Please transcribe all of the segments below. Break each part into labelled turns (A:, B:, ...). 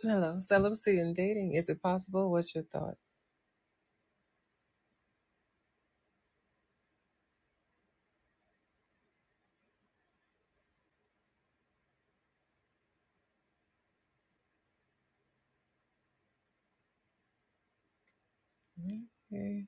A: Hello, celibacy and dating. Is it possible? What's your thoughts? Okay.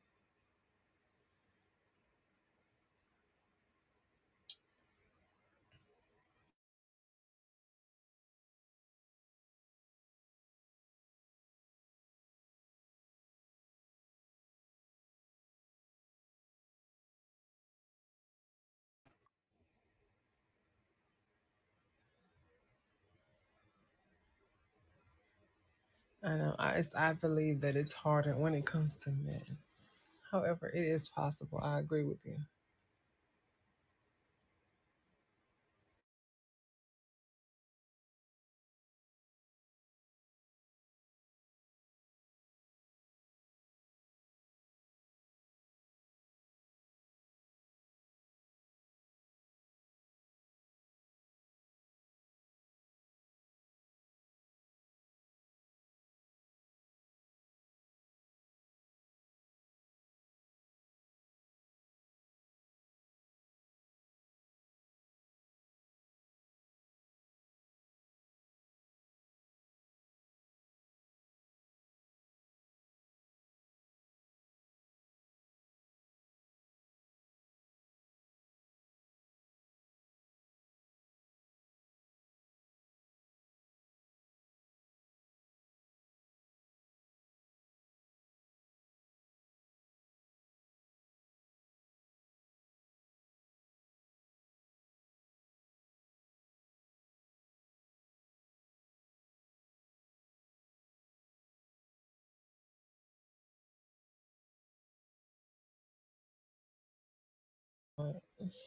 A: I know. I, it's, I believe that it's harder when it comes to men. However, it is possible. I agree with you.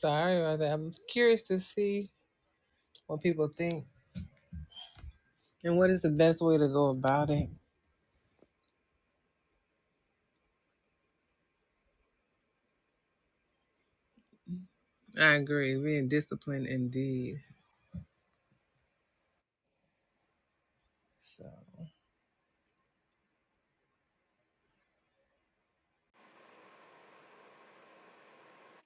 A: Sorry about that. I'm curious to see what people think and what is the best way to go about it. I agree. Being disciplined indeed. So.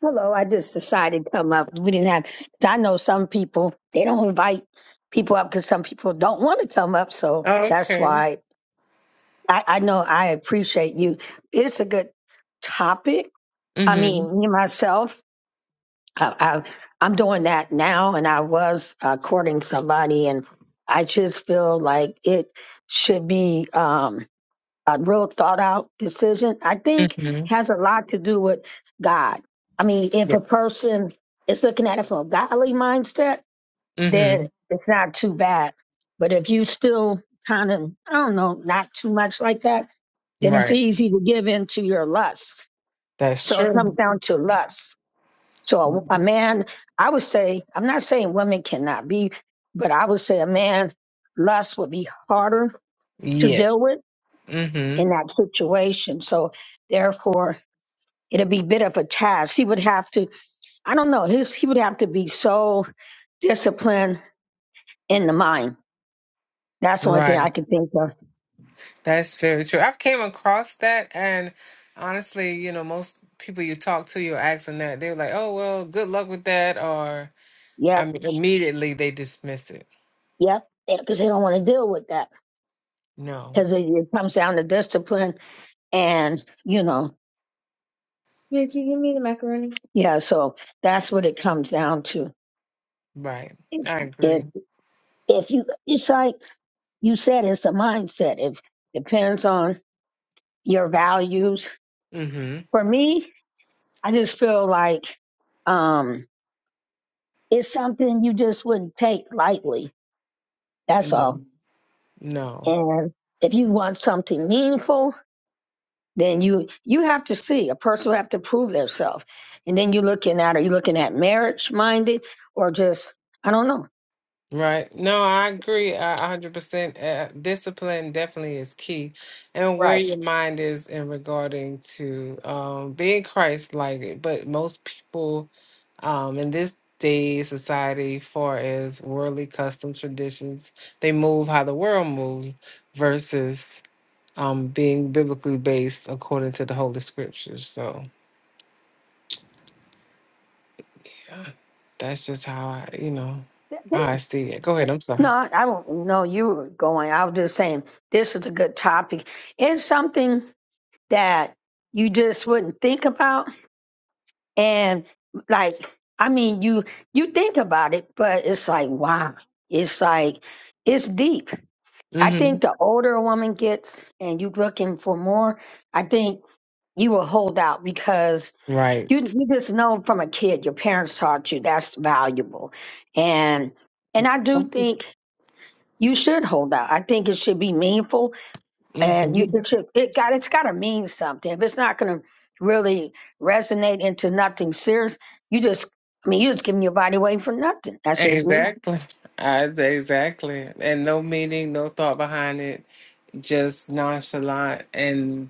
B: Hello, I just decided to come up. We didn't have, 'cause I know some people, they don't invite people up because some people don't want to come up. So that's
A: Okay.
B: why I, I know I appreciate you. It's a good topic. I
A: Mm-hmm.
B: mean, me myself, I, I, I'm doing that now, and I was uh, courting somebody, and I just feel like it should be. Um, a real thought out decision, I think
A: Mm-hmm.
B: has a lot to do with God. I mean, if a person is looking at it from a godly mindset,
A: Mm-hmm.
B: then it's not too bad. But if you still kind of, I don't know, not too much like that, then it's
A: Right.
B: easy to give in to your lust.
A: That's
B: So it comes
A: true.
B: down to lust. So a, a man, I would say, I'm not saying women cannot be, but I would say a man lust would be harder to
A: Yeah.
B: deal with
A: Mm-hmm.
B: in that situation. So therefore, it'd be a bit of a task. He would have to, I don't know, his, he would have to be so disciplined in the mind. That's the only thing
A: Right.
B: I can think of.
A: That's very true. I've came across that and honestly, you know, most people you talk to, you're asking that, they're like, Oh well, good luck with that or I
B: Yep,
A: mean immediately they dismiss it.
B: yep, because they don't want to deal with that
A: No.
B: because it, it comes down to discipline and, you know. Here, can you give me the macaroni? Yeah, so that's what it comes down to.
A: Right.
B: If,
A: I
B: if,
A: agree.
B: if you, it's like you said, it's a mindset. It depends on your values.
A: Mm-hmm.
B: For me, I just feel like um, it's something you just wouldn't take lightly. That's all.
A: No. No.
B: And if you want something meaningful, then you you have to see a person will have to prove themselves. And then you're looking at are you looking at marriage minded or just I don't know.
A: Right. No, I agree a a hundred percent. Uh, Discipline definitely is key, and where
B: Right.
A: your mind is in regarding to um, being Christ-like. But most people, um, in this day society, far as worldly customs, traditions, they move how the world moves versus um, being biblically based according to the Holy Scriptures. So, yeah, that's just how I, you know,
B: Th- th-
A: how I see it. Go ahead. I'm sorry.
B: No, I don't know. You were going. I was just saying this is a good topic. It's something that you just wouldn't think about And like, I mean, you you think about it, but it's like, wow, it's like it's deep. I
A: Mm-hmm.
B: think the older a woman gets and you looking for more, I think you will hold out because
A: Right.
B: you you just know from a kid your parents taught you that's valuable. And and I do think you should hold out. I think it should be meaningful and you
A: Mhm.
B: it should it got it's got to mean something. If it's not going to really resonate into nothing serious, you just I mean you're just giving your body away for nothing. That's just me.
A: Exactly. I, exactly. And no meaning, no thought behind it, just nonchalant. And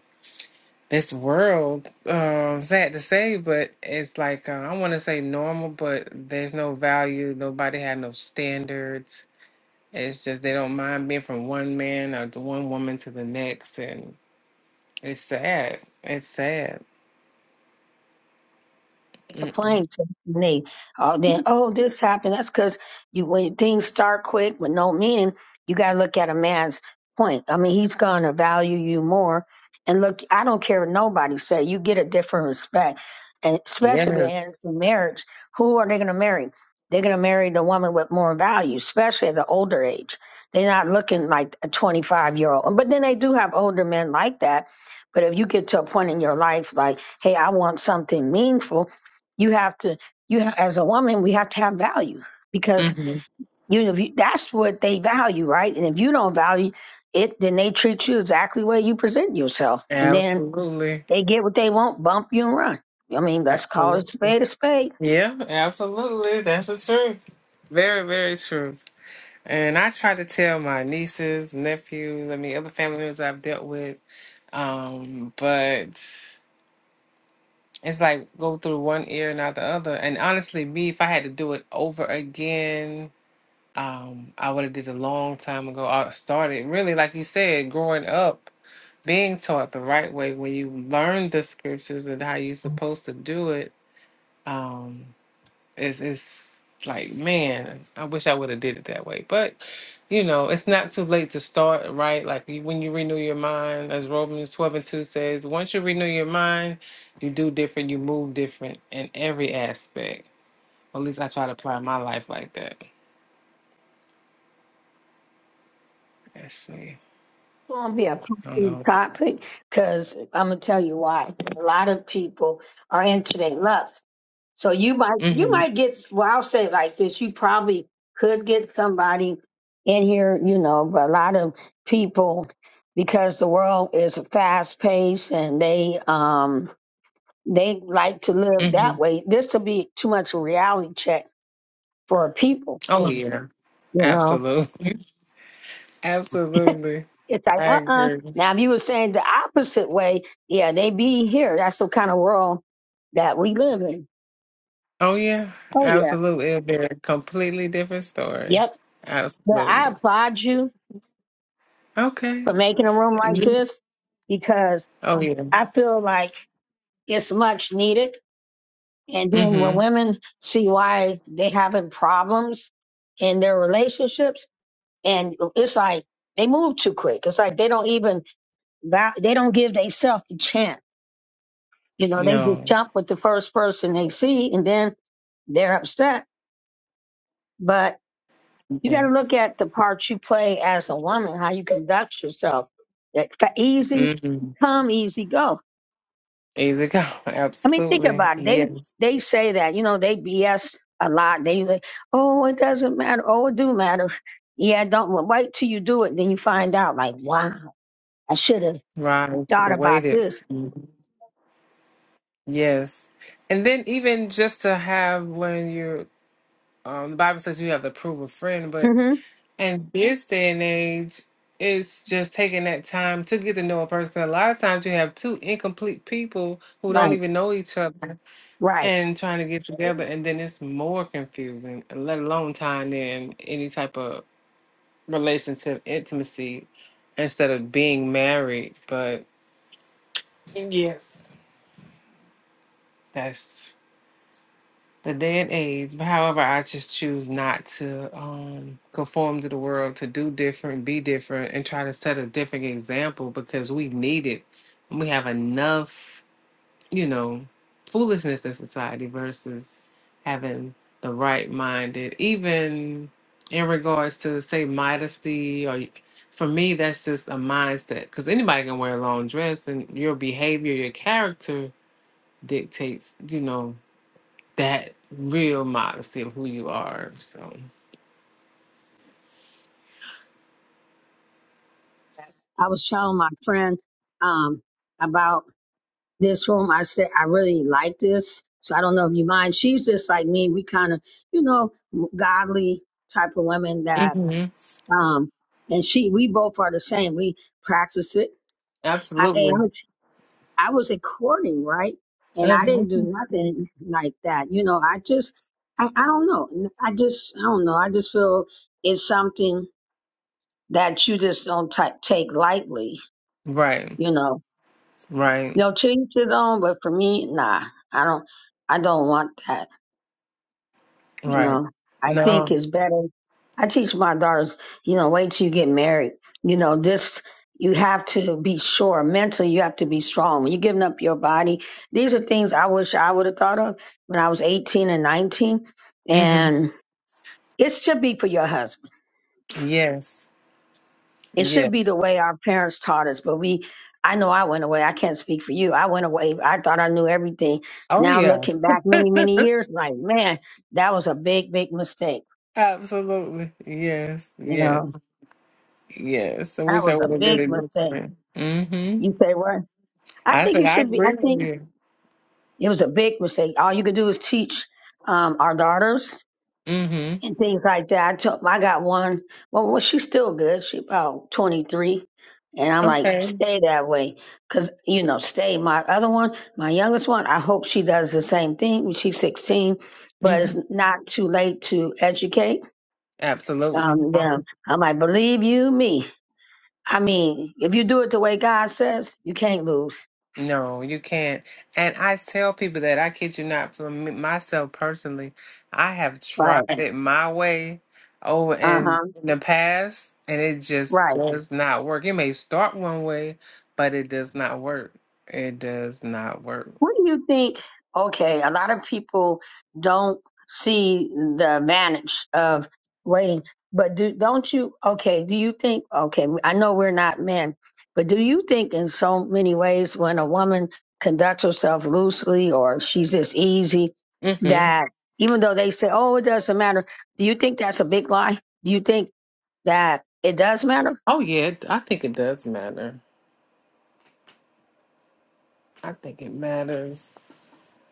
A: this world, um, sad to say, but it's like, uh, I want to say normal, but there's no value. Nobody had no standards. It's just they don't mind being from one man or to one woman to the next. And it's sad. It's sad.
B: They
A: Mm.
B: complain to me all day. Oh, this happened. That's because you when things start quick with no meaning, you gotta look at a man's point. I mean, he's gonna value you more. And look, I don't care what nobody say. You get a different respect, and especially if it
A: Yes.
B: ends in marriage. Who are they gonna marry? They're gonna marry the woman with more value, especially at the older age. They're not looking like a 25 year old. But then they do have older men like that. But if you get to a point in your life, like, hey, I want something meaningful you have to you ha- as a woman we have to have value because
A: hmm
B: you know if you, that's what they value right and if you don't value it then they treat you exactly the way you present yourself and then
A: Absolutely.
B: they get what they want bump you and run i mean let's call it a
A: Absolutely.
B: spade a spade
A: Yeah, absolutely. That's the truth. Very, very true. And I try to tell my nieces, nephews, I mean, other family members I've dealt with. Um, but it's like go through one ear and out the other. And honestly, me, if I had to do it over again, um, I would have did a long time ago. I started really, like you said, growing up, being taught the right way when you learn the scriptures and how you're supposed to do it. Um, It's it's like, man, I wish I would have did it that way. But you know, it's not too late to start, right? Like you- when you renew your mind, as Romans twelve and two says, once you renew your mind, you do different, you move different in every aspect. At least I try to apply my life like that. Let's see.
B: going to be a
A: I don't
B: popular
A: know.
B: topic because I'm going to tell you why. A lot of people are into their lust. So you might, you
A: Mm-hmm.
B: might get, well, I'll say it like this. You probably could get somebody in here, you know, but a lot of people, because the world is fast paced and they, um, they like to live
A: Mm-hmm.
B: that way. This will be too much a reality check for people,
A: Oh yeah.
B: you know.
A: Absolutely. Absolutely.
B: It's like,
A: I
B: uh uh
A: agree.
B: Now, if you were saying the opposite way, yeah, they be here. That's the kind of world that we live in.
A: Oh yeah.
B: Oh, yeah.
A: Absolutely. It'll be a completely different story.
B: Yep. But I
A: Absolutely.
B: applaud you
A: Okay.
B: for making a room like
A: You-
B: this because
A: Oh yeah.
B: I feel like it's much needed. And then when
A: Mm-hmm.
B: women see why they having problems in their relationships, and it's like they move too quick. It's like they don't even, va- they don't give themselves a chance. You know, they just
A: No.
B: jump with the first person they see, and then they're upset. But you got to look
A: Yes.
B: at the part you play as a woman, how you conduct yourself. That fa- easy
A: Mm-hmm.
B: come, easy go.
A: Easy go.
B: I mean, think
A: Absolutely.
B: about it. They
A: Yes.
B: they say that you know they BS a lot. They like, oh, it doesn't matter. Oh, it do matter. Yeah, don't well, wait till you do it, then you find out. Like, wow, I should have
A: Right. Should
B: thought
A: have
B: about
A: waited.
B: this.
A: Mhm. Yes. And then even just to have when you're um the Bible says you have to prove a friend, but
B: hmm
A: in this day and age, it's just taking that time to get to know a person. 'Cause a lot of times you have two incomplete people who don't
B: Right,
A: even know each other.
B: right.
A: and trying to get together and then it's more confusing let alone tying in any type of relationship intimacy instead of being married but yes that's the day and age but however i just choose not to um conform to the world to do different be different and try to set a different example because we need it we have enough you know, foolishness in society versus having the right minded, even in regards to, say, modesty. Or for me, that's just a mindset because anybody can wear a long dress and your behavior, your character dictates, you know, that real modesty of who you are. So,
B: I was telling my friend um, about. this room. I said, I really like this. So I don't know if you mind. She's just like me. We kind of, you know, godly type of women that,
A: hmm
B: um, and she, we both are the same. We practice it. I, and I
A: absolutely.
B: was at courting, right? And I
A: hmm
B: didn't do nothing like that. You know, I just, I, I don't know. I just, I don't know. I just feel it's something that you just don't ta take lightly,
A: Right,
B: you know.
A: right,
B: No, to each his own, but for me, nah, I don't, I don't want that. you
A: right.
B: know i think
A: No.
B: it's better i teach my daughters you know wait till you get married you know this you have to be sure mentally you have to be strong when you're giving up your body these are things i wish i would have thought of when i was 18 and 19
A: hmm
B: and it should be for your husband
A: Yes.
B: it should
A: Yeah.
B: be the way our parents taught us but we i know i went away i can't speak for you i went away i thought i knew everything
A: Oh,
B: now
A: yeah.
B: looking back many many years like man that was a big big mistake
A: Absolutely. Yes.
B: you
A: Yes.
B: know
A: Yes. I
B: That
A: wish I
B: was a
A: would have did
B: big
A: it
B: mistake.
A: different. Mm-hmm.
B: You say what? I
A: I
B: think
A: said
B: you
A: I
B: should be. I
A: agree with
B: think
A: you.
B: it was a big mistake. All you could do is teach um, our daughters
A: Mm-hmm.
B: and things like that. I took. I got one. Well, well, she's still good. She about twenty three, and I'm like,
A: Okay.
B: stay that way, cause you know, stay. My other one, my youngest one, I hope she does the same thing. She's sixteen, but
A: Mm-hmm.
B: it's not too late to educate
A: Absolutely.
B: um,
A: No.
B: them. I'm like, believe you me. I mean, if you do it the way God says, you can't lose.
A: No, you can't. And I tell people that I kid you not, for me, myself personally, I have tried
B: Right.
A: it my way over
B: Uh huh.
A: in the past and it just
B: Right.
A: does not work. It may start one way, but it does not work. It does not work.
B: What do you think? Okay, a lot of people don't see the advantage of waiting, but do don't you? Okay, do you think? Okay, I know we're not men, but do you think in so many ways when a woman conducts herself loosely or she's just easy
A: Mm-hmm.
B: that even though they say, "Oh, it doesn't matter," do you think that's a big lie? Do you think that it does matter?
A: Oh yeah, it- I think it does matter. I think it matters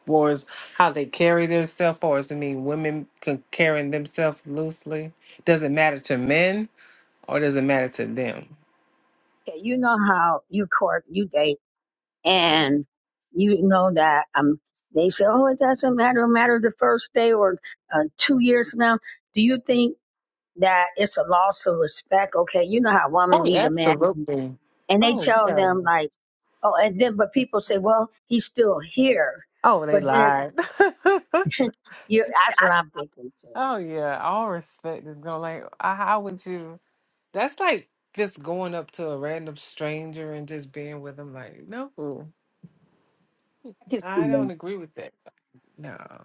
A: for as how they carry themselves, or as I mean, women can carrying themselves loosely. Does it matter to men, or does it matter to them?
B: Okay, you know how you court, you date. and you know that um they say oh it doesn't matter no matter the first day or uh, two years from now do you think that it's a loss of respect okay you know how
A: Oh,
B: women
A: yeah,
B: meet a man
A: absolutely.
B: and they
A: Oh
B: tell
A: yeah.
B: them like oh and then but people say well he's still here
A: Oh, they
B: but then
A: lied.
B: you that's what i'm thinking too
A: oh yeah, all respect is going like, uh, how would you? That's like just going up to a random stranger and just being with them. Like, no,
B: i can
A: I
B: see that
A: don't agree with that. No.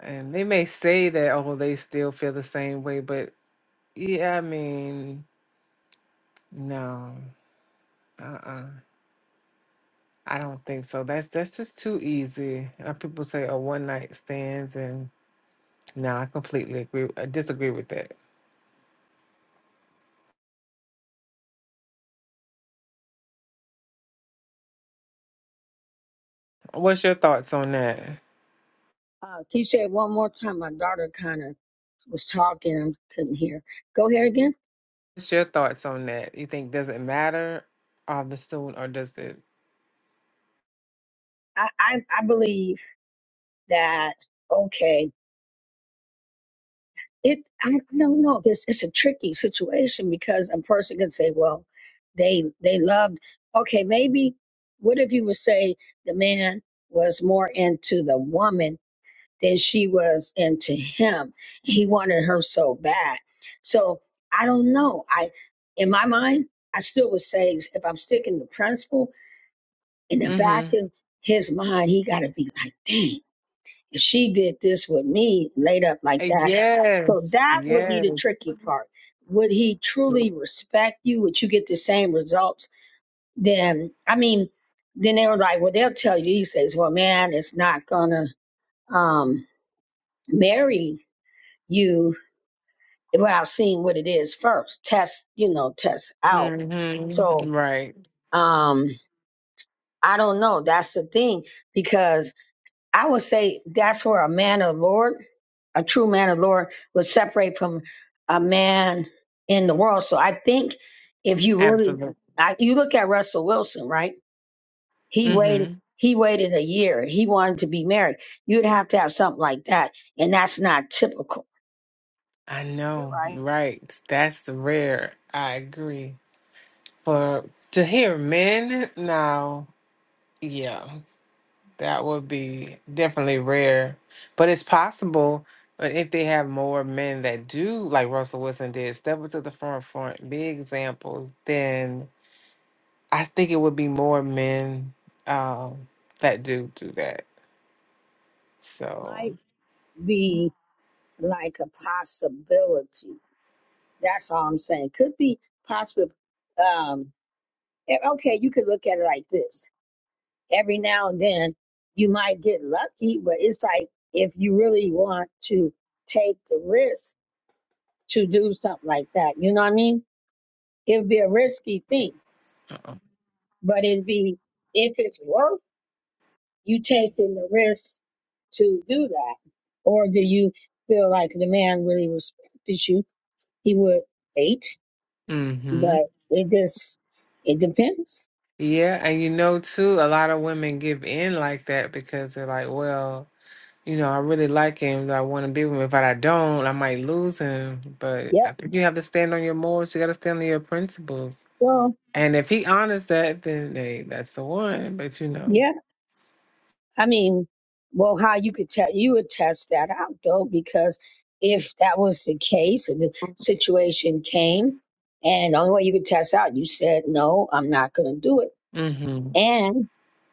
A: And they may say that, oh, they still feel the same way, but yeah, I mean, no, uh-uh. I don't think so. That's that's just too easy. Uh, people say, oh, one night stands, and no, I completely agree. I disagree with that. What's your thoughts on that?
B: uh, can you say it one more time my daughter kind of was talking I couldn't hear go here again
A: What's your thoughts on that? You think does it matter all the soon or does it?
B: I, I i believe that okay it I, I don't know this it's a tricky situation because a person can say well they they loved okay maybe what if you would say the man was more into the woman than she was into him he wanted her so bad so i don't know i in my mind i still would say if i'm sticking to principle in the back
A: Mm-hmm.
B: of his mind he got to be like dang if she did this with me laid up like that so
A: Yes.
B: that would be
A: Yes.
B: the tricky part. Would he truly respect you? Would you get the same results? Then, I mean, then they were like, well, they'll tell you. He says, well, man, it's not gonna um, marry you without seeing what it is first. Test, you know, test out.
A: Mm-hmm.
B: So,
A: Right.
B: um, I don't know. That's the thing because I would say that's where a man of the Lord a true man of the Lord will separate from a man in the world. So I think if you really,
A: Absolutely.
B: I, you look at Russell Wilson, right? He waited. He waited a year. He wanted to be married. You'd have to have something like that, and that's not typical.
A: I
B: You're
A: know,
B: right.
A: right? That's the rare. I agree. For to hear men now, yeah, that would be definitely rare, but it's possible. But if they have more men that do, like Russell Wilson did, step up to the front, front, be examples, then I think it would be more men um, that do do that. So,
B: Might be like a possibility. That's all I'm saying. Could be possible. Um, and okay, you could look at it like this every now and then you might get lucky, but it's like if you really want to take the risk to do something like that, you know what I mean? It'd be a risky thing,
A: uh-uh.
B: but it'd be if it's worth you taking the risk to do that, or do you feel like the man really respected you? He would wait, but it just it depends.
A: Yeah, and you know too, a lot of women give in like that because they're like, well, you know, I really like him, I want to be with him. If I don't, I might lose him. But
B: Yep.
A: I think you have to stand on your morals. You got to stand on your principles.
B: Well,
A: And if he honors that, then hey, that's the one. But you know,
B: Yeah. I mean, well, how you could tell you would test that out though, because if that was the case and the situation came, and the only way you could test out, you said no, I'm not going to do it.
A: mm-hmm.
B: And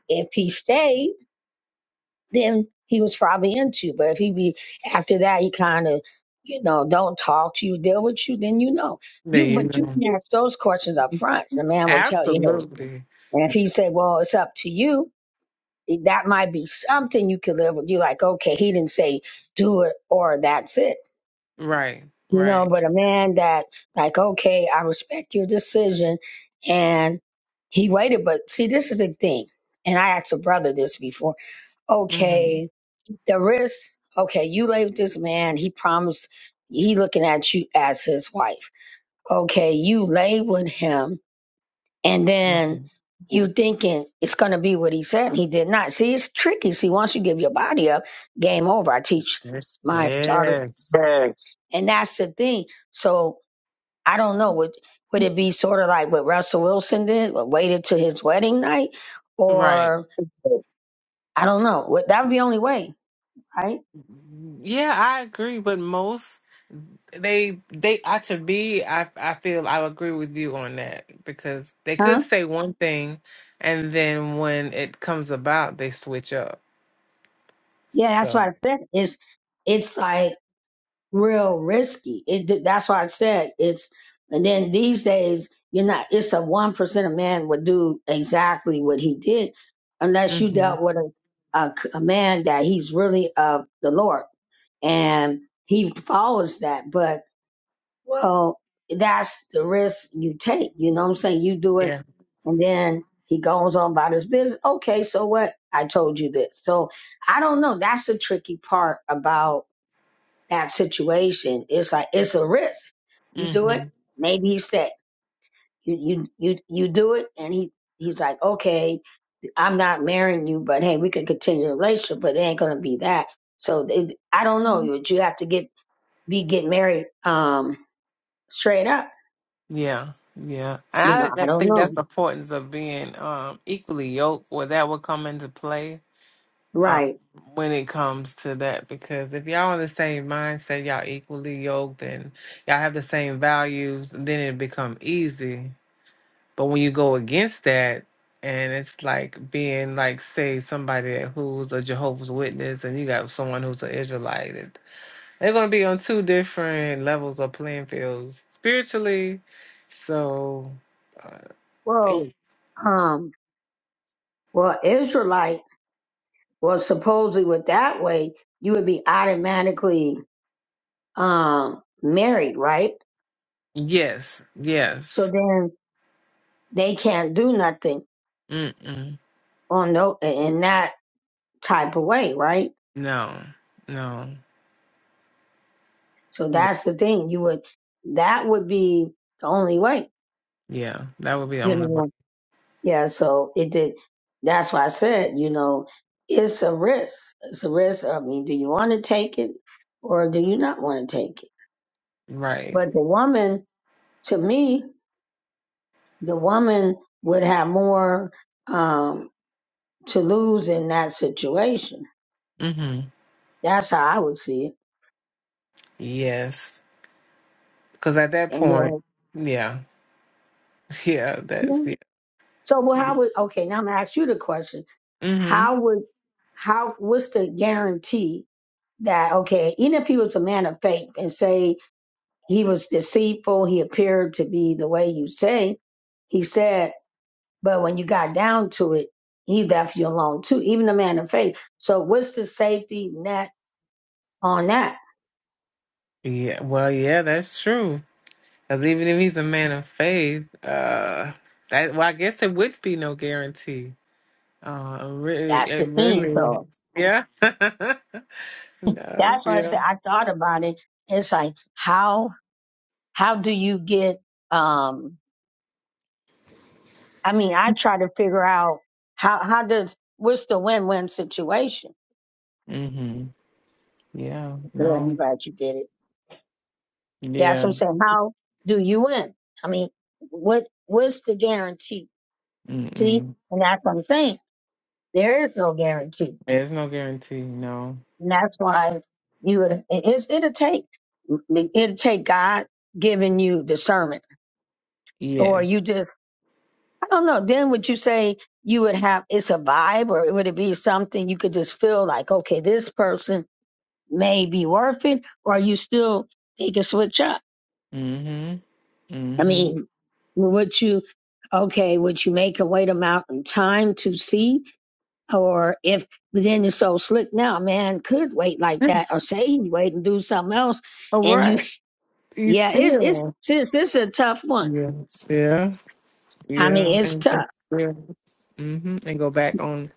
B: if he stayed, then he was probably into. you. But if he be after that, he kind of, you know, don't talk to you, deal with you, then you know
A: There
B: you.
A: you
B: But you
A: know,
B: can ask those questions up front. The man will tell you. Hey.
A: absolutely
B: And if he say, well, it's up to you, that might be something you could live with. You like, okay, he didn't say do it or that's it.
A: right,
B: You know,
A: right.
B: but a man that like, okay, I respect your decision and he waited, but see this is the thing. And I asked a brother this before.
A: Mm-hmm.
B: Okay, the risk, okay, you lay with this man, he promised he looking at you as his wife. Okay, you lay with him and then
A: Mm-hmm.
B: you thinking it's going to be what he said. He did not. See, it's tricky. See, once you give your body up, game over. I teach
A: Yes,
B: my daughter,
A: yes,
B: and that's the thing. So I don't know. Would would it be sort of like what Russell Wilson did, but waited to his wedding night,
A: right.
B: or I don't know. Would- That would be the only way, right?
A: Yeah, I agree, but most they they ought to be. I I feel I agree with you on that because they could
B: Huh?
A: say one thing, and then when it comes about, they switch up.
B: Yeah, that's what
A: So
B: I said. Is it's it's like real risky. It, that's why I said it's. And then these days, you're not. It's a one percent of man would do exactly what he did, unless you
A: hmm
B: dealt with a a, c- a man that he's really of the Lord and he follows that. But well, that's the risk you take. You know what I'm saying? You do it,
A: yeah,
B: and then he goes on about his business. Okay, so what? I told you this. So I don't know. That's the tricky part about that situation. It's like it's a risk. You do it,
A: hmm
B: maybe he's sick. You you you you do it, and he he's like, okay, I'm not marrying you, but hey, we can continue the relationship, but it ain't gonna be that. So it, I don't know. You you have to get be get married um straight up.
A: yeah, yeah. And
B: You
A: I
B: know,
A: think
B: I
A: that-
B: don't
A: think
B: know.
A: that's the importance of being um equally yoked, where that would come into play. um,
B: Right.
A: when it comes to that because if y'all in the same mindset, y'all equally yoked and y'all have the same values, then it become easy. But when you go against that, and it's like being like say somebody who's a Jehovah's Witness and you got someone who's an Israelite, it- they're gonna be on two different levels of playing fields spiritually. So, uh,
B: Well,
A: it-
B: um, well, Israelite Well, supposedly with that way you would be automatically um married, right?
A: yes,
B: So
A: yes,
B: then they can't do nothing
A: mm-mm,
B: on no in that type of way, right?
A: no, no.
B: So that's the thing. You would that would be the only way,
A: Yeah, that would be the
B: you
A: only way.
B: know. Yeah. So it did. That's why I said, you know, it's a risk. It's a risk. I mean, do you want to take it or do you not want to take it?
A: Right.
B: But the woman, to me, the woman would have more um, to lose in that situation.
A: hmm
B: That's how I would see it.
A: Yes. Because at that
B: And
A: point,
B: uh,
A: yeah, yeah,
B: yeah.
A: that's yeah.
B: So, well, how would okay? Now I'm gonna ask you the question:
A: hmm
B: How would how what's the guarantee that okay? Even if he was a man of faith and say he was deceitful, he appeared to be the way you say he said, but when you got down to it, he left you alone too. Even a man of faith. So, what's the safety net on that?
A: Yeah. Well, yeah, that's true. Because even if he's a man of faith, uh, that well, I guess it would be no guarantee. Uh, really,
B: That's
A: it
B: the thing.
A: really,
B: So
A: yeah, no,
B: that's why I said
A: yeah.
B: I thought about it. It's like how how do you get um I mean, I try to figure out how how does what's the win win situation.
A: hmm Yeah.
B: Good, I'm
A: No.
B: glad you did it. That's
A: Yeah.
B: what I'm saying. How do you win? I mean, what what's the guarantee? See,
A: Mm-mm.
B: and that's what I'm saying. There is no guarantee,
A: There's no guarantee. No.
B: and that's why you would. it- It's, it'll take it'll take God giving you discernment, or
A: Yes.
B: you just I don't know. Then would you say you would have it's a vibe, or would it be something you could just feel like, okay, this person may be worth it, or you still they can switch up.
A: hmm
B: I
A: hmm
B: mean, would you okay, would you make a wait amount in time to see? Or if but then it's so slick now, man could wait like that or say he wait and do something else
A: All
B: and you
A: right. You
B: yeah, it's it's
A: still.
B: since this is a tough one.
A: Yes. Yeah.
B: I mean
A: Yeah.
B: it's
A: And
B: tough,
A: yeah. Mm-hmm. And go back on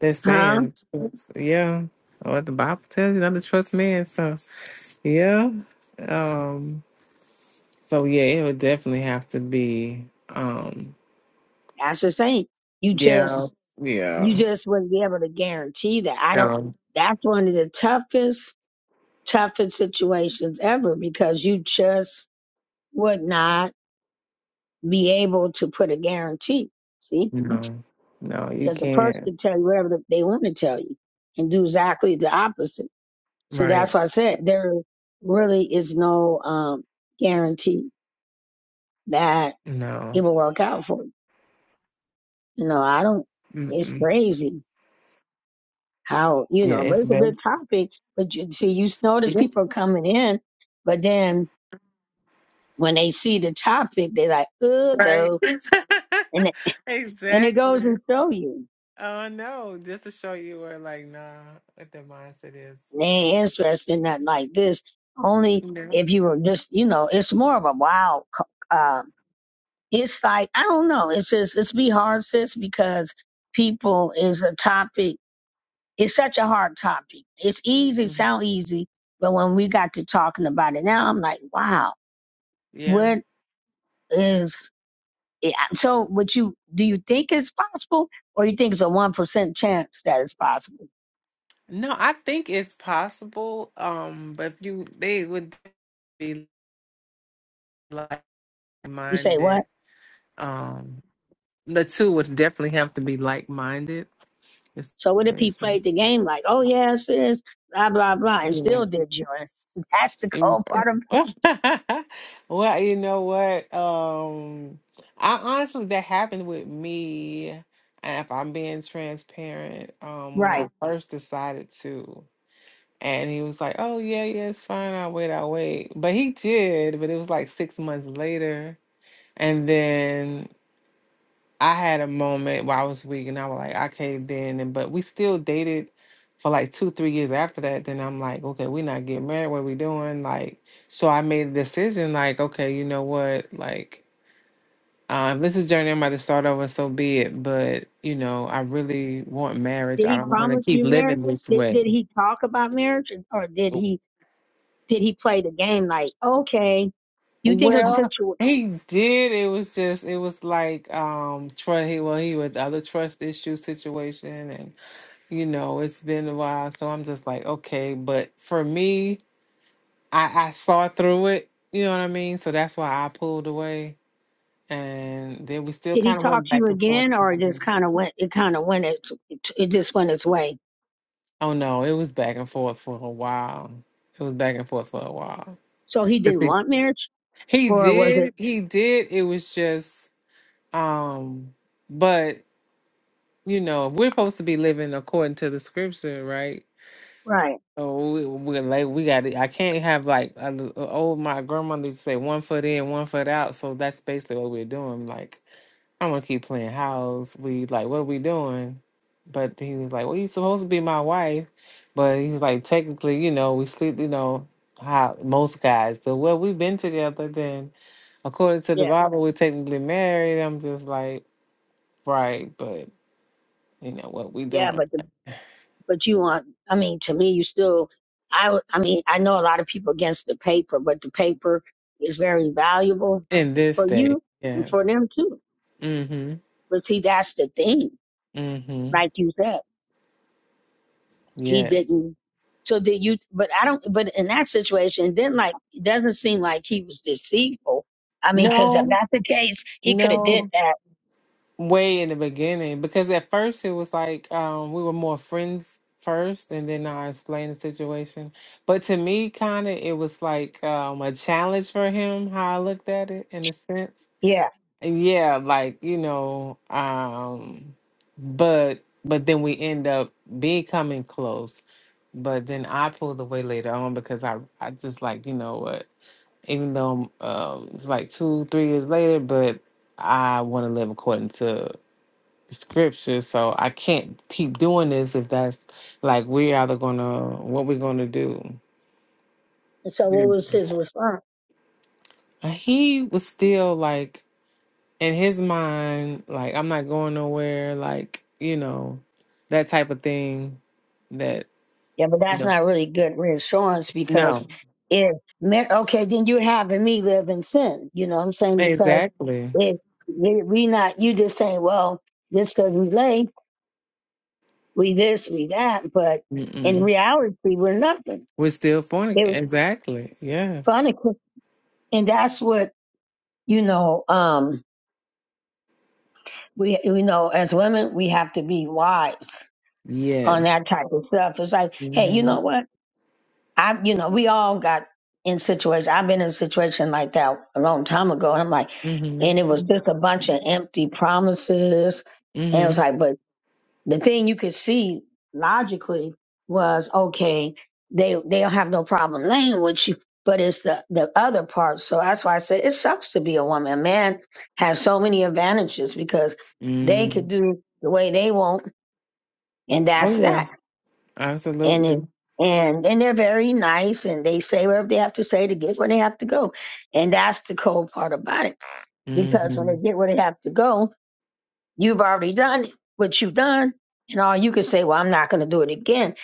A: that
B: huh?
A: saying. It's- Yeah. What the Bible tells you not to trust man. So yeah. Um so yeah, it would definitely have to be um
B: That's the thing. You
A: yeah.
B: just you
A: Yeah.
B: just wouldn't be able to guarantee that. I don't
A: No.
B: that's one of the toughest toughest situations ever because you just would not be able to put a guarantee. See,
A: No. No, you
B: because a person
A: can't.
B: can tell you whatever the- they want to tell you and do exactly the opposite. So
A: Right.
B: that's why I said there really is no um, guarantee that it
A: No.
B: will work out for you. You know, I don't. It's
A: Mm-mm.
B: crazy how you
A: Yeah,
B: know, but
A: it's
B: it's a good
A: best.
B: topic. But you see, you notice
A: Yeah,
B: people are coming in, but then when they see the topic, they're like, "Oh
A: Right.
B: no," and it- and it goes
A: exactly.
B: and show you.
A: Oh no, just to show you where like nah what the mindset is.
B: they ain't interested in that like this. Only
A: Yeah.
B: if you were just, you know, it's more of a wild co- uh, insight. I don't know. It's just, it's be hard, sis, because people is a topic. It's such a hard topic. It's easy,
A: Mhm.
B: sound easy, but when we got to talking about it now, I'm like, wow,
A: Yeah.
B: what is yeah So, would you do you think it's possible, or you think it's a one percent chance that it's possible?
A: No, I think it's possible. Um, but if you they would be like
B: You say what?
A: minded. Um the two would definitely have to be like minded.
B: So what if he played the game like, oh yes, yes, blah blah blah, and
A: Yeah.
B: still did you in? That's the
A: And-
B: cold
A: so-
B: part of
A: well, you know what? Um, I honestly, that happened with me. And if I'm being transparent, um, when
B: right.
A: I first decided to, and he was like, "Oh yeah, yeah, it's fine. I'll wait. I'll wait." But he did. But it was like six months later, and then I had a moment where I was weak and I was like, I caved in and but we still dated for like two, three years after that. Then I'm like, okay, we not getting married, what we doing? Like so I made a decision, like, okay, you know what? Like, um, this is journey I'm about to start over, so be it. But, you know, I really want marriage.
B: Did
A: I
B: he
A: don't want to
B: promise
A: keep
B: you marriage?
A: living this
B: Did
A: way.
B: did he talk about marriage, or, or did
A: W-
B: he did he play the game like, okay, you think it was a
A: Well,
B: situation?
A: he did. It was just it was like um trust he well, he with other trust issue situation you know, it's been a while, so I'm just like, okay, but for me, I, I saw through it, you know what I mean? So that's why I pulled away. And then we still
B: Did he
A: kind of
B: talk
A: went
B: to you
A: back and forth.
B: again, or it just kind of went? It kind of went its it it just went its way.
A: Oh no, it was back and forth for a while. It was back and forth for a while.
B: So he
A: 'Cause
B: didn't
A: He
B: want marriage,
A: he
B: or was it
A: did, he did. It was just, um, but you know, if we're supposed to be living according to the scripture, right?
B: right?
A: Oh, we, we, like we got it. I can't have like uh, the- uh, oh my grandmother used to say one foot in, one foot out. So that's basically what we're doing. Like I'm gonna keep playing house. We like what are we doing? But he was like, well, you supposed to be my wife. But he was like, technically, you know, we sleep. You know how most guys do. Well, we've been together. Then according to the
B: Yeah,
A: Bible, we're technically married. I'm just like right, but you know what we
B: yeah.
A: doing
B: But the but you want i mean to me you still i would- i mean i know a lot of people against the paper but the paper is very valuable
A: in this
B: for
A: day?
B: you and
A: Yeah.
B: for them too
A: Mm-hmm.
B: but see that's the thing
A: Mm-hmm.
B: like you said he
A: Yes.
B: didn't so did you but i don't but in that situation it didn't like it doesn't seem like he was deceitful i mean because if
A: No,
B: that's the case he could have did
A: no,
B: that
A: way in the beginning because at first it was like um we were more friends first and then I explained the situation. But to me kind of it was like um a challenge for him how I looked at it in a sense.
B: yeah
A: And yeah, like, you know, um but but then we end up becoming close. But then I pulled away later on because I I just like, you know what? even though um, it's like two, three years later, but I want to live according to the scripture. So I can't keep doing this if that's like we're either going to, what we're going to do.
B: And so
A: Yeah.
B: what was his response
A: And He was still like, in his mind, like, I'm not going nowhere, like, you know, that type of thing that,
B: Yeah, but
A: you
B: that's
A: know,
B: not really good reassurance because
A: no,
B: if mar- okay, then you're having me live in sin. You know what I'm saying? Because
A: exactly.
B: if we we not you just saying, well, just because we lay, we this, we that, but in
A: Mm-mm.
B: reality, we're nothing.
A: We're still fornicating.
B: It was
A: Exactly. Yes.
B: funny, and that's what you know. Um, we you know as women, we have to be wise on
A: Yes.
B: that type of stuff. It's like, hey, you
A: Mm-hmm.
B: know what? I, you know, we all got in situations. I've been in a situation like that a long time ago. I'm like,
A: Mhm.
B: and it was just a bunch of empty promises. And it was
A: Mhm.
B: like, but the thing you could see logically was, okay, they, they'll have no problem laying with you, but it's the, the other part. So that's why I said it sucks to be a woman. A man has so many advantages because they
A: Mm.
B: could do the way they want. And that's
A: Oh yeah.
B: that and it,
A: Absolutely.
B: and and they're very nice and they say whatever they have to say to get where they have to go and that's the cold part about it because when they
A: Mhm.
B: get where they have to go you've already done what you've done and all you can say well i'm not going to do it again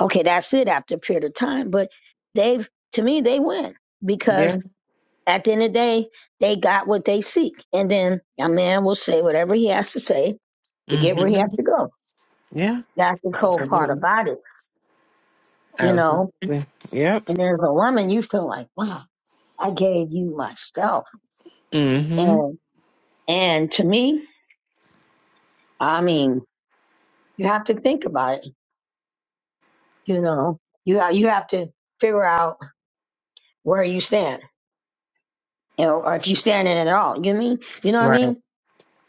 B: okay that's it after a period of time but they've to me they win because
A: Yeah.
B: at the end of the day they got what they seek and then a man will say whatever he has to say to get where he has
A: Mhm.
B: to go
A: Yeah.
B: that's the cold part
A: Absolutely.
B: about it you know
A: Absolutely. Yep.
B: And as a woman, you feel like, wow, I gave you myself.
A: Mhm.
B: And and to me, I mean, you have to think about it. You know, you ha- you have to figure out where you stand, you know, or if you stand in it at all. You mean, you know what I
A: Right.
B: mean?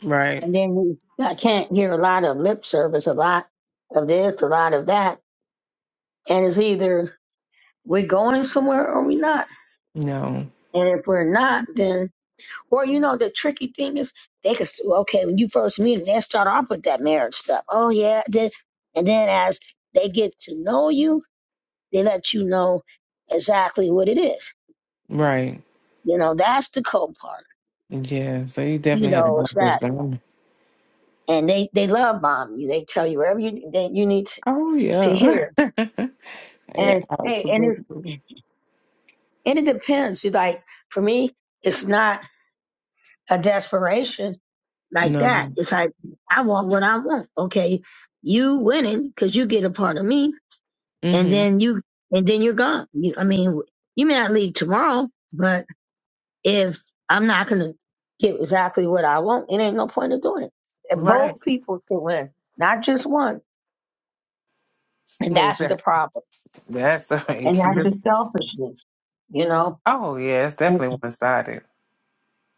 A: Right.
B: And then you, I can't hear a lot of lip service, a lot of this, a lot of that, and it's either we're going somewhere or we're not.
A: No.
B: And if we're not, then Or you know, the tricky thing is they could s- well, okay when you first meet them, they start off with that marriage stuff. Oh yeah, then and then as they get to know you, they let you know exactly what it is.
A: Right.
B: You know, that's the cold part.
A: Yeah. So you
B: You
A: definitely had
B: know,
A: a
B: it's
A: have
B: that,
A: this on.
B: and they they love bomb you. They tell you wherever you that you need to,
A: Oh
B: to
A: yeah.
B: hear.
A: yeah.
B: And hey, and it's
A: Absolutely.
B: and it depends. You like for me, it's not a desperation. like that.
A: No.
B: It's like I want what I want. Okay, you winning because you get a part of me, and
A: Mhm.
B: then you and then you're gone. You, I mean, you may not leave tomorrow, but if I'm not gonna get exactly what I want, it ain't no point in doing it. And
A: Right.
B: both people should win, not just one. And that's the
A: Exactly.
B: problem.
A: That's right.
B: And that's
A: Mhm.
B: the selfishness, you know.
A: Oh yeah. It's definitely one sided.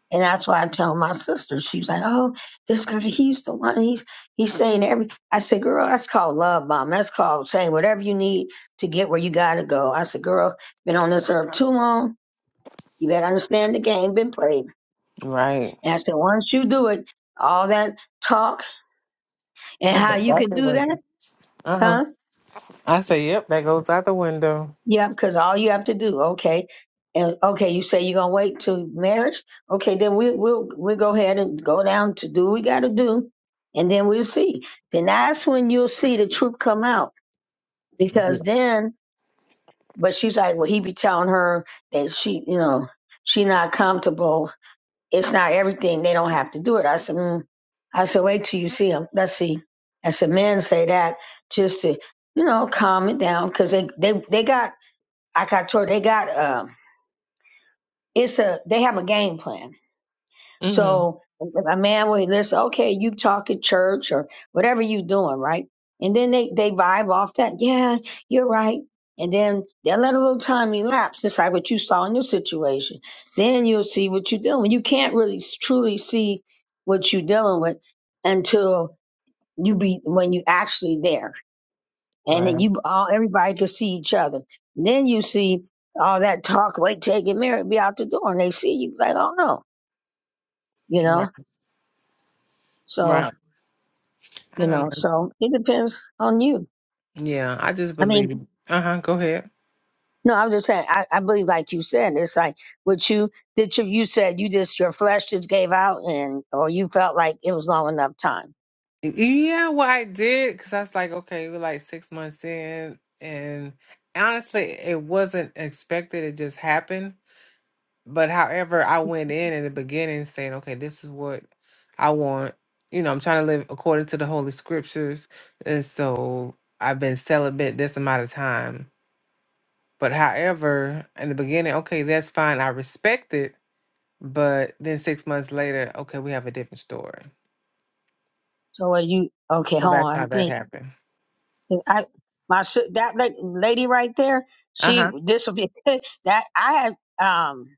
B: And that's why I tell my sister, she's like, "Oh, this guy, he's the one. He's he's saying every." I said, "Girl, that's called love bomb. That's called saying whatever you need to get where you gotta go." I said, "Girl, been on this earth too long. You better understand the game been played."
A: Right.
B: And I said, "Once you do it, all that talk and
A: Right,
B: how you can do
A: exactly.
B: that,
A: Uh
B: huh?
A: huh. I say, yep, that goes out the window.
B: Yeah, because all you have to do, okay, and okay, you say you're gonna wait till marriage. Okay, then we we'll we'll go ahead and go down to do what we gotta do, and then we'll see. Then that's when you'll see the truth come out
A: Yeah.
B: because then. But she's like, well, he be telling her that she, you know, she not comfortable. It's not everything. They don't have to do it. I said, mm. I said, wait till you see him. Let's see. I said, men say that just to, you know, calm it down because they they they got. like I got told they got. Um, it's a they have a game plan.
A: Mm-hmm.
B: So a man will listen, okay, you talk at church or whatever you doing, right? And then they they vibe off that, yeah, you're right. And then they'll let a little time elapse, just like what you saw in your situation. Then you'll see what you're dealing with. You can't really s- truly see what you're dealing with until you be when you actually there. And then
A: Right.
B: you all everybody can see each other. Then you see all that talk, wait till you get married, be out the door, and they see you like, oh no you know?
A: Right.
B: So,
A: Right. I
B: you
A: don't
B: know,
A: know.
B: so it depends on you.
A: Yeah, I just
B: I mean,
A: believe. Uh huh. Go ahead.
B: no, I'm just saying, I, I believe, like you said, it's like, what you, did you, you said you just, your flesh just gave out and, or you felt like it was long enough time.
A: Yeah, well, I did because I was like, okay, we're like six months in, and honestly, it wasn't expected. It just happened. But however, I went in in the beginning saying, okay, this is what I want. You know, I'm trying to live according to the holy scriptures, and so I've been celibate this amount of time But however, in the beginning, okay, that's fine. I respect it. But then six months later, okay, we have a different story.
B: So are you, okay,
A: So
B: hold
A: that's
B: on,
A: how
B: I
A: that
B: think,
A: happened.
B: I, my, si- that la- lady right there,
A: Uh huh.
B: she, this will be, that, I had, um,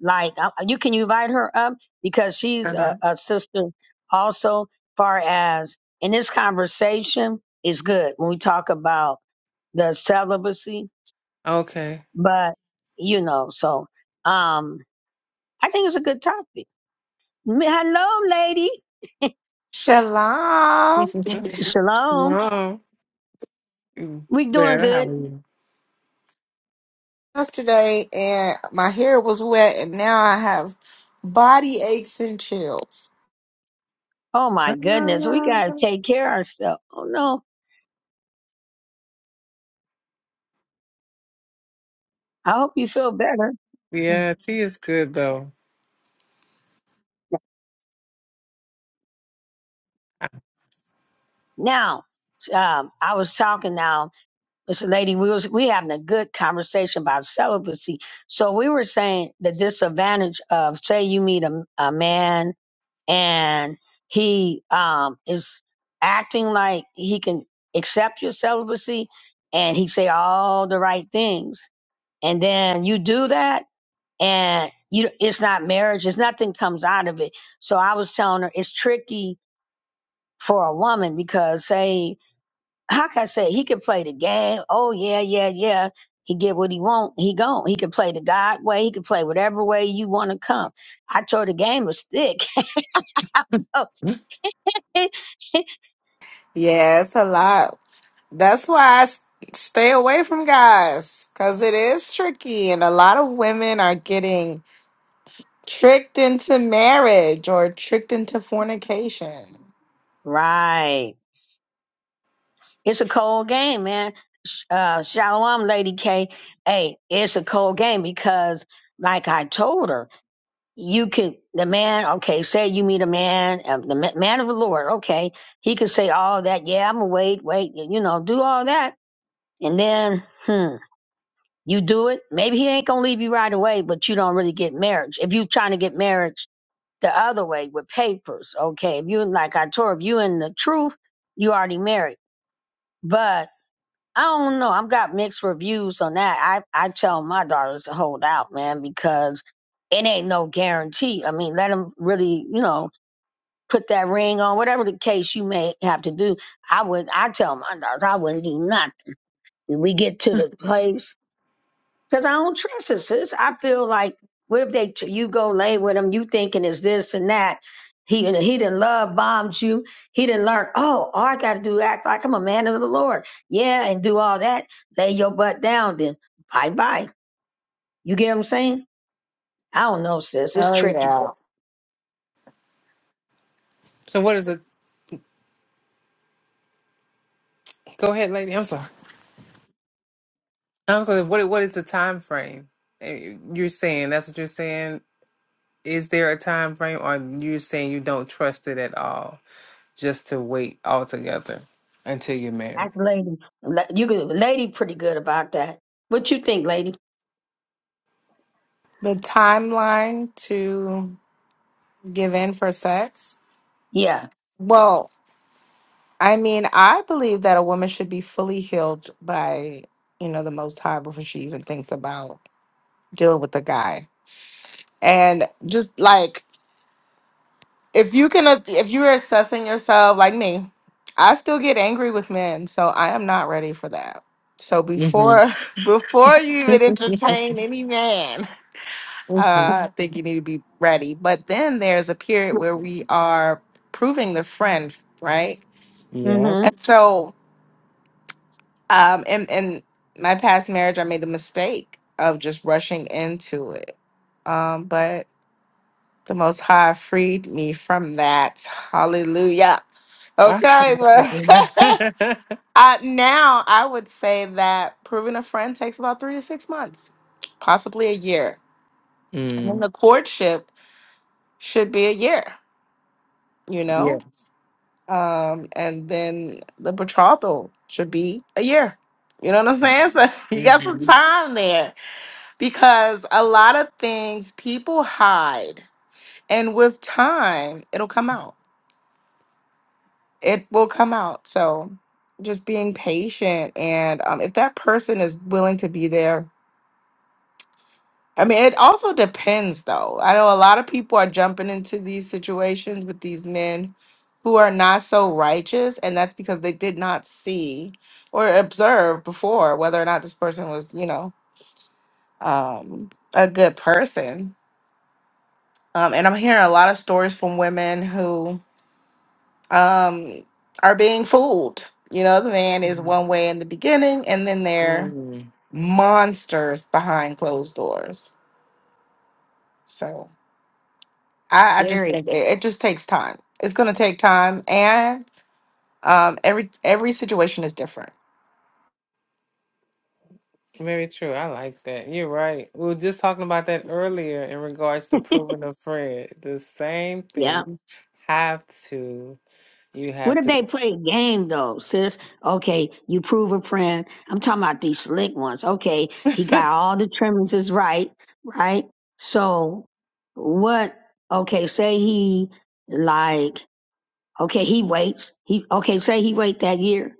B: like I- you can invite her up because she's
A: Uh huh.
B: a, a sister also far as in this conversation is good when we talk about the celibacy
A: Okay.
B: but you know so um i think it's a good topic M- hello lady
C: Shalom.
B: shalom
A: Hello. Mm,
B: we doing
A: Well, how
B: good
A: are you?
C: Yesterday, and my hair was wet, and now I have body aches and chills.
B: oh my goodness we gotta
A: Hello.
B: take care of ourselves oh no i hope you feel better
A: Yeah, tea is good though.
B: now um i was talking now This lady, we was we having a good conversation about celibacy. So we were saying the disadvantage of say you meet a, a man and he um is acting like he can accept your celibacy and he say all the right things and then you do that and you it's not marriage, it's nothing comes out of it. So I was telling her it's tricky for a woman because say Hawkeye said he can play the game. Oh yeah, yeah, yeah. He get what he want. He gone. He can play the God way. He can play whatever way you want to come. I told the game was thick. I don't
A: Mm.
B: know.
C: Yeah, it's a lot. That's why I s- stay away from guys because it is tricky, and a lot of women are getting tricked into marriage or tricked into fornication.
B: right. It's a cold game, man. Sh- Uh, Shalom, Lady K. Hey, it's a cold game because, like I told her, you could the man. Okay, say you meet a man, uh, the ma- man of the Lord. Okay, he could say all that. Yeah, I'm gonna wait, wait. You know, do all that, and then. Hmm. You do it. Maybe he ain't gonna leave you right away, but you don't really get marriage. If you trying to get marriage the other way with papers, okay. If you like I told, if you in the truth, you already married. But I don't know. I've got mixed reviews on that. I I tell my daughters to hold out, man, because it ain't no guarantee. I mean, let them really, you know, put that ring on, whatever the case you may have to do. I would. I tell my daughters, I wouldn't do nothing. We get to the place because I don't trust it, sis. I feel like what if they you go lay with him, you thinking is this and that. He he didn't love bombed you. He didn't learn. Oh, all I got to do act like I'm a man of the Lord. Yeah, and do all that. Lay your butt down. Then bye bye. You get what I'm saying? I don't know, sis. It's
C: Oh,
B: tricky.
C: yeah.
A: So what is the? Go ahead, lady. I'm sorry. I'm sorry. What what is the time frame? Eh, You're saying that's what you're saying. Is there a time frame, or you're saying you don't trust it at all? just to wait altogether until you're married.
B: That's lady. La- You could lady pretty good about that. What you think, lady?
C: The timeline to give in for sex.
B: Yeah.
C: Well, I mean, I believe that a woman should be fully healed by, you know, the Most High before she even thinks about dealing with a guy. And just like if you can, uh, if you're assessing yourself like me, I still get angry with men, so I am not ready for that. So
A: hmm
C: before before you even
A: hmm
C: entertain any man, uh, I think you need to be ready. But then there's a period where we are proving the friend, right?
A: Yep.
B: Mm-hmm.
C: And so Um, and and my past marriage, I made the mistake of just rushing into it. Um, but the Most High freed me from that. Hallelujah.
A: I-
C: Okay,
A: forgot.
C: but I, now I would say that proving a friend takes about three to six months, possibly a year, and then
A: mm.
C: the courtship should be a year. You know,
A: Yes.
C: um, and then the betrothal should be a year. You know what I'm saying? So you got some
A: Mm-hmm.
C: time there because a lot of things people hide and with time it'll come out it will come out so just being patient and um, if that person is willing to be there i mean it also depends though i know a lot of people are jumping into these situations with these men who are not so righteous and that's because they did not see or observe before whether or not this person was you know um, a good person Um, and I'm hearing a lot of stories from women who um, are being fooled. You know, the man is one way in the beginning, and then they're
A: Mm.
C: monsters behind closed doors. So I, I just
B: Scary.
C: think it, it just takes time. It's going to take time, and um, every every situation is different.
A: Very true. I like that. You're right. We were just talking about that earlier in regards to proving a friend. The same thing. You have to. You
B: What
A: have
B: if
A: to.
B: they play a game though, sis? Okay, you prove a friend. I'm talking about these slick ones. Okay, he got all the trimmings is right, right? So what okay, say he like okay, he waits. He okay, say he wait that year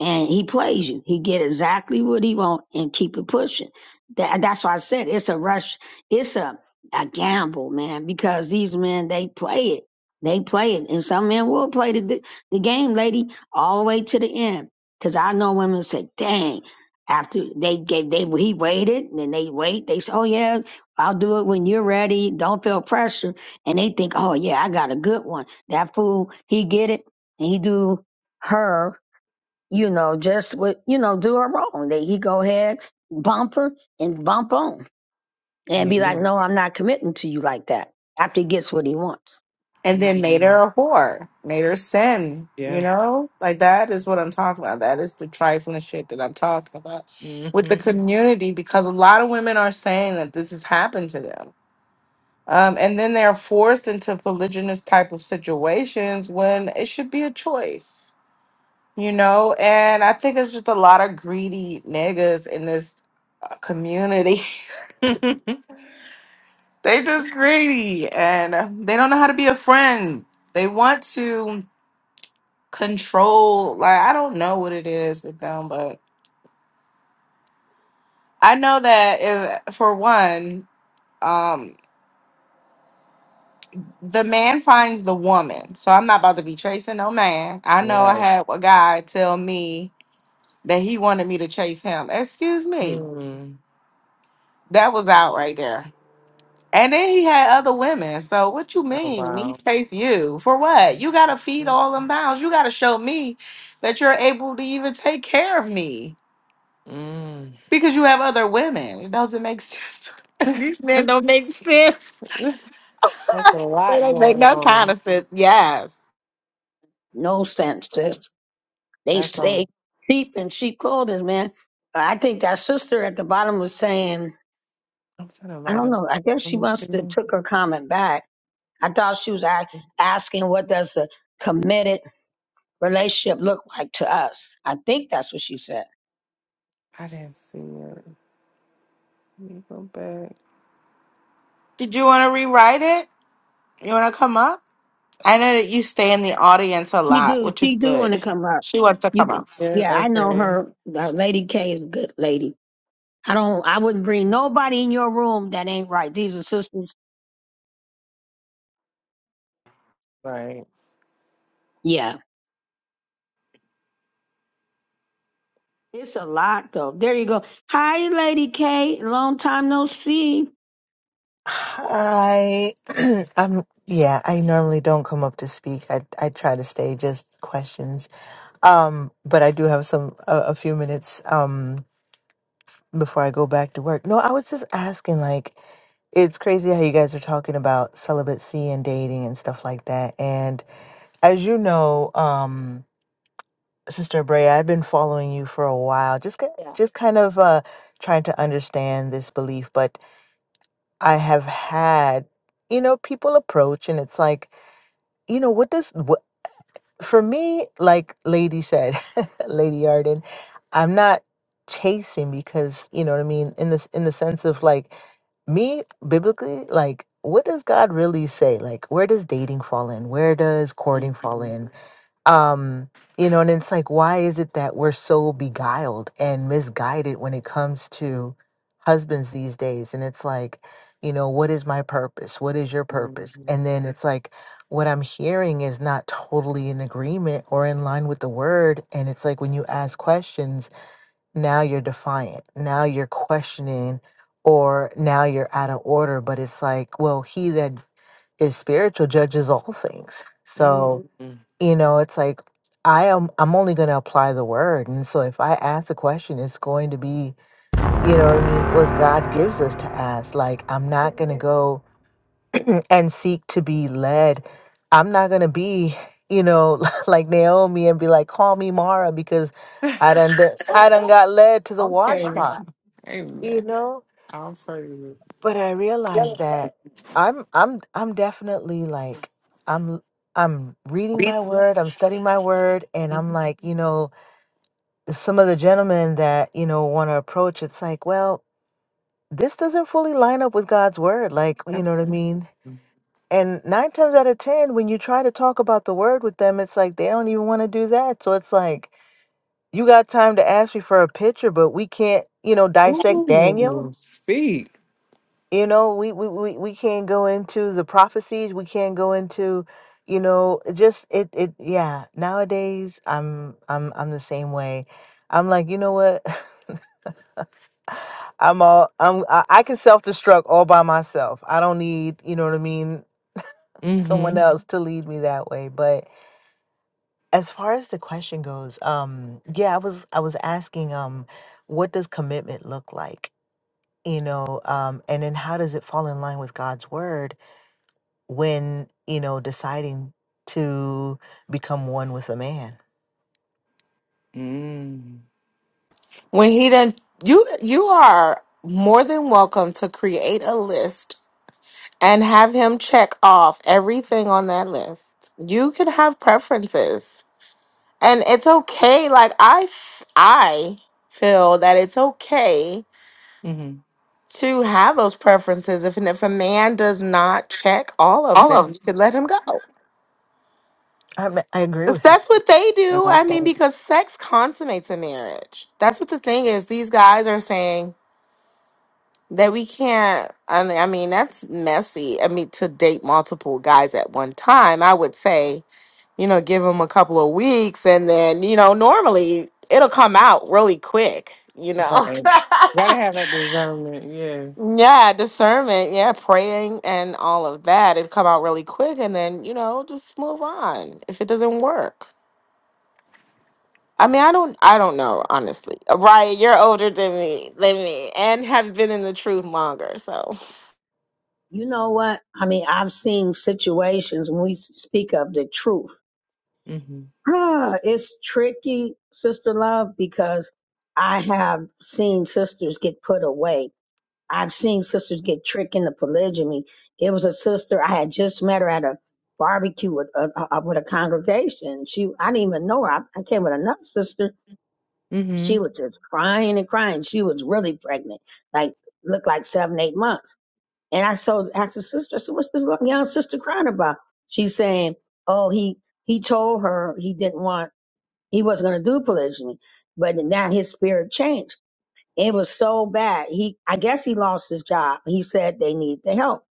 B: and he plays you. He get exactly what he want and keep it pushing. That that's why I said it's a rush. It's a a gamble, man, because these men they play it. They play it, and some men will play the the game, lady, all the way to the end. Because I know women say, "Dang!" After they gave they he waited, and then they wait. They say, "Oh yeah, I'll do it when you're ready. Don't feel pressure." And they think, "Oh yeah, I got a good one." That fool, he get it, and he do her you know, just with you know, do her wrong. That he go ahead, bump her and bump on, and
A: Yeah.
B: be like, "No, I'm not committing to you like that." After he gets what he wants,
C: and then made her
A: Mm.
C: a whore, made her sin. You
A: Yeah.
C: know, like that is what I'm talking about. That is the trifling shit that I'm talking about
A: hmm
C: with the community because a lot of women are saying that this has happened to them. Um, and then they're forced into polygynous type of situations when it should be a choice, you know? And I think it's just a lot of greedy niggas in this uh, community. they just greedy and uh, they don't know how to be a friend. They want to control. Like I don't know what it is with them, but I know that if, for one, um, the man finds the woman. So I'm not about to be chasing no man. I know I
A: right.
C: had a guy tell me that he wanted me to chase him. Excuse me,
A: Mm.
C: that was out right there. And then he had other women. So what you
A: Oh
C: mean me
A: wow.
C: chase you for what? You gotta feed
A: Mhm.
C: all them pounds. You gotta show me that you're able to even take care of me.
A: Mm.
C: Because you have other women. It doesn't make sense. These men don't make sense.
A: That's a
C: They
A: lot
C: don't make
A: going
C: no kind
A: on.
C: of sense. Yes.
B: no sense. To, they
A: That's on.
B: stay sheep in sheep clothing, man. I think that sister at the bottom was saying,
A: I'm trying to
B: I
A: write
B: don't
A: up.
B: know. I guess
A: Let
B: she
A: me see.
B: must have took her comment back. I thought she was a- asking, "What does a committed?" relationship look like to us? I think that's what she said.
A: I didn't see it. Let me go back.
C: Did you want to rewrite it? You want to come up? I know that you stay in the audience a
B: She
C: lot,
B: do.
C: which is
B: She do want to
C: good.
B: come up.
C: She wants to
B: You
C: come
B: can.
C: up.
A: Yeah,
B: Yeah, I know
A: okay.
B: her. Uh, Lady K is a good lady. I don't. I wouldn't bring nobody in your room that ain't right. These are sisters.
A: right.
B: Yeah. It's a lot though. There you go. Hi, Lady K. Long time no see.
D: I I'm yeah, I normally don't come up to speak. I I try to stay just questions. Um, but I do have some a, a few minutes um before I go back to work. No, I was just asking like it's crazy how you guys are talking about celibacy and dating and stuff like that. And as you know, um Sister Brea, I've been following you for a while. Just ki-
B: Yeah.
D: just kind of uh trying to understand this belief, but I have had, you know, people approach and it's like, you know, what does what for me, like Lady said, Lady Arden, I'm not chasing because, you know what I mean, in this in the sense of like me biblically, like what does God really say? Like where does dating fall in? Where does
A: mm
D: courting fall
A: hmm
D: in? um you know and it's like why is it that we're so beguiled and misguided when it comes to husbands these days and it's like you know what is my purpose what is your purpose and
A: hmm
D: then it's like what i'm hearing is not totally in agreement or in line with the word and it's like when you ask questions now you're defiant now you're questioning or now you're out of order but it's like well he that is spiritual judges all things so
A: hmm
D: you know it's like i am i'm only going to apply the word and so if i ask a question it's going to be you know what i mean what god gives us to ask like i'm not going to go and seek to be led i'm not going to be you know like naomi and be like call me mara because i done d- i done got led to the wash
A: Okay.
D: pot you
A: Amen.
D: know
A: I'll praise
D: but i
A: Yeah.
D: realized that i'm i'm i'm definitely like i'm I'm reading
A: it.
D: my word, I'm studying my word, and I'm
A: Mhm.
D: like, you know, some of the gentlemen that you know want to approach it's like well this doesn't fully line up with god's word like you know what i
A: Absolutely.
D: mean and nine times out of ten when you try to talk about the word with them it's like they don't even want to do that so it's like you got time to ask me for a picture but we can't you know dissect
A: Ooh,
D: daniel
A: speak.
D: you know we we, we, we can't go into the prophecies we can't go into you know it just it it yeah nowadays i'm i'm i'm the same way i'm like you know what I'm all I'm I, I can self destruct all by myself. I don't need, you know what I mean, someone
A: Mm-hmm.
D: Mhm. else to lead me that way. But as far as the question goes, um yeah, I was I was asking um what does commitment look like? You know, um and then how does it fall in line with God's word? when you know deciding to become one with a man
A: Mm-hmm.
C: When he done, you you are more than welcome to create a list and have him check off everything on that list. You can have preferences. and it's okay like i f- i feel that it's okay
A: Mm-hmm.
C: to have those preferences if and if a man does not check all of them you could let him go
D: i m- I agree
C: that's
D: with you
C: that's what they do i mean
A: No,
C: because sex consummates a marriage that's what the thing is these guys are saying that we can't i mean I mean, that's messy i mean to date multiple guys at one time i would say you know give them a couple of weeks and then you know normally it'll come out really quick you know
A: Right. Gotta have that discernment, yeah.
C: Yeah, discernment. Yeah, praying and all of that. It'd come out really quick and then, you know, just move on if it doesn't work. I mean, I don't I don't know, honestly. Ryan, you're older than me, than me, and have been in the truth longer. So
B: You know what? I mean, I've seen situations when we speak of the truth.
A: Mm-hmm.
B: Ah, it's tricky, sister love, because I have seen sisters get put away. I've seen sisters get tricked into polygamy. It was a sister I had just met her at a barbecue with a, a, with a congregation. She I didn't even know her. I, I came with another sister. She
A: Mm-hmm.
B: was just crying and crying. She was really pregnant, like looked like seven eight months. And I so asked the sister, I said, "What's this little young sister crying about?" She's saying, "Oh, he he told her he didn't want." He wasn't going to do polygamy, but now his spirit changed. It was so bad. He, I guess, he lost his job. He said they need the help.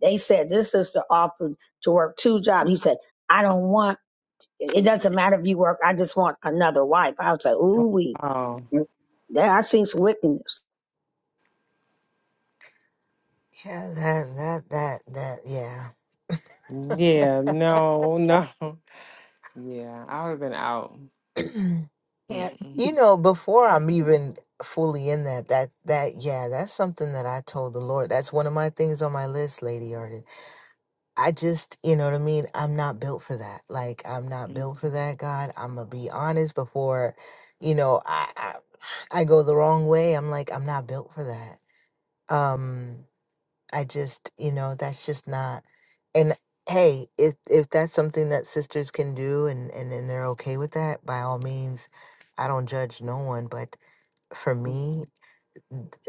B: They said this sister offered to work two jobs. He said, "I don't want. It doesn't matter if you work. I just want another wife." I was like,
A: Oh.
B: "Ooh, we."
A: wow.
B: mm, That I seen some wickedness.
D: yeah that that that that yeah
A: Yeah, no, no. Yeah, I would have been out.
B: And
A: Mm-mm.
D: you know before i'm even fully in that that that yeah that's something that i told the lord that's one of my things on my list lady I just, you know what I mean? I'm not built for that. Like, I'm not built
A: Mm-mm.
D: for that, God. I'm going to be honest before, you know, I, I I go the wrong way. I'm like, I'm not built for that. Um, I just, you know, that's just not. And hey, if if that's something that sisters can do and and, and they're okay with that, by all means, I don't judge no one, but for me,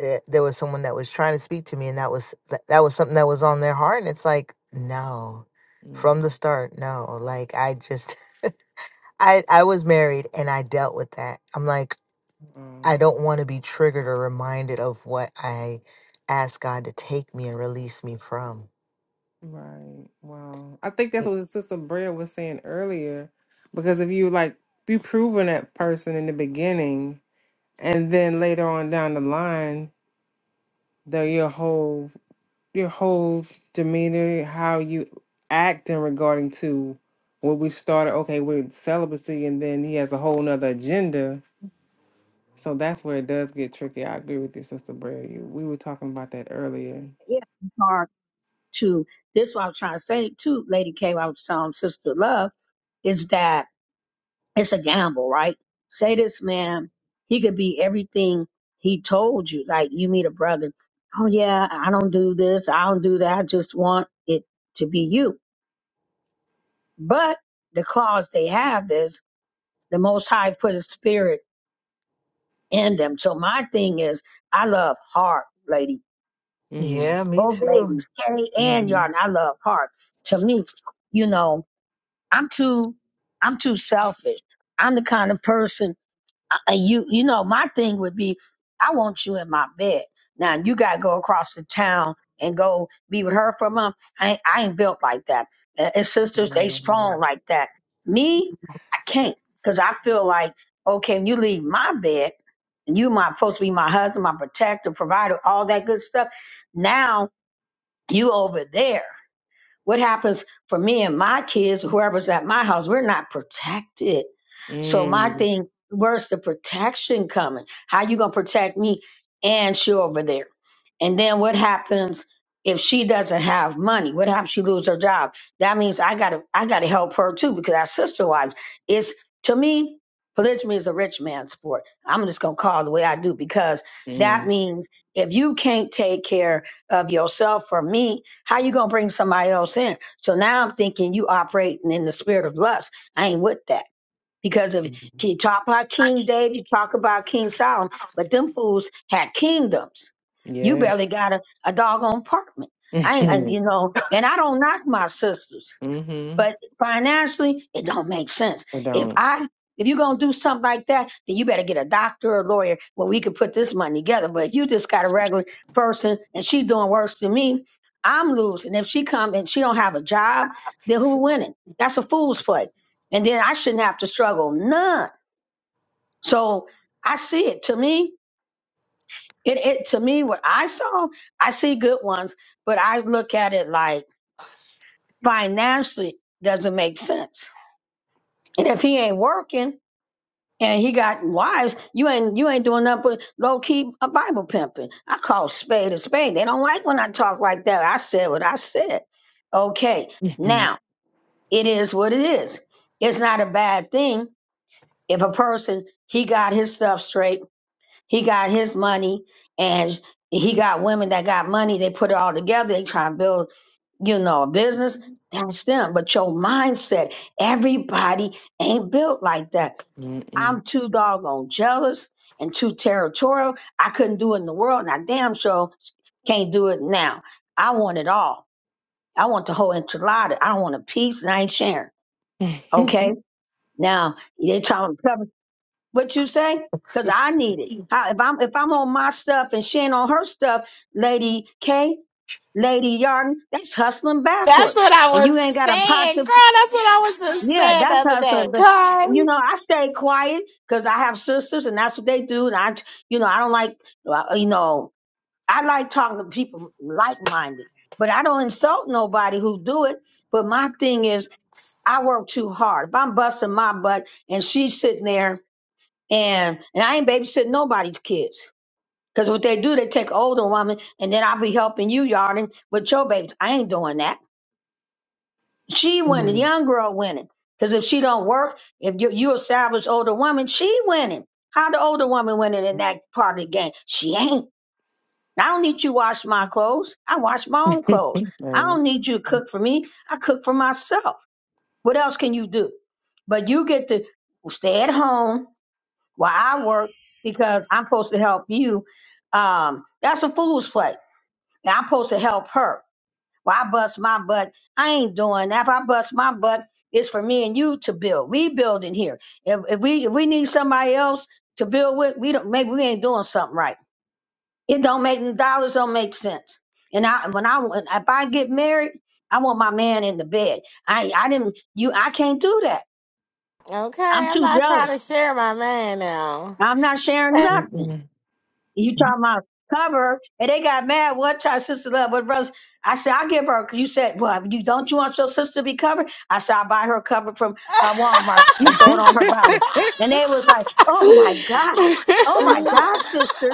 D: eh, there was someone that was trying to speak to me and that was that, that was something that was on their heart and it's like no
A: Mm-mm.
D: from the start no like i just i i was married and i dealt with that i'm like
A: Oh,
D: I don't want to be triggered or reminded of what I asked God to take me and release me from.
A: Right. Wow. I think that's
D: Y-
A: what Sister Brea was saying earlier. Because if you like you proving that person in the beginning and then later on down the line, though your whole your whole demeanor, how you act in regarding to when we started, okay, with celibacy, and then he has a whole nother agenda. So that's where it does get tricky. I agree with you, Sister Bray. You- We were talking about that earlier.
B: yeah, it's hard to. This is what I was trying to say too, Lady K. I was telling Sister Love is that it's a gamble, right? Say this man, he could be everything he told you. Like you meet a brother, oh yeah, I don't do this, I don't do that, I just want it to be you. But the clause they have is the most high put his spirit in them. So my thing is I love heart, lady.
A: Mm-hmm.
D: Yeah, me
B: Both
D: too.
B: ladies, Carrie and
A: Mm-hmm.
B: Yarn, I love heart. To me, you know, I'm too I'm too selfish. I'm the kind of person I- you you know my thing would be i want you in my bed now you gotta go across the town and go be with her for a month i ain't, I ain't built like that and, and sisters they strong like that me i can't because i feel like okay when you leave my bed and you my supposed to be my husband my protector provider all that good stuff now you over there what happens for me and my kids, whoever's at my house, we're not protected. So my
A: mm
B: thing, where's the protection coming? How you gonna protect me and she over there? And then what happens if she doesn't have money? What happens if she lose her job? That means I gotta I gotta help her too because our sister wives. It's to me, polygamy is a rich man's sport. I'm just gonna call it the way I do because that
A: mm
B: means if you can't take care of yourself for me how you gonna bring somebody else in? So now I'm thinking you operating in the spirit of lust. I ain't with that. Because if you talk about King David, you talk about King Solomon, but them fools had kingdoms. You
A: Yeah.
B: barely got a, a doggone apartment. I ain't, I- you know, and I don't knock my sisters.
A: mm-hmm.
B: But financially, it don't make sense.
A: I
B: If
A: don't.
B: I if you're gonna do something like that, then you better get a doctor or a lawyer where we could put this money together. But if you just got a regular person and she doing worse than me, I'm losing. If she come and she don't have a job, then who winning? That's a fool's play. And then I shouldn't have to struggle none. So I see it. To me, it, it to me what I saw, I see good ones, but I look at it like financially doesn't make sense. And if he ain't working, and he got wives. You ain't you ain't doing nothing but low key a Bible pimping. I call spade a spade. They don't like when I talk like that. I said what I said. Okay, now it is what it is. It's not a bad thing if a person he got his stuff straight, he got his money, and he got women that got money. They put it all together. They try to build you know a business. That's them. But your mindset, everybody ain't built like that.
A: Mm-mm.
B: I'm too doggone jealous and too territorial. I couldn't do it in the world, and I damn sure can't do it now. I want it all. I want the whole enchilada. I want a piece, and I ain't sharing. Okay, now they trying to cover what you say because I need it. How, if I'm if I'm on my stuff and she ain't on her stuff, Lady K, Lady Yarden, that's hustling
C: that's
B: backwards,
C: what I
B: and
C: was
B: you ain't got a pot
C: saying,
B: to
C: girl. That's what I was just
B: Yeah,
C: saying the
B: that's
C: other
B: how I
C: day.
B: said. But you
C: Okay.
B: know, I stay quiet because I have sisters, and that's what they do. And I, you know, I don't like, uh, you know, I like talking to people like minded, but I don't insult nobody who do it. But my thing is, I work too hard. If I'm busting my butt and she's sitting there, and and I ain't babysitting nobody's kids. Because what they do, they take older woman, and then I'll be helping you, yarding with your babies. I ain't doing that. She winning.
A: Mm.
B: Young girl winning. Because if she don't work, if you, you establish older woman, she winning. How the older woman winning in that part of the game? She ain't. I don't need you wash my clothes. I wash my own clothes. I don't need you to cook for me. I cook for myself. What else can you do? But you get to stay at home while I work because I'm supposed to help you. Um, that's a fool's play. And I'm supposed to help her. Well, I bust my butt. I ain't doing that. If I bust my butt, it's for me and you to build. We building here. If, if we if we need somebody else to build with, we don't. Maybe we ain't doing something right. It don't make the dollars don't make sense. And I when I if I get married, I want my man in the bed. I I didn't you. I can't do that. I'm
C: Okay. I'm
B: too
C: not
B: jealous.
C: trying to share my man now.
B: I'm not sharing
A: Amen.
B: nothing.
A: Mm-mm.
B: You talking about cover? And they got mad. What time, sister love? What brothers? I said I will give her. You said, well, you don't you want your sister to be covered? I said I will buy her a cover from uh, Walmart and throw it on her body. And they was like, oh my god, oh my
A: Mm,
B: god, sister.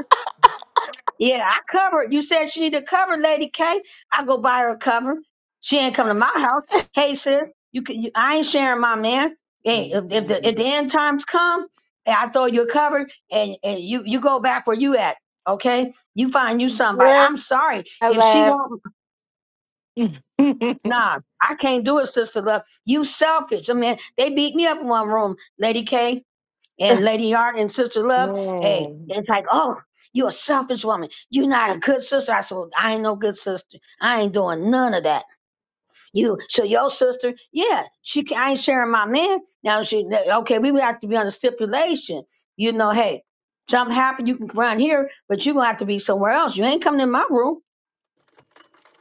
B: Yeah, I covered. You said she need a cover, Lady K. I go buy her a cover. She ain't come to my house. Hey, sis, you can. You, I ain't sharing my man. Hey,
A: mm,
B: if, if the if the
A: mm.
B: end times come, and I throw you a cover, and and you you go back where you at. Okay, you find you somebody.
C: Girl,
B: I'm sorry
C: I
B: if she
C: laugh.
B: won't. Nah, I can't do it, sister love. You selfish. I mean, they beat me up in one room, Lady K and Lady Yard and Sister Love, hey,
A: no.
B: it's like, oh, you a selfish woman. you not a good sister. I said, well, I ain't no good sister. I ain't doing none of that. You, so your sister, yeah, she, ca- I ain't sharing my man. Now she, okay, we would have to be on a stipulation. You know, hey, something happened, you can come around here, but you gonna have to be somewhere else. You ain't coming in my room,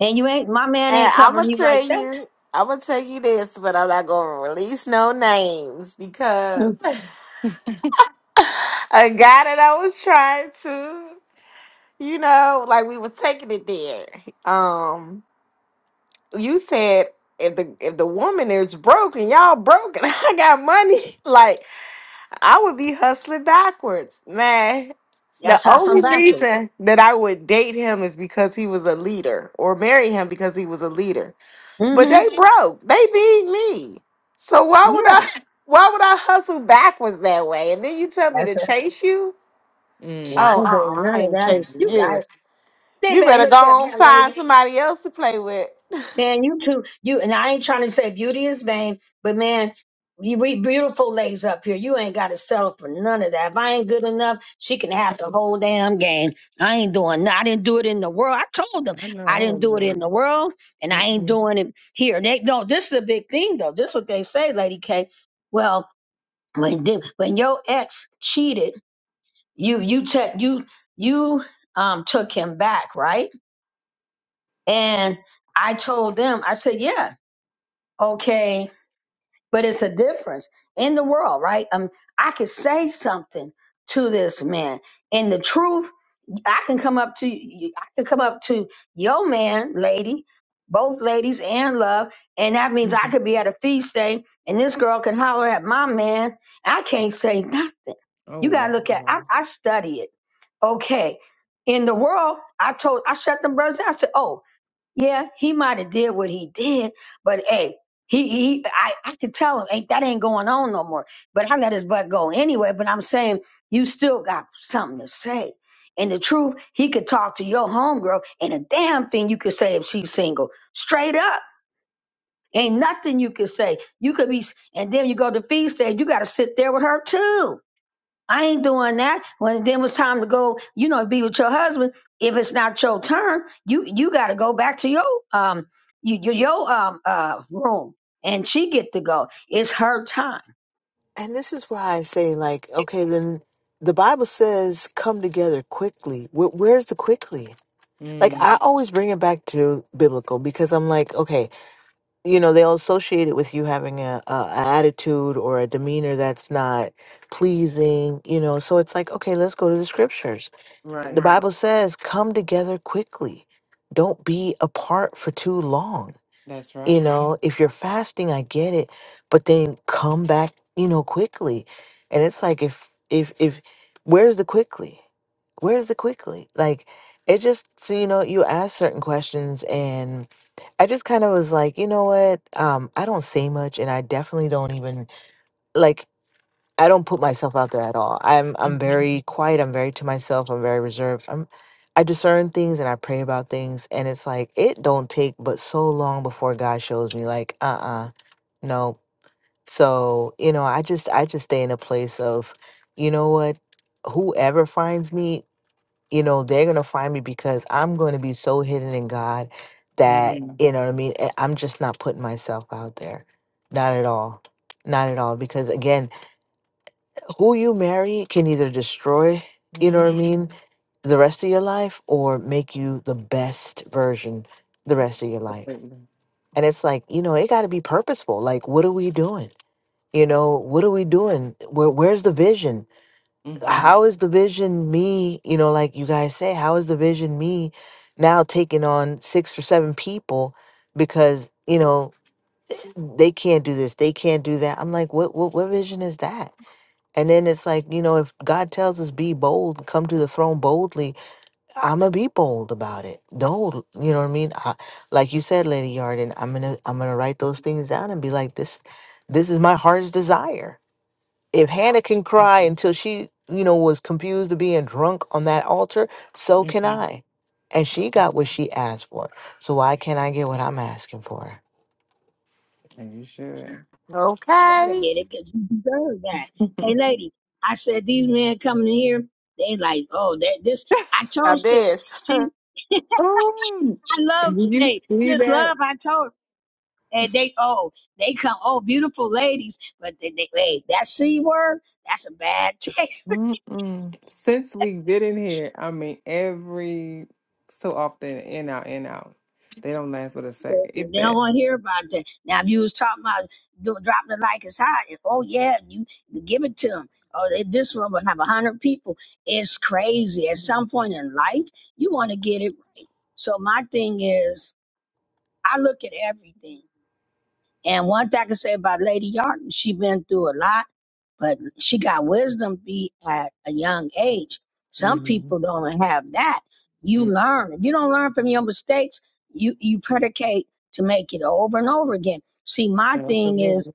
B: and you ain't, my man ain't
C: And I'm
B: covering
C: gonna
B: you like
C: tell
B: that.
C: you, I'm gonna tell you this, but I'm not gonna release no names because
B: Mm,
C: a guy that I was trying to, you know, like we was taking it there. Um, you said if the if the woman is broken, y'all broken. I got money. Like I would be hustling backwards, man. The
B: that's how some
C: only
B: backers.
C: reason that I would date him is because he was a leader, or marry him because he was a leader. But
B: Mm-hmm.
C: they broke. They beat me. So why would
B: Yeah,
C: I why would I hustle backwards that way? And then you tell me
B: that's
C: to
B: a,
C: chase you?
B: no, I
A: Mm,
C: Oh,
B: ain't doing
C: uh-uh,
B: none
C: I
B: of
C: ain't
B: that.
A: no.
C: chasing
B: You guys.
C: you.
B: They
C: You
B: better
C: better go
B: look at my
C: on find
B: lady.
C: somebody else to play with.
B: Man, you two, You and I ain't trying to say beauty is vain, but man, you we beautiful ladies up here. You ain't gotta settle for none of that. If I ain't good enough, she can have the whole damn game. I ain't doing no- I didn't do it in the world. I told them
A: I know
B: I
A: I
B: didn't
A: wouldn't
B: do it in
A: do it.
B: the world and I ain't
A: Mm-mm,
B: doing it here. They no, this is a big thing though. This is what they say, Lady K. Well, when the- when your ex cheated, you you took you you um took him back, right? And I told them, I said, yeah, okay, but it's a difference in the world, right? Um, I could say something to this man, and the truth, I can come up to you, I can come up to your man, lady, both ladies and love, and that means I
A: mm-mm.
B: could be at a feast day, and this girl can holler at my man. I can't say nothing.
A: Oh,
B: You gotta look at.
A: wow.
B: I, I study it. Okay, in the world, I told, I shut them brothers down. I said, oh. Yeah, he might have did what he did, but hey, he, he I, I could tell him, hey, that ain't going on no more. But I let his butt go anyway. But I'm saying you still got something to say. And the truth, he could talk to your homegirl, and a damn thing you could say if she's single. Straight up. Ain't nothing you could say. You could be, and then you go to feed stage, you got to sit there with her too I ain't doing that. When then it was time to go, you know, be with your husband. If it's not your turn, you you got to go back to your um you, your your um uh room, and she get to go. It's her time.
D: And this is why I say, like, okay, then the Bible says, come together quickly. Where, where's the quickly? Like,
A: Mm,
D: I always bring it back to biblical because I'm like, okay, you know, they'll associate it with you having a, a, a attitude or a demeanor that's not pleasing, you know. So it's like, okay, let's go to the scriptures. The
A: right.
D: Right. Bible says, come together quickly. Don't be apart for too long
A: That's
D: you
A: right.
D: know, if you're fasting, I get it, but then come back, you know, quickly. And it's like if if if where's the quickly? Where's the quickly? Like it just so you know, you ask certain questions and I just kind of was like, you know what? Um, I don't say much and I definitely don't even like I don't put myself out there at all. I'm I'm
A: Mm-hmm.
D: very quiet. I'm very to myself. I'm very reserved. I'm I discern things and I pray about things and it's like it don't take but so long before God shows me like uh-uh no. So, you know, I just I just stay in a place of you know what whoever finds me, you know, they're going to find me because I'm going to be so hidden in God that
A: Mm-hmm.
D: you know what I mean, and I'm just not putting myself out there. Not at all. Not at all because again who you marry can either destroy, you know what I mean, the rest of your life or make you the best version the rest of your life.
A: Absolutely.
D: And it's like, you know, it got to be purposeful. Like, what are we doing? You know, what are we doing? Where, where's the vision?
A: Mm-hmm.
D: How is the vision me, you know, like you guys say, how is the vision me now taking on six or seven people because, you know, they can't do this, they can't do that. I'm like, what what what vision is that? And then it's like, you know, if God tells us be bold, come to the throne boldly, I'm gonna be bold about it. No, you know what I mean? I, like you said, Lady Yarden, I'm gonna I'm gonna write those things down and be like, this this is my heart's desire. If Hannah can cry until she, you know, was confused to being drunk on that altar, so can
A: Mm-hmm.
D: I. And she got what she asked for. So why can't I get what I'm asking for?
A: And you should.
B: You better
C: Okay.
B: get it because you deserve that. Hey, lady, I said these men coming in here, they like, oh, that this. I
C: Now
B: told sis,
C: this.
B: she, I
A: oh,
B: love,
A: did you
B: hey,
A: see
B: sis,
A: that?
B: love. I told, and they, oh, they come, oh, beautiful ladies, but they, they hey, that c word, that's a bad taste.
A: Mm-mm. Since we've been in here, I mean, every so often, in out, in out. They don't last but a
B: They
A: second, if
B: don't
A: that.
B: want to hear about that. Now, if you was talking about do, dropping it like it's hot, and, oh yeah, you give it to them. Oh, they, this one will have a hundred people. It's crazy. At some point in life, you want to get it. So my thing is, I look at everything. And one thing I can say about Lady Yarden, she been through a lot, but she got wisdom be at a young age. Some
A: Mm-hmm.
B: people don't have that. You
A: mm
B: learn. If you don't learn from your mistakes, you, you predicate to make it over and over again. See, my thing is,
A: Absolutely.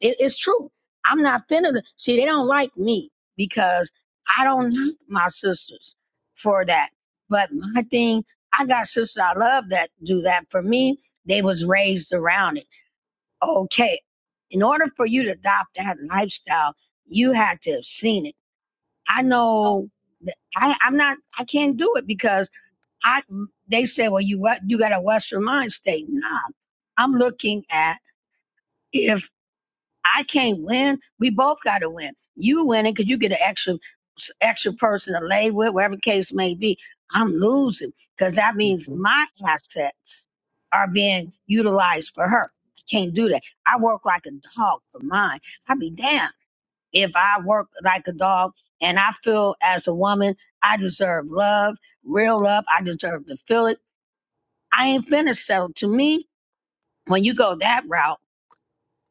B: it, it's true. I'm not finna, see, they don't like me because I don't like my sisters for that. But my thing, I got sisters I love that do that for me. They was raised around it okay, in order for you to adopt that lifestyle, you had to have seen it. I know that I, I'm not, I can't do it because I, they say, well, you, what, you got a Western mind state. Nah, I'm looking at if I can't win. We both got to win. You winning because you get an extra extra person to lay with, whatever the case may be. I'm losing because that means
A: Mm-hmm.
B: my assets are being utilized for her. I can't do that. I work like a dog for mine. I'd be damned if I work like a dog and I feel as a woman I deserve love, real love. I deserve to feel it. I ain't finished. So to me, when you go that route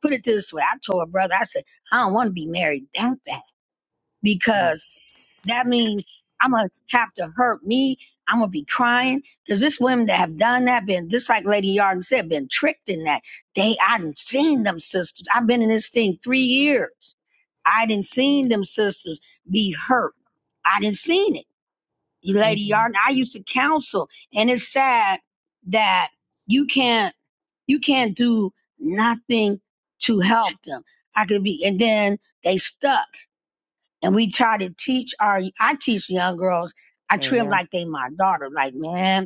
B: put it this way. I told her brother, I said, I don't want to be married that bad because that means I'm gonna have to hurt me. I'm gonna be crying because this women that have done that been just like Lady Yarden said, been tricked in that. They I didn't seen them sisters. I've been in this thing three years. I didn't seen them sisters be hurt. I didn't seen it. Lady
A: Mm-hmm.
B: Yarden, I used to counsel, and it's sad that you can't you can't do nothing to help them. I could be, and then they stuck. And we try to teach our, I teach young girls, I treat
A: And
B: them
A: yeah.
B: like they my daughter. Like, man,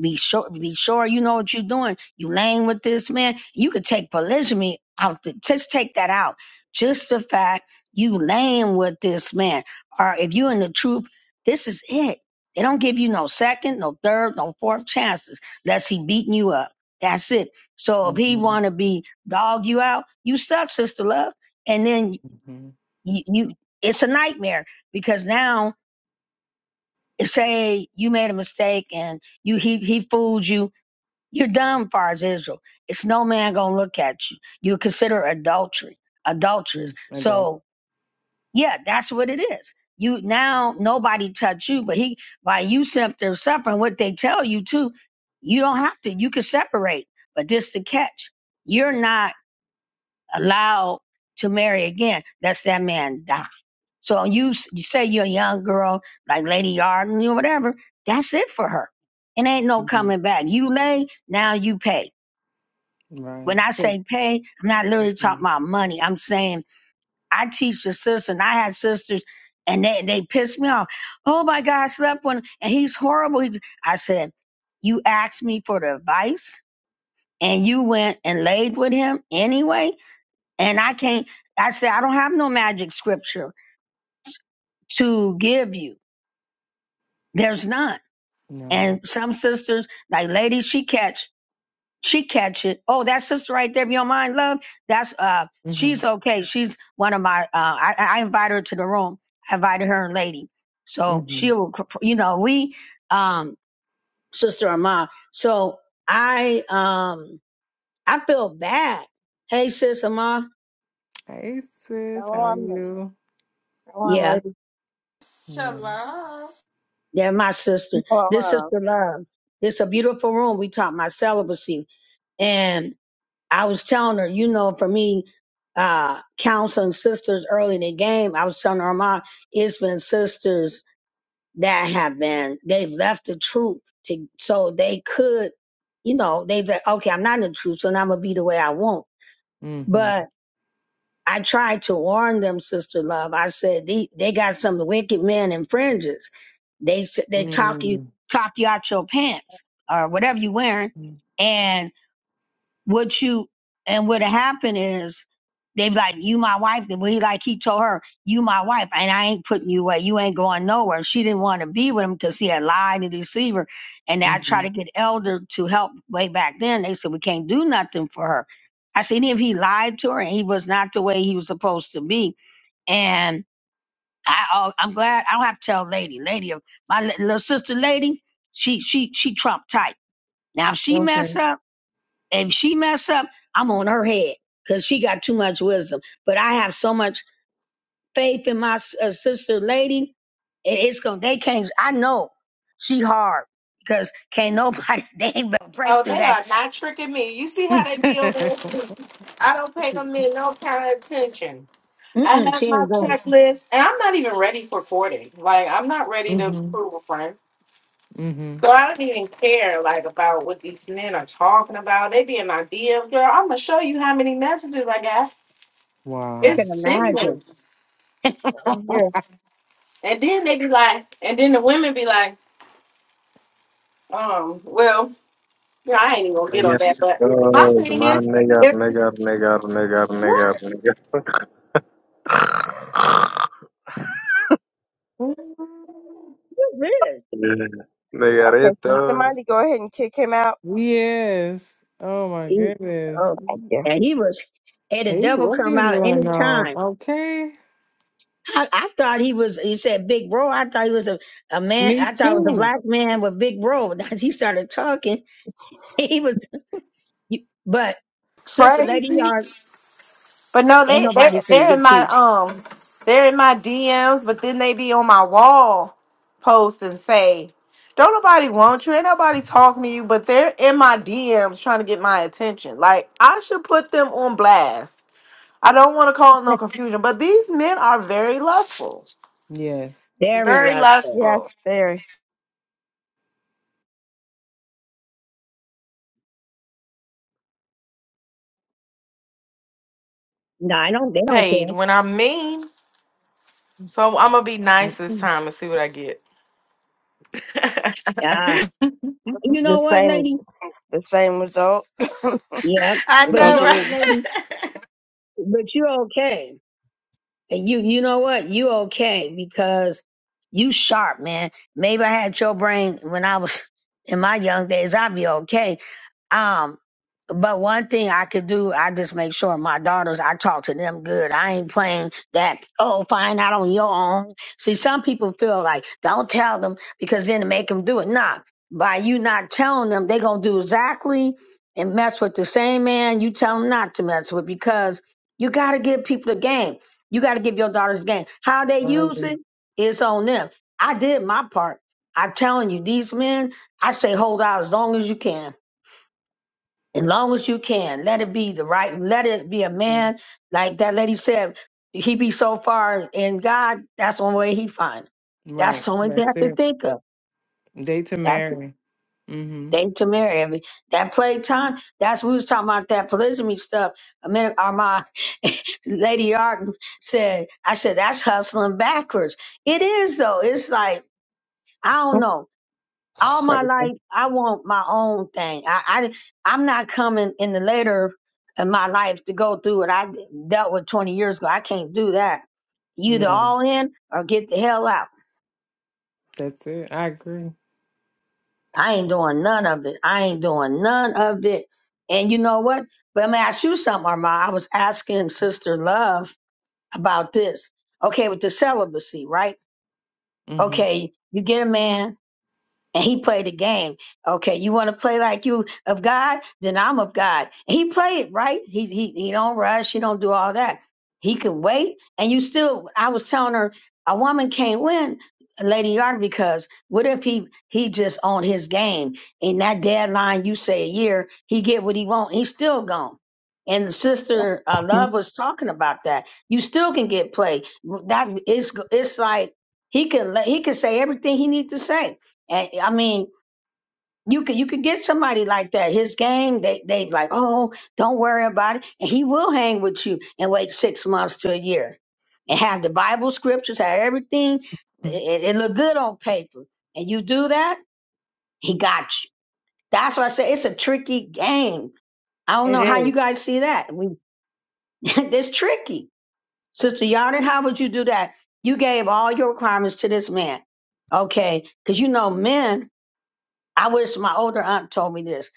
B: be sure, be sure you know what you're doing. You laying with this man. You could take polygamy out. The, just take that out. Just the fact you laying with this man, or if you in the truth, this is it. They don't give you no second, no third, no fourth chances, unless he beating you up. That's it. So if he
A: Mm-hmm.
B: want to be dog you out, you suck, sister love. And then
A: Mm-hmm.
B: you, you, it's a nightmare because now say you made a mistake and you he he fooled you you're done, far as Israel. It's no man gonna look at you. You consider adultery, adulteress.
A: mm Adult.
B: So yeah, that's what it is. You now nobody touch you, but he by you there suffering what they tell you to, you don't have to. You can separate, but this the catch. You're not allowed to marry again. That's that man die. So you, s- you say you're a young girl like Lady Yarden, you whatever. That's it for her. It ain't no
A: hmm
B: coming back. You lay now, you pay. When
A: Right.
B: I
A: So,
B: say pay, I'm not literally talking
A: mm
B: about money. I'm saying I teach the sisters. and I had sisters, and they they pissed me off. Oh my God, I slept with him, and he's horrible. He's, I said, you asked me for the advice, and you went and laid with him anyway, and I can't. I said I don't have no magic scripture to give you. There's none.
A: no.
B: And some sisters, like lady, she catch. She catch it. Oh, that sister right there, if you don't mind, love. That's uh,
A: Mm-hmm.
B: she's okay. She's one of my. Uh, I I invited her to the room. I invited her and lady. So
A: Mm-hmm.
B: she will. You know, we um, sister and ma. So I um, I feel bad. Hey, sister, ma.
A: Hey, sis,
E: Go
A: how are
E: on, miss.
A: you?
E: go on,
B: Yeah,
E: lady.
A: Yeah.
C: Shalom.
B: they're my sister.
E: Go
B: This
E: on.
B: sister love. This a beautiful room. We taught my celibacy, and I was telling her, you know, for me, uh, counseling sisters early in the game, I was telling her, mom, it's been sisters that have been, they've left the truth to, so they could, you know, they say, okay, I'm not in the truth, so now I'm going to be the way I want.
A: Mm-hmm.
B: But I tried to warn them, sister love. I said, they, they got some wicked men in fringes. They, s- they talk you,
A: Mm-hmm.
B: talk you out your pants or whatever you wearing. and. What you and what happened is they be like, You my wife. Then he like he told her, You my wife, and I ain't putting you away. You ain't going nowhere. She didn't want to be with him because he had lied and deceived her. And I tried
A: Mm-hmm.
B: to get elder to help way back then. They said we can't do nothing for her. I said, if he lied to her and he was not the way he was supposed to be. And I, oh, I'm glad I don't have to tell lady, lady, my li- little sister, lady, she, she, she Trump tight. Now if she
A: Okay.
B: mess up if she mess up, I'm on her head because she got too much wisdom. But I have so much faith in my uh, sister, lady. It, it's gonna. They can't. I know she hard because can't nobody. They ain't gonna break
C: Oh,
B: through
C: they
B: that.
C: are not tricking me. You see how they be on there? I don't pay them in no kind of attention. I
B: Mm-mm, she
C: have my
B: ain't going. to
C: checklist, and I'm not even ready for 40. Like, I'm not ready to
A: Mm-hmm.
C: prove a friend.
A: Mm-hmm.
C: So I don't even care like about what these men are talking about. They be in my DM, girl. I'm gonna show you how many messages I got.
B: I
C: It's
A: Wow.
B: can imagine.
C: sickening.
E: I'm here.
C: And then they be like, and then the women be like, um, well, you know, I ain't even gonna get on
F: Nigga,
C: that. But my
F: because
C: thing
F: my
C: is,
F: nigga,
C: it's
F: nigga, nigga, nigga,
C: what
F: nigga,
B: Who is?
F: nigga,
E: Okay, can
F: nigga,
E: somebody go ahead and kick him out?
A: Yes. Oh my
B: He,
A: goodness.
B: oh,
E: Yeah.
B: and he was had the
A: Hey,
B: devil
A: what
B: come
A: is
B: out any
A: going on?
B: time.
A: Okay.
B: I, I thought he was. You said big bro. I thought he was a, a man.
A: Me
B: I thought it was a
A: too.
B: black man with big bro. He started talking. He was. You, but sister, lady,
C: Crazy.
B: yard
C: But no,
B: ain't
C: they they're
B: nobody finna
C: they're in
B: get to
C: my
B: you.
C: um they're in my DMs, but then they be on my wall post and say, Don't nobody want you, ain't nobody talking to you, but they're in my DMs trying to get my attention. Like I should put them on blast. I don't want to cause no
B: That's
C: confusion, but these men are very lustful.
A: Yes.
B: very
C: Very
B: lustful.
E: Yes,
C: lustful.
E: very.
B: No, I don't. They don't
C: Paid when I'm mean. So I'm gonna be nice this
A: Mm-mm.
C: time and see what I get.
B: care. Uh, you
E: The
B: know what,
E: same,
B: lady?
E: the same result. it
B: Yeah,
C: I
B: but you
C: know,
B: know what,
E: continues.
B: lady?
C: right?
B: But you're okay. And you you know what? You okay because you sharp, man. Maybe I had your brain when I was in my young days, I'd be okay. Um, but one thing I could do, I just make sure my daughters, I talk to them good. I ain't playing that, oh, find out on your own. See, some people feel like, don't tell them because then it make them do it. Nah, by you not telling them, they going to do exactly and mess with the same man you tell them not to mess with because you got to give people the game. You got to give your daughters game. How they use
A: Early.
B: it, it's on them. I did my part. I'm telling you, these men, I say hold out as long as you can. As long as you can. Let it be the right, let it be a
A: Yeah.
B: man. Like that lady said, he be so far in God, that's the only way he find. it. That's
A: Right.
B: the only thing I
A: That's
B: could
A: it.
B: think of.
A: Date to
B: That's.
A: marry. Mm-hmm.
B: They to marry every that playtime. That's we was talking about that polygamy stuff. A minute, Armand, Lady Arden said. I said that's hustling backwards. It is though. It's like I don't know. All my
E: Crazy.
B: life, I want my own thing. I, I I'm not coming in the later in my life to go through what I dealt with 20 years ago. I can't do that. You Either
A: No,
B: all in or get the hell out.
A: that's it. I agree.
B: I ain't doing none of it. I ain't doing none of it. And you know what? But I'm ask you something, Armand. I was asking Sister Love about this. Okay, with the celibacy, right?
A: Mm-hmm.
B: Okay, you get a man and he played the game. Okay, you want to play like you of God? Then I'm of God. And he played right. He he he don't rush. He don't do all that. He can wait. And you still. I was telling her a woman can't win, Lady Yard, because what if he he just on his game in that deadline? You say a year, he get what he want. He's still gone. And the sister uh,
E: Hmm.
B: Love was talking about that. You still can get played. That it's it's like he can let- he can say everything he needs to say and I mean, you could you could get somebody like that. His game, they they like, oh, don't worry about it, and he will hang with you and wait six months to a year, and have the Bible scriptures, have everything. It, it look good on paper, and you do that, he got you. That's why I say it's a tricky game. I don't
E: It
B: know how you
E: is.
B: guys see that. We it's tricky, Sister Yarden. How would you do that? You gave all your requirements to this man, okay? Because you know men. I wish my older aunt told me this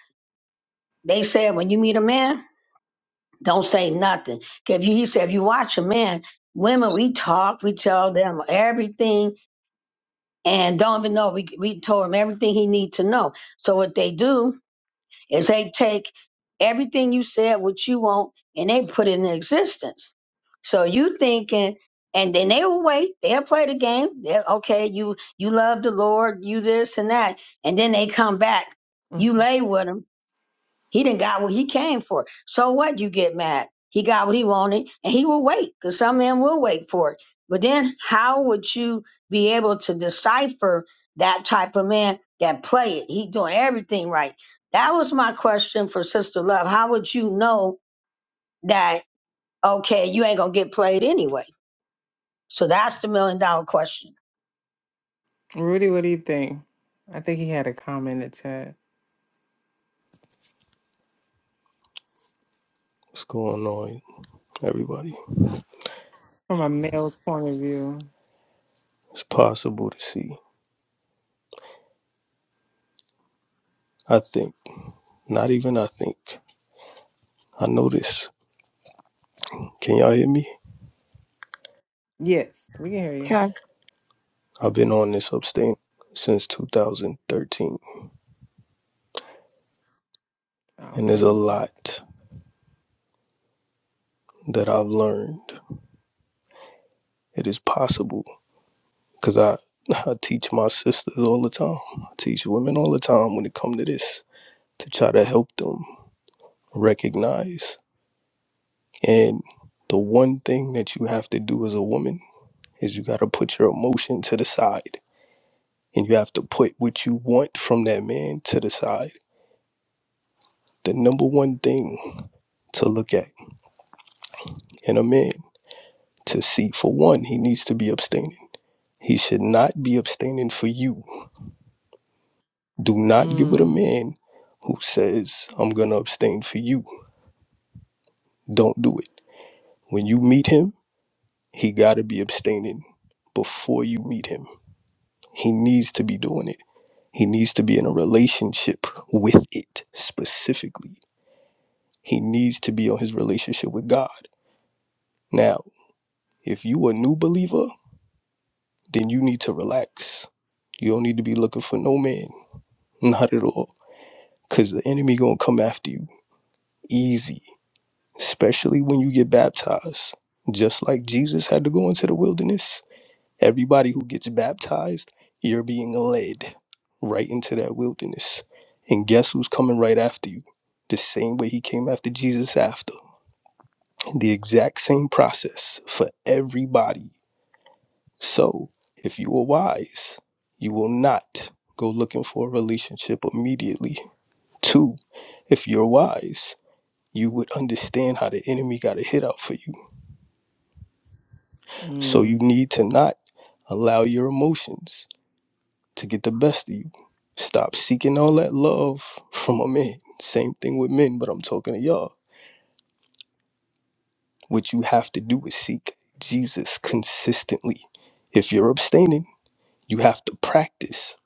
B: They said when you meet a man, don't say nothing. 'Cause If you, he said if you watch a man, women we talk, we tell them everything, and don't even know we we told him everything he need to know. So what they do is they take everything you said, what you want, and they put it in existence. So you thinking. And then they will wait. They'll play the game. They'll, okay, you you love the Lord, you this and that, and then they come back. You
A: Mm-hmm.
B: lay with 'em he didn't got what he came for. So what? You get mad. He got what he wanted, and he will wait because some men will wait for it. But then, how would you be able to decipher that type of man that play it? He doing everything right. That was my question for Sister Love. How would you know that? Okay, you ain't gonna get played anyway. So that's the million dollar question.
A: Rudy, what do you think? I think he had a comment in the chat.
G: What's going on, everybody?
A: From a male's point of view.
G: It's possible to see. I think. Not even I think. I know this. Can y'all hear me?
A: Yes, we can hear you.
E: Okay.
G: I've been on this abstain since 2013,
A: Oh,
G: and there's a
A: praises.
G: lot that I've learned. It is possible because I, I teach my sisters all the time. I teach women all the time when it comes to this to try to help them recognize. And the one thing that you have to do as a woman is you got to put your emotion to the side and you have to put what you want from that man to the side. The number one thing to look at in a man to see for one, he needs to be abstaining. He should not be abstaining for you. Do not get with a man who says, I'm going to abstain for you. Don't do it. When you meet him, he got to be abstaining before you meet him. He needs to be doing it. He needs to be in a relationship with it specifically. He needs to be on his relationship with God. Now, If you a new believer, then you need to relax. You don't need to be looking for no man, not at all, because the enemy gonna come after you easy, especially when you get baptized. Just like Jesus had to go into the wilderness, everybody who gets baptized, you're being led right into that wilderness. And guess who's coming right after you? The same way he came after Jesus after. The exact same process for everybody So, if you are wise, you will not go looking for a relationship immediately. Two, if you're wise, you would understand how the enemy got a hit out for you. So, you
A: Mm.
G: need to not allow your emotions to get the best of you. Stop seeking all that love from a man. Same thing with men, but I'm talking to y'all. What you have to do is seek Jesus consistently. If you're abstaining, you have to practice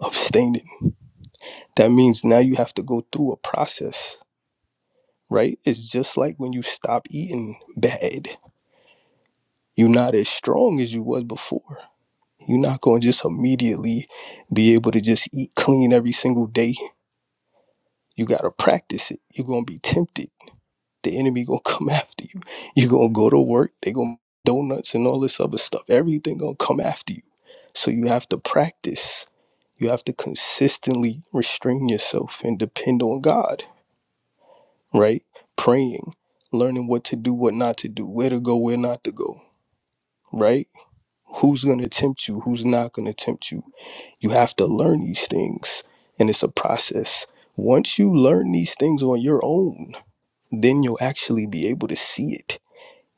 G: abstaining that means now you have to go through a process, right? It's just like when you stop eating bad. You're not as strong as you was before. You're not going to just immediately be able to just eat clean every single day. You got to practice it. You're going to be tempted. The enemy going to come after you. You're going to go to work. They're going to donuts and all this other stuff. Everything going to come after you. So you have to practice. You have to consistently restrain yourself and depend on God right? Praying, learning what to do, what not to do, where to go, where not to go, right? Who's going to tempt you, who's not going to tempt you. You have to learn these things, and it's a process. Once you learn these things on your own, then you'll actually be able to see it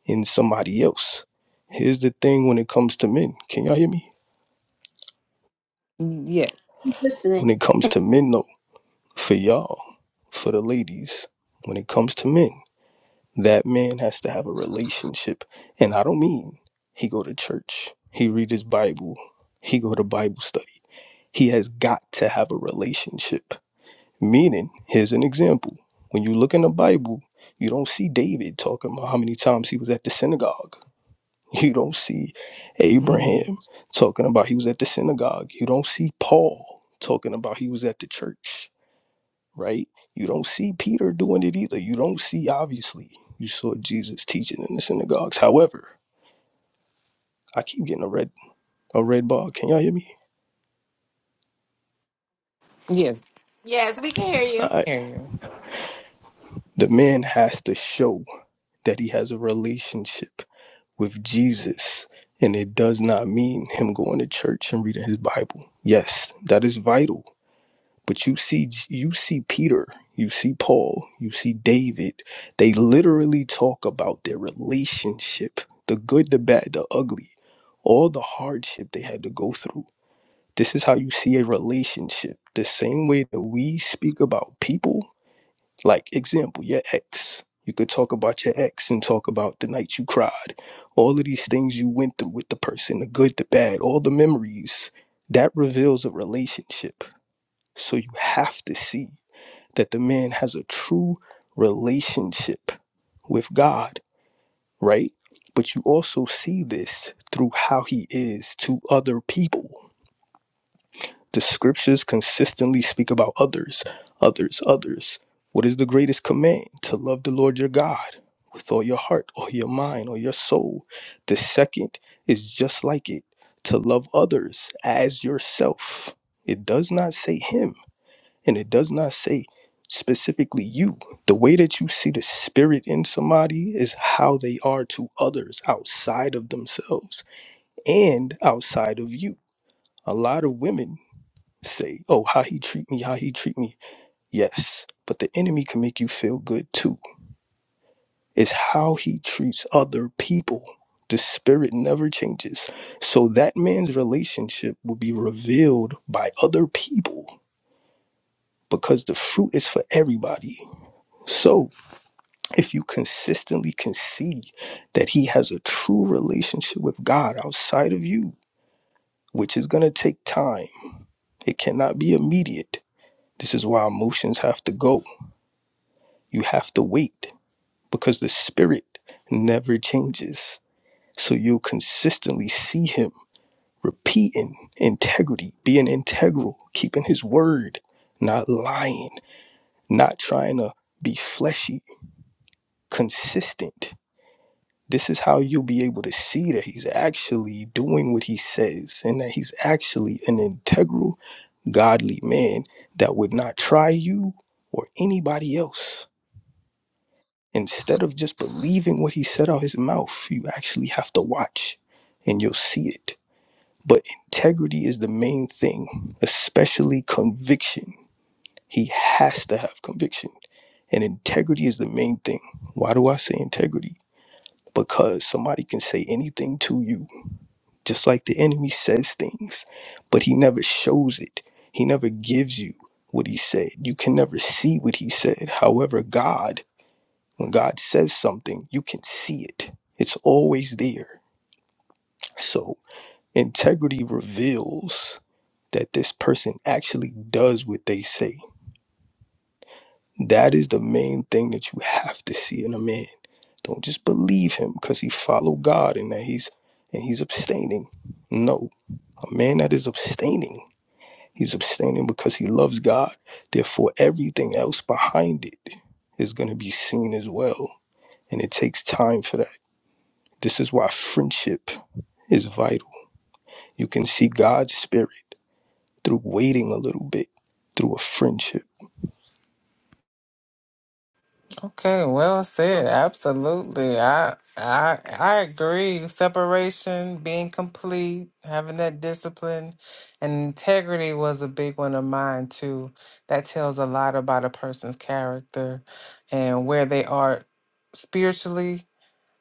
G: in somebody else. Here's the thing when it comes to men. Can y'all hear me?
A: Yes.
G: When
B: Listening.
G: it comes to men, though, for y'all, for the ladies, when it comes to men. That man has to have a relationship. And I don't mean he go to church, he read his Bible, he go to Bible study. He has got to have a relationship. Meaning, here's an example. When you look in the Bible, you don't see David talking about how many times he was at the synagogue. You don't see
A: Mm.
G: Abraham talking about he was at the synagogue. You don't see Paul talking about he was at the church right? You don't see Peter doing it either. You don't see, obviously, you saw Jesus teaching in the synagogues. However, I keep getting a red a red bar. Can y'all hear me?
A: Yes.
C: yes, we can hear
G: All
C: you.
G: right.
A: Hear you.
G: The man has to show that he has a relationship with Jesus, and it does not mean him going to church and reading his Bible. Yes, that is vital. But you see, you see Peter, you see Paul, you see David. They literally talk about their relationship, the good, the bad, the ugly, all the hardship they had to go through. This is how you see a relationship. The same way that we speak about people, like example, your ex. You could talk about your ex and talk about the night you cried, all of these things you went through with the person, the good, the bad, all the memories. That reveals a relationship. So you have to see that the man has a true relationship with God, right? But you also see this through how he is to other people. The scriptures consistently speak about others, others, others. What is the greatest command? To love the Lord your God with all your heart or your mind or your soul. The second is just like it to love others as yourself. It does not say him and it does not say specifically you. The way that you see the spirit in somebody is how they are to others outside of themselves and outside of you. A lot of women say, "Oh, how he treat me, how he treat me." Yes, but the enemy can make you feel good too. It's how he treats other people. The spirit never changes. So that man's relationship will be revealed by other people because the fruit is for everybody. So, if you consistently can see that he has a true relationship with God outside of you, which is going to take time, it cannot be immediate. This is why emotions have to go. You have to wait because the spirit never changes. So you'll consistently see him repeating integrity, being integral, keeping his word, not lying, not trying to be fleshy, consistent This is how you'll be able to see that he's actually doing what he says and that he's actually an integral, godly man that would not try you or anybody else. Instead of just believing what he said out his mouth, you actually have to watch and you'll see it. But integrity is the main thing, especially conviction. He has to have conviction. And integrity is the main thing. Why do I say integrity? Because somebody can say anything to you just like the enemy says things, but he never shows it. He never gives you what he said. You can never see what he said. However, God, when God says something, you can see it, it's always there. So, integrity reveals that this person actually does what they say. That is the main thing that you have to see in a man. Don't just believe him because he followed God and that he's and he's abstaining. No, a man that is abstaining He's abstaining because he loves God. Therefore, everything else behind it is going to be seen as well. And it takes time for that. This is why friendship is vital. You can see God's spirit through waiting a little bit, through a friendship.
A: Okay, well said. Absolutely. I I I agree. Separation, being complete, having that discipline and integrity was a big one of mine too. That tells a lot about a person's character and where they are spiritually,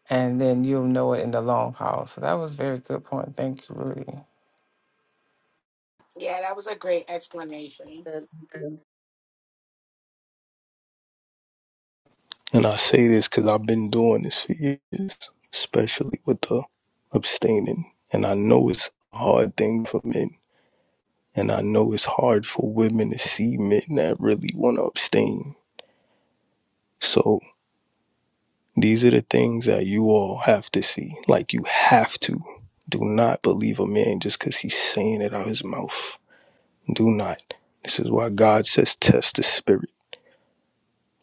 A: and then you'll know it in the long haul. So that was very good point. Thank you, Rudy.
C: Yeah, that was a great explanation.
B: uh,
G: And I say this because I've been doing this for years, especially with the abstaining. And I know it's a hard thing for men. And I know it's hard for women to see men that really want to abstain. So These are the things that you all have to see. Like you have to. Do not believe a man just because he's saying it out of his mouth. Do not. This is why God says test the spirit.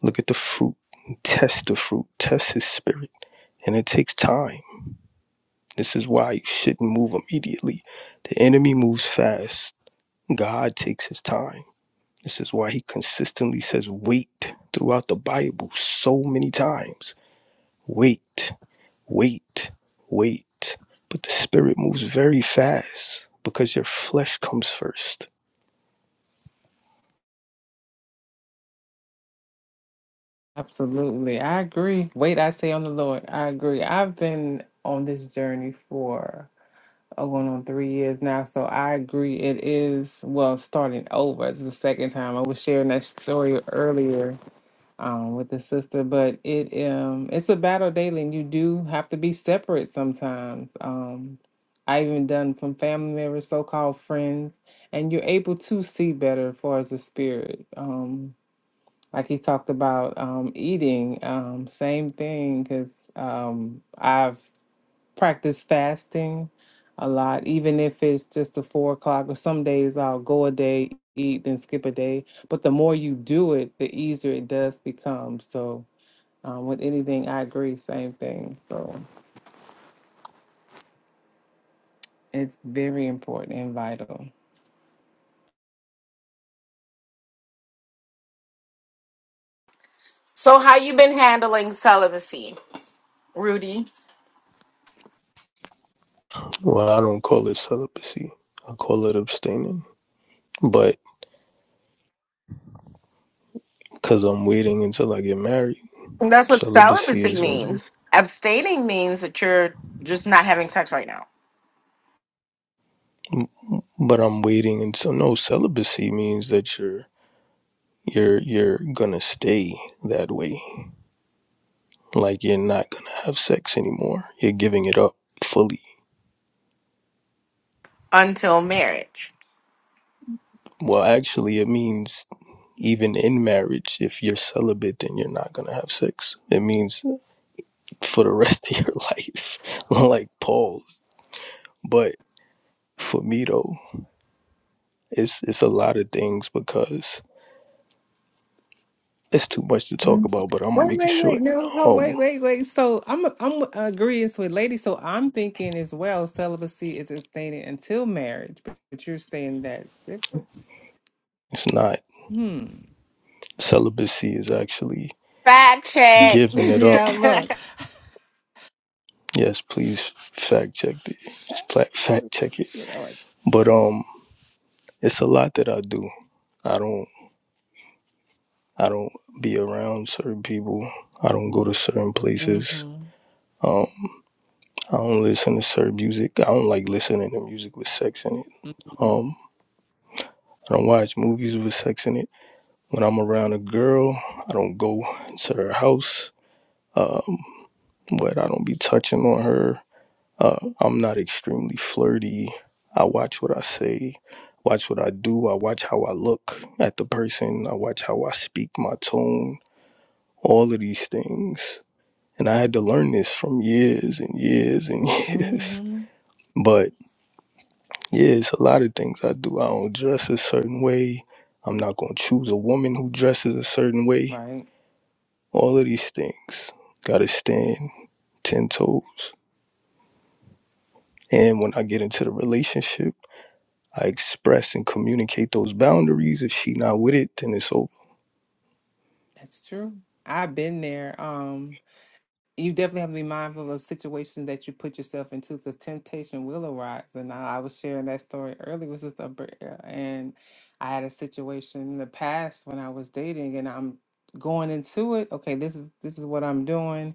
G: Look at the fruit. Test the fruit. Test his spirit. And it takes time. This is why you shouldn't move immediately. The enemy moves fast. God takes his time. This is why he consistently says wait throughout the Bible so many times. Wait. Wait, wait. But the spirit moves very fast because your flesh comes first.
A: Absolutely. I agree. Wait, I say on the Lord. I agree. I've been on this journey for uh, going on three years now. So I agree. It is, well, starting over. It's the second time. I was sharing that story earlier um, with the sister, but it um it's a battle daily and you do have to be separate sometimes. Um, I even done from family members, so called friends, and you're able to see better as far as the spirit. Um, like he talked about um, eating um, same thing because um, i've practiced fasting a lot even if it's just the four o'clock or some days i'll go a day eat then skip a day but the more you do it the easier it does become so um, with anything i agree same thing so it's very important and vital
C: So how you been handling celibacy, Rudy?
G: Well, I don't call it celibacy, I call it abstaining. But because I'm waiting until I get married,
C: That's what
G: celibacy
C: celibacy
G: is when
C: means.
G: you.
C: Abstaining means that you're just not having sex right now
G: But I'm waiting until no celibacy means that you're you're you're gonna stay that way. Like you're not gonna have sex anymore. You're giving it up fully.
C: until marriage.
G: Well, actually, it means even in marriage, if you're celibate, then you're not going to have sex. It means for the rest of your life, like Paul's. But for me, though, it's, it's a lot of things because it's too much to talk
A: Yes.
G: about, but I'm going to
A: Wait,
G: make it
A: wait, wait.
G: short.
A: No, oh,
G: Um,
A: wait, wait, wait. So I'm I'm agreeing with lady. So I'm thinking as well, celibacy is abstaining until marriage, but, but you're saying that's different.
G: it's not.
A: Hmm.
G: Celibacy is actually
C: Fact check.
G: giving it up.
A: yeah, look.
G: Yes, please fact check it.
A: That's
G: Just pla- Fact check it.
A: You know, like,
G: But um, it's a lot that I do. I don't. I don't be around certain people. I don't go to
A: mm-hmm,
G: certain places. Um, I don't listen to certain music. I don't like listening to music with sex in it.
A: mm-hmm,
G: Um, I don't watch movies with sex in it. When I'm around a girl, I don't go into her house. Um, but I don't be touching on her. Uh, I'm not extremely flirty. I watch what I say, watch what I do. I watch how I look at the person. I watch how I speak my tone. All of these things And I had to learn this from years and years and years.
A: mm-hmm.
G: But yeah, it's a lot of things I do. I don't dress a certain way. I'm not going to choose a woman who dresses a certain way.
A: Right.
G: All of these things. Got to stand 10 toes. And when I get into the relationship, I express and communicate those boundaries. If she not with it, then it's over.
A: That's true. I've been there. Um you definitely have to be mindful of situations that you put yourself into because temptation will arise. And I, I was sharing that story earlier with Sister Bria, and I had a situation in the past when I was dating, and I'm going into it. Okay, this is this is what I'm doing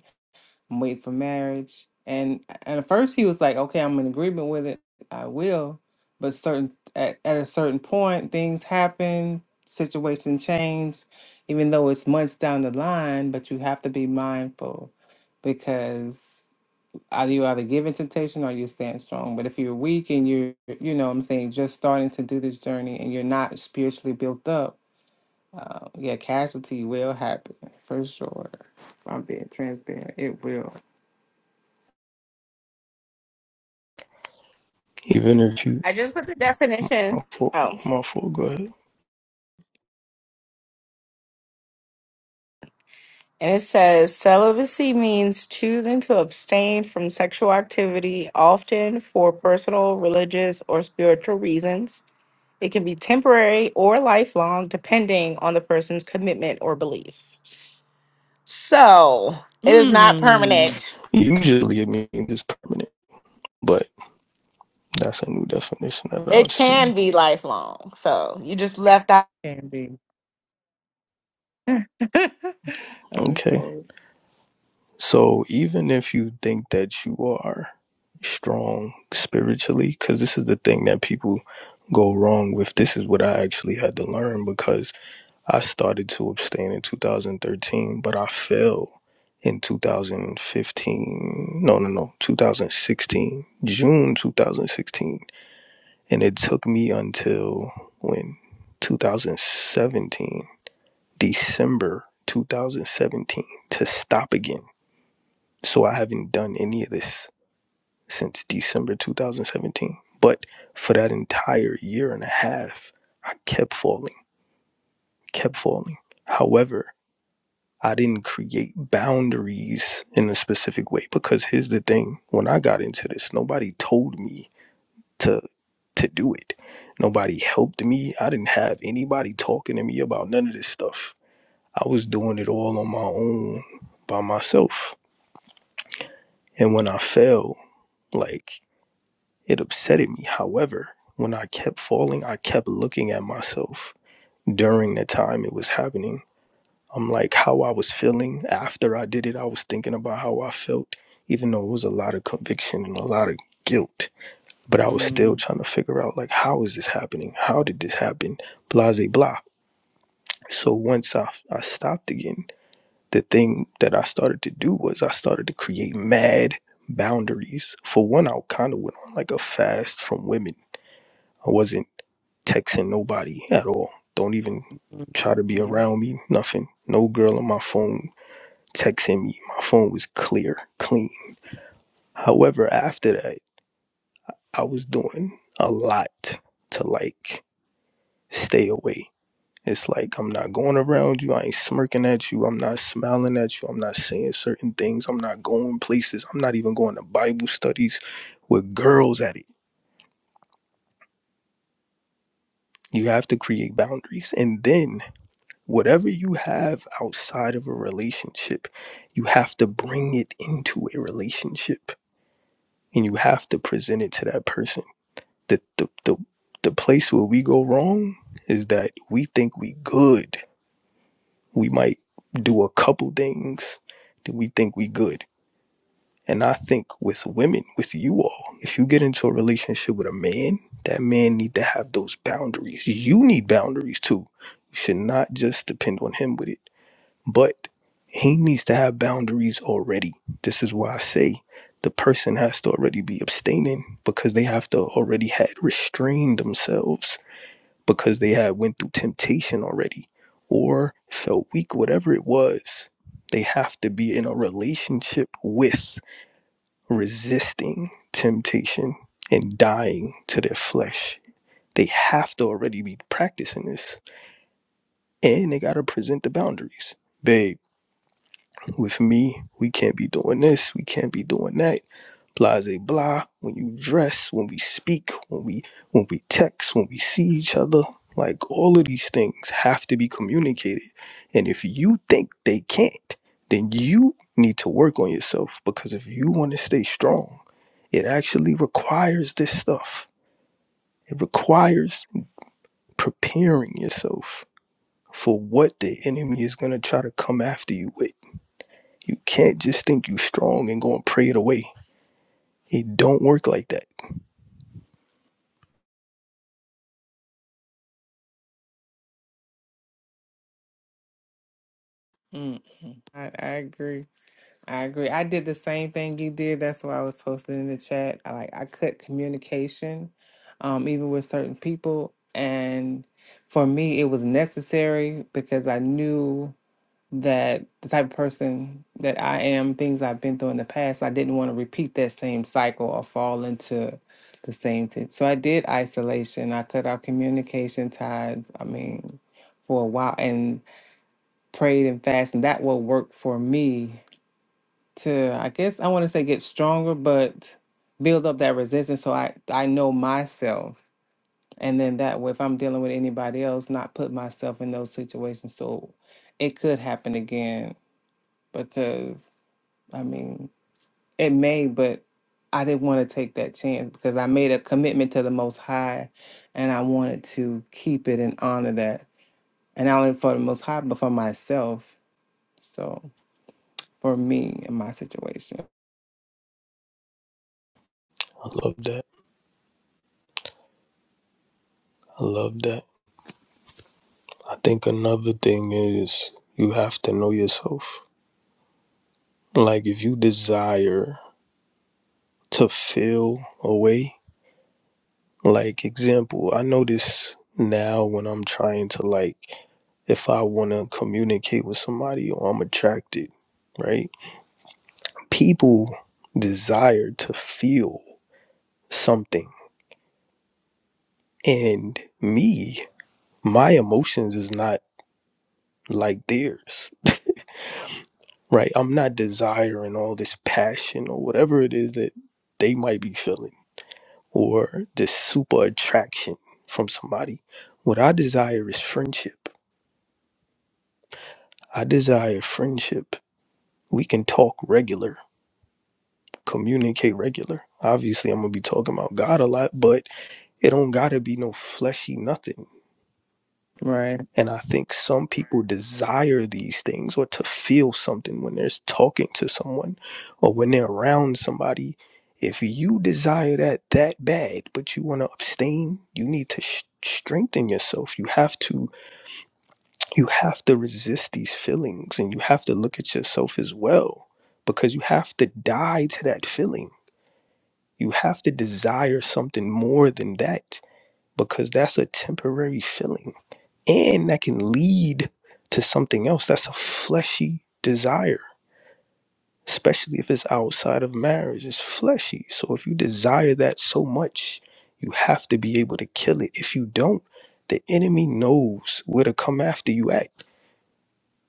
A: I'm waiting for marriage. And and at first he was like, okay, I'm in agreement with it. I will. But certain at, at a certain point, things happen, situation change, even though it's months down the line, but you have to be mindful because either you either give in temptation or you stand strong. But if you're weak and you're, you know what I'm saying, just starting to do this journey and you're not spiritually built up, uh, yeah, casualty will happen for sure. If I'm being transparent. It will.
G: Even if you,
C: I just put the definition.
G: my fault,
C: Oh,
G: my fault, go ahead.
C: And it says celibacy means choosing to abstain from sexual activity, often for personal, religious, or spiritual reasons. It can be temporary or lifelong, depending on the person's commitment or beliefs. So it is not
A: Mm,
C: permanent.
G: Usually it means it's permanent, but that's a new definition that
C: It
G: I've seen.
C: can be lifelong. So you just left out
A: candy.
G: Okay.
A: okay.
G: So even if you think that you are strong spiritually, because this is the thing that people go wrong with, this is what I actually had to learn because I started to abstain in 2013, but I fell in 2015. No, no, no, 2016, June 2016. And it took me until when? 2017, December 2017 to stop again so I haven't done any of this since December 2017. But for that entire year and a half, I kept falling, kept falling. However, I didn't create boundaries in a specific way because here's the thing when I got into this, nobody told me to to do it. Nobody helped me. I didn't have anybody talking to me about none of this stuff. I was doing it all on my own by myself. And when I fell, like It upsetted me. However, when I kept falling, I kept looking at myself during the time it was happening. I'm like how I was feeling after I did it. I was thinking about how I felt, even though it was a lot of conviction and a lot of guilt. But I was still
A: Mm,
G: trying to figure out like how is this happening? How did this happen? Blah blah. blah. So once I I stopped again, the thing that I started to do was I started to create mad boundaries. For one, I kind of went on like a fast from women. I wasn't texting nobody at all. Don't even
A: mm,
G: try to be
A: yep.
G: around me, nothing. No girl on my phone texting me. My phone was clear, clean. However, after that, I was doing a lot to like stay away. It's like I'm not going around you. I ain't smirking at you. I'm not smiling at you. I'm not saying certain things. I'm not going places. I'm not even going to Bible studies with girls at it. You have to create boundaries. And then Whatever you have outside of a relationship, you have to bring it into a relationship and you have to present it to that person. The, the, the, the place where we go wrong is that we think we good. We might do a couple things that we think we good. And I think with women, with you all, if you get into a relationship with a man, that man need to have those boundaries. You need boundaries too. You should not just depend on him with it. But he needs to have boundaries already. This is why I say the person has to already be abstaining because they have to already had restrained themselves because they had went through temptation already or felt weak, whatever it was. They have to be in a relationship with resisting temptation and dying to their flesh. They have to already be practicing this. And they gotta present the boundaries. Babe With me, we can't be doing this, we can't be doing that. Blase blah. blah. When you dress, when we speak, when we when we text, when we see each other, like all of these things have to be communicated. And if you think they can't, then you need to work on yourself because if you want to stay strong, it actually requires this stuff. It requires preparing yourself for what the enemy is going to try to come after you with you can't just think you strong and go and pray it away. It don't work like that.
A: Mm, mm. I, I agree. I agree. I did the same thing you did. That's why I was posting in the chat. I like I cut communication, um, even with certain people, and for me, it was necessary because I knew. that the type of person that I am, things I've been through in the past, I didn't want to repeat that same cycle or fall into the same thing. So I did isolation. I cut out communication ties. I mean, for a while and prayed and fasted. And that will work for me to, I guess, I want to say get stronger, but build up that resistance so I, I know myself. And then that way, if I'm dealing with anybody else, not put myself in those situations. So it could happen again because I mean, it may, but I didn't want to take that chance because I made a commitment to the Most High and I wanted to keep it and honor that. And not only for the Most High, but for myself. So for me in my situation.
G: I love that. I love that. I think another thing is you have to know yourself. Like if you desire to feel a way, like example, I notice now when I'm trying to like if I wanna communicate with somebody or I'm attracted, right? People desire to feel something. And me, my emotions is not like theirs, right? I'm not desiring all this passion or whatever it is that they might be feeling or this super attraction from somebody. What I desire is friendship. I desire friendship. We can talk regular, communicate regular. Obviously, I'm going to be talking about God a lot, but it don't got to be no fleshy nothing.
A: Right.
G: And I think some people desire these things or to feel something when they're talking to someone or when they're around somebody. If you desire that that bad, but you want to abstain, you need to sh- strengthen yourself. You have to you have to resist these feelings and you have to look at yourself as well because you have to die to that feeling. You have to desire something more than that because that's a temporary feeling and that can lead to something else that's a fleshy desire especially if it's outside of marriage it's fleshy so if you desire that so much you have to be able to kill it if you don't the enemy knows where to come after you at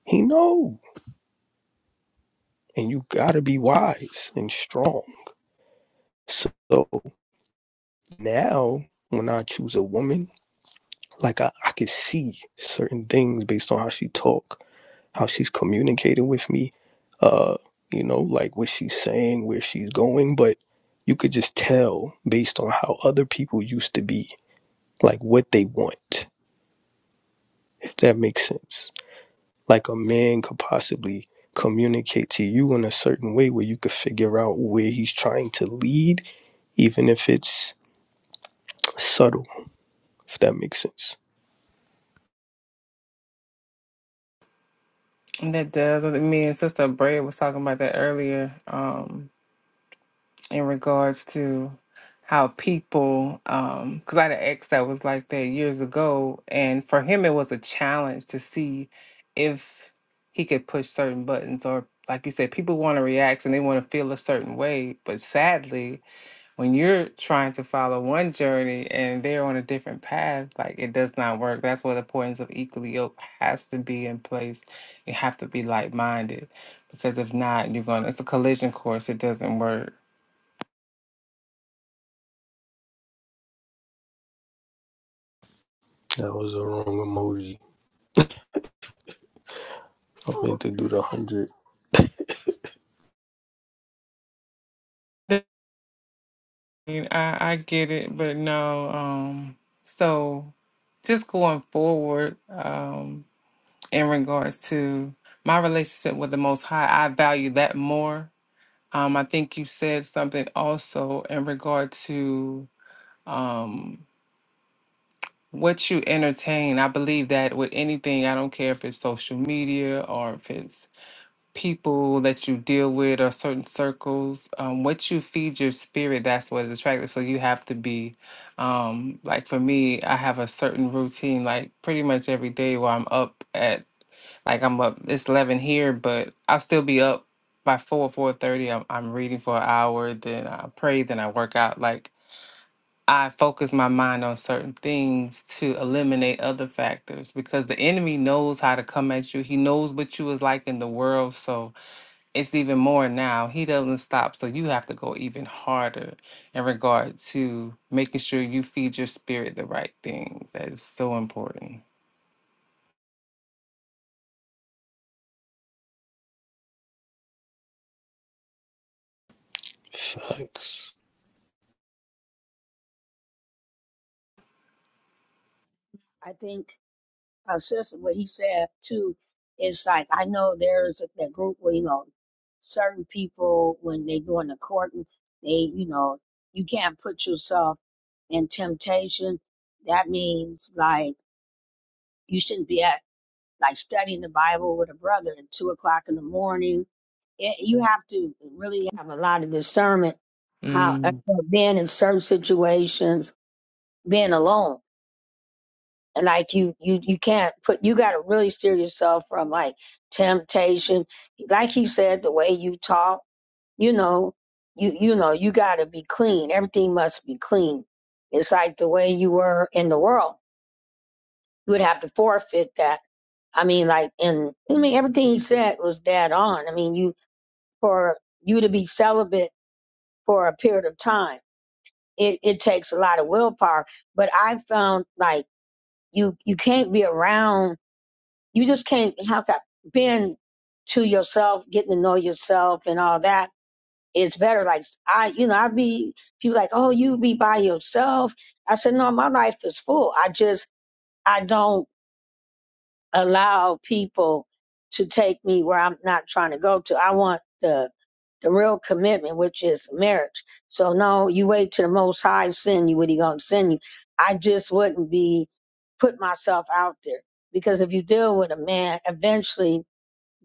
G: he know and you got to be wise and strong so now when i choose a woman like I, I could see certain things based on how she talk how she's communicating with me, uh, you know, like what she's saying, where she's going, but you could just tell based on how other people used to be, like what they want, if that makes sense. Like a man could possibly communicate to you in a certain way where you could figure out where he's trying to lead, even if it's subtle, if that makes sense.
A: And that does. Me and Sister Bray was talking about that earlier. Um, in regards to how people um because i had an ex that was like that years ago and for him it was a challenge to see if he could push certain buttons or like you said people want a reaction they want to feel a certain way but sadly when you're trying to follow one journey and they're on a different path like it does not work that's where the importance of equally yoked has to be in place you have to be like-minded because if not you're going to it's a collision course it doesn't work
G: That was the wrong emoji. I meant to do the hundred
A: I, I get it, but no. Um, so just going forward, um, in regards to my relationship with the Most High, I value that more. Um, I think you said something also in regard to um what you entertain. I believe that with anything, I don't care if it's social media or if it's people that you deal with or certain circles um, what you feed your spirit that's what is attractive so you have to be um, like for me i have a certain routine like pretty much every day where i'm up at like i'm up it's 11 here but i'll still be up by 4 4.30 I'm, I'm reading for an hour then i pray then i work out like i focus my mind on certain things to eliminate other factors because the enemy knows how to come at you he knows what you was like in the world so it's even more now. He doesn't stop, so you have to go even harder in regard to making sure you feed your spirit the right things. That is so important.
G: facts.
B: I think. uh, sister, what he said too is like I know there's that group where you know certain people when they doing the courting, they you know you can't put yourself in temptation. That means like you shouldn't be at like studying the Bible with a brother at two o'clock in the morning. It, you have to really have a lot of discernment how uh,
A: Mm.
B: being in certain situations, being alone. like you you you can't put you got to really steer yourself from like temptation like he said the way you talk you know you you know you got to be clean everything must be clean it's like the way you were in the world you would have to forfeit that i mean like in i mean everything he said was dead on i mean you for you to be celibate for a period of time it it takes a lot of willpower but i found like you you can't be around You just can't have that being to yourself, getting to know yourself and all that. It's better. Like I, you know, I'd be people like, oh, you be by yourself. I said, no, my life is full. I just I don't allow people to take me where I'm not trying to go to. I want the the real commitment, which is marriage. So no, you wait till the Most High send you what He gonna send you. I just wouldn't be put myself out there because if you deal with a man, eventually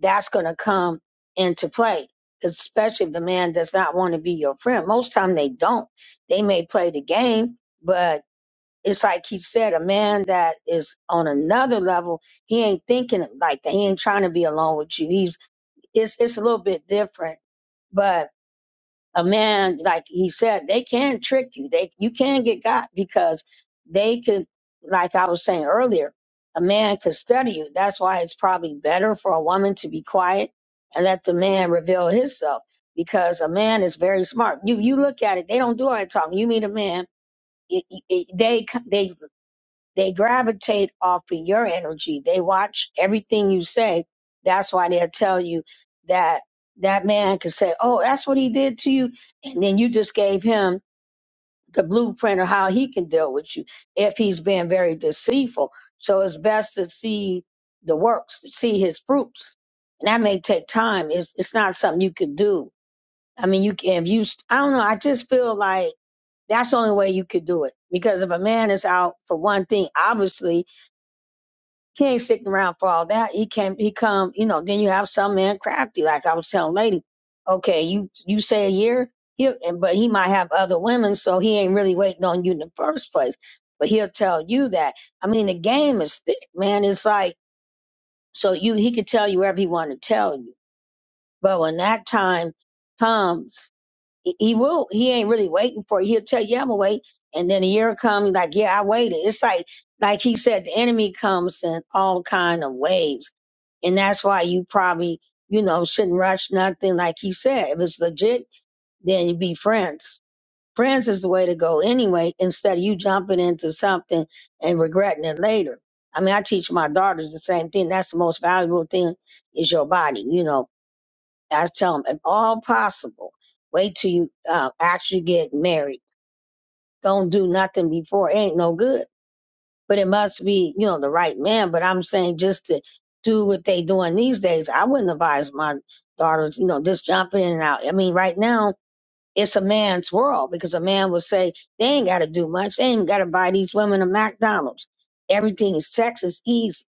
B: that's going to come into play, especially if the man does not want to be your friend. Most time they don't. They may play the game, but it's like he said, a man that is on another level, he ain't thinking like that. He ain't trying to be alone with you. He's it's it's a little bit different, but a man like he said they can trick you they you can get got because they could like i was saying earlier a man could study you that's why it's probably better for a woman to be quiet and let the man reveal himself because a man is very smart you you look at it they don't do all that talking you meet a man it, it, they they they gravitate off of your energy. They watch everything you say. That's why they'll tell you that that man could say, Oh, that's what he did to you. And then you just gave him the blueprint of how he can deal with you if he's being very deceitful. So it's best to see the works, to see his fruits. And that may take time. It's, it's not something you could do. I mean, you can, if you, I don't know, I just feel like that's the only way you could do it. Because if a man is out for one thing, obviously he ain't sticking around for all that. He came, he come, you know, then you have some man crafty, like I was telling lady, okay, you, you say a year, he'll, and, but he might have other women, so he ain't really waiting on you in the first place. But he'll tell you that. I mean, the game is thick, man. It's like, so you, he could tell you whatever he want to tell you. But when that time comes, he he will, he ain't really waiting for it. He'll tell you, yeah, I'm gonna wait. And then a year comes, like, yeah, I waited. It's like, like he said, the enemy comes in all kind of ways and that's why you probably, you know, shouldn't rush nothing. Like he said, if it's legit, then you be friends. Friends is the way to go anyway, instead of you jumping into something and regretting it later. I mean, I teach my daughters the same thing. That's the most valuable thing is your body. You know, I tell them, if all possible, wait till you uh, actually get married. Don't do nothing before. It ain't no good but it must be, you know, the right man. But I'm saying just to do what they doing these days, I wouldn't advise my daughters, you know, just jumping in and out. I mean, right now it's a man's world because a man will say they ain't got to do much. They ain't got to buy these women a McDonald's. Everything is sex is easy.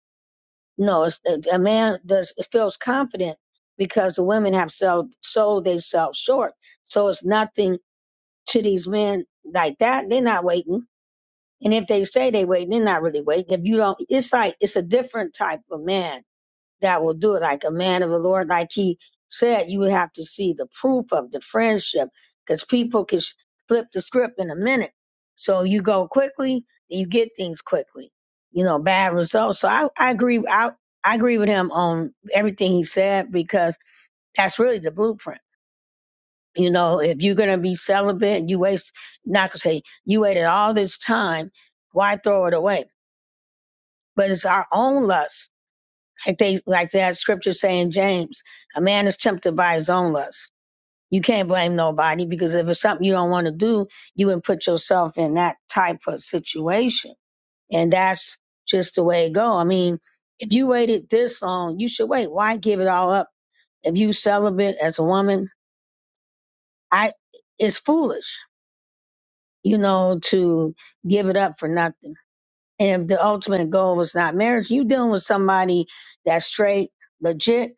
B: No, it's, a man does feels confident because the women have sold sold themselves short. So it's nothing to these men like that. They're not waiting. And if they say they waiting, they're not really waiting. If you don't, it's like it's a different type of man that will do it. Like a man of the Lord, like he said, you would have to see the proof of the friendship because people can sh- flip the script in a minute. So you go quickly, you get things quickly. You know, bad results. So I, I agree. I, I agree with him on everything he said because that's really the blueprint. You know, if you're gonna be celibate, you waste. Not to say you waited all this time. Why throw it away? but it's our own lust. Like they, like that scripture saying, James, a man is tempted by his own lust. You can't blame nobody because if it's something you don't want to do, you would put yourself in that type of situation. And that's just the way it go. I mean, if you waited this long, you should wait. Why give it all up? If you celibate as a woman, I, it's foolish, you know, to give it up for nothing. And if the ultimate goal was not marriage, you dealing with somebody that's straight, legit,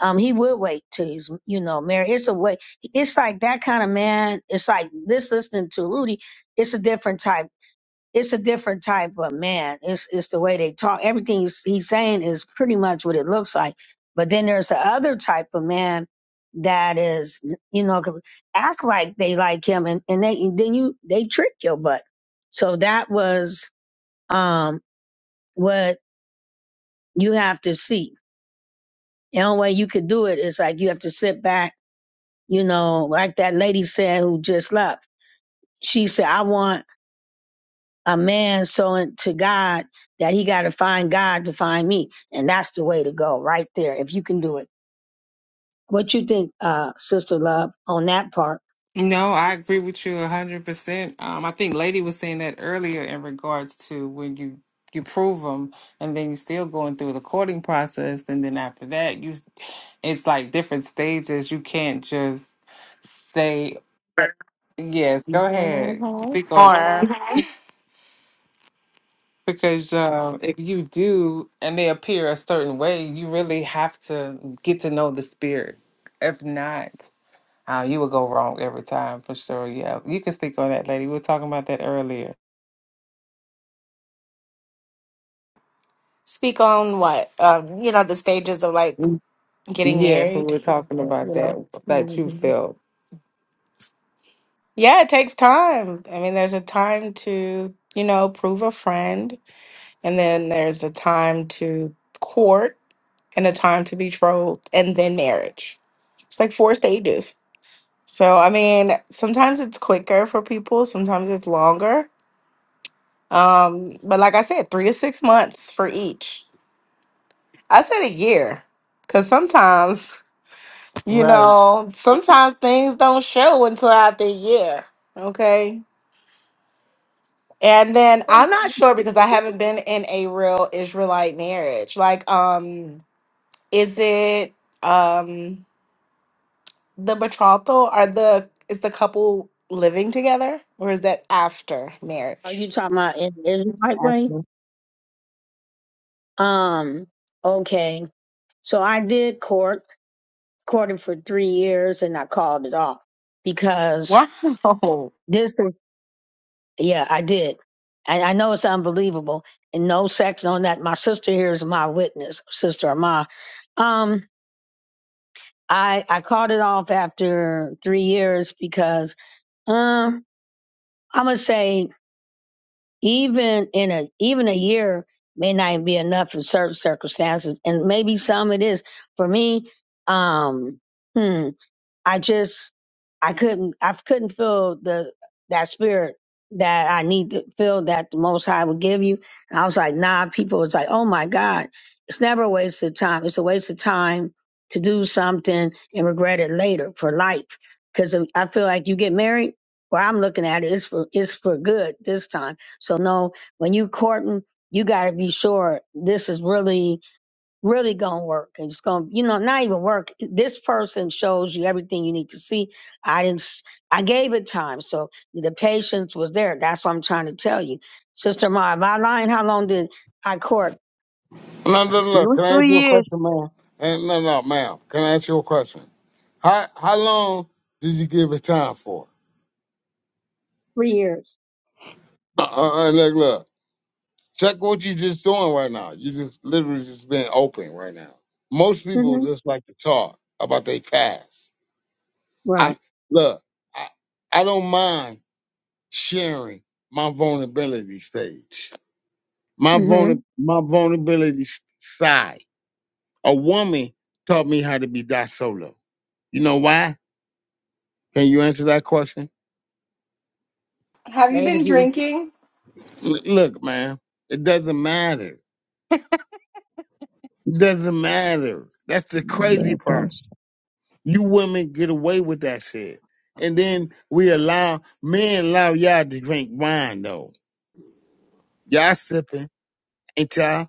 B: um he would wait till he's you know married it's a way it's like that kind of man it's like this listening to rudy it's a different type it's a different type of man it's it's the way they talk everything he's, he's saying is pretty much what it looks like but then there's the other type of man that is you know could act like they like him and, and they and then you they trick your butt so that was um what you have to see the only way you could do it is like you have to sit back you know, like that lady said who just left. She said, I want a man so into God that he got to find God to find me. And that's the way to go right there, if you can do it. What you think, uh, Sister Love, on that part?
A: No, I agree with you a hundred percent. Um, I think Lady was saying that earlier in regards to when you you prove them, and then you're still going through the courting process, and then after that, you it's like different stages. You can't just say yes. Go ahead,
C: Mhm.
A: speak
C: or
A: on. Because uh, if you do, and they appear a certain way, you really have to get to know the spirit. If not, uh, you will go wrong every time for sure. Yeah, you can speak on that, lady. We were talking about that earlier.
C: speak on what? Um, you know, the stages of like
A: Mm.
C: getting
A: Yeah, so we
C: married.
A: were talking
C: uh,
A: about
C: You
A: that
C: know.
A: that you
C: Mhm.
A: felt.
C: Yeah, it takes time. I mean, there's a time to, you know, prove a friend, and then there's a time to court and a time to betrothed and then marriage. It's like four stages. So, I mean, sometimes it's quicker for people, sometimes it's longer. Um, but like I said, three to six months for each. I said a year because sometimes, you
A: Right.
C: know, sometimes things don't show until after a year. Okay. And then I'm not sure because I haven't been in a real Israelite marriage. Like, um, is it um the betrothal? Are the is the couple living together or is that after
B: Are
C: marriage?
B: you talking about in the it right way?
E: After
B: Um, okay. So I did court, courted for three years and I called it off because
C: Oh,
B: this Yeah, I did. And I know it's unbelievable. And no sex, no that. My sister here is my witness, sister of Um, I I called it off after three years because um I'm gonna say even in a even a year may not be enough in certain circumstances, and maybe some it is. For me, um, hmm. I just I couldn't I couldn't feel the that spirit that I need to feel that the Most High would give you. And I was like, nah. People was like, oh my God, it's never a waste of time. It's a waste of time to do something and regret it later for life. Because I feel like you get married. Where I'm looking at it, it's for it's for good this time. So no, when you courting, you got to be sure this is really really gonna work and it's gonna you know not even work this person shows you everything you need to see i didn't s- i gave it time so the patience was there that's what i'm trying to tell you sister ma if i lying how long did i court
H: No, no, no. no.
E: you were
H: Can I ask
E: three
H: you a
E: years.
H: question, ma'am? Eh, No, no, ma'am. Can I ask you a question? How how long did you give it time for?
B: three years
H: Uh, uh, uh, look, look. Check what you just doing right now. You just literally just being open right now. Most people
B: hmm
H: just like to talk about their past. I
B: right
H: look. I, I don't mind sharing my vulnerability stage, my
B: hmm
H: vulner, my vulnerability s- side. A woman taught me how to be that solo. You know why? Can you answer that question?
C: have you
B: lady
C: been
B: you
C: drinking?
H: L- look, man, it doesn't matter. It doesn't matter. That's the crazy
E: Yeah, it
H: part.
E: does.
H: You women get away with that shit. And then we allow men allow y'all to drink wine though. Y'all sipping, ain't y'all?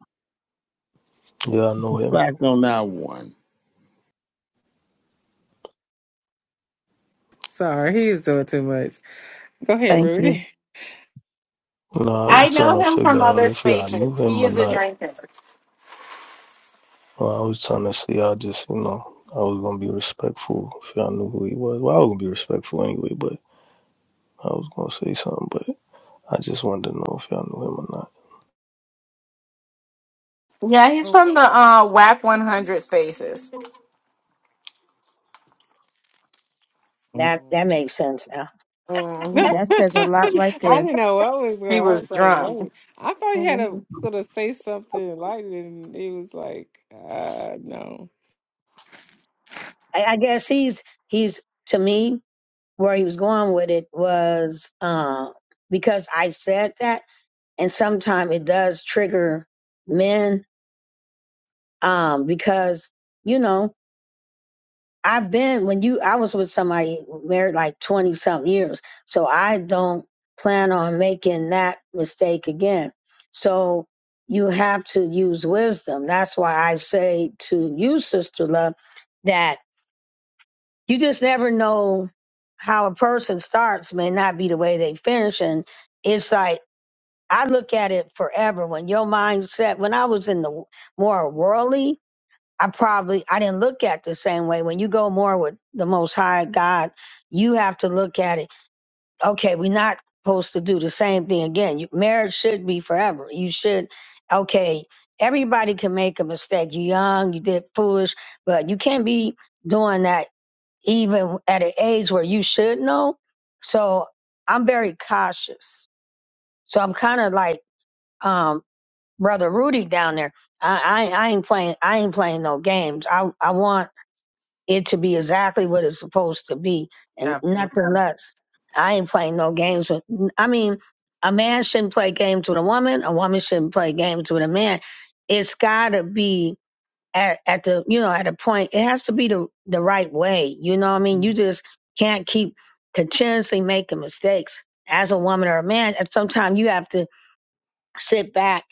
G: Yeah, I know him.
H: Back on that one.
A: Sorry, he is doing too much. Go ahead,
E: Thank you.
A: Rudy.
G: No, I
C: I
B: wow
G: was trying
C: know
G: to
C: him from
G: figure out
C: other
G: if y'all knew
C: spaces. He
G: him or
C: is a
G: not.
C: drinker.
G: Well, I was trying to see. I just, you know, I was gonna be respectful if y'all knew who he was. Well, I was gonna be respectful anyway, but I was gonna say something. But I just wanted to know if y'all knew him or
C: Yeah, he's from the uh, WAC 100 spaces.
A: Oh.
B: that that makes sense now
C: hmm
E: That says a lot right
A: I
E: there.
A: didn't know what was going.
C: He
A: on. I
C: was
A: was like,
C: drunk.
A: wait. I thought he had a
C: Mhm.
A: gonna say something like, and he was like, uh, no.
B: I, I guess he's he's to me where he was going with it was uh, because I said that. and sometimes it does trigger men um because you know i've been when you i was with somebody married like 20 something years so i don't plan on making that mistake again so you have to use wisdom that's why i say to you sister love that you just never know how a person starts may not be the way they finish and it's like I look at it forever. When your mindset, when I was in the more worldly, I probably I didn't look at it the same way. When you go more with the Most High God, you have to look at it. Okay, we're not supposed to do the same thing again. You, marriage should be forever. You should. Okay, everybody can make a mistake. You're young, you did foolish, but you can't be doing that even at an age where you should know. So I'm very cautious. So I'm kind of like. um, brother Rudy down there. I, I I ain't playing I ain't playing no games. I I want it to be exactly what it's supposed to be and nothing
A: Absolutely.
B: less. I ain't playing no games with I mean, a man shouldn't play games with a woman, a woman shouldn't play games with a man. It's gotta be at, at the you know, at a point it has to be the the right way. You know what I mean? You
A: Mhm.
B: just can't keep continuously making mistakes as a woman or a man. And sometimes you have to sit back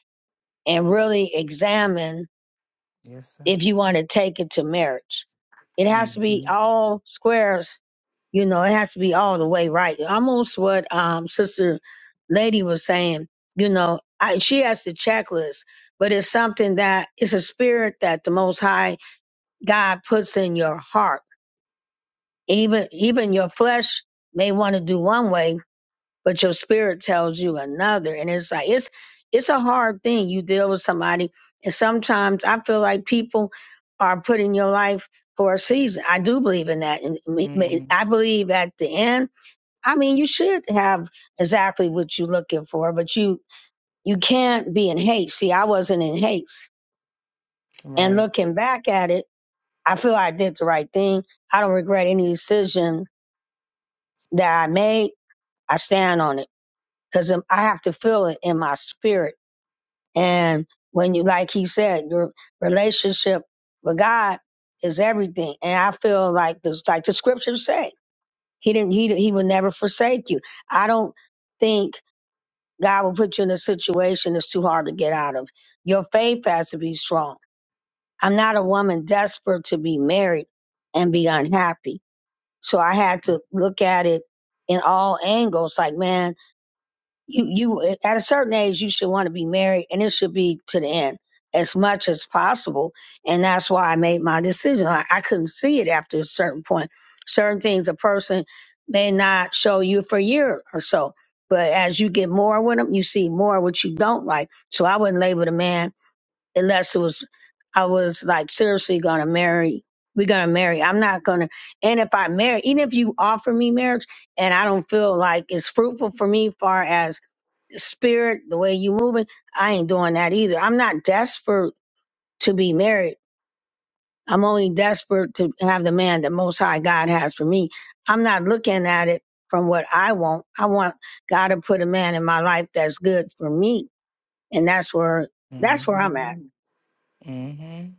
B: and really examine
A: Yes, sir.
B: if you want to take it to marriage. It has to be
A: Mm-hmm.
B: all squares, you know, it has to be all the way right. Almost what um sister lady was saying, you know, I, she has the checklist, but it's something that it's a spirit that the most high God puts in your heart. Even even your flesh may want to do one way, but your spirit tells you another and it's like it's it's a hard thing you deal with somebody and sometimes i feel like people are put in your life for a season i do believe in that and me- me-
A: hmm
B: i believe at the end i mean you should have exactly what you're looking for but you you can't be in haste see i wasn't in haste and
A: Right.
B: looking back at it i feel like i did the right thing i don't regret any decision that i made i stand on it because i have to feel it in my spirit And when you, like he said, your relationship with God is everything. And I feel like this, like the scriptures say, he didn't, he, he would never forsake you. I don't think God will put you in a situation that's too hard to get out of. Your faith has to be strong. I'm not a woman desperate to be married and be unhappy. So I had to look at it in all angles. Like, man, you you at a certain age you should want to be married and it should be to the end as much as possible and that's why i made my decision i, I couldn't see it after a certain point certain things a person may not show you for a year or so but as you get more with them you see more what you don't like so i wouldn't label the man unless it was i was like seriously gonna marry we're gonna marry i'm not gonna and if i marry even if you offer me marriage and i don't feel like it's fruitful for me far as spirit, the way you moving, I ain't doing that either. I'm not desperate to be married. I'm only desperate to have the man that most high God has for me. I'm not looking at it from what I want. I want God to put a man in my life that's good for me. And that's where that's where I'm at.
A: Mm-hmm. Mm-hmm.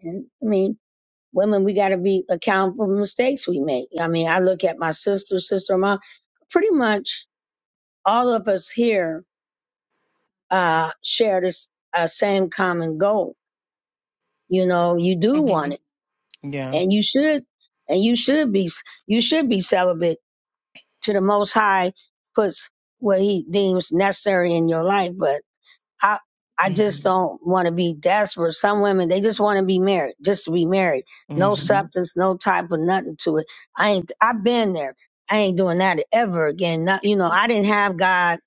B: And I mean, women, we gotta be accountable for mistakes we make. I mean, I look at my sister, sister in law, pretty much all of us here uh share this uh, same common goal you know you do want it
A: Mm-hmm. Yeah.
B: and you should and you should be you should be celibate to the most high puts what he deems necessary in your life but i i just
A: Mm-hmm.
B: don't want to be desperate some women they just want to be married just to be married no
A: Mm-hmm.
B: substance no type of nothing to it i ain't i've been there i ain't doing that ever again not you know i didn't have god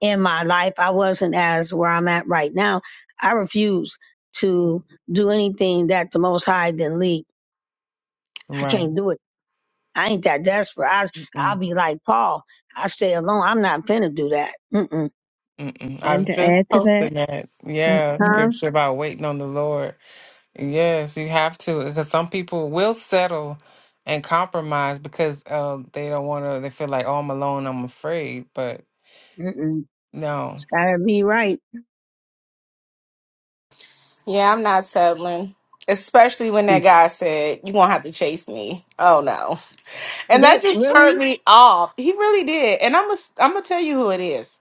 B: in my life i wasn't as where i'm at right now i refuse to do anything that the most high didn't lead I
A: Right.
B: can't do it. I ain't that desperate. I I'll
A: Mm.
B: be like Paul. I stay alone. I'm not finna do that. Mm-mm.
A: Mm-mm. I
E: And
A: was
E: to
A: just
E: add to that,
A: posting that,
E: uh,
A: yeah,
B: Huh?
E: uh,
A: scripture about waiting on the Lord. Yes, you have to, because some people will settle and compromise because uh, they don't want to. They feel like, oh, I'm alone, I'm afraid. But
B: Mm-mm.
A: no.
B: It's gotta be right.
C: Yeah, I'm not settling. Especially when that
B: Mm.
C: guy said, You won't have to chase me. Oh, no. And
B: That
C: that just
B: really?
C: turned me off. He really did. And I'm going to I'm going to tell you who it is.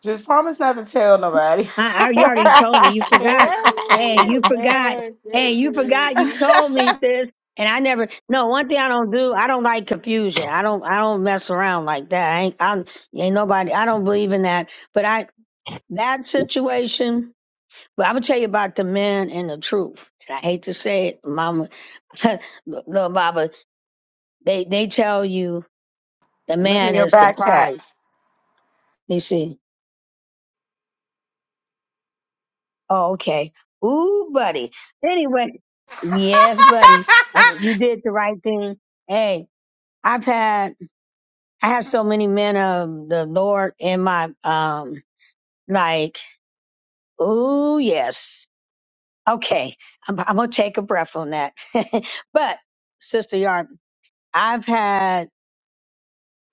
C: Just promise not to tell nobody.
B: I, I you already told me. You forgot. Hey, you
A: right.
B: forgot.
A: Oh,
B: Hey, you forgot. You
A: goodness.
B: told me, sis. And I never. No, one thing I don't do. I don't like confusion. I don't. I don't mess around like that. I ain't. I'm, ain't nobody. I don't believe in that. But I that situation. But I'm gonna tell you about the men and the truth. And I hate to say it, Mama Little Baba, they they tell you the
C: Look in
B: man
C: your
B: is the
C: back chat.
B: prize. You see, oh okay, ooh, buddy. Anyway, yes, buddy, um, you did the right thing. Hey, I've had I have so many men of the Lord in my um like, ooh, yes, okay. I'm, I'm gonna take a breath on that. but Sister Yard, I've had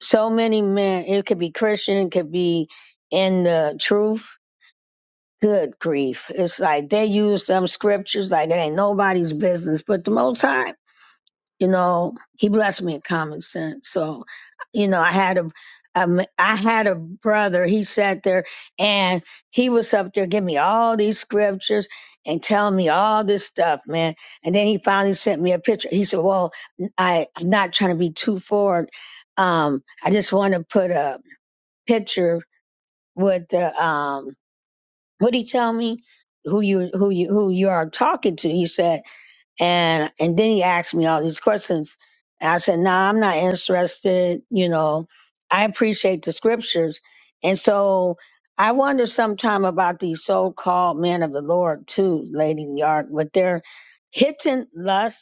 B: so many men. It could be Christian, it could be in the truth Good grief. It's like they use them scriptures like it ain't nobody's business. But the
A: Mm,
B: most high, you know, he blessed me with common sense. So, you know, I had a, a m- I had a brother, he sat there and he was up there giving me all these scriptures and telling me all this stuff, man. And then he finally sent me a picture. He said, Well, I, I'm not trying to be too forward. Um, I just want to put a picture with the um what he tell me who you who you who you are talking to he said and and then he asked me all these questions and i said nah, i'm not interested you know i appreciate the scriptures and so i wonder sometime about these so-called men of the lord too lady yard what they're hitting lust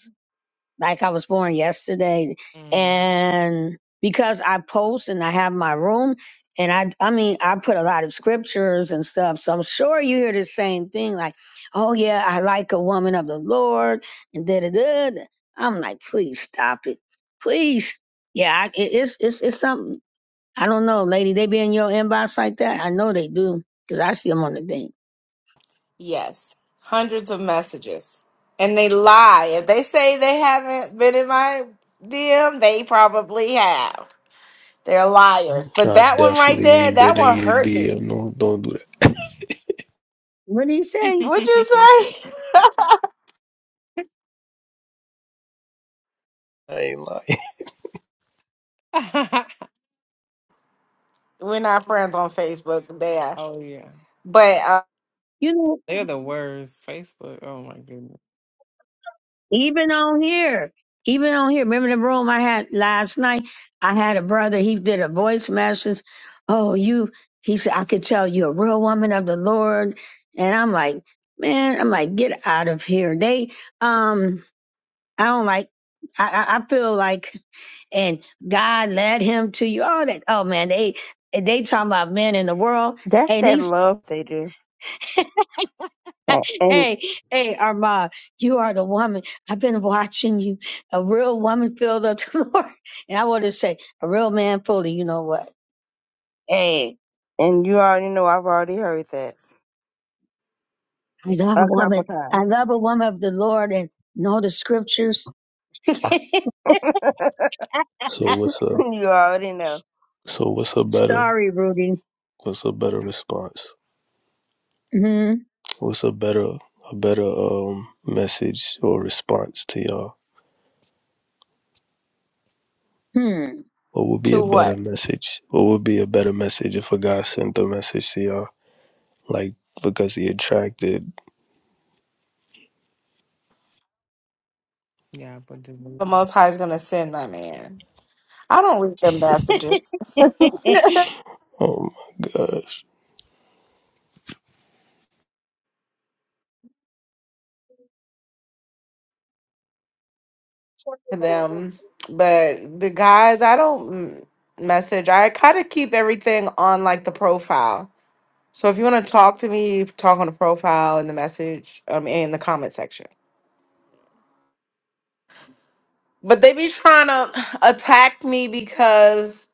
B: like I was born yesterday.
A: mm.
B: And because I post and I have my room, and I, I mean, I put a lot of scriptures and stuff. So I'm sure you hear the same thing, like, "Oh yeah, I like a woman of the Lord," and da da da. da. I'm like, please stop it, please. Yeah, I, it, it's it's it's something. I don't know, lady. They be in your inbox like that. I know they do, 'cause I see them on the thing.
C: Yes, hundreds of messages. And they lie. If they say they haven't been in my DM, they probably have. They're liars. But
G: not. I
C: that one right
G: definitely
C: there,
G: ain't
C: that
G: been in
C: one
G: your
C: hurt
G: DM.
C: me.
G: No, don't do that.
B: What do you say?
C: Would you say?
G: I ain't lying.
C: We're not friends on Facebook. but They are.
A: oh yeah,
C: But uh,
B: You know.
A: they're the worst. Facebook. Oh my goodness.
B: Even on here, even on here. Remember the room I had last night? I had a brother, he did a voice message. Oh, you, he said, I could tell you a real woman of the Lord. And I'm like, man, I'm like, get out of here. They, um, I don't like, I, I I feel like, and God led him to you. All that. Oh man, they, they talking about men in the world.
E: that's that love they do. Uh, And
B: hey, hey, Armand, you are the woman. I've been watching you, a real woman filled of the Lord. And I want to say, a real man fully, you know what? Hey,
E: and you already know I've already heard that
B: I love a
E: a couple
B: woman.
E: times.
B: I love a woman of the Lord and know the scriptures.
G: So what's a
E: you already know.
G: so what's a better
B: Sorry, Rudy.
G: what's a better response?
B: hmm
G: What's a better a better um message or response to y'all? What would be
C: to
G: a better
C: what?
G: message? What would be a better message if a guy sent a message to y'all? Like because he attracted.
A: Yeah, but the
C: The
A: movie.
C: Most High is going to send my man. I don't read them messages.
G: Oh my god.
C: them. But the guys, I don't mm, message. I kind of keep everything on like the profile. So if you want to talk to me, talk on the profile in the message um in the comment section. But they be trying to attack me because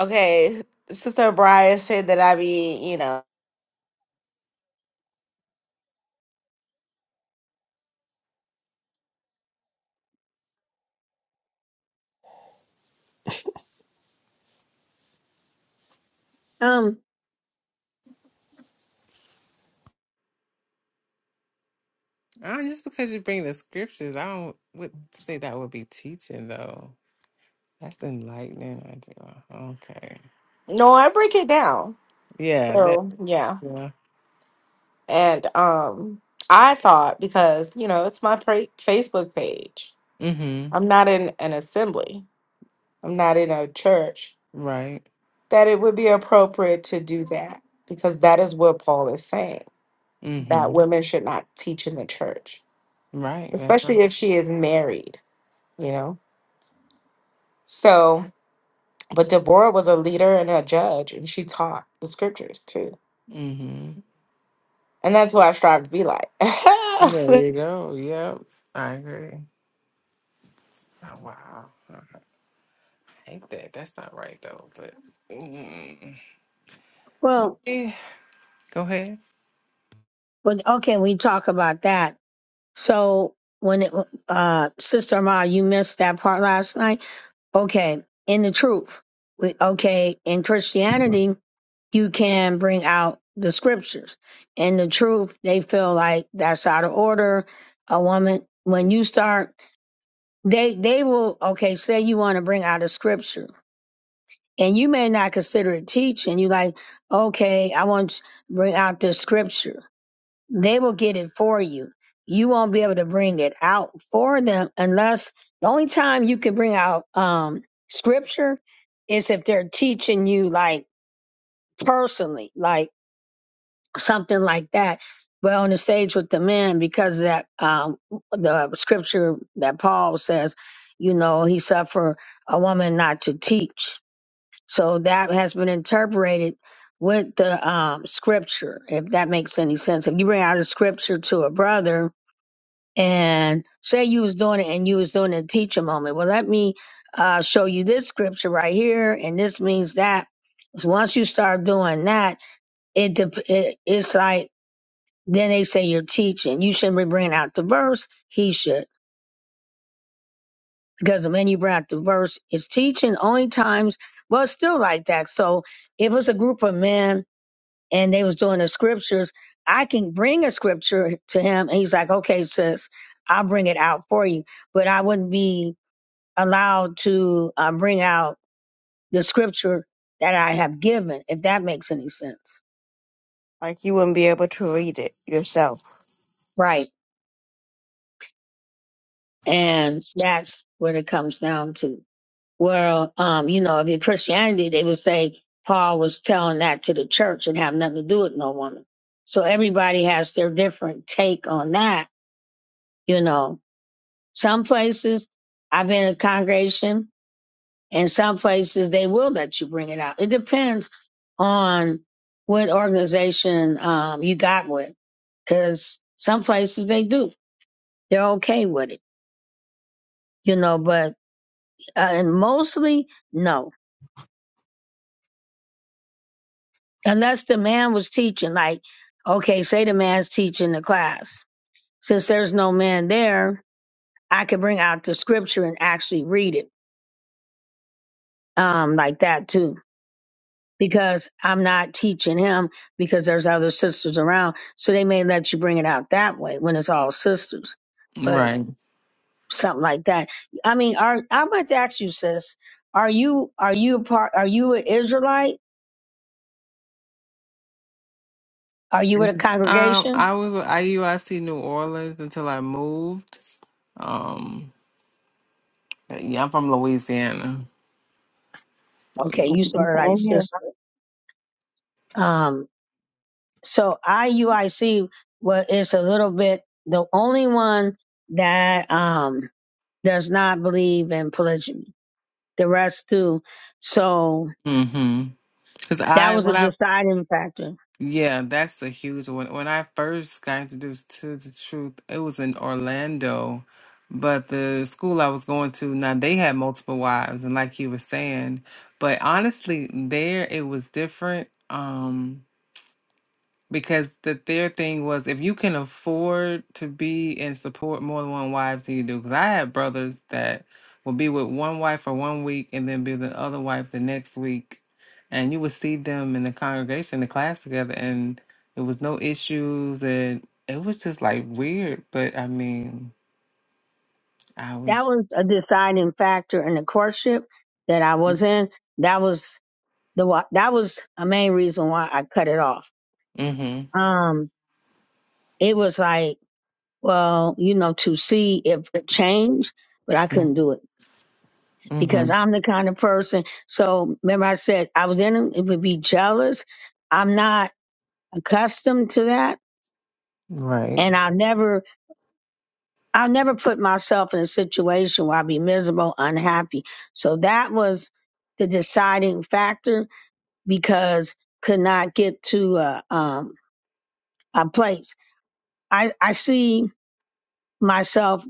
C: okay, Sister Brian said that I be, you know,
B: um.
A: Uh, just because you bring the scriptures, I don't would say that would be teaching though. That's enlightening. I do. uh-huh, Okay.
C: no, I break it down.
A: Yeah. That.
C: So yeah,
A: Yeah.
C: and um, I thought because you know it's my pra- Facebook page.
A: Mm-hmm.
C: I'm not in an assembly. I'm not in a church.
A: Right.
C: That it would be appropriate to do that because that is what Paul is saying. that
A: Mm-hmm.
C: women should not teach in the church,
A: Right. That's right.
C: especially if she is married, you know? So, but Deborah was a leader and a judge, and she taught the scriptures too.
A: Mm-hmm.
C: And that's what I strive to be like.
A: There
C: uh
A: you go. Yep. I agree. Oh, wow. I hate that. That's not right though. But mm,
B: Well,
A: yeah. Go ahead.
B: but okay, we talk about that. So when it, uh, Sister Ma, you missed that part last night. Okay, in the truth. We, okay, in Christianity, you can bring out the scriptures. In the truth, they feel like that's out of order. A woman, when you start, they they will okay. Say you want to bring out a scripture, and you may not consider it teaching. You like, okay, I want to bring out the scripture they will get it for you. You won't be able to bring it out for them unless the only time you can bring out um, scripture is if they're teaching you like personally, like something like that. But on the stage with the men, because of that um, the scripture that Paul says, you know, he suffered a woman not to teach. So that has been interpreted with the um, scripture, if that makes any sense. If you bring out a scripture to a brother, and say you was doing it and you was doing a teacher moment. Well, let me uh, show you this scripture right here, and this means that. So once you start doing that, it, dep- it it's like then they say you're teaching. You shouldn't be bringing out the verse. He should because the minute you bring out the verse, it's teaching. Only times, well, it's still like that. So if it's a group of men and they was doing the scriptures, I can bring a scripture to him, and he's like, "Okay, sis, I'll bring it out for you." But I wouldn't be allowed to uh, bring out the scripture that I have given, if that makes any sense.
E: Like you wouldn't be able to read it yourself.
B: Right. And that's what it comes down to. Well, um, you know, if you're Christianity, they would say Paul was telling that to the church and have nothing to do with no woman. So everybody has their different take on that, you know. Some places I've been in a congregation And some places they will let you bring it out. It depends on what organization um, you got with, because some places they do. They're okay with it, you know, but uh, and mostly no, unless the man was teaching. Like, okay, say the man's teaching the class. Since there's no man there, I could bring out the scripture and actually read it, um, like that too because I'm not teaching him because there's other sisters around. So they may let you bring it out that way when it's all sisters, but
A: Right.
B: something like that. I mean, are I'm about to ask you, sis, are you are you a part? Are you an Israelite? Are you
A: Um,
B: in a congregation?
A: I was with IUIC New Orleans until I moved. Um, but yeah, I'm from Louisiana.
B: Okay, you sort of like
E: Same here.
B: sister. Um, so IUIC well, is a little bit the only one that um does not believe in polygyny. The rest do. So
A: Mm-hmm. Cause
B: That
A: I
B: was a
A: when I
B: deciding factor.
A: yeah, that's a huge one. When I first got introduced to the truth, it was in Orlando, but the school I was going to now they had multiple wives, and like you were saying, but honestly, there it was different. Um. because the their thing was if you can afford to be and support more than one wives then you do because i had brothers that would be with one wife for one week and then be with the other wife the next week and you would see them in the congregation the class together and there was no issues and it was just like weird but i mean i
B: That
A: was
B: was a deciding factor in the courtship that I was in. That was the wa- that was a main reason why I cut it off.
A: mm-hmm
B: Um, it was like, well, you know, to see if change, but I couldn't do it because
A: mm-hmm
B: I'm the kind of person. So remember, I said I was in it. It would be jealous. I'm not accustomed to that,
A: right
B: and I never I'll never put myself in a situation where I'll be miserable, unhappy. So that was the deciding factor because could not get to a, um, a place. I, I see myself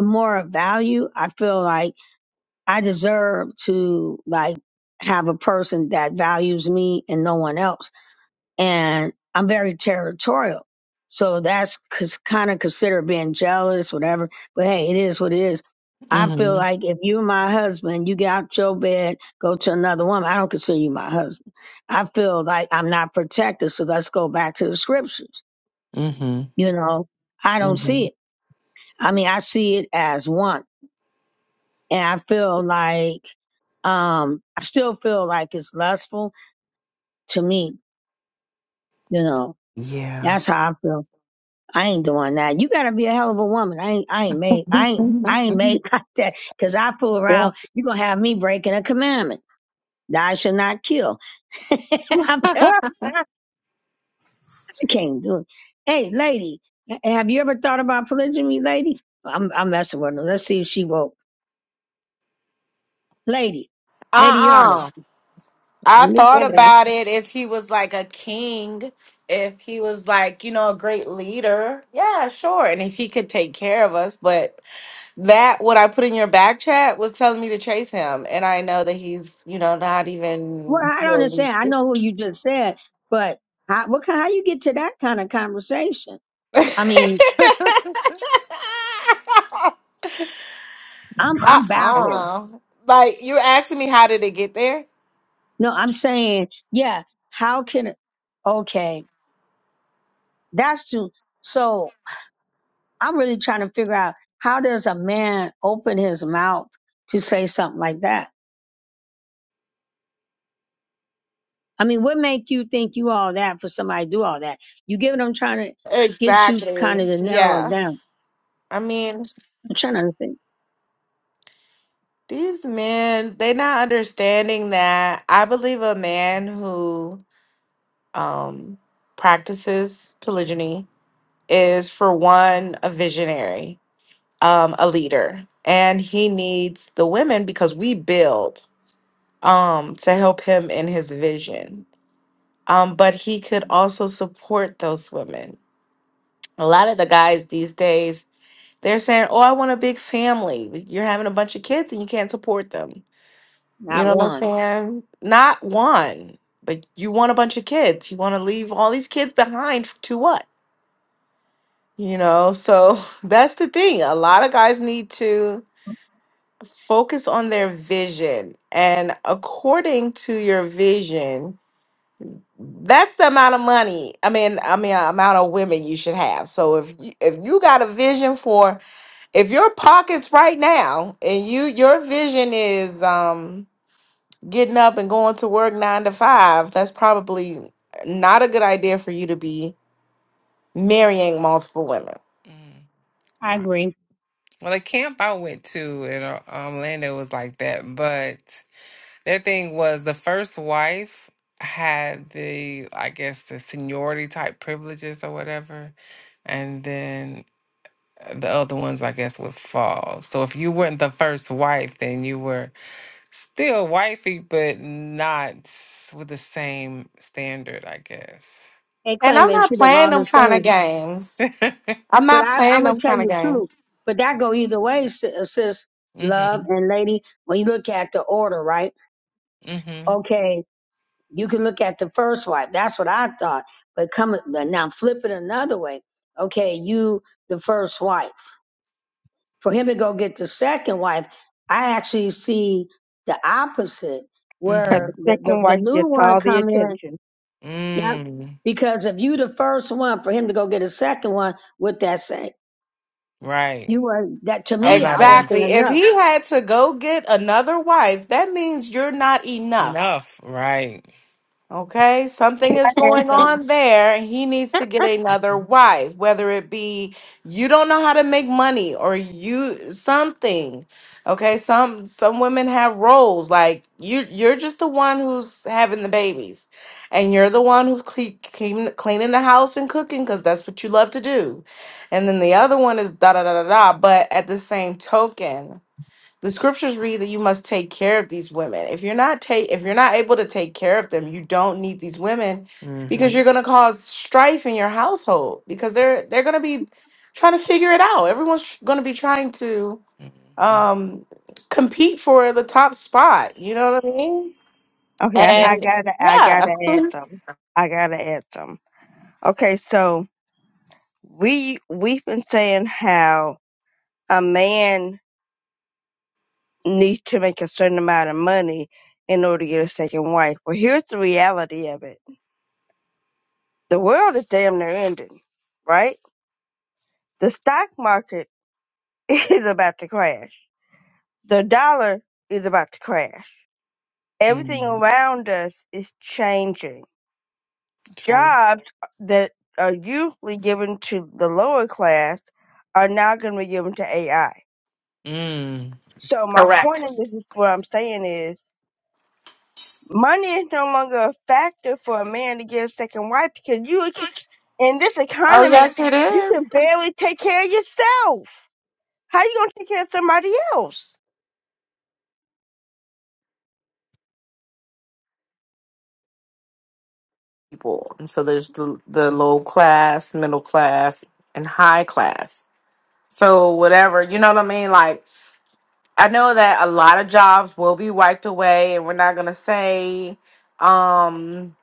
B: more of value. I feel like I deserve to like have a person that values me and no one else and I'm very territorial. So that's kind of considered being jealous, whatever. But hey, it is what it is. I feel
A: mm-hmm
B: like if you my husband, you get out your bed, go to another woman. I don't consider you my husband. I feel like I'm not protected. So let's go back to the scriptures.
A: mm-hmm
B: You know, I don't
A: mm-hmm
B: see it. I mean, I see it as one, and I feel like um I still feel like it's lustful to me. You know,
A: yeah
B: that's how I feel. I ain't doing that. You gotta be a hell of a woman. I ain't, I ain't made, I ain't, I ain't made like that. Cause I fool
E: Yeah.
B: around. You gonna have me breaking a commandment. Thou shall not kill. I'm telling you, I can't do it. Hey, lady, ha- have you ever thought about polygamy, lady? I'm, I'm messing with her. Let's see if she woke. Lady, Lady Yarden.
C: uh
E: I
C: I
E: knew
C: thought
E: that
C: about it if he was like a king, if he was like, you know, a great leader. Yeah, sure. And if he could take care of us. But that, what I put in your back chat was telling me to chase him. And I know that he's, you know, not
B: Well,
C: even
B: I don't understand. I
C: really
B: know who you just said, but how, what, kind- how you get to that kind of conversation? I mean,
C: uh-uh.
B: I'm, I'm
E: answer.
B: baffled.
C: Like you're asking me how did it get there?
B: No, I'm saying, yeah, how can it, okay, that's too, so I'm really trying to figure out how does a man open his mouth to say something like that? I mean, what make you think you all that for somebody to do all that? You get what I'm trying to get you kind
C: Exactly.
B: of to narrow it
C: Yeah.
B: down.
C: I mean,
B: I'm trying to understand.
C: these men, they're not understanding that I believe a man who um practices polygyny is for one a visionary, um a leader, and he needs the women because we build um to help him in his vision. um, but he could also support those women. A lot of the guys these days, they're saying, "Oh, I want a big family. You're having a bunch of kids and you can't support them." You
B: Not
C: know what I'm
B: one.
C: saying? Not one, but you want a bunch of kids. You want to leave all these kids behind f- to what? You know, so that's the thing. A lot of guys need to focus on their vision. And according to your vision, that's the amount of money i mean i mean uh, amount of women you should have so if you, if you got a vision for if your pockets right now and you your vision is um getting up and going to work 9 to 5 that's probably not a good idea for you to be marrying multiple women
A: Mm.
B: I
A: Wow.
B: agree.
A: Well, the camp I went to in uh, um, Orlando was like that, but their thing was the first wife had the, I guess, the seniority type privileges or whatever, and then uh, the other ones, I guess, would fall. So if you weren't the first wife, then you were still wifey, but not with the same standard, I guess.
B: They
C: and
B: claim
C: i'm
B: they
C: not
B: treat them
C: playing
B: all
C: them
B: the
C: kind of
B: same.
C: games
A: mm-hmm.
C: i'm
B: But
C: not
B: I, I'm
C: playing
B: going to
C: them
B: tell
C: kind of
B: you the
C: games
B: truth. But that go either way, sis, sis,
A: Mm-hmm.
B: love and lady, when you look at the order, right? Okay You can look at the first wife. That's what I thought. But come now, flip it another way. Okay, you the first wife. For him to go get the second wife, I actually see the opposite,
E: Because
B: where
A: Mm-hmm.
E: the
B: the, the,
E: second
B: the
E: wife
B: new
E: gets
B: one
E: all the
B: come in.
E: attention.
B: Yep.
A: Mm.
B: Because if you the first one, for him to go get a second one, with that same
A: Right.
B: you were that to
A: I'm
B: me,
A: not
B: I
A: en-
C: Exactly.
B: wasn't
C: If
B: enough.
C: he had to go get another wife, that means you're not enough.
A: enough, right?
C: Okay? Something
E: Can
C: is
E: I add
C: going
E: something?
C: on there. and He needs to get another wife, whether it be you don't know how to make money or you something. Okay? Some some women have roles like you you're just the one who's having the babies and you're the one who's cle- clean, cleaning the house and cooking cuz that's what you love to do. And then the other one is da da da da da, but at the same token, the scriptures read that you must take care of these women. If you're not take if you're not able to take care of them, you don't need these women because
A: Mm-hmm.
C: you're going to cause strife in your household because they're they're going to be trying to figure it out. Everyone's going to be trying to
A: Mm-hmm.
C: um compete for the top spot, you know what I mean?
E: Okay, I
B: Yep.
E: I
C: And
E: gotta, I
C: yeah.
E: gotta add something. I gotta add something. Okay, so we we've been saying how a man needs to make a certain amount of money in order to get a second wife. Well, here's the reality of it: the world is damn near ending, right? The stock market is about to crash. The dollar is about to crash. Everything
A: Mm,
E: around us is changing.
A: true.
E: Jobs that are usually given to the lower class are now going to be given to AI.
A: Mm.
E: So my point
C: Correct.
E: in this is what I'm saying is money is no longer a factor for a man to get a second wife because you can- in this
C: Oh
E: economy
C: yes it
E: you
C: is.
E: can barely take care of yourself. How you gonna take care of somebody else?
C: People. And so there's the the low class, middle class, and high class. So whatever, you know what I mean? Like I know that a lot of jobs will be wiped away, and we're not gonna say um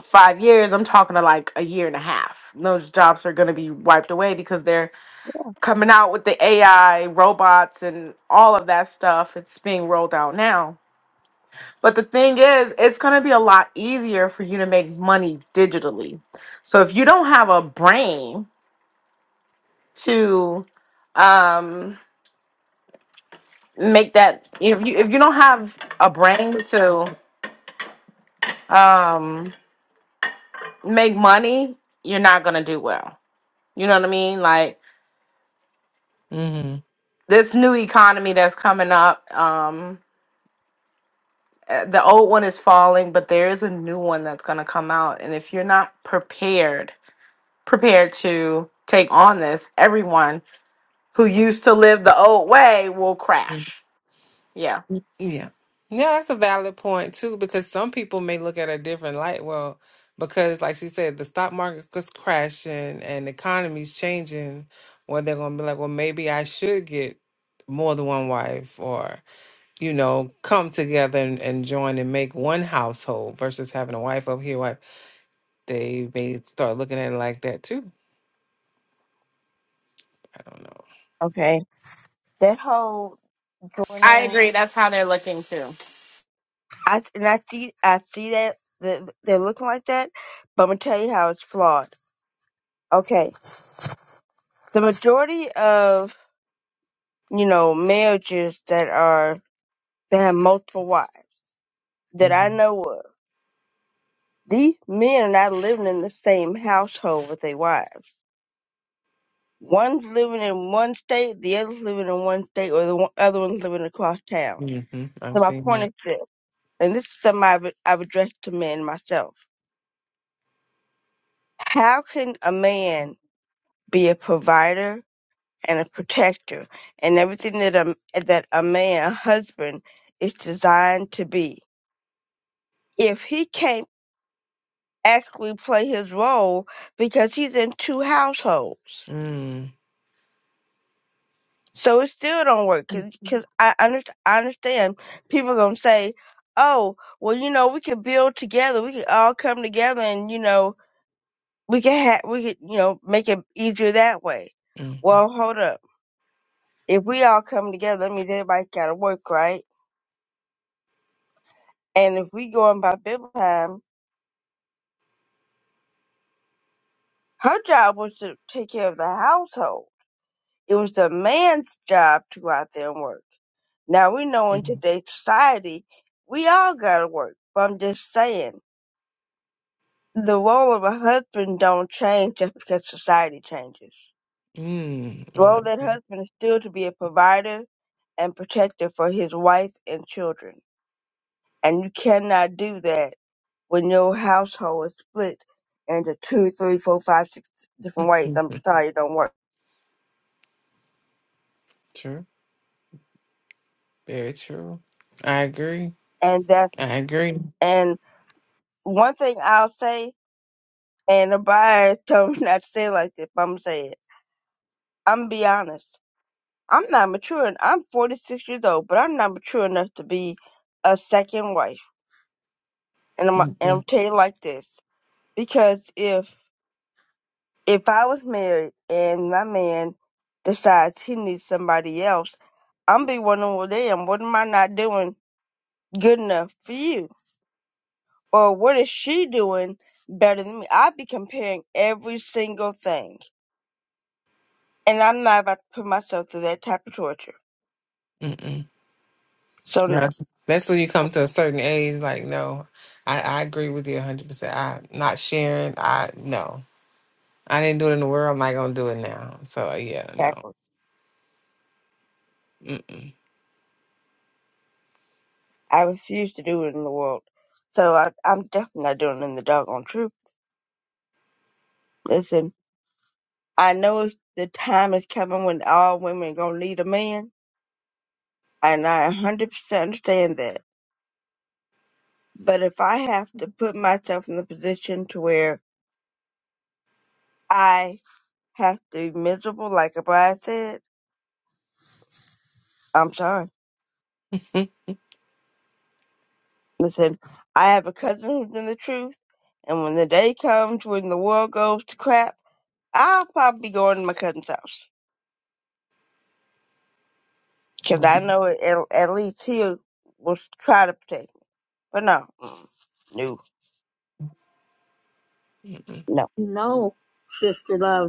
C: five years. I'm talking to like a year and a half. Those jobs are gonna be wiped away because they're coming out with the AI robots and all of that stuff. It's being rolled out now. But the thing is, it's gonna be a lot easier for you to make money digitally. So if you don't have a brain to um make that if you if you don't have a brain to um make money, you're not gonna do well. You know what I mean? Like
A: Mm-hmm.
C: this new economy that's coming up, um uh, the old one is falling, but there is a new one that's gonna come out. And if you're not prepared, prepared to take on this, everyone who used to live the old way will crash. Yeah.
A: Yeah. Yeah, that's a valid point too, because some people may look at a different light. Well, because like she said, the stock market was crashing and the economy's changing, where they're gonna be like, well, maybe I should get more than one wife, or you know, come together and, and join and make one household versus having a wife over here. they may start looking at it like that too. I don't know.
E: Okay. That whole
C: I
E: joining.
C: agree. That's how they're looking too.
E: I and I see I see that that they're looking like that, but I'm gonna tell you how it's flawed. Okay, the majority of you know marriages that are that have multiple wives that I
A: Mm-hmm.
E: know of, these men are not living in the same household with their wives. One's living in one state, the other's living in one state, or the one, other one's living across town.
A: Mm-hmm. I'm
E: So my
A: seeing
E: point is
A: that.
E: this, and this is something I've, I've addressed to men myself. How can a man be a provider and a protector and everything that a, that a man, a husband, is designed to be. If he can't actually play his role because he's in two households.
A: Mm,
E: So it still don't work because I, under, I understand people going to say, oh, well, you know, we could build together. We could all come together and, you know, we could ha- we could, you know, make it easier that way.
A: mm-hmm.
E: Well, hold up. If we all come together, that means everybody's got to work, right? And if we go going by Bible time, her job was to take care of the household. It was the man's job to go out there and work. Now we know in
A: Mm,
E: today's society, we all gotta work. But I'm just saying, the role of a husband don't change just because society changes.
A: mm. I
E: The role of
A: like
E: that
A: that.
E: husband is still to be a provider and protector for his wife and children. And you cannot do that when your household is split into two, three, four, five, six different ways.
A: Mm.
E: I'm sorry, it don't work.
A: True. Very true. I agree.
E: And that,
A: I agree.
E: and one thing I'll say, and nobody told me not to say it like this, but I'm gonna say it. I'm gonna be honest. I'm not mature. en- I'm 46 years old, but I'm not mature enough to be a second wife. And I'm, and I'm
A: Mm-mm,
E: tell you like this, because if if I was married and my man decides he needs somebody else, I'm be wondering, well, damn, what am I not doing? good enough for you? Or what is she doing better than me? I'd be comparing every single thing. And I'm not about to put myself through that type of torture.
A: mm-mm.
E: So
A: No,
E: no.
A: that's that's when you come to a certain age. Like, no, I, I agree with you 100. percent I not sharing. I no, I didn't do it in the world. I'm not gonna do it now. So yeah, no.
E: Exactly.
A: Mm-mm.
E: I refuse to do it in the world. So I, I'm definitely not doing it in the doggone truth. Listen, I know it's- the time is coming when all women are going to need a man, and I 100% understand that. But if I have to put myself in the position to where I have to be miserable, like Abaya said, I'm sorry. Listen, I have a cousin who's in the truth, and when the day comes when the world goes to crap, I'll probably be going to my cousin's house. 'Cause I
A: Right.
E: know it, at, at least he will try to protect me. But no, mm, no,
A: Mm-mm.
E: no.
B: You know, sister love.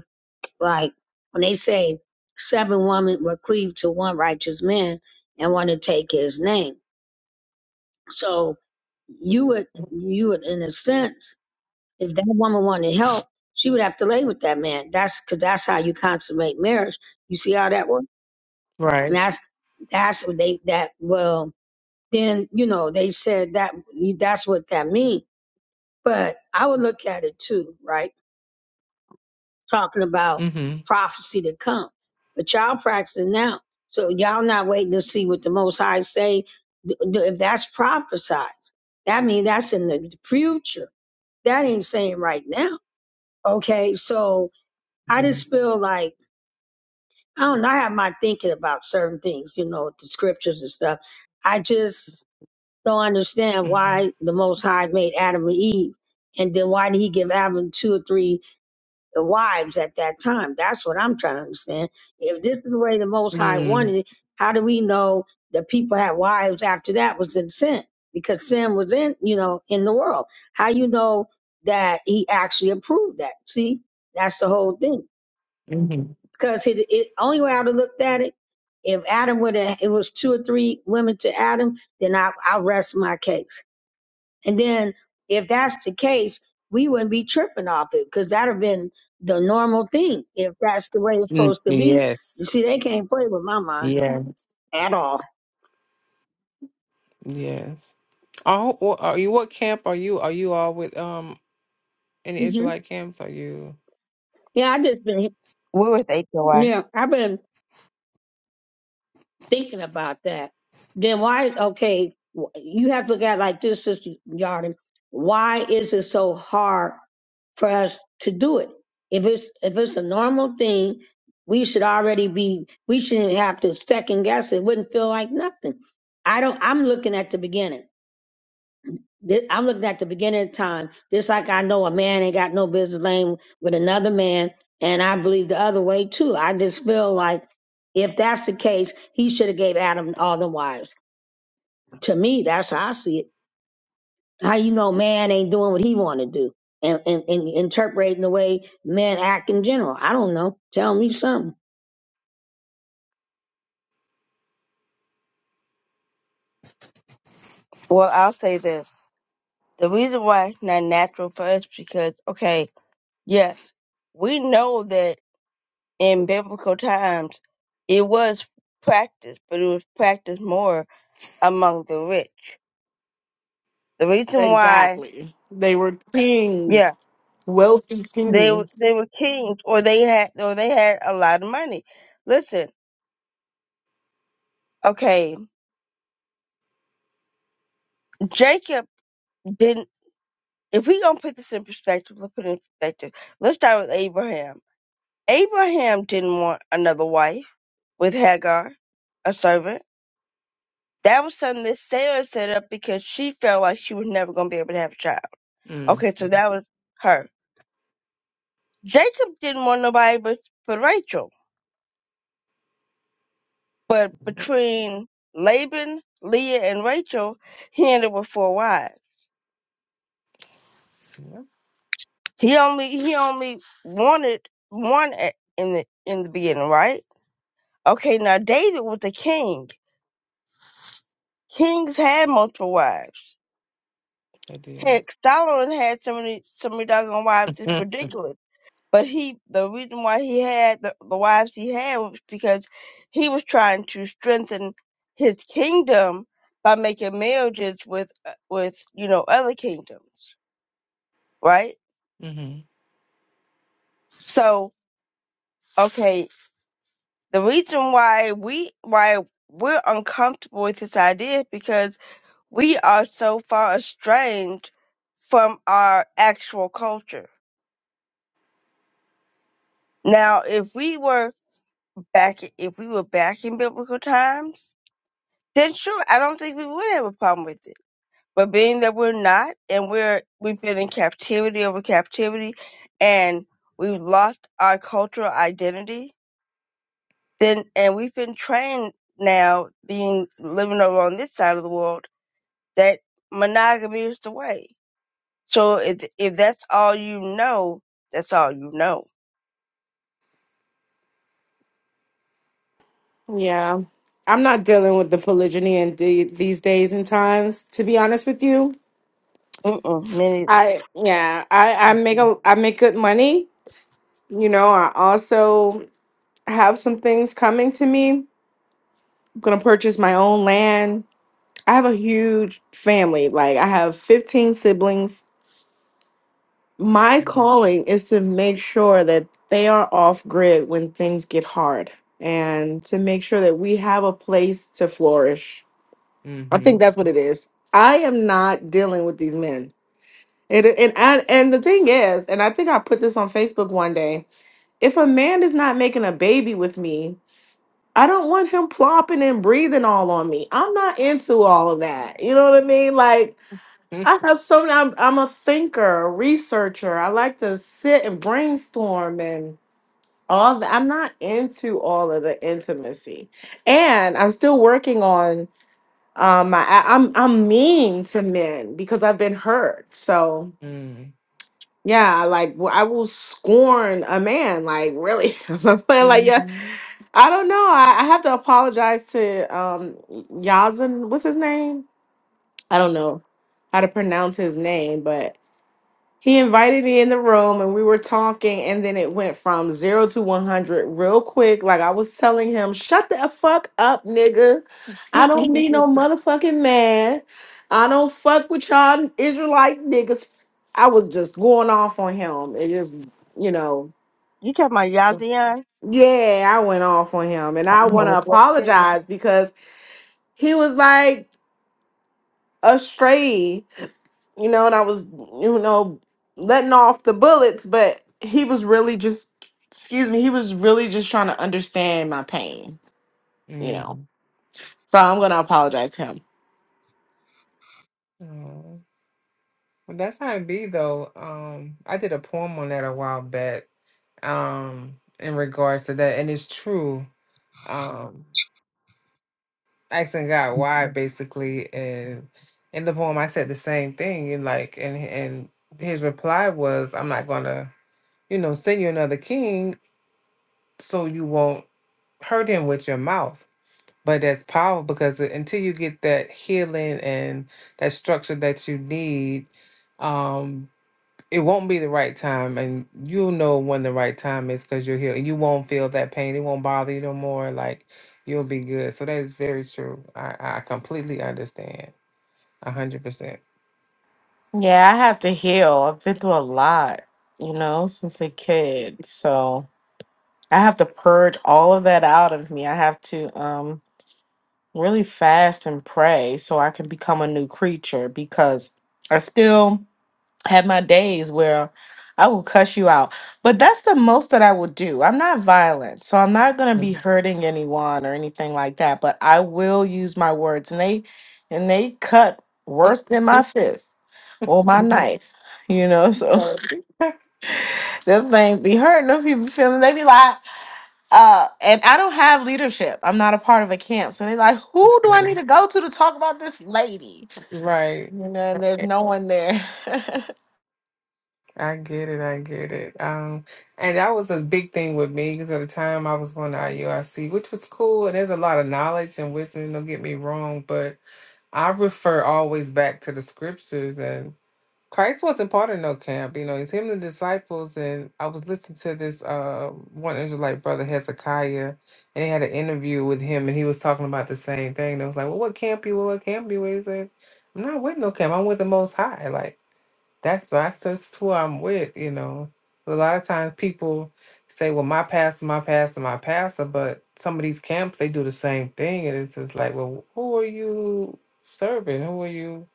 B: Like when they say seven women were cleaved to one righteous man and want to take his name. So you would you would in a sense, if that woman wanted help, she would have to lay with that man. That's because that's how you consummate marriage. You see how that works, and
A: Right.
B: that's that's what they that well then you know they said that that's what that means. But I would look at it too, right? talking about
A: Mm-hmm.
B: prophecy to come. But y'all practicing now. So y'all not waiting to see what the Most High say. Th- th- If that's prophesied, that means that's in the future. That ain't saying right now. Okay, so I just feel like, I don't know, I have my thinking about certain things, you know, the scriptures and stuff. I just don't understand
A: Mm-hmm.
B: why the Most High made Adam and Eve. And then why did he give Adam two or three the wives at that time. That's what I'm trying to understand. If this is the way the Most High
A: Mm,
B: wanted it, how do we know that people had wives after that was in sin? Because sin was in, you know, in the world. How you know that he actually approved that? See, that's the whole thing.
A: mhm,
B: Because it, it only way I would have looked at it, if Adam would have, it was two or three women to Adam, then I, I rest my case. And then if that's the case, we wouldn't be tripping off it because that would have been the normal thing if that's the way it's
A: mm,
B: supposed to be. You
A: Yes.
B: see, they can't play with my mind
A: Yeah.
B: at all.
A: Yes. Oh, or are you what camp are you? Are you all with um any
B: hmm
A: Israelite camps? Are you?
B: Yeah, I just been
E: We're with HOI.
B: yeah, I've been thinking about that, then why? Okay, wh- you have to look at it like this, Sister Yarden. Why is it so hard for us to do it? If it's if it's a normal thing, we should already be. We shouldn't have to second guess. It It wouldn't feel like nothing. I don't. I'm looking at the beginning. This, I'm looking at the beginning of time. Just like I know a man ain't got no business laying with another man, and I believe the other way too. I just feel like if that's the case, he should have gave Adam all the wives. To me, that's how I see it. How you know man ain't doing what he want to do, and, and and interpreting the way men act in general. I don't know. Tell me something.
E: Well, I'll say this. The reason why it's not natural for us because, okay, yes, we know that in biblical times, it was practiced, but it was practiced more among the rich. The reason why
C: Exactly. They were kings,
E: Yeah.
C: wealthy
E: they
C: kings.
E: were- they were kings, or they had or they had a lot of money. Listen, okay, Jacob didn't. If we gonna put this in perspective, let's put it in perspective. Let's start with Abraham. Abraham didn't want another wife with Hagar, a servant. That was something that Sarah set up because she felt like she was never gonna be able to have a child.
A: Mm.
E: Okay, so that was her. Jacob didn't want nobody but, but Rachel. But
A: I
E: between Laban, Leah, and Rachel, he ended with four wives. He only he only wanted one at, in the in the beginning, right? Okay, now David was a king. Kings had multiple wives.
A: did.
E: Heck, Solomon had so many so many dozen wives. It's
A: Mhm.
E: ridiculous But he, the reason why he had the, the wives he had was because he was trying to strengthen his kingdom by making marriages with, uh, with you know, other kingdoms, right?
A: Mhm.
E: So, okay, the reason why we, why we're uncomfortable with this idea is because we are so far estranged from our actual culture. Now, if we were back, if we were back in biblical times Then sure, I don't think we would have a problem with it. But being that we're not, and we're we've been in captivity over captivity, and we've lost our cultural identity, then and we've been trained now, being living over on this side of the world, that monogamy is the way. So if if that's all you know, that's all you know.
C: Yeah. I'm not dealing with the polygyny in the, these days and times, to be honest with you.
E: Mm-mm, me neither.
C: I yeah, I, I make a I make good money. You know, I also have some things coming to me. I'm gonna purchase my own land. I have a huge family. Like I have 15 siblings. My calling is to make sure that they are off grid when things get hard and to make sure that we have a place to flourish I think
A: Mhm.
C: that's what it is. I am not dealing with these men. And and and, and the thing is, and I think I put this on Facebook one day. If a man is not making a baby with me, I don't want him plopping and breathing all on me. I'm not into all of that. You know what I mean? Like I have so I'm, I'm a thinker, a researcher. I like to sit and brainstorm and all that. I'm not into all of the intimacy. And I'm still working on um I, I- i'm i'm mean to men because i've been hurt so
A: Mhm.
C: yeah like w- i will scorn a man like really i'm not playing like yeah
A: Mhm.
C: i don't know I, I have to apologize to um yazan what's his name i don't know how to pronounce his name but he invited me in the room and we were talking, and then it went from zero to 100 real quick. Like I was telling him, shut the fuck up, nigga. I don't need no motherfucking man. I don't fuck with y'all Israelite niggas. I was just going off on him. It just, you know,
E: You talking about
C: so-
E: Yazian?
C: yeah, I went off on him. And
E: I
C: I want
E: had
C: to
E: one kid.
C: apologize because he was like astray. you know, and I was, you know, letting off the bullets, but he was really just, excuse me, he was really just trying to understand my pain, you know. So I'm going to apologize to him.
A: Oh. Well, that's how it be though. Um, I did a poem on that a while back. Um, in regards to that, and it's true. Um. asking God why basically and in the poem I said the same thing and like and and his reply was I'm not gonna, you know, send you another king so you won't hurt him with your mouth. But that's powerful because until you get that healing and that structure that you need, um, it won't be the right time and you'll know when the right time is because you're healed and you won't feel that pain it won't bother you no more like you'll be good so that is very true i, I completely understand 100%
C: Yeah, I have to heal. I've been through a lot, you know, since a kid. So. I have to purge all of that out of me. I have to um really fast and pray so I can become a new creature because I still have my days where I will cuss you out. But that's the most that I will do. I'm not violent, so I'm not going to be hurting anyone or anything like that, but I will use my words and they and they cut worse than my fist or my knife, you know. So
A: right
C: them things be hurting them people feeling they be like uh, and I don't have leadership. I'm not a part of a camp. So they're like, who do I
A: Okay.
C: need to go to to talk about this lady?
A: Right.
C: You know, and there's no one there.
A: i get it i get it um and that was a big thing with me because at the time i was going to iurc which was cool and there's a lot of knowledge and wisdom don't get me wrong but i refer always back to the scriptures and. Christ wasn't part of no camp, you know, it's him and the disciples. And I was listening to this uh one Israelite brother Hezekiah, and he had an interview with him, and he was talking about the same thing. They was like, Well, what camp you with? What camp you with? He said, I'm not with no camp, I'm with the most high. Like that's that's just who I'm with, you know. A lot of times people say, Well, my pastor, my pastor, my pastor, but some of these camps they do the same thing, and it's just like, Well, who are you serving? Who are you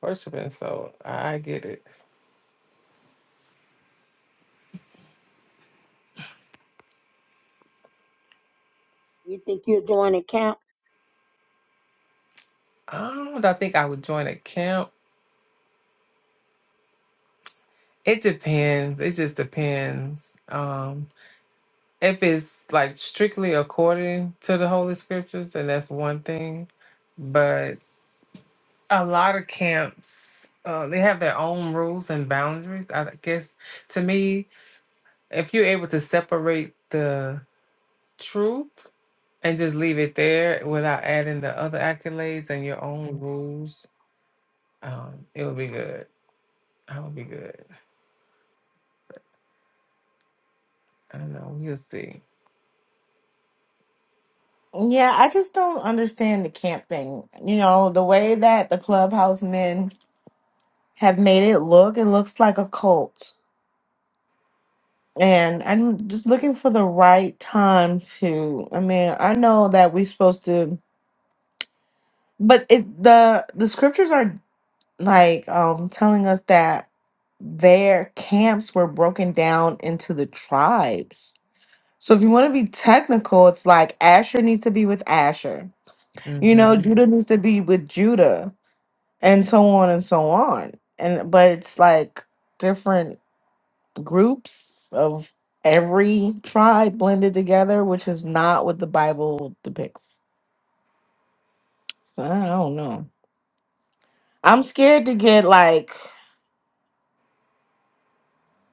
A: worshiping? So I I get it.
B: You think you're doing a count?
A: I don't know. I think I would join a camp. It depends. It just depends. Um, if it's like strictly according to the Holy Scriptures, then that's one thing. But a lot of camps, uh, they have their own rules and boundaries. I guess to me, if you're able to separate the truth and just leave it there without adding the other accolades and your own rules, um, it would be good. I would be good. I don't know. We'll see.
C: yeah, I just don't understand the camp thing. You know, the way that the clubhouse men have made it look, it looks like a cult. And I'm just looking for the right time to. I mean, I know that we're supposed to, but it the the scriptures are like um telling us that their camps were broken down into the tribes. So if you want to be technical, it's like Asher needs to be with Asher. You know,
A: Mm-hmm.
C: Judah needs to be with Judah and so on and so on. And but it's like different groups of every tribe blended together, which is not what the Bible depicts. So I don't know. I'm scared to get like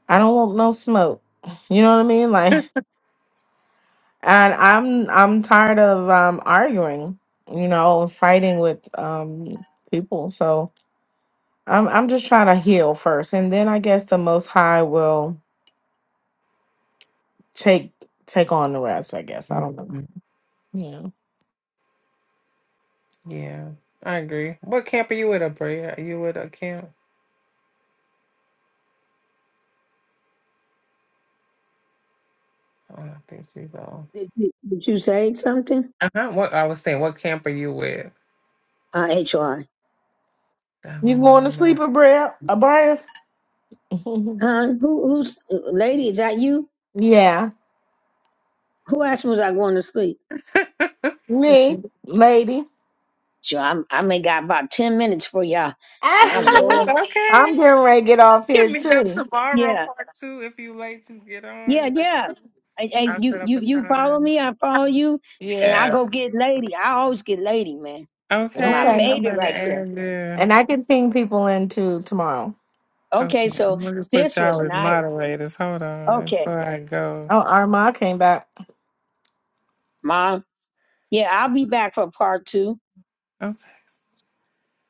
C: I don't want no smoke. You know what I mean? like. and i'm i'm tired of um arguing you know fighting with um people so i'm i'm just trying to heal first and then i guess the most high will take take on the rest i guess i don't know
A: hmm
C: yeah
A: Yeah, I agree. What camp are you with, Abrea? Are you with a camp? Oh, I think she's on.
B: Did you did you say something?
A: Uh-huh. What I was saying, what camp are you with?
B: Uh, H.R.
A: I
C: you
A: don't know.
C: going
A: I
C: to sleep
A: never.
C: abra abra
B: Huh? Who who's lady? Is that you?
C: yeah
B: Who asked me was I going to sleep?
C: me lady
B: So I'm I may got about ten minutes for y'all, and I
A: Mhm.
B: roll.
A: Okay.
C: i'm getting ready to get off
A: Give
C: here
A: me up
C: too
A: tomorrow,
B: Yeah,
A: part two. If you late to get
B: yeah,
A: on,
B: yeah. I, I,
A: I'll
B: you
A: set up
B: you
A: a
B: you follow
A: time.
B: me, I follow you, and I
A: Yeah.
B: go get lady. I always get lady, man. This is my
A: Okay.
C: okay
A: I'm
B: baby
A: gonna
B: right there.
A: add. there.
C: and i can ping people in too tomorrow
B: Okay,
A: Okay.
B: so
A: I'm gonna just put
B: this
A: y'all
B: was
A: as
B: nice.
A: moderators. Hold on
B: Okay,
A: before I go.
C: oh arma came back
B: mom. Yeah, I'll be back for part two.
A: Okay.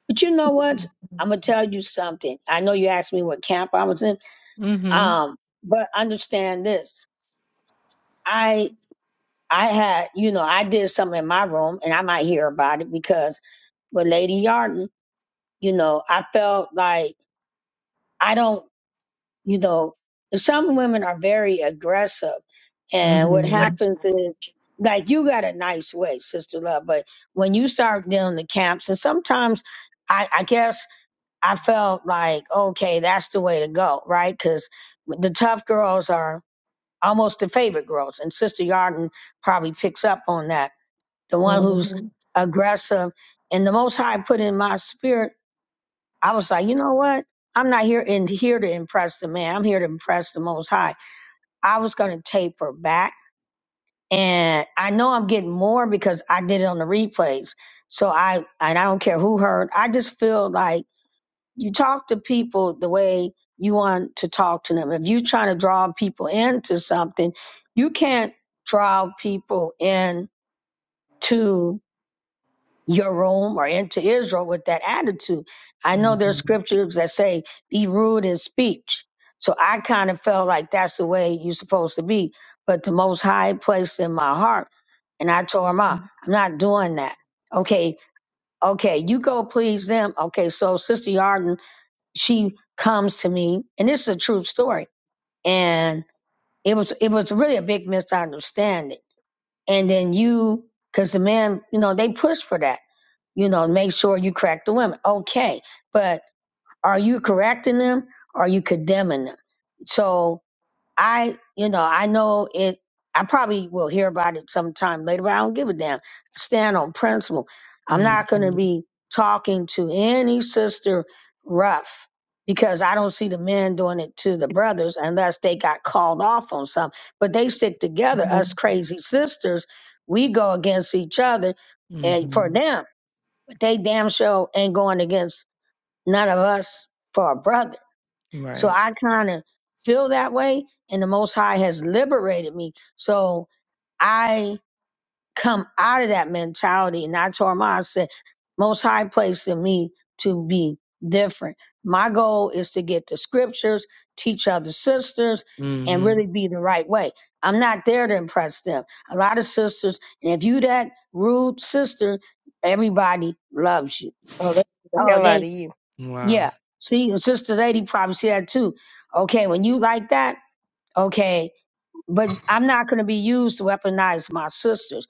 B: But you know what? I'm gonna tell you something. I know you asked me what camp I was in.
A: Mm-hmm.
B: Um, but understand this. I had, you know, I did something in my room and I might hear about it because with Lady Yarden, you know, I felt like I don't, you know, some women are very aggressive. And what
A: Mm-hmm.
B: happens is, like, you got a nice way, Sister Love, but when you start dealing the camps, and sometimes I, I guess I felt like, okay, that's the way to go, right? Because the tough girls are almost the favorite girls. And Sister Yarden probably picks up on that the one who's aggressive. And the Most High put in my spirit, I was like, you know what? I'm not here in here to impress the man. I'm here to impress the Most High. I was going to taper back, and I know I'm getting more because I did it on the replays. So I and I don't care who heard. I just feel like you talk to people the way you want to talk to them. If you're trying to draw people into something, you can't draw people in to. your room or into Israel with that attitude. I know there's
A: Mhm.
B: scriptures that say, be rude in speech. So I kind of felt like that's the way you're supposed to be. But the Most High placed in my heart, and I told him, "Ah, I'm not doing that. Okay, okay, you go please them. Okay, so Sister Yarden, she comes to me, and this is a true story. And it was it was really a big misunderstanding. And then you, because the man, you know, they pushed for that you know, make sure you correct the women. Okay. But are you correcting them? Or are you condemning them? So I, you know, I know it, I probably will hear about it sometime later, but I don't give a damn. Stand on principle. I'm not going to
A: Mhm.
B: be talking to any sister rough because I don't see the men doing it to the brothers unless they got called off on something. But they stick together, us crazy sisters. We go against each other and for
A: Mhm.
B: them but they damn sure ain't going against none of us for a brother. So
A: Right.
B: I kind of feel that way, and the Most High has liberated me. So I come out of that mentality, and I told my I said, Most High placed in me to be different. My goal is to get the scriptures, teach other sisters, and
A: Mhm.
B: really be the right way. I'm not there to impress them. A lot of sisters, and if you that rude sister, everybody loves you.
E: Oh, that's the
B: Oh,
E: hell
B: they
E: out of you.
B: yeah.
A: Wow.
B: See, a sister lady probably see that too. Okay, when you like that, okay, but I'm not going to be used to weaponize my sisters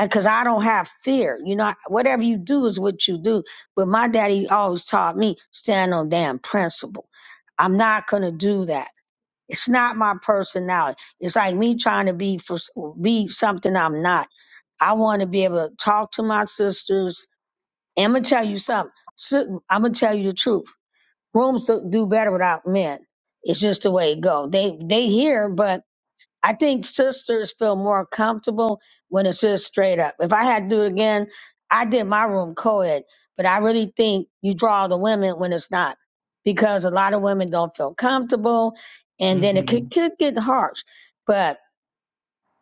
B: because I don't have fear. You know, whatever you do is what you do. But my daddy always taught me stand on damn principle. I'm not going to do that. It's not my personality. It's like me trying to be for be something I'm not. I want to be able to talk to my sisters. And I'm gonna tell you something. I'm gonna tell you the truth Rooms do do better without men. It's just the way it go. They they hear, but I think sisters feel more comfortable when it's just straight up. If I had to do it again, I did my room co-ed, but I really think you draw the women when it's not, because a lot of women don't feel comfortable, and then it could,
A: Mhm.
B: could get harsh. But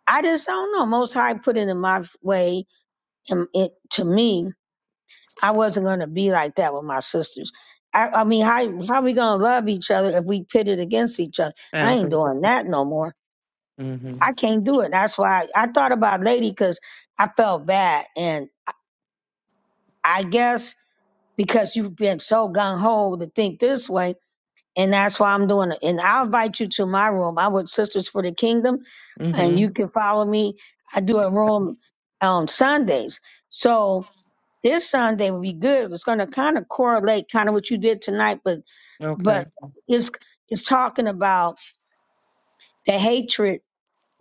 B: I just don't know. Most High put it in my way, and it to me. I wasn't gonna be like that with my sisters. I, I mean, how how we gonna love each other if we pitted against each other? I ain't
A: Absolutely.
B: doing that no more.
A: Mhm.
B: I can't do it. That's why I, I thought about Lady because I felt bad, and I I guess because you've been so gung ho to think this way, and that's why I'm doing it. And I'll invite you to my room. I with Sisters for the Kingdom, and you
A: Mhm.
B: can follow me. I do a room on Sundays. So this Sunday will be good. It's going to kind of correlate, kind of what you did tonight, but
A: Okay.
B: but it's it's talking about the hatred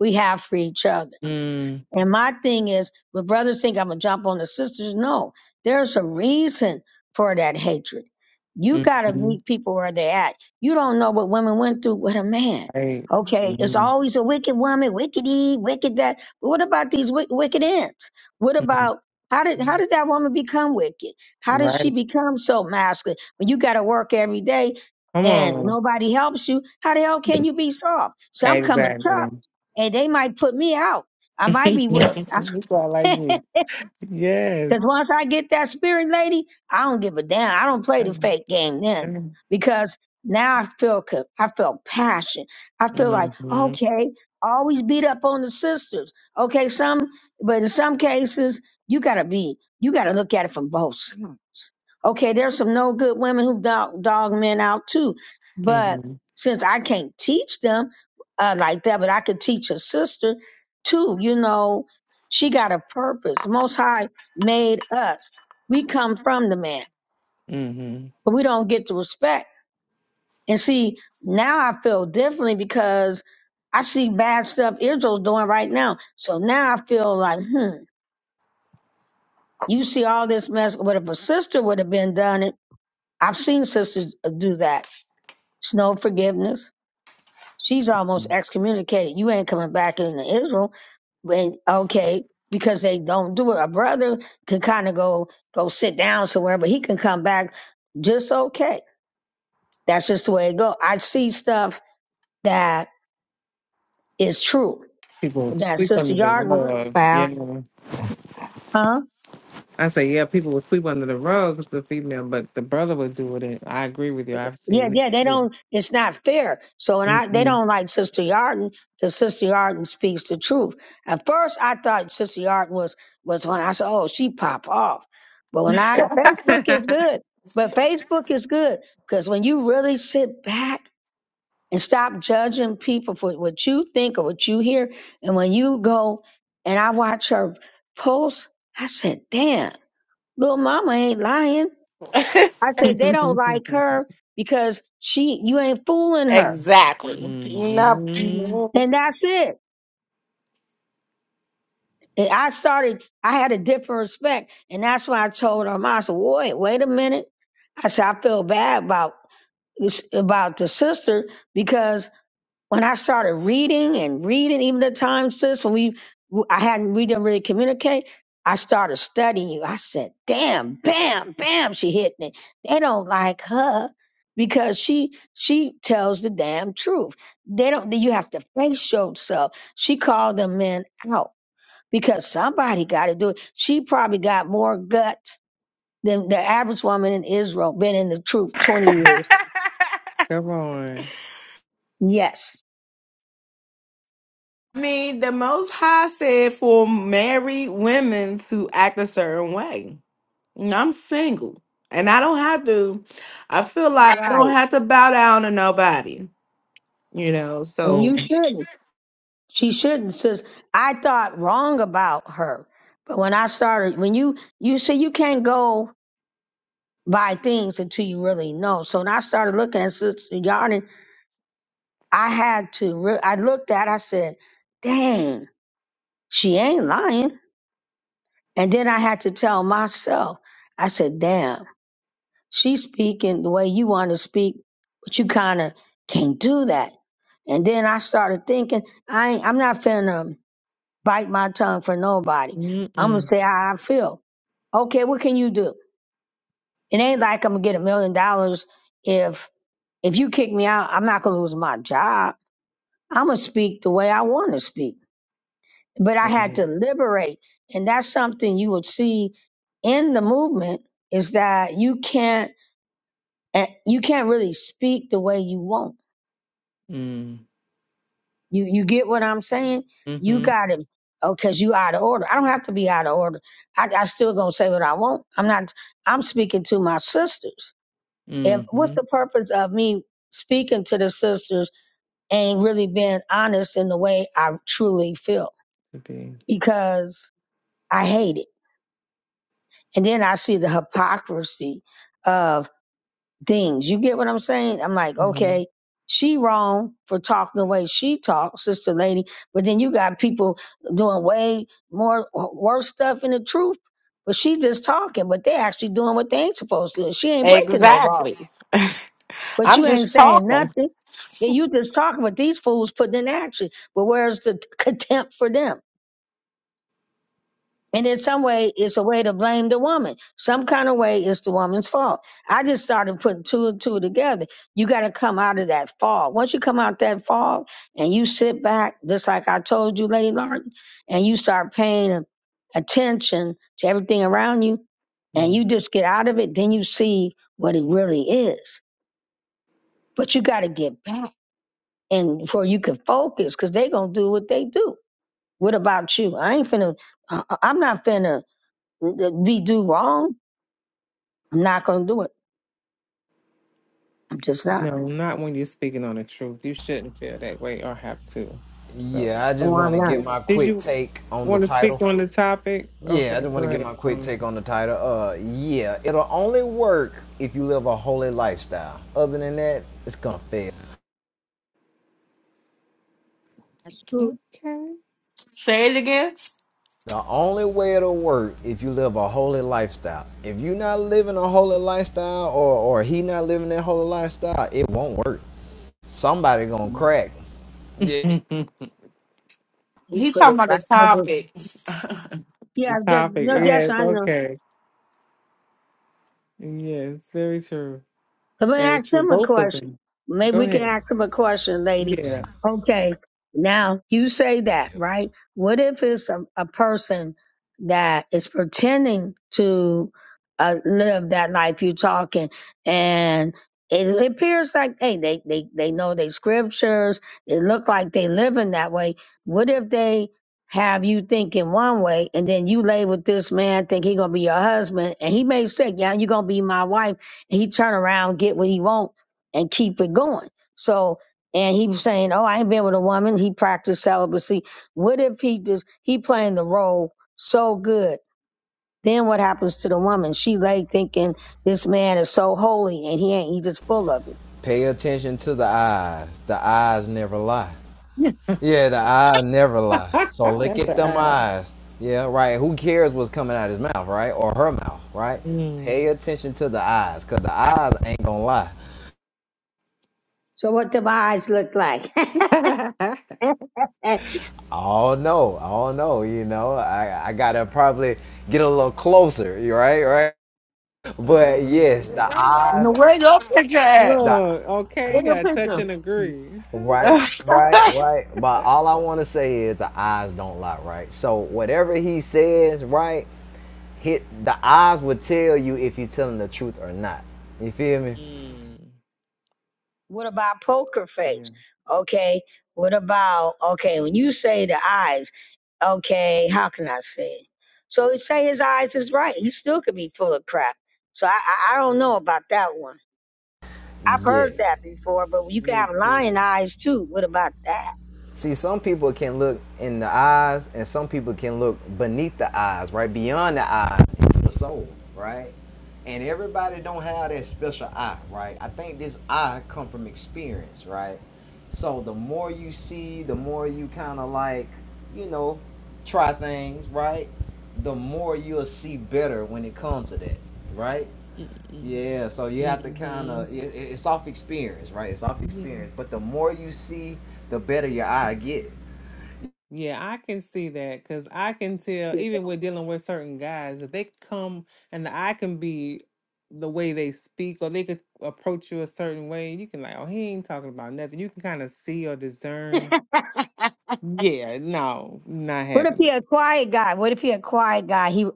B: we have for each other
A: Mm.
B: and my thing is, when brothers think I'm gonna jump on the sisters, no, there's a reason for that hatred. You gotta
A: Mhm.
B: meet people where they're at. You don't know what women went through with a man.
A: Right.
B: Okay, it's
A: Mhm.
B: always a wicked woman, wickedy, wicked that. But what about these wick wicked ends? What
A: Mhm.
B: about how did how did that woman become wicked? How did she
A: Right.
B: become so masculine? When you gotta work every day
A: Come
B: and
A: on.
B: nobody helps you, how the hell can you be soft? So I'm coming tough,
A: Exactly.
B: and they might put me out. I might be with.
A: That's why I like me. Yes.
B: Because once I get that spirit lady, I don't give a damn. I don't play the
A: Mhm.
B: fake game then. Because now I feel co- I feel passion. I feel like,
A: Mhm.
B: okay, always beat up on the sisters. Okay, some but in some cases, you gotta be you gotta look at it from both sides. Okay, there's some no good women who dog, dog men out too. But
A: Mhm.
B: since I can't teach them uh, like that, but I could teach a sister too, you know, she got a purpose. The most high made us. We come from the man,
A: Mhm.
B: but we don't get to respect. And see, now I feel differently because I see bad stuff Israel's doing right now. So now I feel like, hmm, you see all this mess. But if a sister would have been done it, I've seen sisters uh, do that. It's no forgiveness. She's almost excommunicated. You ain't coming back into Israel. When okay, because they don't do it. A brother can kind of go go sit down somewhere, but he can come back just okay That's just the way it go. I see stuff that is true.
A: People
B: That
A: sweep
B: Sister
A: under the
B: Yarden,
A: rug.
E: Wow.
A: Yeah.
B: huh?
A: I say, yeah, people would sweep under the rug 'cause the female, but the brother was doing it. I agree with you. I've
B: Yeah,
A: seen it
B: yeah, they
A: too.
B: don't, it's not fair. So, and I, they
A: Mm-mm.
B: don't like Sister Yarden because Sister Yarden speaks the truth. At first, I thought Sister Yarden was, was when I said, oh, she pop off. But when I, Facebook is good. But Facebook is good because when you really sit back and stop judging people for what you think or what you hear. And when you go and I watch her post, I said, damn, little mama ain't lying. I said, they don't like her because she, you ain't fooling her.
C: Exactly. No.
A: hmm
B: And that's it. And I started, I had a different respect. And that's why I told her, I said, wait, wait a minute. I said, I feel bad about, about the sister because when I started reading and reading, even the times sis when we I hadn't we didn't really communicate, I started studying you. I said, "Damn, bam, bam!" She hit me. They don't like her because she she tells the damn truth. They don't. You have to face yourself. She called them men out because somebody got to do it. She probably got more guts than the average woman in Israel. Been in the truth
C: I
B: twenty years.
A: Come on.
B: Yes,
C: mean, the Most High said for married women to act a certain way. And I'm single, and I don't have to. I feel like I don't
B: right,
C: have to bow down to nobody. You know.
B: and
A: mm
C: So
B: you shouldn't. She shouldn't, sis. I thought wrong about her. But when I started, when you, you say you can't go by things until you really know. So when I started looking at Sister Yarden, I had to, re- I looked at, I said, dang, she ain't lying. And then I had to tell myself, I said, damn, she's speaking the way you want to speak, but you kind of can't do that. And then I started thinking, I ain't, I'm not finna. bite my tongue for nobody. I'm gonna
A: hmm.
B: say how I feel. Okay, what can you do? It ain't like I'm gonna get a million dollars if if you kick me out. I'm not gonna lose my job. I'm gonna speak the way I want to speak. But I had to
A: Mm-mm.
B: liberate, and that's something you would see in the movement is that you can't eh, you can't really speak the way you want You you get what I'm saying? You
A: Mm-hmm.
B: got him. Oh, cause you out of order. I don't have to be out of order. I, I still gonna say what I want. I'm not. I'm speaking to my sisters. If what's
A: Mm-hmm.
B: the purpose of me speaking to the sisters and really being honest in the way I truly feel?
A: To be.
B: Because I hate it, and then I see the hypocrisy of. things. You get what I'm saying? I'm like,
A: Mm-hmm.
B: okay, she wrong for talking the way she talks, sister lady. But then you got people doing way more worse stuff in the truth. But she just talking, but they actually doing what they ain't supposed to. She ain't breaking no laws.
C: exactly.
B: But
C: I'm
B: you ain't
C: just
B: saying
C: talking.
B: nothing. Yeah, you just talking, but these fools putting in action. But where's the contempt for them? And in some way, it's a way to blame the woman. Some kind of way, it's the woman's fault. I just started putting two and two together. You got to come out of that fog. Once you come out that fog and you sit back, just like I told you, Lady Larkin, and you start paying a- attention to everything around you, and you
A: mm
B: just get out of it, then you see what it really is. But you got to get back and before you can focus, because they going to do what they do. What about you? I ain't finna, uh, uh, I'm not finna we do wrong. I'm not gonna do it. I'm just not.
A: No, not when you're speaking on the truth. You shouldn't feel that way or have to. So,
I: Yeah, I
B: Oh,
I: just want
B: I'm
I: to get
B: not.
I: my
A: did
I: quick
A: you
I: take on the
A: want to speak
I: title.
A: on the topic?
I: Yeah, I
A: Okay,
I: just
A: go
I: want to get
A: ahead,
I: my quick
A: Tony.
I: take on the title. Uh, yeah, it'll only work if you live a holy lifestyle. Other than that, it's gonna fail.
B: That's true.
A: Okay.
C: Say it again.
I: The only way it'll work if you live a holy lifestyle. If you're not living a holy lifestyle, or or he not living that holy lifestyle, it won't work. Somebody gonna crack. Yeah.
B: He
C: He
B: put it
C: talking about the
B: right on there.
C: topic.
A: The
B: Yeah, that,
A: topic.
B: no, yes,
A: Yes,
B: I know.
A: okay. Yes, very true.
B: Let me
A: Very
B: ask
A: true.
B: him a
A: Both of
B: question.
A: them.
B: Maybe
A: Go
B: we can
A: ahead.
B: ask him a question, lady.
A: Yeah.
B: Okay, now you say that, right? What if it's a, a person that is pretending to uh, live that life you're talking, and it appears like, hey, they, they, they know their scriptures. It look like they living that way. What if they have you thinking one way, and then you label this man think he gonna be your husband, and he may say, yeah, you gonna be my wife he turn around, get what he want, and keep it going. So, and he was saying, "Oh, I ain't been with a woman." He practiced celibacy. What if he just he playing the role so good? Then what happens to the woman? She lay thinking this man is so holy, and he ain't. He just full of it.
I: Pay attention to the eyes. The eyes never lie. Yeah, the eyes never lie. So look
A: That's
I: at
A: the
I: them
A: eye.
I: eyes. Yeah, right. Who cares what's coming out his mouth, right? Or her mouth, right?
A: Mm.
I: Pay attention to the eyes, cause the eyes ain't gonna lie.
B: So what the eyes look like?
I: Oh no, oh no, you know, I, I gotta probably get a little closer, you right, right? But yes,
A: uh,
I: the eyes,
C: Now, Where your picture at?
I: the
A: look, okay,
C: Where your
A: got touch
C: picture?
A: and agree.
I: Right, right, right. But all I want to say is the eyes don't lie, right? So whatever he says, right, hit the eyes will tell you if you're telling the truth or not. You feel me?
A: mm.
B: What about poker
A: Yeah,
B: face? Okay. What about okay, when you say the eyes, okay, how can I say it? So he say his eyes is right. He still could be full of crap. So I, I I don't know about that one. I've heard
I: Yeah.
B: that before, but you can
A: me
B: have
A: too.
B: lion eyes too. What about
I: See, some people can look in the eyes, and some people can look beneath the eyes, right beyond the eyes, into the soul, right. And everybody don't have that special eye, right? I think this eye come from experience, right? So the more you see, the more you kind of like, you know, try things, right? The more you'll see better when it comes to that, right?
A: Mm-mm.
I: Yeah, so you have to kind
A: Mm-hmm.
I: of it, it- it's off experience, right? It's off
A: Yeah.
I: experience. But the more you see, the better your eye get.
A: Yeah, I can see that because I can tell,
B: that?
A: even with dealing with certain guys, if they come and I can be the way they speak or they could approach you a certain way, you can, like, oh, he ain't talking about nothing. You can kind of see or discern. Yeah, no, not
B: What if
A: having
B: he
A: it.
B: a quiet guy? What if he a quiet guy? He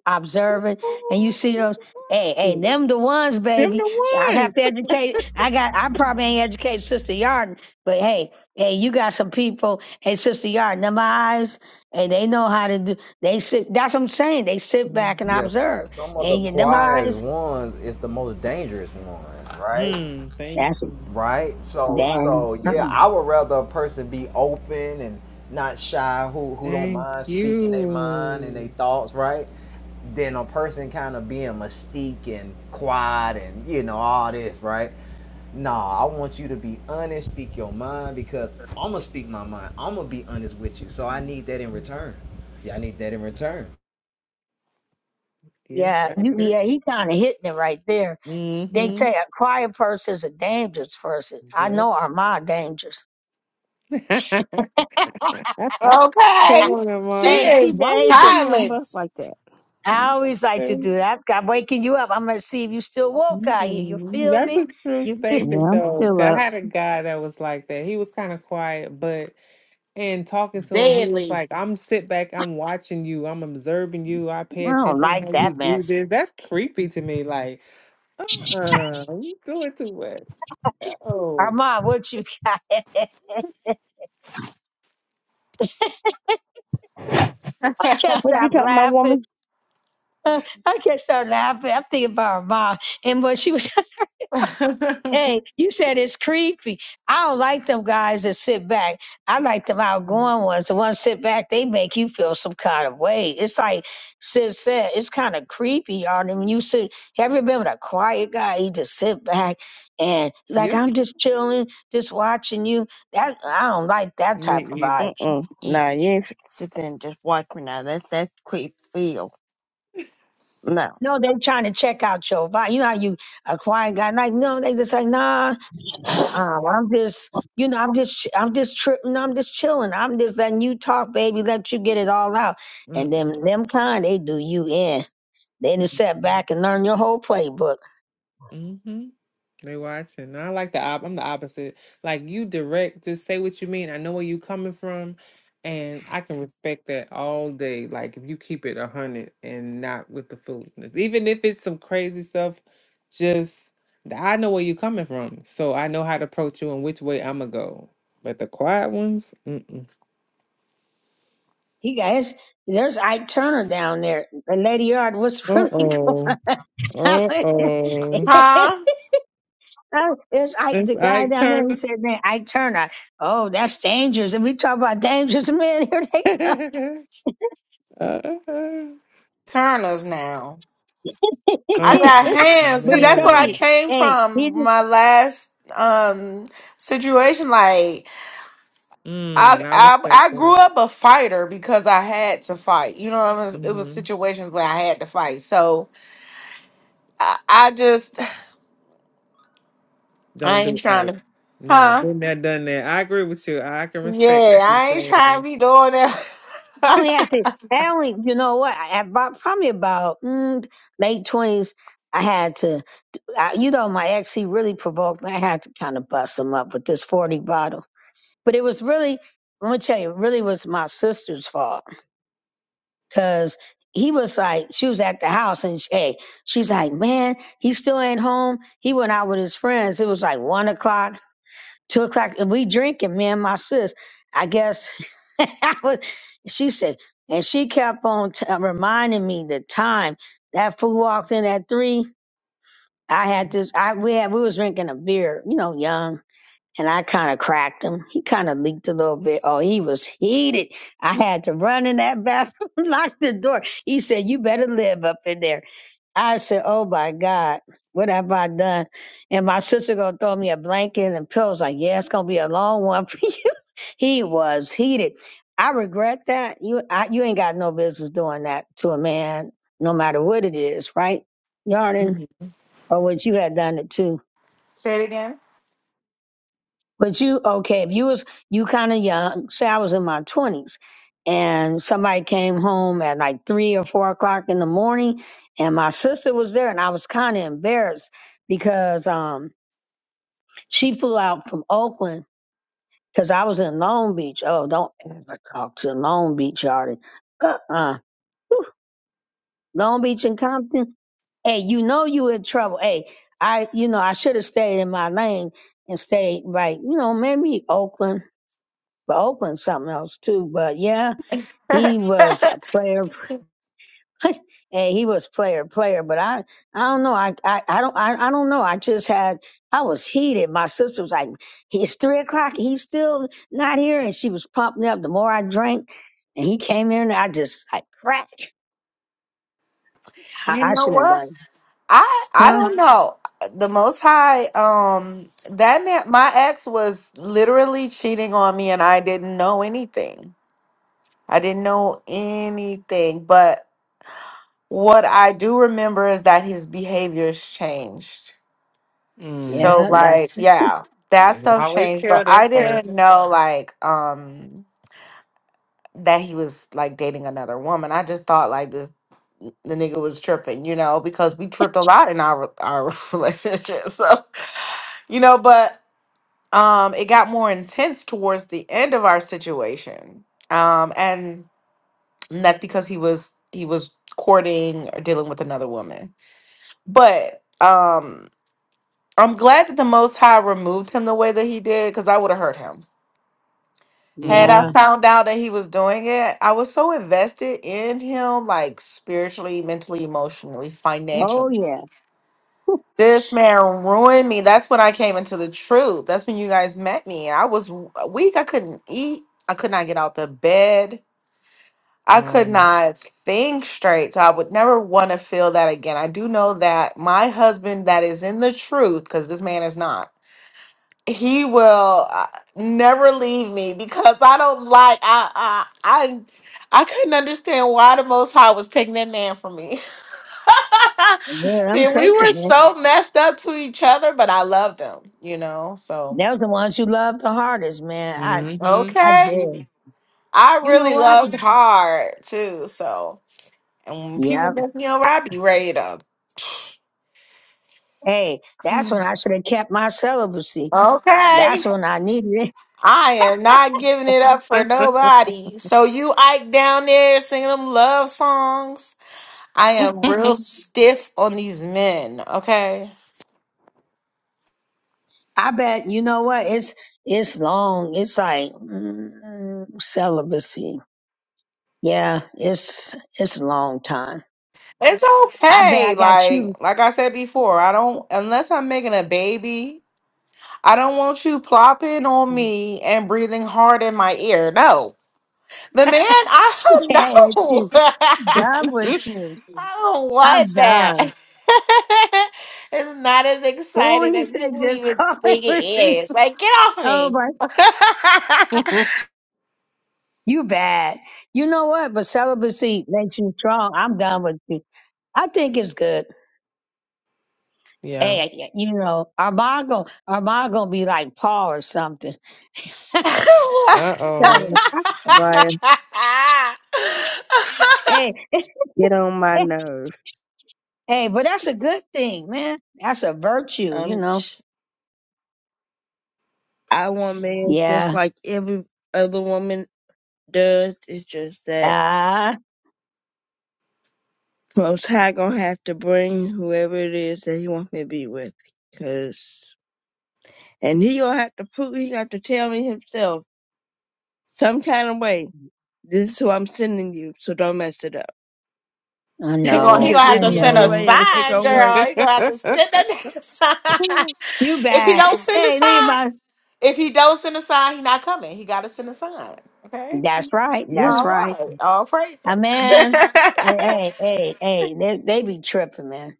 A: Ooh,
B: observing, and you see those. Hey, hey, them the ones,
A: Them
B: baby.
A: the
B: So I have
A: ones.
B: to educate. I got. I probably ain't educated Sister Yarden, but hey, hey, you got some people. Hey, Sister Yarden, them eyes. Hey, they know how to do. They sit. That's what I'm saying. They sit back and
A: Mhm.
I: Yes,
B: observe.
I: some of the
B: And you, them
A: Yeah.
I: quietest
B: eyes.
I: ones is the most dangerous ones, right?
A: Hmm. Thank
B: That's
A: you.
I: Right? So
B: damn.
I: so yeah, I would rather a person be open and not shy who who don't
A: Thank
I: mind speaking their mind and their
A: you.
I: thoughts, right? Than a person kind of being mystique and quiet and you know all this, right? Nah, I want you to be honest, speak your mind because I'm gonna speak my mind. I'm gonna be honest with you. So I
A: Mhm.
I: need that in return. Yeah, I need that in return.
A: Yes,
B: Yeah,
A: I
B: you,
A: agree.
B: yeah. He kind of hitting it right there. They say
A: Mm-hmm.
B: a quiet person is a dangerous person. I know Armand dangerous
A: Come
C: Okay.
A: on,
C: She
B: Hey,
A: Amar.
B: see,
C: is
E: Why you put
B: Adrian,
E: me on
C: silent,
E: bus like that?
B: I always like to do
A: Mm-mm.
B: that. I'm waking you up. I'm going to see if you still woke out here. You feel
A: That's
B: me?
A: a true
B: You feel...
E: Yeah,
A: statement,
E: I'm
A: though.
E: still
A: 'Cause I
E: up.
A: had a guy that was like that. He was kind of quiet, but in talking to him, he was
C: deadly.
A: like, "I'm sit back. I'm watching you. I'm observing you. I pay
B: I don't
A: attention
B: like
A: how you
B: that
A: do
B: mess.
A: this." That's creepy to me. Like, uh, uh you doing too much. Oh,
B: Armand, what you got? I can't
E: What you
B: stop
E: talking about,
B: laughing.
E: woman?
B: Uh, I can't stop laughing. I'm thinking about Armand and what she was. Hey, you said it's creepy. I don't like them guys that sit back. I like them outgoing ones. The ones sit back, they make you feel some kind of way. It's like Sis said, it's kind of creepy, y'all. And when you sit, have you been with a quiet guy? He just sit back and like
A: yep.
B: I'm just chilling, just watching you. That I don't like that
A: Me
B: type of
A: either.
B: vibe.
E: Mm-mm. Nah,
A: Mm,
E: you ain't fix- sit there and just watch me now. That's that's quick feel. No.
B: No, they're trying to check out your vibe. You know how you a quiet guy like no, they just like nah.
E: Shut
B: Um, I'm just, you know, I'm just, I'm just tripping, I'm just chilling, I'm just letting you talk, baby, let you get it all out. And
A: mm,
B: then them kind, they do you in. They just sit
A: mm.
B: back and learn your whole playbook.
A: mm-hmm. They watching. No, I like the op. I'm the opposite. Like you direct, just say what you mean. I know where you coming from, and I can respect that all day. Like if you keep it a hundred and not with the foolishness, even if it's some crazy stuff, just th- I know where you coming from, so I know how to approach you and which way I'ma go. But the quiet ones, mm-mm.
B: You guys, there's Ike Turner down there. And Lady Yard,
A: uh
B: what's really
A: oh,
B: going
A: uh
B: on?
A: oh,
C: huh?
B: Oh, There's Ike,
A: it's
B: the guy
A: Ike
B: down there. He
A: Turner.
B: said, man, Ike Turner. Oh, that's dangerous. And we talk about dangerous men. Here they come.
A: uh
C: Turners now.
A: uh,
C: I
A: uh
C: got hands.
B: but
C: See,
B: he
C: that's where
B: told
C: I
A: no.
B: you,
C: came
B: hey, he did
C: from my last um situation. Like I
A: Mm, I
C: I
A: respect
C: I
A: that.
C: grew up a fighter because I had to fight. You know what I mean? It was
A: hmm
C: situations where I had to fight. So I, I just I
A: Don't
C: ain't
A: do
C: trying
A: right.
C: to
A: No,
C: Huh?
A: been there, done that. I agree with you. I can respect what
C: Yeah,
A: you're
C: I ain't trying to
A: saying.
C: be doing that.
B: I only had to. I only, you know what? I, about probably about mm, late twenties. I had to, I, you know, my ex he really provoked me. I had to kind of bust him up with this forty bottle. But it was really, let me tell you, it really was my sister's fault because he was like, she was at the house and she, hey, she's like, man, he still ain't home. He went out with his friends. It was like one o'clock two o'clock and we drinking me and my sis i guess I was, she said and she kept on t- uh, reminding me the time that fool walked in at three i had this i we had we was drinking a beer you know young and i kind of cracked him he kind of leaked a little bit oh he was heated i had to run in that bathroom lock the door he said you better live up in there I said, "Oh my God, what have I done?" And my sister gonna throw me a blanket and pillows. Like, yeah, it's gonna be a long one for you. he was heated. I regret that. You, I, you ain't got no business doing that to a man, no matter what it is, right, Yarden,
A: hmm
B: or what you had done it to.
C: Say it
B: But you okay? If you was you kind of young, say I was in my twenties, and somebody came home at like three or four o'clock in the morning, and my sister was there, and I was kind of embarrassed because um she flew out from Oakland because I was in Long Beach. Oh, don't ever talk to Long Beach, Yardie. Uh-uh. Whew. Long Beach and Compton. Hey, you know you in trouble. Hey, I you know I should have stayed in my lane and stayed right. You know maybe Oakland. but Oakland something else too. But yeah, he was
C: again.
B: a player, and he was player player. But I I don't know. I I, I don't I, I don't know. I just had I was heated. My sister was like, "It's three o'clock. He's still not here," and she was pumping up. The more I drank, and he came in, I just like crack. I,
C: You
B: I
C: know
B: shouldn't have
C: what?
B: done it,
C: I I
B: huh?
C: don't know. The Most High, um, that man, my ex was literally cheating on me, and I didn't know anything. I didn't know anything. But what I do remember is that his behaviors changed.
A: Mm.
C: So,
B: Yeah, that
C: like, yeah, that
A: They
C: stuff
A: always
C: changed. But
A: tell that
C: I
A: first.
C: didn't know, like, um. that he was like dating another woman. I just thought like this the nigga was tripping, you know, because we tripped a lot in our our relationship. So, you know, but um it got more intense towards the end of our situation. Um and that's because he was he was courting or dealing with another woman. But um I'm glad that the most high removed him the way that he did cuz I would have hurt him Had I
B: yeah.
A: Mm.
C: found out that he was doing it, I was so invested in him, like spiritually, mentally, emotionally,
B: Oh
C: financially.
B: yeah,
C: This man ruined me. That's when I came into the truth. That's when you guys met me. I was w- weak. I couldn't eat. I could not get out the bed. I could
A: Wow.
C: not think straight. So I would never want to feel that again. I do know that my husband, that is in the truth, because this man is not he will uh, never leave me because I don't like I I I I couldn't understand why the Most High was taking that man from me,
B: yeah. I'm
C: and we were
B: taking it.
C: so messed up to each other, but I loved him, you know. So
B: They was the ones you loved the hardest, man. I
A: Mm-hmm.
B: I
C: okay,
B: did.
C: I
B: You know
C: really
B: what?
C: loved hard too. So and when people
B: Yeah.
C: make me over, I be ready to.
B: Hey, that's when I should have kept my celibacy.
C: Okay,
B: That's when I needed it.
C: I am not giving it up for nobody. So you Ike down there singing them love songs. I am real stiff on these men, okay?
B: I bet you know what? It's it's long. It's like mm, celibacy. Yeah, it's it's a long time.
C: It's
B: I bet
C: okay.
B: I got
C: Like
B: you.
C: like I said before, I don't unless I'm making a baby, I don't want you plopping on me and breathing hard in my ear. No. The man, I don't
B: Can't with
C: know.
B: you.
C: I
B: Done with you.
C: don't
B: I'm
C: want that.
B: done.
C: it's not as
B: Oh,
C: exciting
B: he
C: as
B: said
C: people
B: just
C: even
B: call it
C: think
B: for
C: it
B: receive.
C: is. Like, get off
B: Oh
C: me.
B: my, you bad. You know what? But celibacy makes you strong. I'm done with you. I think it's good.
A: yeah.
B: Hey, you know, Armand gonna, Armand gonna be like Paul or something.
C: he
A: Uh oh.
E: up, Abaya.
B: Hey,
E: Get on my nerves.
B: hey, but that's a good thing, man. That's a virtue, you
E: Um,
B: know.
E: I want men just
B: Yeah.
E: like every other woman does. It's just that
B: Ah,
E: most high gonna have to bring whoever it is that he wants me to be with. Cause, and he gonna have to prove, he got to tell me himself some kind of way. This is who I'm sending you, so don't mess it up.
B: I
C: gonna he
B: know.
E: Because
C: gonna have
B: I
C: to
E: any
C: send
E: other
C: a
B: know.
E: way, it ain't
C: sign,
E: gonna work.
C: girl. He gonna have to send that damn sign.
B: You
C: If he
B: bad.
C: don't send a
B: Hey, leave
C: sign,
B: my.
C: if he don't send a sign, he not coming. He gotta send a sign. Okay.
B: That's right.
E: yeah.
B: That's
C: All
B: right.
C: right. All praises.
B: Ah, man.
C: okay.
B: Hey, hey, hey, hey, they, they be tripping, man.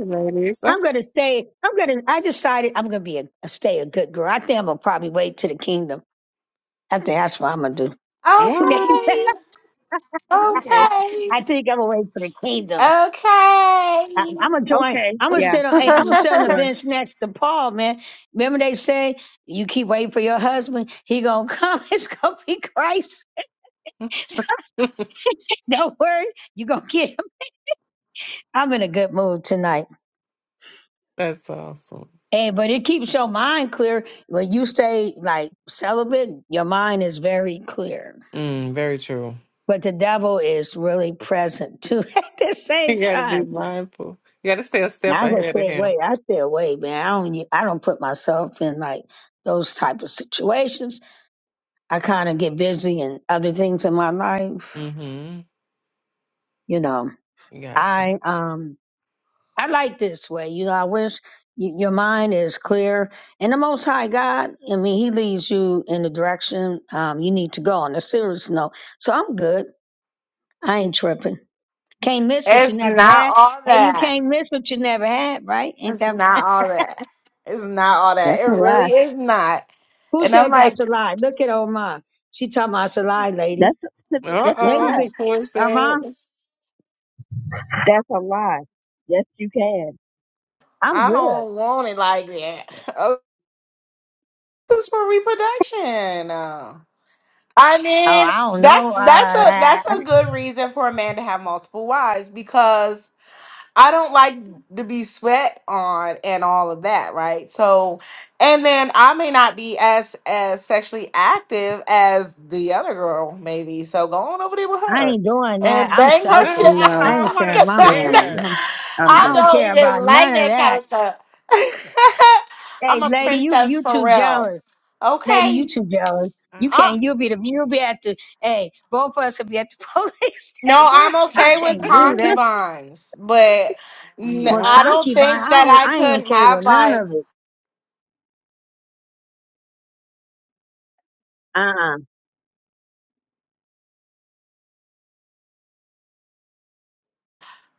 A: ladies.
B: I'm gonna stay. I'm gonna. I decided I'm gonna be a, a stay a good girl. I think I'm gonna probably wait to the kingdom. I think that's what I'm gonna do.
A: What?
B: I,
E: Okay.
C: Okay.
B: I think I'm gonna wait for the kingdom.
C: Okay.
B: I, I'm gonna join.
E: Okay.
B: I'm gonna
E: Yeah.
B: sit on. Hey, I'm gonna
E: hmm
B: sit on the
E: Sure.
B: bench next to Paul, man. Remember they say you keep waiting for your husband, he gonna come. It's gonna be Christ. So, don't worry, you gonna get him. I'm in a good mood tonight.
A: That's awesome.
B: Hey, but it keeps your mind clear when you stay like celibate. Your mind is very clear,
A: Mm, very true.
B: but the devil is really present too at the
A: You
B: same
A: gotta
B: time.
A: be Mindful. You got to stay a step
B: I just
A: ahead of
B: stay
A: him.
B: away. I stay away, man. I don't. u- I don't put myself in like those type of situations. I kind of get busy in other things in my life.
A: Mm-hmm.
B: You know,
A: You got to.
B: I um I like this way. You know, I wish y- your mind is clear. And the Most High God, I mean, He leads you in the direction um you need to go on a serious note. So I'm good. I ain't tripping. Can't miss what you
C: it's
B: never
C: not
B: had.
C: all
B: Hey, you
C: that.
B: can't miss what you never had, right? Ain't
C: It's
B: that
C: not all that. It's not all that.
E: That's a
C: It really
E: lie.
C: is not.
B: Who
C: And I'm
B: said that's
C: like,
B: a lie? Look at Oman. She talking about it's a lie, lady.
E: That's a,
A: Uh
E: that's a
B: Lady,
A: oh.
E: lie.
B: been,
A: Who is
B: Oman,
A: that?
E: That's a lie. Yes, you can.
B: I'm
C: I
B: good.
C: don't want it like that. Oh, this is for reproduction. Uh, I
B: Oh,
C: mean,
B: I don't know.
C: that's that's
B: Uh,
C: a that's
B: I
C: a good reason for a man to have multiple wives because I don't like to be sweat on and all of that, right? So, and then I may not be as as sexually active as the other girl, maybe. So go on over there with
B: I
C: her
B: ain't doing that.
C: and
B: I'm
C: bang
A: Nah,
C: her shit
B: selfish.
C: out.
B: I
A: I
E: No.
B: ain't
A: don't want to
B: sharing
C: 'Cause
B: my
E: No,
C: I'm
B: man
E: thank
B: with
E: you.
C: not-
A: share.
B: him.
E: I'm
B: I
C: I
E: good.
B: don't
C: don't
B: care about
C: even
B: none
C: like
B: of
C: that kind
B: that.
C: of stuff.
B: Hey,
C: I'm a
B: lady, you
C: princess
B: you
C: for
B: too
C: real.
B: jealous. Lady, you
C: Okay.
B: too jealous. You
C: Uh,
B: can't. You'll be the. You'll be at the. Hey, both of us will be at the police
C: no,
B: station.
C: I'm
B: I
C: okay with
B: can't do that.
C: concubines, but n-
B: Well,
C: I
A: no.
C: don't
B: concubine,
C: think
B: I
C: that
B: don't.
C: I
B: I ain't
C: could
B: okay with
C: have
B: none
C: like.
B: of it. Uh, uh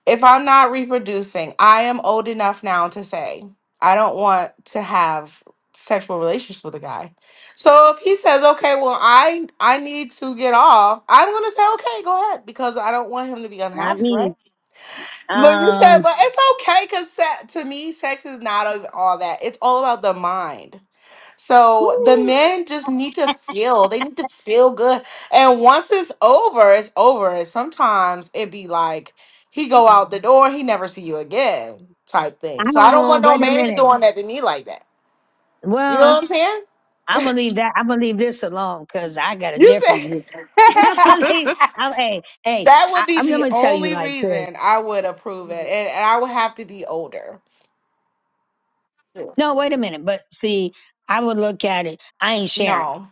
C: if I'm not reproducing, I am old enough now to say I don't want to have sexual relations with a guy. So if he says, "Okay, well, I I need to get off," I'm gonna say, "Okay, go ahead," because I don't want him to be
B: not
C: unhappy,
B: me.
C: right? Look, you said,
B: Um,
C: but it's okay because se- to me, sex is not a- all that. It's all about the mind. So the
B: Woo.
C: men just need to feel. They need to feel good. And once it's over, it's over. Sometimes it be like he go out the door, he never see you again, type thing.
B: I
C: So I don't
B: don't,
C: want no
B: wait a
C: man
B: minute.
C: doing that to me like that. You know
B: Well,
C: what I'm saying?
B: I believe that. I believe this alone because I got a
C: You
B: different
C: said
B: view. I believe, i hey, hey,
C: that
B: I,
C: would be
B: I'm
C: the
B: going to tell you
C: only
B: like this.
C: reason I would approve it, and, and I would have to be older.
B: No, wait a minute. But see, I would look at it. I ain't sharing.
C: No,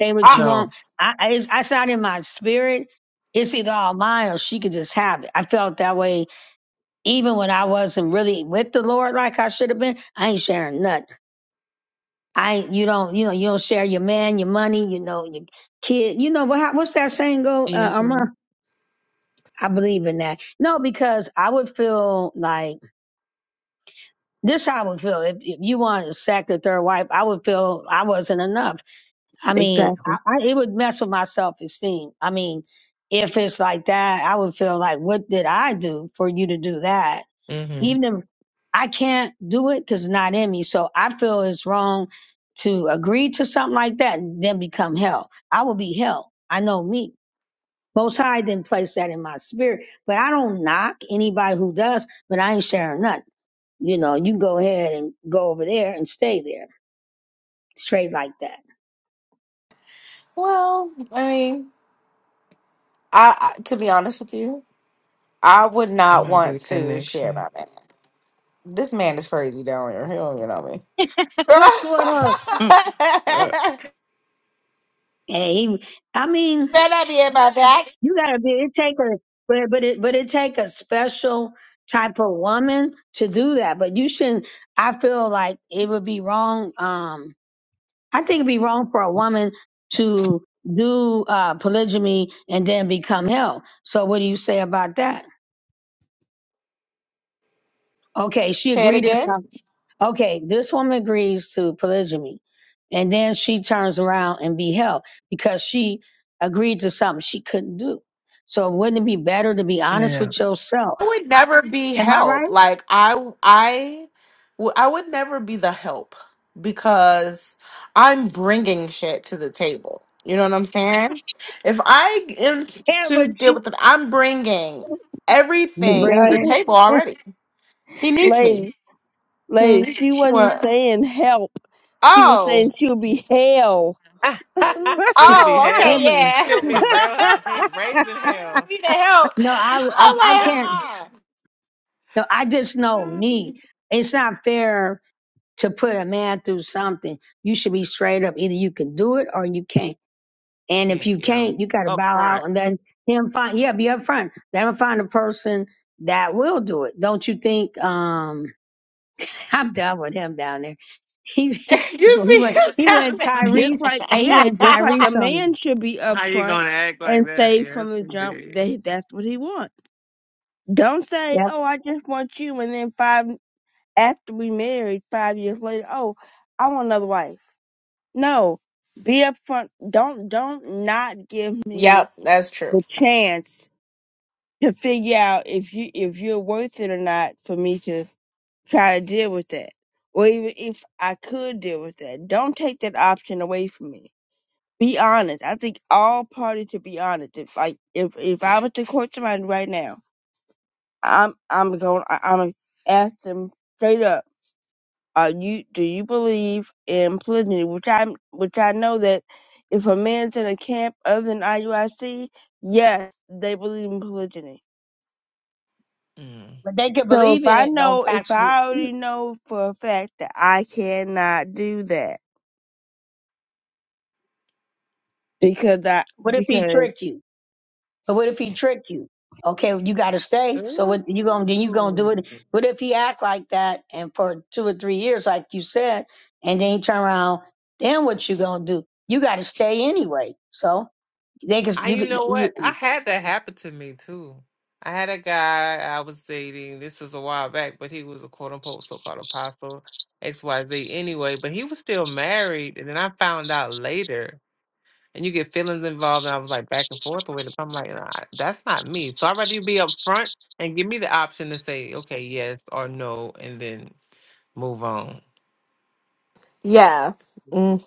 B: Say what you
C: I
B: want.
A: no.
B: I, I, it's, it's not in my spirit. It's either all mine or she could just have it. I felt that way even when I wasn't really with the Lord like I should have been. I ain't sharing nothing. I you don't you know you don't share your man your money you know your kid you know what what's that saying go uh, Irma?
A: Mm-hmm.
B: I believe in that no because I would feel like this how I would feel if, if you want to sack the third wife I would feel I wasn't enough I mean
E: exactly.
B: I, I it would mess with my self esteem I mean if it's like that I would feel like what did I do for you to do that
A: Mm-hmm.
B: even if I can't do it because it's not in me. So I feel it's wrong to agree to something like that and then become hell. I will be hell. I know me. Most High didn't place that in my spirit, but I don't knock anybody who does, but I ain't sharing nothing. You know, you can go ahead and go over there and stay there straight like that.
C: well, I mean, I I- to be honest with you, I would
A: It
C: not
A: might be
C: want
A: the
C: to share
A: connection.
C: my man. This man is crazy down here. He don't even know me. Better
B: What's going on?
E: Yeah,
A: Uh,
B: Hey, he- I mean,
C: not be about that.
B: You gotta be. It take a but but it but it take a special type of woman to do that. But you shouldn't. I feel like it would be wrong. Um, I think it'd be wrong for a woman to do uh polygamy and then become hell. So what do you say about that? Okay, she
C: Say it
B: agreed to
C: again.
B: some. Okay, this woman agrees to polygamy, and then she turns around and be hell because she agreed to something she couldn't do. So wouldn't it be better to be honest
A: yeah.
B: with yourself?
C: I would never be
B: Am I right?
C: help. Like I, I, w- I would never be the help because I'm bringing shit to the table. You know what I'm saying? If I am
B: Yeah,
C: to
B: but
C: deal
B: you,
C: with it, I'm bringing
B: you
C: everything to the
B: bring
C: table already. He needs me.
E: lady,
C: Hmm.
E: lady, she wasn't
C: What?
E: saying help. She was
C: Oh.
E: saying she would be hell. just
B: in
A: She'll be
C: Oh, okay,
A: hell.
B: Abraham.
C: yeah.
A: She'll be real hate raising
C: I wouldn't
A: hell.
C: be the help.
B: No, I, I,
C: I'm
B: I can't.
C: like,
B: No, I just know me. It's not fair to put a man through something. You should be straight up. Either you can do it or you can't. And if
A: yeah.
B: you
A: yeah.
B: can't, you got to
A: Up
B: bow out
A: front.
B: and then him find, yeah, be upfront. Let him find a person that will do it. Don't you think? Um, I'm done with him down there. He,
C: uh-uh.
B: he
C: you
B: go- he
C: see
B: went,
C: what's
B: he went Tyrese
E: like,
B: and he
E: yeah,
B: went
E: just like
B: Tyrese
E: a
C: happening.
B: on me.
E: man should be
A: How you
E: upfront
A: gonna act
E: and
A: like that?
E: say
A: Yes,
E: from the jump
A: indeed.
E: that that's what he wants. Don't say,
B: Yeah,
E: "Oh, I just want you," and then five after we married, five years later, "Oh, I want another wife." No, be upfront. Don't don't not give me
C: yep, that's true.
E: the chance to figure out if you if you're worth it or not for me to try to deal with that, or even if I could deal with that. Don't take that option away from me. Be honest. I think all parties should be honest. If like if if I was to court somebody right now. I'm I'm going. I- I'm gonna ask them straight up. Are you? Do you believe in polygyny? Which I am which I know that if a man's in a camp other than IUIC, yes, they believe in polygyny.
A: Mm.
B: But they can
E: So if
B: believe in
E: I
B: it, don't
E: know, if
B: practice
E: I
B: it.
E: already know for a fact that I cannot do that because I
B: What if he
E: because
B: tricked you? But what if he tricked you? Okay, well, you got to stay. So what you gonna then you gonna do
A: Ooh.
B: it? What if he act like that and for two or three years, like you said, and then he turn around? Then what you gonna do? You got to stay anyway. So they can
A: I,
B: you
A: you know what?
B: could.
A: I had that happen to me too. I had a guy I was dating. This was a while back, but he was a quote unquote so called apostle, XYZ anyway, but he was still married. And then I found out later. And you get feelings involved, and I was like back and forth with it. But I'm like, nah, that's not me. So I'd rather you be up front and give me the option to say, okay, yes or no, and then move on.
C: Yeah, mm,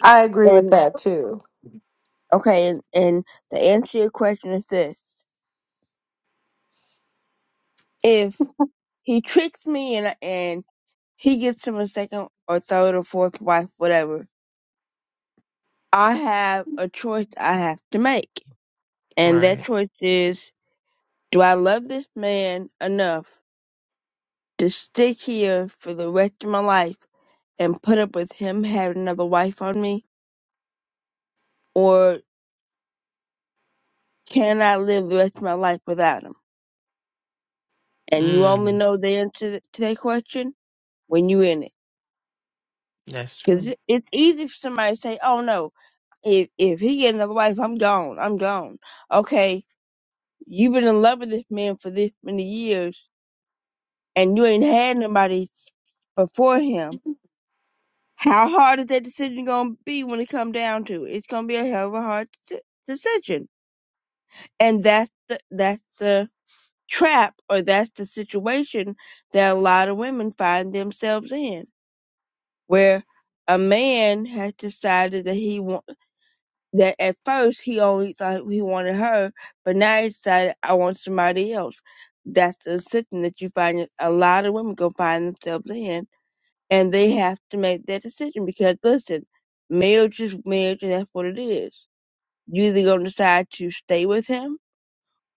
C: I agree with
E: and
C: that too.
E: okay and, and the answer to your question is this: if he tricks me and and he gets him a second or third or fourth wife, whatever I have a choice I have to make. And that
A: Right.
E: choice is do I love this man enough to stick here for the rest of my life and put up with him having another wife on me? Or can I live the rest of my life without him? And you only
A: Mm,
E: know the answer to that question when you're in it.
A: that's true.
E: Because it's easy for somebody to say, oh no, if, if he get another wife, I'm gone. I'm gone. Okay, you've been in love with this man for this many years and you ain't had nobody before him. How hard is that decision going to be when it come down to it? It's going to be a hell of a hard deci- decision. And that's the, that's the trap or that's the situation that a lot of women find themselves in where a man has decided that he want, that at first he only thought he wanted her, but now he decided I want somebody else. That's the decision that you find a lot of women gonna find themselves in and they have to make that decision because listen, marriage is marriage and that's what it is. You either gonna decide to stay with him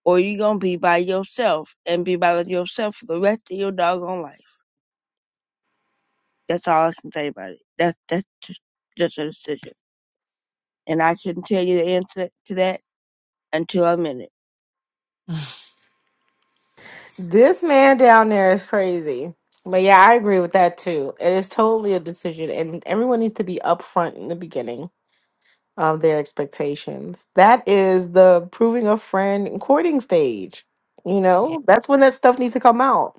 E: or you gonna be by yourself and be by yourself for the rest of your doggone life. That's all I can say about it. That's that's just, just a decision. And I couldn't tell you the answer to that until I'm in it.
C: This man down there is crazy. But yeah, I agree with that too. It is totally a decision, and everyone needs to be upfront in the beginning of their expectations. That is the proving a friend and courting stage. You know, that's when that stuff needs to come out.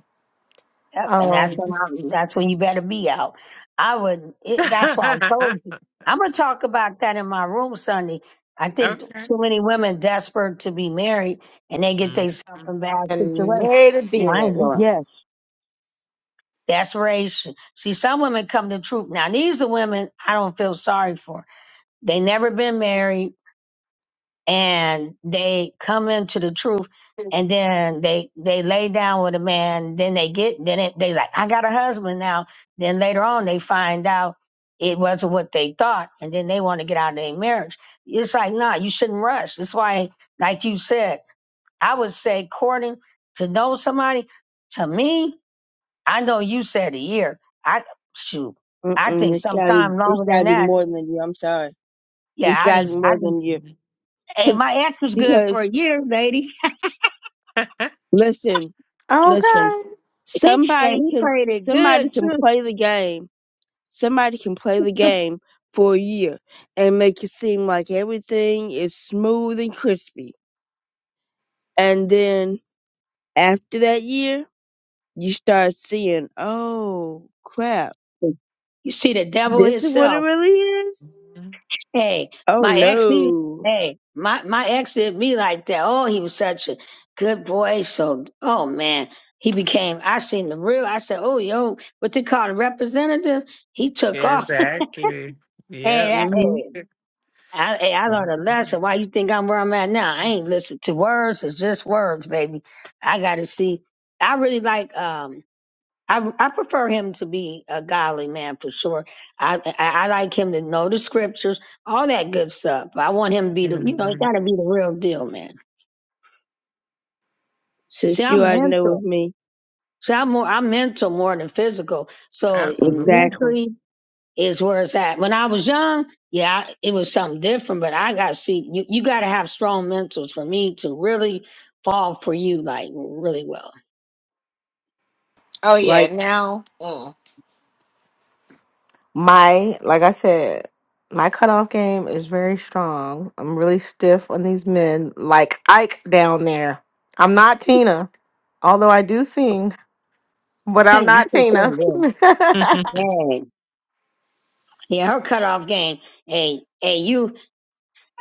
B: Yep, and that's
C: Um,
B: when I'm. That's when you better be out. I would. It, that's why I told you. I'm gonna talk about that in my room Sunday. I think
A: okay.
B: too many women desperate to be married and they get themselves
A: Mhm.
B: in bad
C: and
B: situations.
C: married a
B: No, I ain't
C: demon.
B: doing
E: Yes.
B: it. Desperation. See, some women come to truth. Now, these are women I don't feel sorry for. They never been married and they come into the truth and then they they lay down with a man then they get then it, they like i got a husband now then later on they find out it wasn't what they thought and then they want to get out of their marriage it's like nah you shouldn't rush that's why like you said i would say courting to know somebody to me i know you said a year i shoot i
E: Mm-mm,
B: think
E: it's gotta be
B: sometime
E: it's
B: longer than
E: gotta be
B: that
E: more than you, I'm sorry. It's
B: yeah i
E: gotta be
B: just i
E: more
B: just
E: than you.
A: Mhm.
B: hey
E: 'Cause-
B: my ex was good
E: Because
B: for a year lady
E: Listen, listen.
C: Okay.
B: And
E: Somebody
B: he
E: can
B: played it
E: somebody
B: good
E: can
B: too.
E: play the game. Somebody can play the game for a year and make it seem like everything is smooth and crispy. And then after that year, you start seeing, oh crap,
B: You see the devil
E: this is what it
B: himself.
E: really is.
B: Hey,
E: Oh
B: my ex, he,
E: no.
B: hey, my, my ex did me like that. Oh, he was such a good boy. So, oh man, he became, I seen the real, I said, oh, yo, what they call a representative? He took off.
A: Exactly.
B: hey,
A: Yep.
B: I,
E: Mhm.
B: hey, I, hey, I learned a lesson. Why you think I'm where I'm at now? I ain't listen to words. It's just words, baby. I got to see. I really like, um, I I prefer him to be a godly man for sure. I, I I like him to know the scriptures, all that good stuff. I want him to be the you know he
A: Mhm.
B: got to be the real deal, man. See,
E: Since you
B: I'm
E: already know with
B: mental.
E: me,
B: See, I'm more I'm mental more than physical. So
A: Absolutely.
E: exactly.
B: mentally is where it's at. When I was young, yeah, I- it was something different. But I got to see you. You got to have strong mentals for me to really fall for you like really well.
C: Oh yeah,
E: Like,
C: now mm. My, like I said, my cutoff game is very strong. I'm really stiff on these men, like Ike down there. I'm not Tina, although I do sing, but
B: Hey,
C: I'm
B: you
C: not
B: can
C: Tina.
B: sing good.
C: I
B: Hey, yeah, her cutoff game. Hey, hey, you.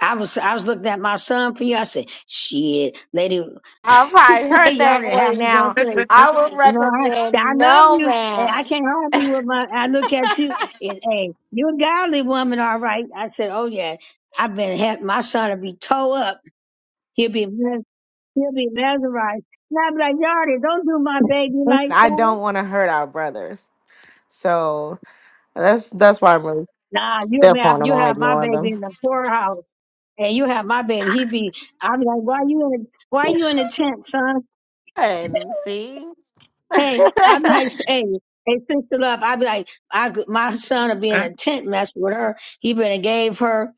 B: I was I was looking at my son for you. I said, "Shit, lady,
C: probably heard
B: lady, I
C: that
B: didn't have
C: boy
B: him going
C: now.
B: crazy."
C: I would
B: You know, I I
C: recommend
B: love
C: no
B: you, and I
C: man.
B: can't hold you with my. I look at you, and hey, you're a godly woman, all right. I said, "Oh yeah, I've been had my son to be towed up. He'll be mes- he'll be mesmerized." And I'd be like, "Yardy, don't do my baby like
C: I
B: that."
C: don't want to hurt our brothers. So. That's that's why I'm really
B: Nah, you'll
C: step
B: be
C: on them.
B: you
C: I
B: have my
C: ignore
B: baby
C: them.
B: in the poorhouse, and you have my baby. He'd be. I'd be like, "Why you in? Why you in the tent, son?"
C: And see, but
B: Hey, I'd be like, hey, hey, sister love. I'd be like, I, my son would be in a tent messing with her. He been and gave her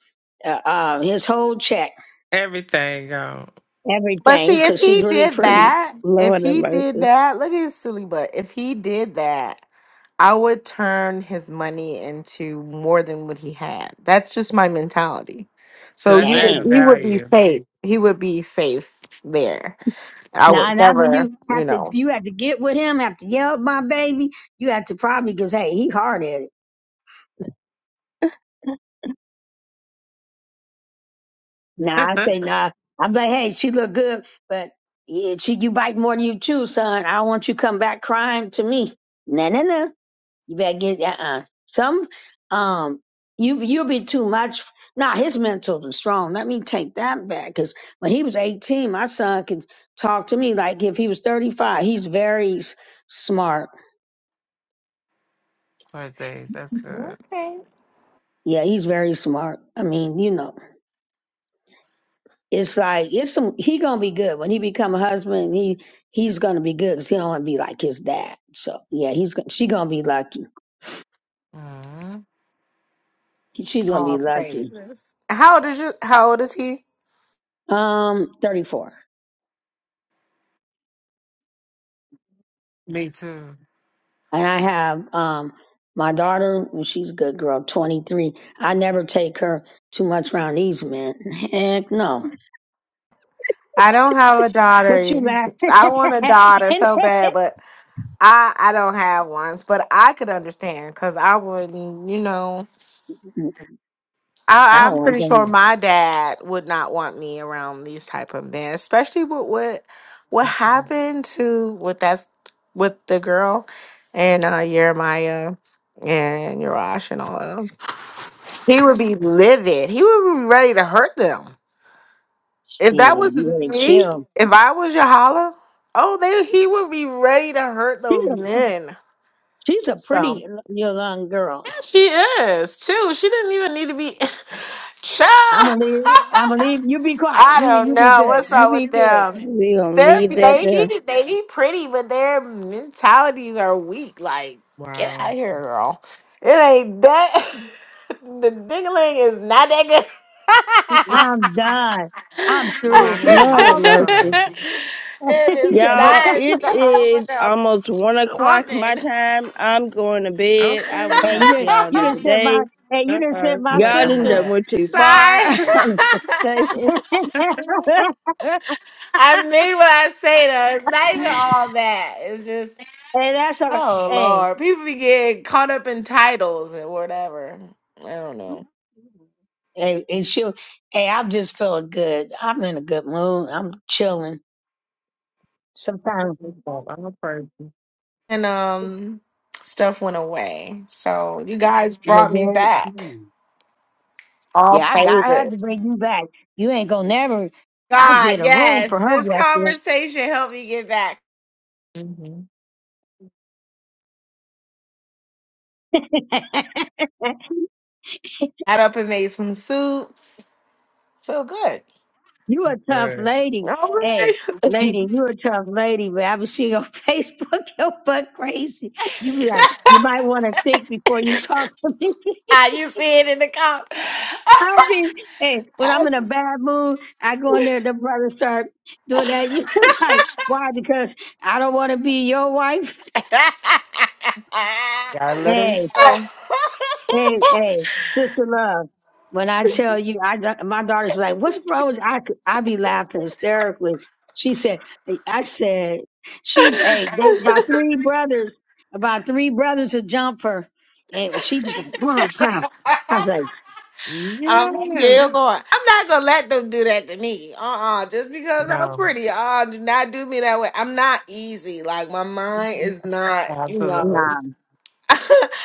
B: uh, uh, his whole check,
A: Everything go.
B: everything,
C: see if
B: because she's
C: he
B: really
C: did
B: pretty.
C: that, if
E: Lord have
C: he did
E: mercy.
C: that, look at his silly butt. If he did that, I would turn his money into more than what he had. That's just my mentality.
A: So
C: So
A: that's
C: you would,
B: Dang.
A: adding
C: he would be
A: value.
C: safe. He would be safe there. I
B: Now,
C: would
B: not when
C: never,
B: you
C: you
B: have to,
C: know.
B: you have to get with him, have to yell at my baby. You have to probably, because hey, he hard at it. Nah, I say nah. I'm like, hey, she look good, but yeah, she you bite more than you chew, son. I don't want you come back crying to me. Nah, nah, nah. You better get that. Uh, some, um, you you'll be too much. Nah, his mental is strong. Let me take that back. Cause when he was eighteen, my son could talk to me like if he was thirty five. He's very s- smart.
A: Four days. That's good.
C: Okay.
B: Yeah, he's very smart. I mean, you know, it's like it's some. He gonna be good when he become a husband. He he's gonna be good. Cause he don't want to be like his dad. So yeah, he's gon- she gonna be lucky.
A: Mhm.
B: She's gonna be
C: Oh,
B: lucky.
C: praises. How old is you? How old is he?
B: Um, thirty four.
A: Me too.
B: And I have um my daughter, well, she's a good girl, 23. I never take her too much around these men. Heck no.
C: I don't have a
B: What you
C: daughter.
B: laughing
C: I want a daughter so bad, but I I don't have one. But I could understand because I wouldn't, you know.
B: I
C: I,
B: don't
C: I'm
B: want
C: pretty sure
B: them.
C: my dad would not want me around these type of men, especially with what what happened to with that with the girl and uh Jeremiah and Yarash and all of them. He would be livid. He would be ready to hurt them. If that
B: Still,
C: was
B: you ready to
C: me,
B: kill.
C: if I was Yahala, oh, they he would be ready to hurt
B: She's
C: those
B: a,
C: men.
B: she's a
C: So
B: pretty young
C: yeah,
B: girl.
C: she is too. She didn't even need to be.
B: I'm gonna leave.
C: Child.
B: I'm gonna leave. You be quiet.
C: I
B: You be,
C: don't
B: you be
C: know
B: good.
C: what's
B: You
C: up
B: be
C: with
B: good.
C: them.
E: We gonna
C: They're
E: leave that
C: they
E: there.
C: be they be pretty, but their mentalities are weak. Like, get out of
A: Wow.
C: here, girl. It ain't that. the dingling is not that good.
B: I'm done. I'm through.
A: Mine
E: Lord
A: is
E: have
B: All,
E: mercy.
A: gone.
C: it
B: he
C: is
B: said, Lord,
E: Y'all,
C: not just
E: it
C: the home
E: is
C: of the
E: almost one o'clock my
C: pumping.
E: time. I'm going to bed. I will
A: Okay.
B: hey, you
E: talk to
B: didn't,
E: y'all
B: you didn't
E: another
B: send
E: day.
B: my, hey, you
A: Uh-oh.
B: didn't
A: I
B: send my
A: feel like
E: Y'all
A: I'm
E: didn't
B: sister.
E: done
A: out.
E: went
B: to.
E: too far.
C: Sorry.
E: I'm just saying.
B: hey,
C: I mean what I say though. It's not even all that. It's just
B: that's her.
C: Oh
B: Hey,
C: Lord, people be getting caught up in titles and whatever. I don't know.
B: hey, and she. Hey, I'm just feeling good. I'm in a good mood. I'm chilling.
A: That's
B: Sometimes,
A: my fault. I'm a person.
C: And um, stuff went away. So you guys
B: you
C: brought me
B: know,
C: back.
B: then-
C: All
B: yeah, I got. I had to
C: praises.
B: bring you back. You ain't gonna never. I
C: God,
B: did a room
C: yes,
B: for her
C: this conversation helped me get back.
A: Mm-hmm.
B: yesterday.
C: Got up and made some soup. Feel good.
B: you a tough lady.
C: All right.
B: Hey, lady, you a tough lady, but I was seeing your Facebook, your butt crazy. You be like, you might want to think before you talk to me.
C: Ah, you see it in the comp.
B: I've hey, when I'm in a bad mood, I go in there, the brother start doing that. You like, why? Because I don't want to be your wife.
A: Gotta let them
B: Hey,
A: know.
B: hey, hey, sister love. When I tell you, I da- my daughter's like, what's wrong? With you?" I c- I be laughing hysterically. She said, "Hey," I said, she, hey, they about three brothers, about three brothers to jump her, and she was like, wow, wow. I was
C: I'm
A: Yes.
C: still going. I'm not gonna let them do that to me. Uh uh Just because I'm
A: No,
C: pretty. Uh do not do me that way. I'm not easy. Like my mind is not, you know
A: absolutely.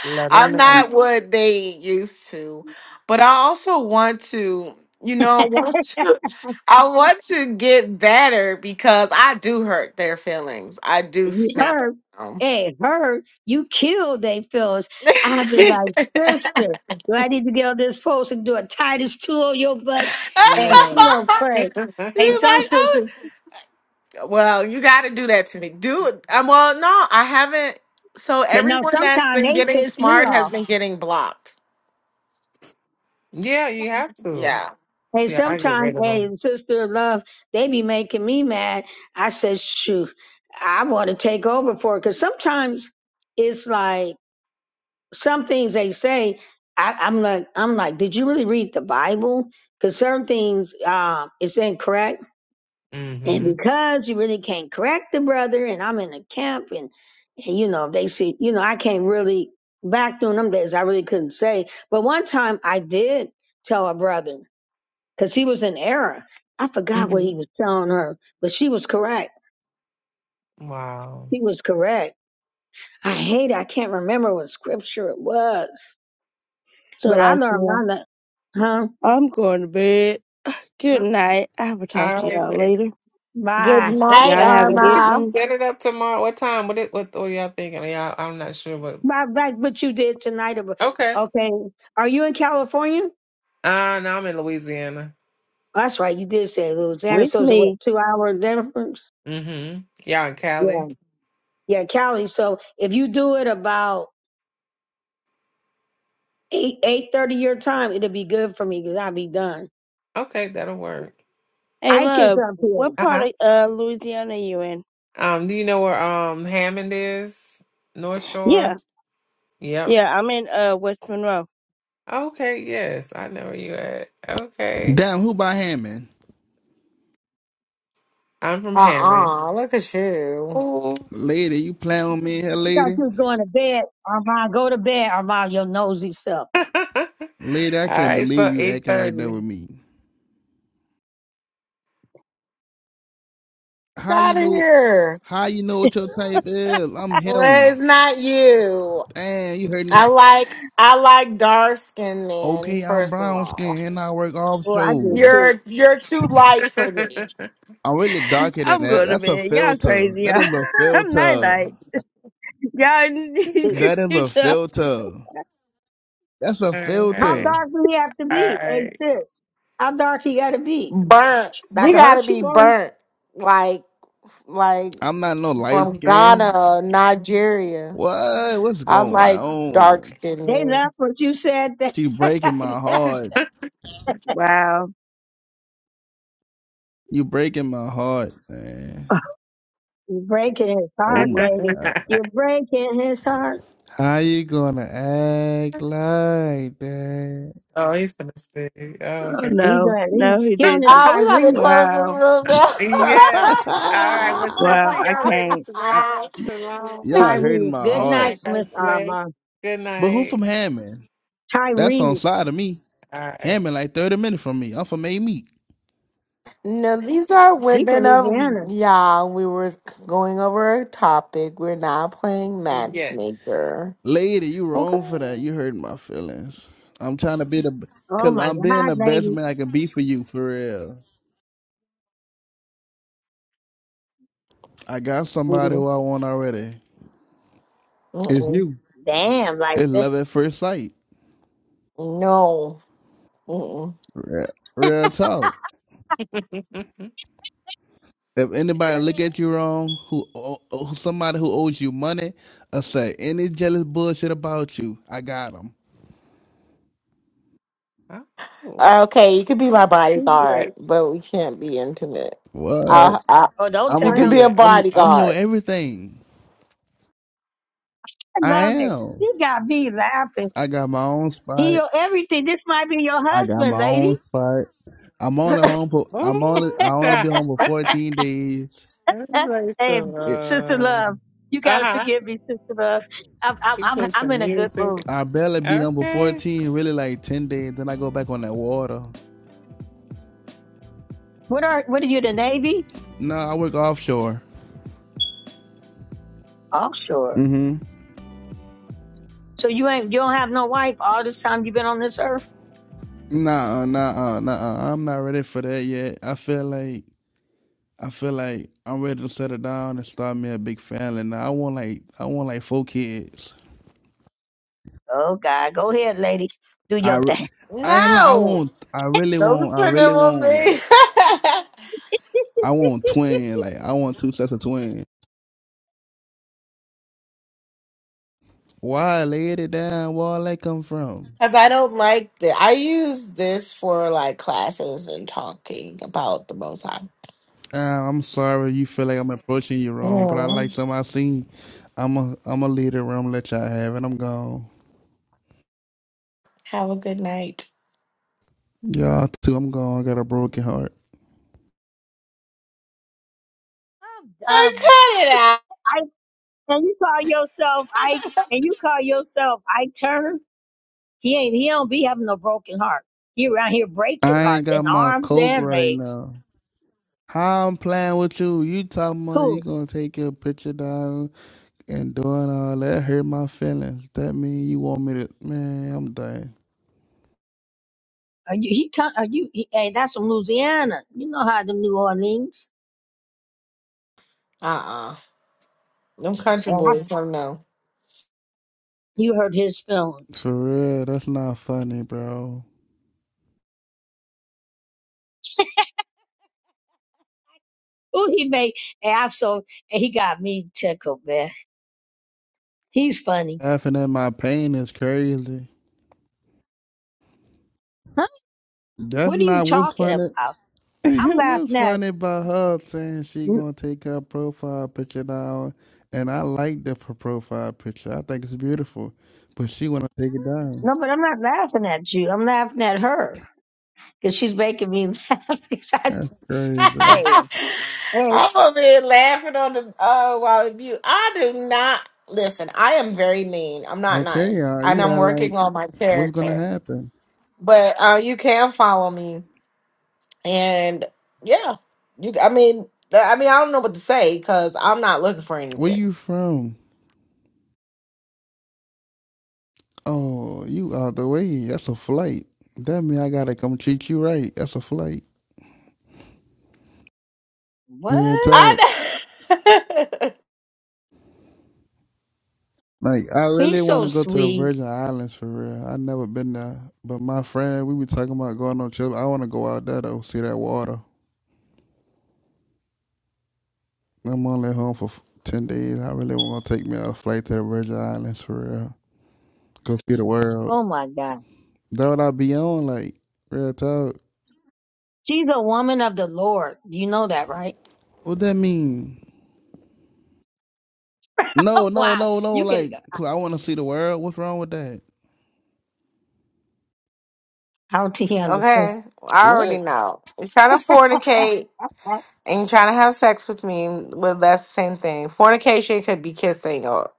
A: Let them
C: I'm not
A: know.
C: what they used to. But I also want to, you know,
B: like, nah,
C: want to I want to get better because I do hurt their feelings. I do
B: you
C: snap at
B: her,
C: them.
B: hey, her, you killed they fellas. i be like, sister, do I need to get on this post and do a Titus two on your butt? And she
A: Love
B: don't pray. Hey,
C: You're
A: it.
B: some
C: like, "Oh,
B: sisters,
C: Well, you got to do that to me. Do um, well, no, I haven't. So
B: but no,
C: everyone that's
B: sometimes
C: been
B: they
C: getting
B: piss me
C: smart has
B: off.
C: been getting blocked.
A: yeah, you have to.
C: Yeah.
B: Hey,
A: Yeah, I get
B: sometimes,
A: rid of
B: hey,
A: them.
B: sister of love, they be making me mad. I said, shoot, I want to take over for it. Cause sometimes it's like, some things they say, I, I'm like, I'm like, did you really read the Bible? Because certain things uh, it's incorrect,
A: Mm-hmm.
B: and because you really can't correct the brother, and I'm in a camp, and and you know they see, you know, I can't really back during them days, I really couldn't say. But one time I did tell a brother because he was in error. I forgot what he
A: Mm-hmm.
B: was telling her, but she was correct.
A: Wow.
B: He was correct. I hate. I can't remember what scripture it was,
E: so
B: but I
E: like
B: learned. I
E: yeah.
B: learned, huh?
E: I'm going to bed. Good night. I will talk
A: All
E: to
A: right,
E: y'all
A: lady.
E: later.
C: Good
B: Bye.
C: night,
E: Y'all
A: Okay,
E: have a
A: well, we
E: good
A: can
C: Arma.
E: one
A: set it up tomorrow. What time? What it, what are y'all thinking? Y'all, I'm not sure what.
B: Bye. Back what you did tonight. ab-
A: Okay.
B: Okay. Are you in California?
A: Uh, no, I'm in Louisiana.
B: Oh, That's right. You did say Louisiana.
E: with
B: So it's a, what,
E: me.
B: two hour difference?
A: Mm-hmm. Y'all in
B: Yeah.
A: Cali?
B: Yeah, Cali. So if you do it about eight eight thirty your time, it'll be good for me because I'll be done.
A: Okay, that'll work.
E: Hey
B: I kiss
E: love,
B: up here.
E: what
A: Uh-huh.
E: part of uh Louisiana you in?
A: Um, do you know where um Hammond is? North
E: Yeah.
A: Shore? Yep.
E: Yeah, I'm in uh West Monroe.
A: Okay, yes, I know where you at. Okay.
J: Damn, who by hand, man?
A: I'm from Hammond.
C: Uh-uh. Look at you.
A: Ooh.
J: Lady, you playing with me here,
B: You thought
J: lady?
B: you was going to bed, Armand. Go to bed, Armand. Your nosy self.
A: All
J: Lady, I can't
A: right, so
J: believe you acting like that
A: 8:30.
J: with me. How
C: Out
J: you
C: of
J: know
C: here.
J: how you know what your type is? I'm
C: Well,
J: him.
C: it's not you.
J: Damn, you hurting my
C: I like I like dark skinned men,
J: Okay, I'm
C: first of
J: brown
C: all.
J: skin and I work
B: Well, I do
J: offshore.
B: too.
C: You're you're too light for me.
J: I'm really darker than
E: I'm
J: that.
E: going to
J: That's a
E: bed. Y'all
J: filter.
E: crazy,
J: That
E: y'all.
J: is a
E: I'm night
J: filter.
E: night. Yeah, I didn't you could
J: That is
E: do
J: a
E: that.
J: filter. That's a
A: All
B: How
A: right.
J: filter.
B: dark do you have to
A: All
B: be? Hey,
A: right.
B: sis. How dark you got to be?
C: Burnt.
B: Like
C: We
B: a
C: gotta
B: Hershey
C: be
B: bar?
C: burnt. Like like
J: I'm not no light
C: from
J: skin.
C: Ghana, Nigeria.
J: What? What's
C: I
J: going
C: like dark
J: on?
C: skinned
B: They
C: men.
B: left what you said. They
J: She breaking my heart.
E: Wow.
J: You breaking my heart, man.
B: You're breaking his
J: Oh
B: heart,
J: my
B: lady.
J: god.
B: You're breaking his heart.
J: How you gonna act like that?
A: oh, he's gonna stay. Oh,
E: Oh
A: okay.
B: He
E: no,
B: doing he,
E: no, he
B: he on his
E: didn't.
C: Ah, we got to
B: Tyrese.
C: close this
E: Wow,
C: room
A: yes. All right. Well, see
E: wow,
A: see
E: I
A: y'all ladies
E: can't.
A: tomorrow. Shalom.
J: Y'all
C: down.
J: hurting
B: Tyrese.
J: my
B: Good
A: Most
J: heart.
B: night,
A: high
B: Miss
A: Christ bless.
B: Armand.
A: Good
J: But who from
A: night.
J: Hammond? That's on
B: Tyrese.
J: side of me.
A: All right.
J: Hammond like 30 minutes from me. I'm from A Meat.
C: no, these are
B: He from
C: women of
B: Louisiana.
C: Yah. We were going over a topic. We're not playing
A: Yes.
C: matchmaker.
J: Lady, you
C: Okay.
J: wrong for that. You hurting my feelings. I'm trying to be the
B: Oh
J: cause
B: my
J: I'm being
B: God,
J: the best
B: lady.
J: man I can be for you for real. I got somebody
C: Sweetie.
J: who I want already. It's
C: Mm-mm.
J: you.
B: Damn, like
J: It's
B: that.
J: love at first sight.
C: No. Mm-mm.
J: Real, real talk. If anybody look at you wrong, who o- somebody who owes you money, I say any jealous bullshit about you, I got them.
A: oh,
C: Okay, you could be my bodyguard,
A: embrace.
C: but we can't be intimate.
J: What?
C: I, I,
B: Oh, don't
J: I'm
C: you
B: tell
J: gonna be
C: could
B: him.
C: be a
J: your I'm I'm your
C: bodyguard.
J: everything.
B: I
J: I
B: love it.
J: am.
B: He got me laughing.
J: I got my own
B: He
J: spot.
B: your everything. This might be your
J: I got
B: husband,
J: my
B: lady.
J: own spot. I'm only home for I'm only
A: Oh,
J: I only be
A: child.
J: home for 14 days.
A: embrace
B: hey,
A: some.
J: It,
B: sister
A: Uh
B: love. You gotta
A: huh.
B: forgive me, sister love. I'm I'm
A: He
B: I'm
A: played
B: I'm in
A: some
B: a good mood.
A: music.
J: I barely be home for
A: Okay.
J: 14, really like 10 days. Then I go back on that water.
B: What are what are you, the Navy?
J: No, I work offshore.
B: Offshore.
J: Mm-hmm.
B: So you ain't you don't have no wife all this time you've been on this earth?
J: Nah, uh, nah, uh, nah. uh, I'm not ready for that yet. I feel like I feel like I'm ready to settle down and start me a big family. Now I want like I want like four kids.
B: Oh God, go ahead, lady. Do
J: I
B: your
J: re-
B: thing.
J: I ain't like I
C: No.
J: want I really
C: Don't
J: want I
C: put them
J: really
C: on
J: want like
C: me.
J: I want twin like I want two sets of twins. Why lay it down? Where all that come from?
C: Because I don't like that. I use this for like classes and talking about the Most High.
J: Uh, I'm sorry you feel like I'm approaching you wrong, but I like
C: Mm.
J: something I seen. I'm a I'm a leader. I'm gonna let y'all have it. I'm gone.
C: Have a good night.
J: Y'all too. I'm gone. I got a broken heart.
B: I'm
C: I
B: done with
C: cut
B: this.
C: it out.
B: I and you call yourself Ike and you call yourself Ike Turner. He ain't he don't be having no broken heart. He around here breaking
J: I ain't
B: hearts
J: got
B: in
J: my
B: arms
J: coke
B: and
J: right
B: legs.
J: now. How I'm playing with you? You talking about you
B: Who?
J: gonna take your picture down and doing all that hurt my feelings. That mean you want me to? Man, I'm done.
B: Are you he come are you he, hey that's from Louisiana. You know how the New Orleans.
C: Uh-uh. Them country
B: And I,
C: boys don't know.
B: you hurt his feelings.
J: For real, that's not funny, bro.
B: Oh, he made and I'm so he got me tickled, man. He's funny.
J: Laughing at my pain is crazy.
B: Huh?
J: That's
B: What are you
J: not what's
B: talking
J: funny.
B: about? I'm
J: what's
B: laughing at
J: funny about her saying she
B: n-
J: gonna take her profile picture down, and I like the pro- profile picture. I think it's beautiful, but she wanna take it down.
B: no, but I'm not laughing at you. I'm laughing at her because she's making me laugh.
J: That's crazy.
B: hey, hey,
C: I'm over here laughing on the uh, while you. I do not listen. I am very mean. I'm not
J: Okay,
C: nice,
J: uh,
C: and
J: you
C: I'm
J: are like,
C: working on my
J: what's gonna
C: character.
J: happen?
C: But uh, you can follow me and yeah, you. I mean, th- I mean, I don't know what to say because I'm not looking for
J: Where
C: anything.
J: you from? Oh, you out the way. That's a flight. That mean I gotta come treat you right. That's a flight. Real
B: what?
J: talk.
C: I know.
J: Like I really
B: He's
J: want
B: so
J: to go to the
B: sweet.
J: Virgin Islands for real. I never been there, but my friend, we were talking about going on trip. I want to go out there though, see that water. I'm only home for f- ten days. I really want to take me on a flight to the Virgin Islands for real. Go see the world.
B: Oh my God,
J: That what I be on like real talk.
B: she's a woman of the Lord. You know that, right?
J: What that mean?
B: Oh
J: No, no,
B: wow,
J: no, no.
B: you could.
J: Like,
B: I
J: cause I want to see the world. What's wrong with that?
B: don't think he understands.
C: okay, I
J: What?
C: already know. You're trying to fornicate and you're trying to have sex with me. Well, that's the same thing. Fornication could be kissing, or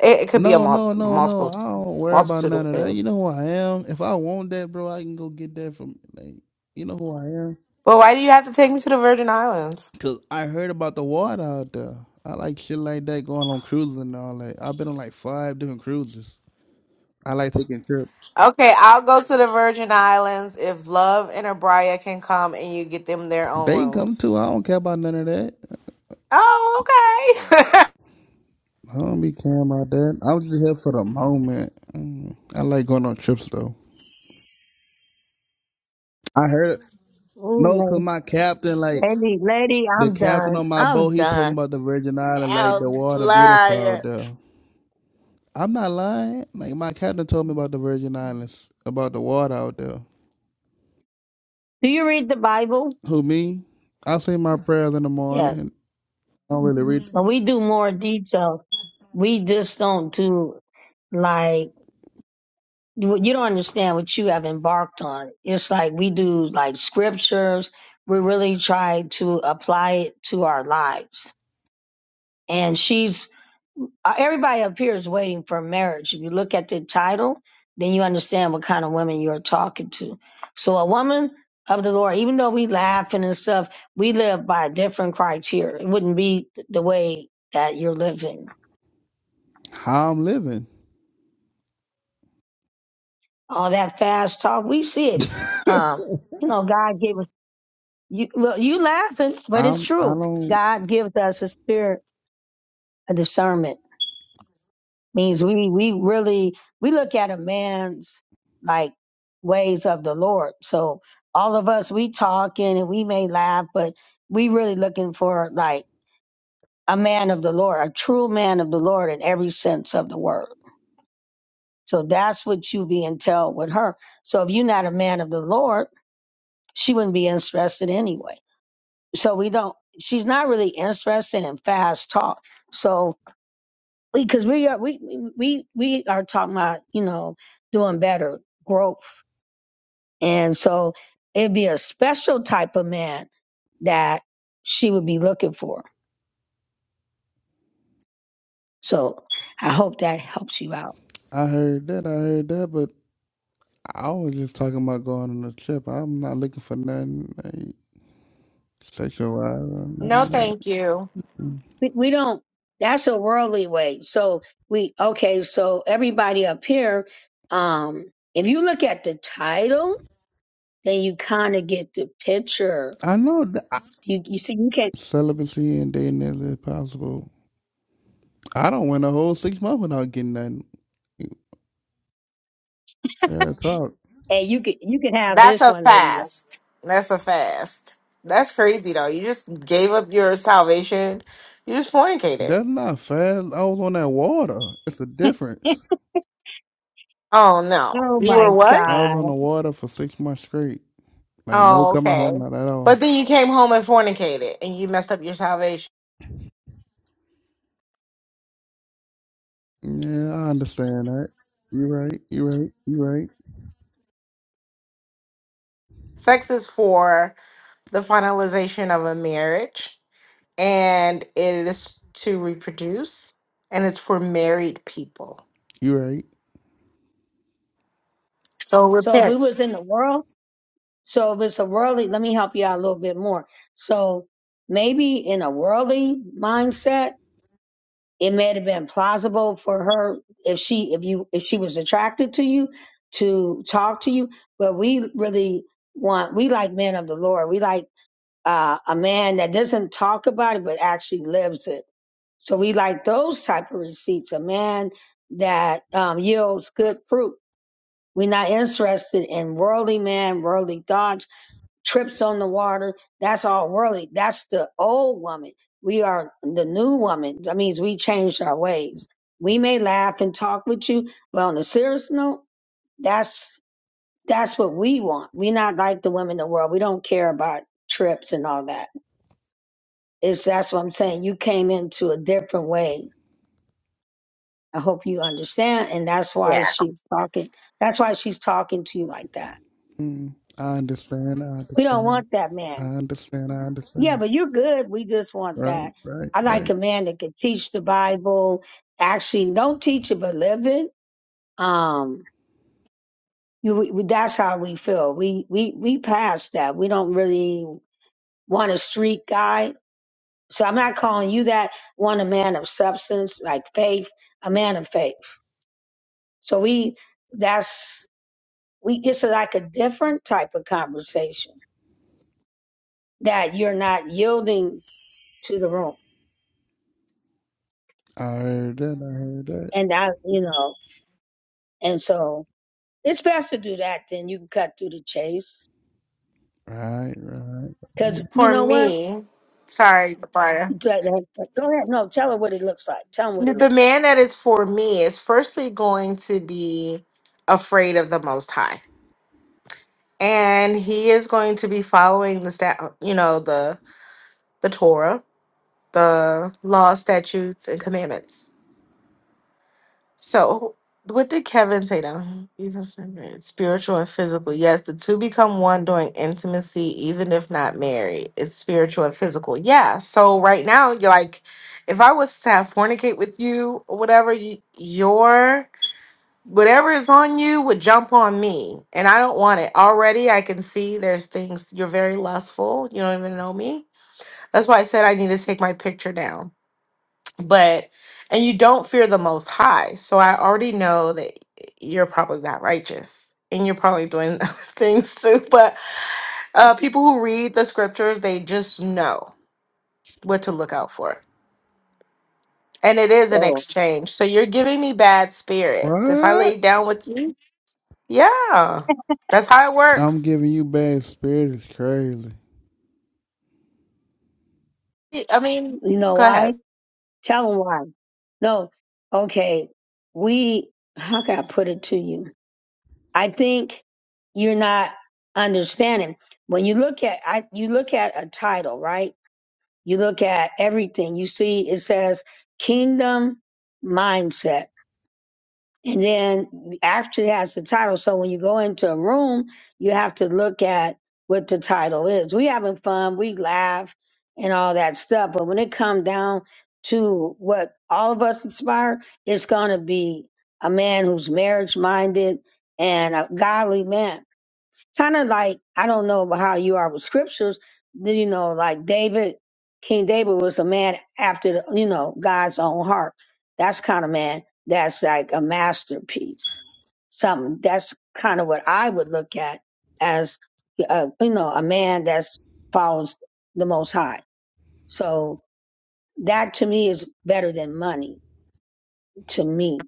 C: it, it could be a
J: No,
C: mul-
J: no, no, no.
C: multiple
J: I don't worry about
C: multitude
J: none
C: of
J: of that.
C: things.
J: You know who I am. If I want that, bro, I can go get that from. Like, you know who I am.
C: But why do you have to take me to the Virgin Islands?
J: Cause I heard about the water out there. I like shit like that going on cruises and all that. I've been on like five different cruises. I like taking trips.
C: Okay, I'll go to the Virgin Islands if Love and Abria can come and you get them their own
J: They can come
C: rooms.
J: too. I don't care about none of that.
C: Oh, okay.
J: I don't be caring about that. I'm just here for the moment. Mm. I like going on trips though. I heard no, cause
B: Ooh,
J: my captain like.
B: lady, lady,
J: The
B: I'm
J: captain
B: done.
J: on my
B: I'm
J: boat, he told me
B: done.
J: about the Virgin Island, like the water beautiful out
C: Outlier.
J: there. I'm not lying. Like my captain told me about the Virgin Islands, about the water out there.
B: Do you read the Bible?
J: Who me? I say my prayers in the
B: Yes.
J: morning. And I don't really read
B: But we do more detail. We just don't do like you you don't understand what you have embarked on. It's like we do like scriptures. We really try to apply it to our lives. And she's uh, everybody up here is waiting for marriage. If you look at the title, then you understand what kind of women you're talking to. So a woman of the Lord, even though we laughing and stuff, we live by a different criteria. It wouldn't be th- the way that you're living.
J: how I'm living.
B: All that fast talk, we see it. Um, you know, God gave us you well, you laughing, but it's
J: I'm. I
B: true.
J: don't.
B: God gives us a spirit of discernment means we we really we look at a man's like ways of the Lord. So all of us we talking and we may laugh, but we really looking for like a man of the Lord, a true man of the Lord in every sense of the word. So that's what you be entailed with her. So if you're not a man of the Lord, she wouldn't be interested anyway. So we don't she's not really interested in fast talk. So because we are we we we we are talking about you know doing better growth and so it'd be a special type of man that she would be looking for so i hope that helps you out
J: I heard that. I heard that. But I was just talking about going on a trip. I'm not looking for nothing like sexual wise or
C: No,
J: nothing. like That.
C: thank you.
B: we, we don't that's a worldly way so we okay so everybody up here um if you look at the title then you kind of get the picture
J: I know that I,
B: you you see you can
J: celibacy and dating is possible. I don't went a whole six months without getting nothing. Real talk.
B: and you can you can have
C: That's
B: this
C: a
B: one lady
C: fast. That's a fast. That's crazy though. You just gave up your salvation. You just fornicated.
J: That's not fast. I was on that water. It's a difference.
C: Oh no.
B: Oh
C: You
B: my
C: were what?
J: I was on
B: God.
J: the water for six months straight. Like no
C: Oh,
J: coming home,
C: okay.
J: not at
C: But
J: all.
C: then you came home and fornicated and you messed up your salvation.
J: Yeah, I understand that. You right. You right. You right.
C: Sex is for the finalization of a marriage and it is to reproduce and it's for married people.
J: You right.
C: So
B: So if we
C: repent.
B: was in the world, so if it's a worldly, let me help you out a little bit more. So maybe in a worldly mindset, it may have been plausible for her if she if you if she was attracted to you to talk to you. But we really want we like men of the Lord. We like uh, a man that doesn't talk about it but actually lives it. So we like those type of receipts. A man that um, yields good fruit We're not interested in worldly man, worldly thoughts, trips on the water. That's all worldly. That's the old woman. We are the new woman. That means we changed our ways. We may laugh and talk with you, but on a serious note, that's that's what we want. We're not like the women in the world. We don't care about trips and all that. It's that's what I'm saying. You came into a different way. I hope you understand, and that's why she's talking. That's why she's talking to you like that.
J: Mm, I understand. I
B: We don't
J: understand.
B: want that
J: I
B: man.
J: understand. I
B: Yeah,
J: understand.
B: but you're good. We just want
J: Right.
B: that.
J: Right.
B: I like
J: Right.
B: a man that can teach the Bible. Actually, don't teach it, but live it. Um, you, we, we- that's how we feel. We we we passed that. We don't really want a street guy. So I'm not calling you that. Want a man of substance, like faith, a man of faith. So we that's we. It's like a different type of conversation that you're not yielding to the room,
J: I heard that. I heard that.
B: and that you know, and so. It's best to do that, then you can cut through the chase.
J: Right. Right.
B: Because you
C: For
B: know what?
C: me, sorry, Briar.
B: Go ahead. No, tell her what it looks like. Tell them what it
C: The
B: looks like.
C: man that is for me is firstly going to be afraid of the Most High, and he is going to be following the stat, you know, the the Torah, the law, statutes, and commandments. So, what did Kevin say to him? Even if- spiritual and physical. Yes, the two become one during intimacy, even if not married. It's spiritual and physical. Yeah. So right now, you're like, if I was to have fornicate with you or whatever, you, your whatever is on you would jump on me, and I don't want it. Already, I can see there's things you're very lustful. You don't even know me. That's why I said I need to take my picture down but and you don't fear the most high so i already know that you're probably not righteous and you're probably doing other things too but uh people who read the scriptures they just know what to look out for and it is an
B: Go.
C: exchange so you're giving me bad spirits if i lay
J: What?
C: down with you yeah that's how it
J: I'm
C: works
J: giving you bad spirit is crazy.
C: i I mean
B: You know
C: go
B: why?
C: ahead
B: Tell them why. No. Okay. We, how can I put it to you? I think you're not understanding. When you look at, I, you look at a title, right? You look at everything. You see, it says Kingdom Mindset And then actually has the title. So when you go into a room, you have to look at what the title is. We having fun, we laugh and all that stuff. But when it come down to what all of us aspire, it's gonna be a man who's marriage minded and a godly man kind of like I don't know how you are with scriptures. You know, like David, King David was a man after the, you know God's own heart. That's kind of man. That's like a masterpiece. Something that's kind of what I would look at as uh, you know a man that follows the Most High. So that to me is better than money. To me,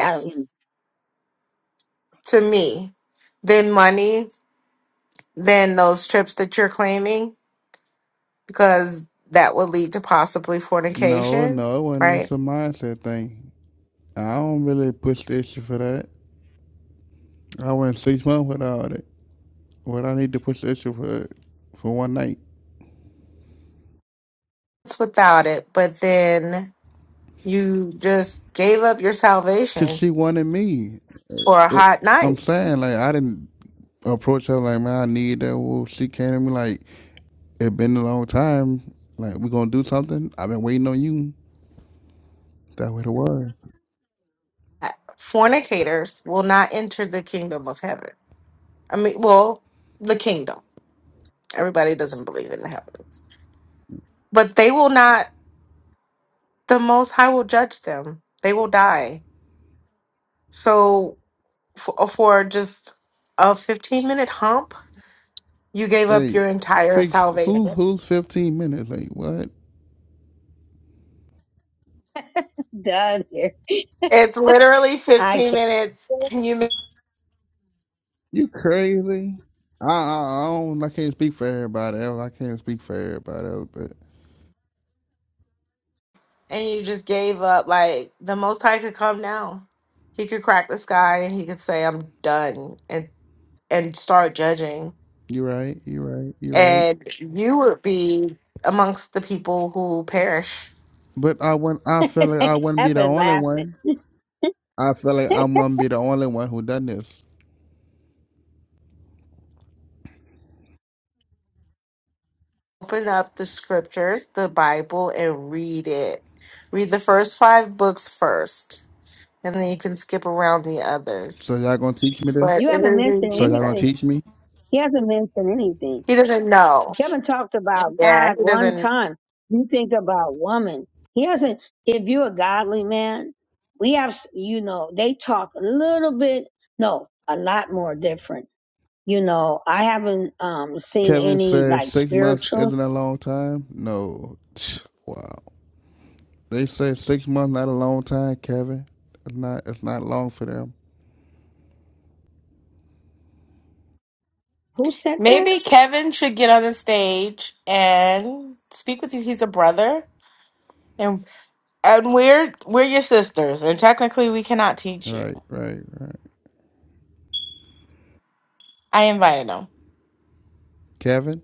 B: I don't. You know,
C: to me then money then those trips that you're claiming because that would lead to possibly
J: No,
C: fornication,
J: no, it wasn't. It's
C: right?
J: a mindset thing. I don't really push the issue for that. I went six months without it. What I need to push the issue for for one night.
C: It's without it, but then you just gave up your
J: Cause
C: salvation
J: she wanted me.
C: for a
J: It-
C: hot
J: I'm
C: night.
J: saying like I didn't approach her like man I need that. Well, she came to me like it been a long time. Like we gonna do something. I've been waiting on you. That way the word.
C: Fornicators will not enter the kingdom of heaven. I mean, well, the kingdom. Everybody doesn't believe in the heavens, but they will not, the Most High will judge them. They will die. So, for, for just a 15 minute hump, you gave up
J: Hey,
C: your entire
J: fixed.
C: salvation.
J: Who's who's 15 minutes? Like what?
B: Doug here,
C: It's literally
B: I
C: 15
B: can't.
C: minutes and you ma-
J: You crazy? I I, I don't. I can't speak for everybody else. I can't speak for everybody else. But
C: and you just gave up. Like the most high could come now, He could crack the sky and he could say, I'm done and and start judging.
J: you are right. You are right. You are right.
C: And you would be amongst the people who perish.
J: But I wouldn't. I feel like I
B: I
J: wouldn't be the
B: haven't
J: only
B: laughing.
J: one. I feel like I'm gonna be the only one who done this.
C: Open up the scriptures, the Bible, and read it. Read the first five books first, and then you can skip around the others.
J: So y'all gonna teach me this?
C: But
B: You
C: it
B: haven't
C: is a
B: mentioned
J: So y'all gonna
C: reason.
B: anything.
J: teach me?
B: He hasn't mentioned anything.
C: He doesn't know.
B: You haven't talked about
C: Yeah,
B: God
C: he
B: one
C: doesn't
B: time. You think about woman. He hasn't. If you're a godly man, we have, you know, they talk a little bit, no, a lot more different. You know, I haven't um, seen
J: Kevin
B: any
J: said
B: like
J: six months
B: spiritual.
J: isn't a long time. No, wow. They say six months not a long time, Kevin. It's not. It's not long for them.
B: Who said that?
C: Maybe Kevin should get on the stage and speak with you. He's a brother, and and we're we're your sisters, and technically we cannot teach you.
J: Right, right, right.
C: I invited him.
J: Kevin.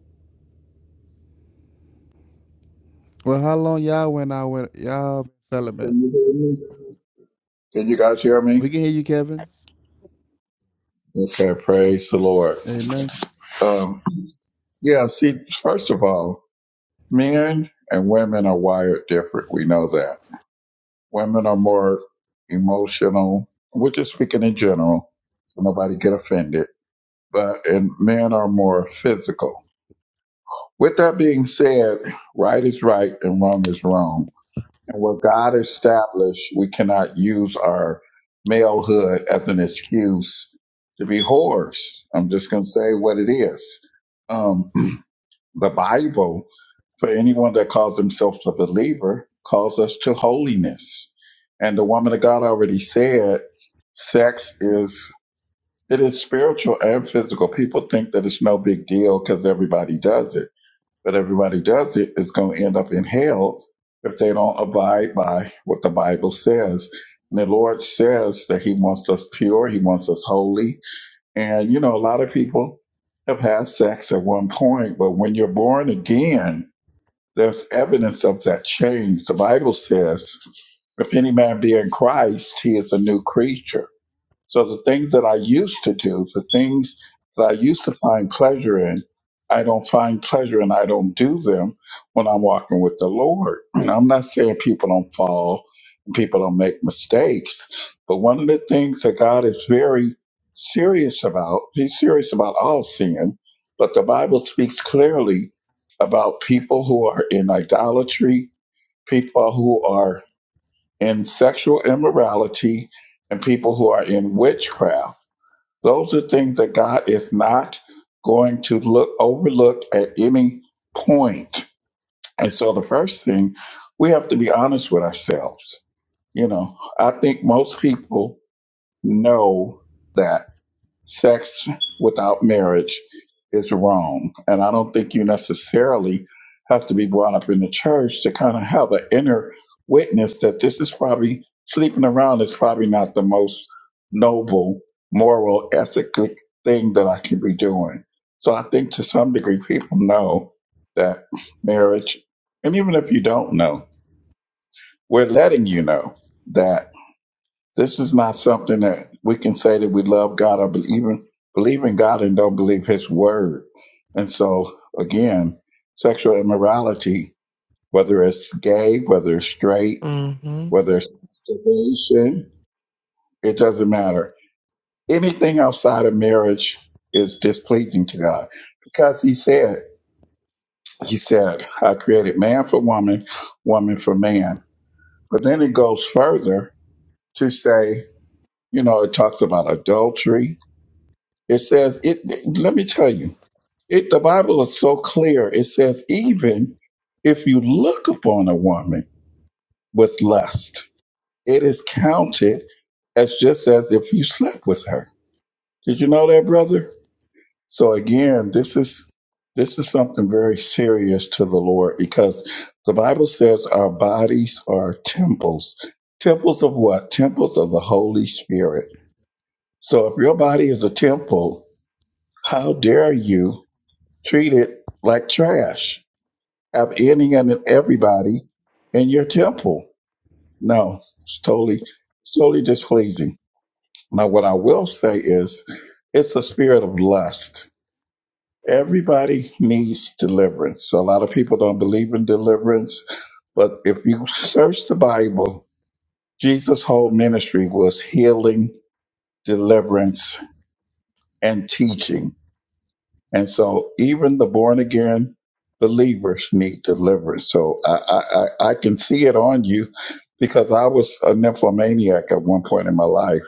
J: Well, how long y'all went out with y'all been celibate?
K: Can you hear me? Can you guys hear me?
J: We can hear you, Kevin.
K: Okay, praise the Lord.
J: Amen.
K: Um, yeah, see, first of all, men and women are wired different. We know that. Women are more emotional. We're just speaking in general, so nobody get offended. But and men are more physical. With that being said, right is right and wrong is wrong. And what God established, we cannot use our malehood as an excuse to be whores. I'm just going to say what it is. Um, the Bible, for anyone that calls themselves a believer, calls us to holiness. And the woman of God already said, sex is it is spiritual and physical. People think that it's no big deal because everybody does it but everybody does it is going to end up in hell if they don't abide by what the Bible says. And the Lord says that He wants us pure, He wants us holy. And, you know, a lot of people have had sex at one point, but when you're born again, there's evidence of that change. The Bible says, if any man be in Christ, he is a new creature so the things that I used to do, the things that I used to find pleasure in, I don't find pleasure and I don't do them when I'm walking with the Lord. And I'm not saying people don't fall and people don't make mistakes, but one of the things that God is very serious about, He's serious about all sin, but the Bible speaks clearly about people who are in idolatry, people who are in sexual immorality, and people who are in witchcraft those are things that God is not going to look overlook at any point. And so the first thing, we have to be honest with ourselves. You know, I think most people know that sex without marriage is wrong. And I don't think you necessarily have to be brought up in the church to kind of have an inner witness that this is probably sleeping around is probably not the most noble, moral, ethical thing that I can be doing. So I think to some degree people know that marriage, and even if you don't know, we're letting you know that. This is not something that we can say that we love God or believe even believe in God and don't believe His word. And so, again, sexual immorality, whether it's gay, whether it's straight,
A: Mm-hmm.
K: whether it's masturbation, it doesn't matter. Anything outside of marriage is displeasing to God because He said, He said, I created man for woman, woman for man. But then it goes further to say, you know, it talks about adultery It says it. Let me tell you, it. The Bible is so clear. It says even if you look upon a woman with lust, it is counted as just as if you slept with her. Did you know that, brother? So again, this is this is something very serious to the Lord because the Bible says our bodies are temples. Temples of what? Temples of the Holy Spirit. So if your body is a temple, how dare you treated like trash, upending everybody in your temple. No, it's totally, it's totally displeasing. Now, what I will say is, it's a spirit of lust. Everybody needs deliverance. So A lot of people don't believe in deliverance, but if you search the Bible, Jesus' whole ministry was healing, deliverance, and teaching And so even the born again believers need deliverance. So I, I, I I can see it on you because I was a nymphomaniac at one point in my life.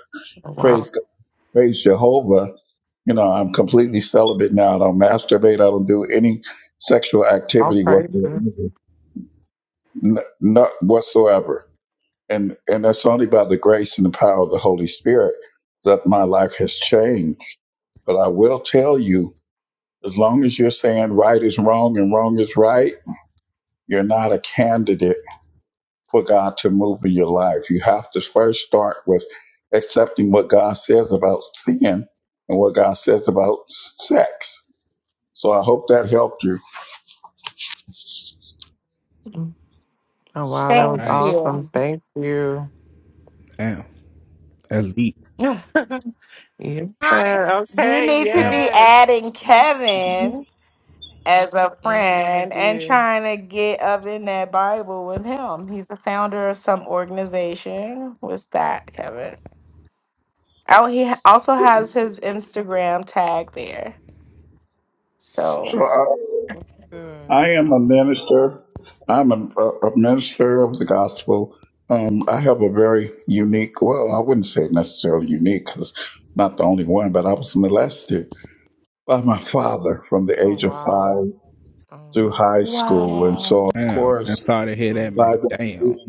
A: Wow.
K: Praise God. Praise Jehovah. You know, I'm completely celibate now. I don't masturbate. I don't do any sexual
A: All
K: activity
A: praise.
K: whatsoever, N- not whatsoever. And, and that's only by the grace and the power of the Holy Spirit that my life has changed. But I will tell you As long as you're saying right is wrong and wrong is right, you're not a candidate for God to move in your life. You have to first start with accepting what God says about sin and what God says about s- sex. So I hope that helped you.
A: Oh, wow. That was
C: Thank
J: Right.
C: you.
A: awesome. Thank you.
J: Damn. Elite.
A: yes.
C: I-
A: sir.
C: You
A: Okay.
C: need to
J: Damn.
C: be
A: Yes.
C: adding Kevin as a
A: Mm-hmm. I
C: friend and
A: did.
C: trying to get up in that Bible with him. He's a founder of some organization. What's that, Kevin? Oh, he also has his Instagram tag there. So.
K: So I,
A: That's good.
K: I am a minister. I'm a, a minister of the gospel. Um, I have a very unique, well, I wouldn't say necessarily unique because I'm not the only one, but I was molested by my father from the
A: Oh,
K: age of
A: wow.
K: five through
A: Um,
K: high school. And
C: Wow.
K: so, of
J: Damn. I
K: course,
J: thought I hear that
A: mm,
K: by
J: man. Damn.
K: that,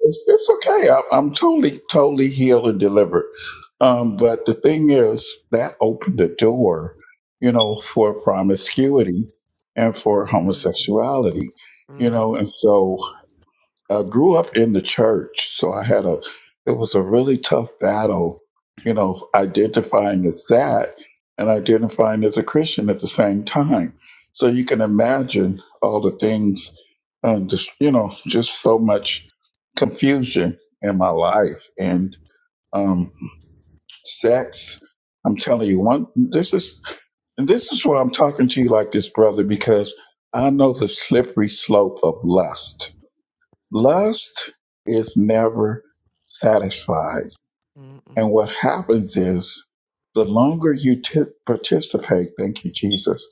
K: it's, it's okay. I, I'm totally, totally healed and delivered. Um,
A: mm,
K: but the thing is, that opened the door, you know, for promiscuity and for
A: mm,
K: homosexuality, you
A: mm,
K: know, and so I grew up in the church, so I had a it was a really tough battle, you know, identifying as that and identifying as a Christian at the same time. So you can imagine all the things, um, just you know, just so much confusion in my life and um, sex. I'm telling you, one this is and this is why I'm talking to you like this, brother, because I know the slippery slope of lust Lust is never satisfied.
A: mm, mm.
K: And what happens is the longer you t- participate, thank you, Jesus,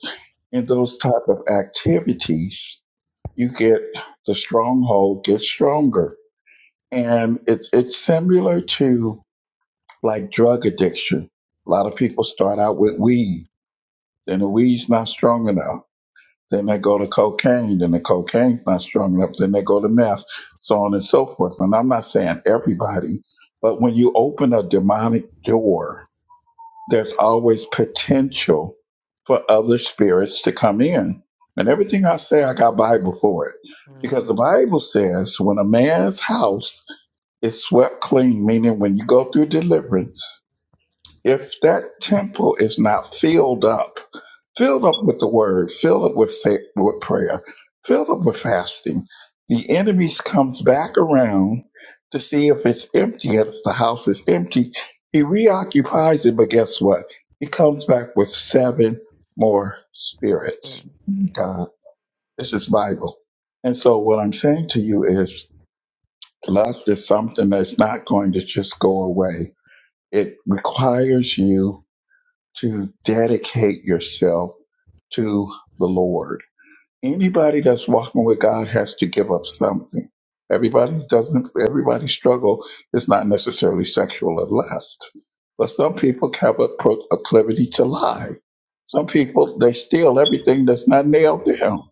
K: in those type of activities, you get the stronghold gets stronger. And it's, it's similar to like drug addiction. A lot of people start out with weed, then the weed's not strong enough then they go to cocaine. Then the cocaine's not strong enough. Then they go to meth, so on and so forth. And I'm not saying everybody, but when you open a demonic door, there's always potential for other spirits to come in. And everything I say, I got Bible for it.
A: Mm,
K: Because the Bible says when a man's house is swept clean, meaning when you go through deliverance, if that temple is not filled up, filled up with the word, filled up with fa- with prayer, filled up with fasting, the enemy comes back around to see if it's empty. And if the house is empty, he reoccupies it. But guess what? He comes back with seven more spirits.
A: mm, Yeah.
K: God, this is Bible. And so what I'm saying to you is lust is something that's not going to just go away. It requires you to dedicate yourself to the Lord. Anybody that's walking with God has to give up something. Everybody doesn't, everybody struggle is not necessarily sexual or lust, but some people have a pro- proclivity to lie. Some people, they steal everything that's not nailed down.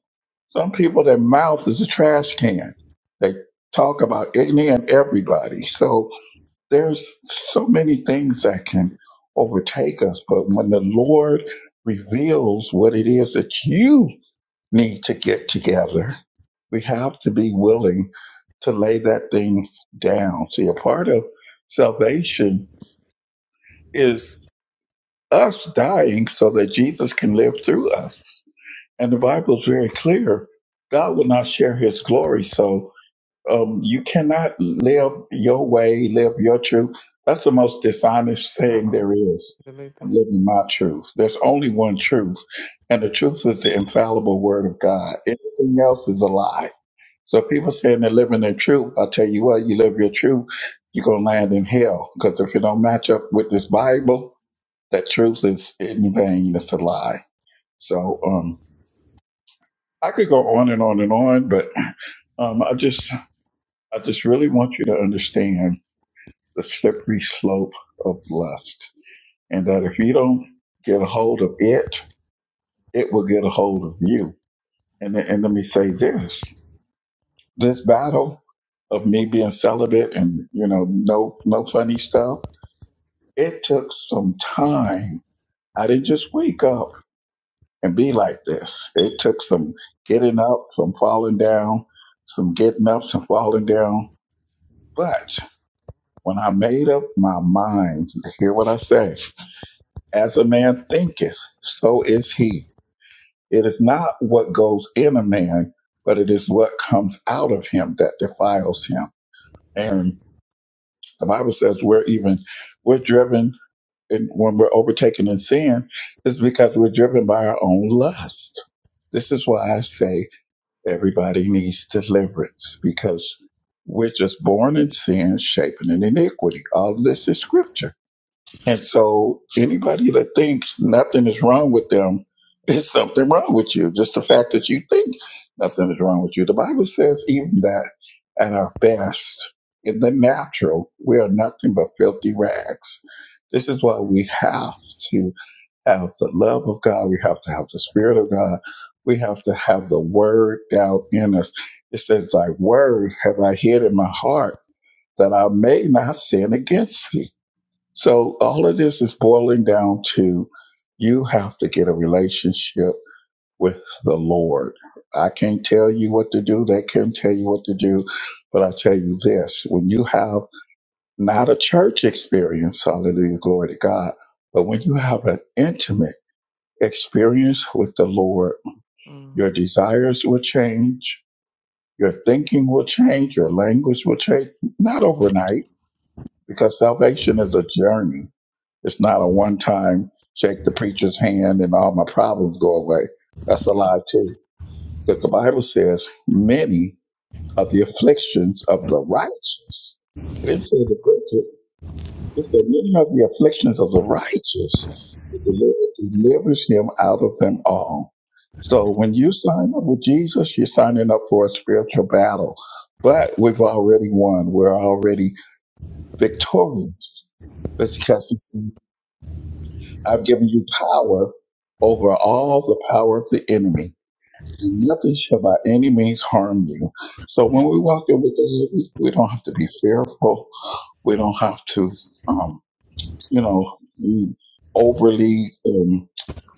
K: Some people, their mouth is a trash can. They talk about any and everybody. So, there's so many things that can overtake us, but when the Lord reveals what it is that you need to get together, we have to be willing to lay that thing down. See, a part of salvation is us dying so that Jesus can live through us. And the Bible is very clear God will not share his glory. So, um, you cannot live your way, live your truth. That's the most dishonest saying
A: Uh-oh.
K: there is.
A: Delete
K: I'm
A: that.
K: living my truth. There's only one truth, and the truth is the infallible word of God. Anything else is a lie. So people saying they're living their truth, I tell you what, you live your truth, you're gonna land in hell. Because if you don't match up with this Bible, that truth is in vain. It's a lie. So um, I could go on and on and on, but um, I just I just really want you to understand. the slippery slope of lust. And that if you don't get a hold of it, it will get a hold of you. And, and let me say this this battle of me being celibate and, you know, no, no funny stuff, it took some time. I didn't just wake up and be like this. It took some getting up, some falling down, some getting up, some falling down. But when I made up my mind, hear what I say. As a man thinketh, so is he. It is not what goes in a man, but it is what comes out of him that defiles him.
A: Mm,
K: And the Bible says we're even, we're driven, and when we're overtaken in sin, it's because we're driven by our own lust. This is why I say everybody needs deliverance because we're just born in sin, shaping in iniquity. All of this is scripture. And so anybody that thinks nothing is wrong with them, there's something wrong with you. Just the fact that you think nothing is wrong with you. The Bible says even that at our best, in the natural, we are nothing but filthy rags. This is why we have to have the love of God. We have to have the Spirit of God. We have to have the Word down in us. It says, Thy Word have I hid in my heart that I may not sin against thee. So all of this is boiling down to you have to get a relationship with the Lord. I can't tell you what to do. They can't tell you what to do. But I tell you this, when you have not a church experience, hallelujah, glory to God, but when you have an intimate experience with the Lord,
A: mm,
K: your desires will change. Your thinking will change. Your language will change. Not overnight because salvation is a journey It's not a one time shake the preacher's hand and all my problems go away. That's a
A: mm,
K: lie too. Because the Bible says many of the afflictions of the righteous. It
A: Okay.
K: didn't say the wicked. It said many of the afflictions of the righteous. But the Lord delivers him out of them all. So when you sign up with Jesus, you're signing up for a spiritual battle. But we've already won. We're already victorious. Let's cast this. I've given you power over all the power of the enemy, and nothing shall by any means harm you. So when we walk in with God, we, we don't have to be fearful. We don't have to, um, you know, be overly, um,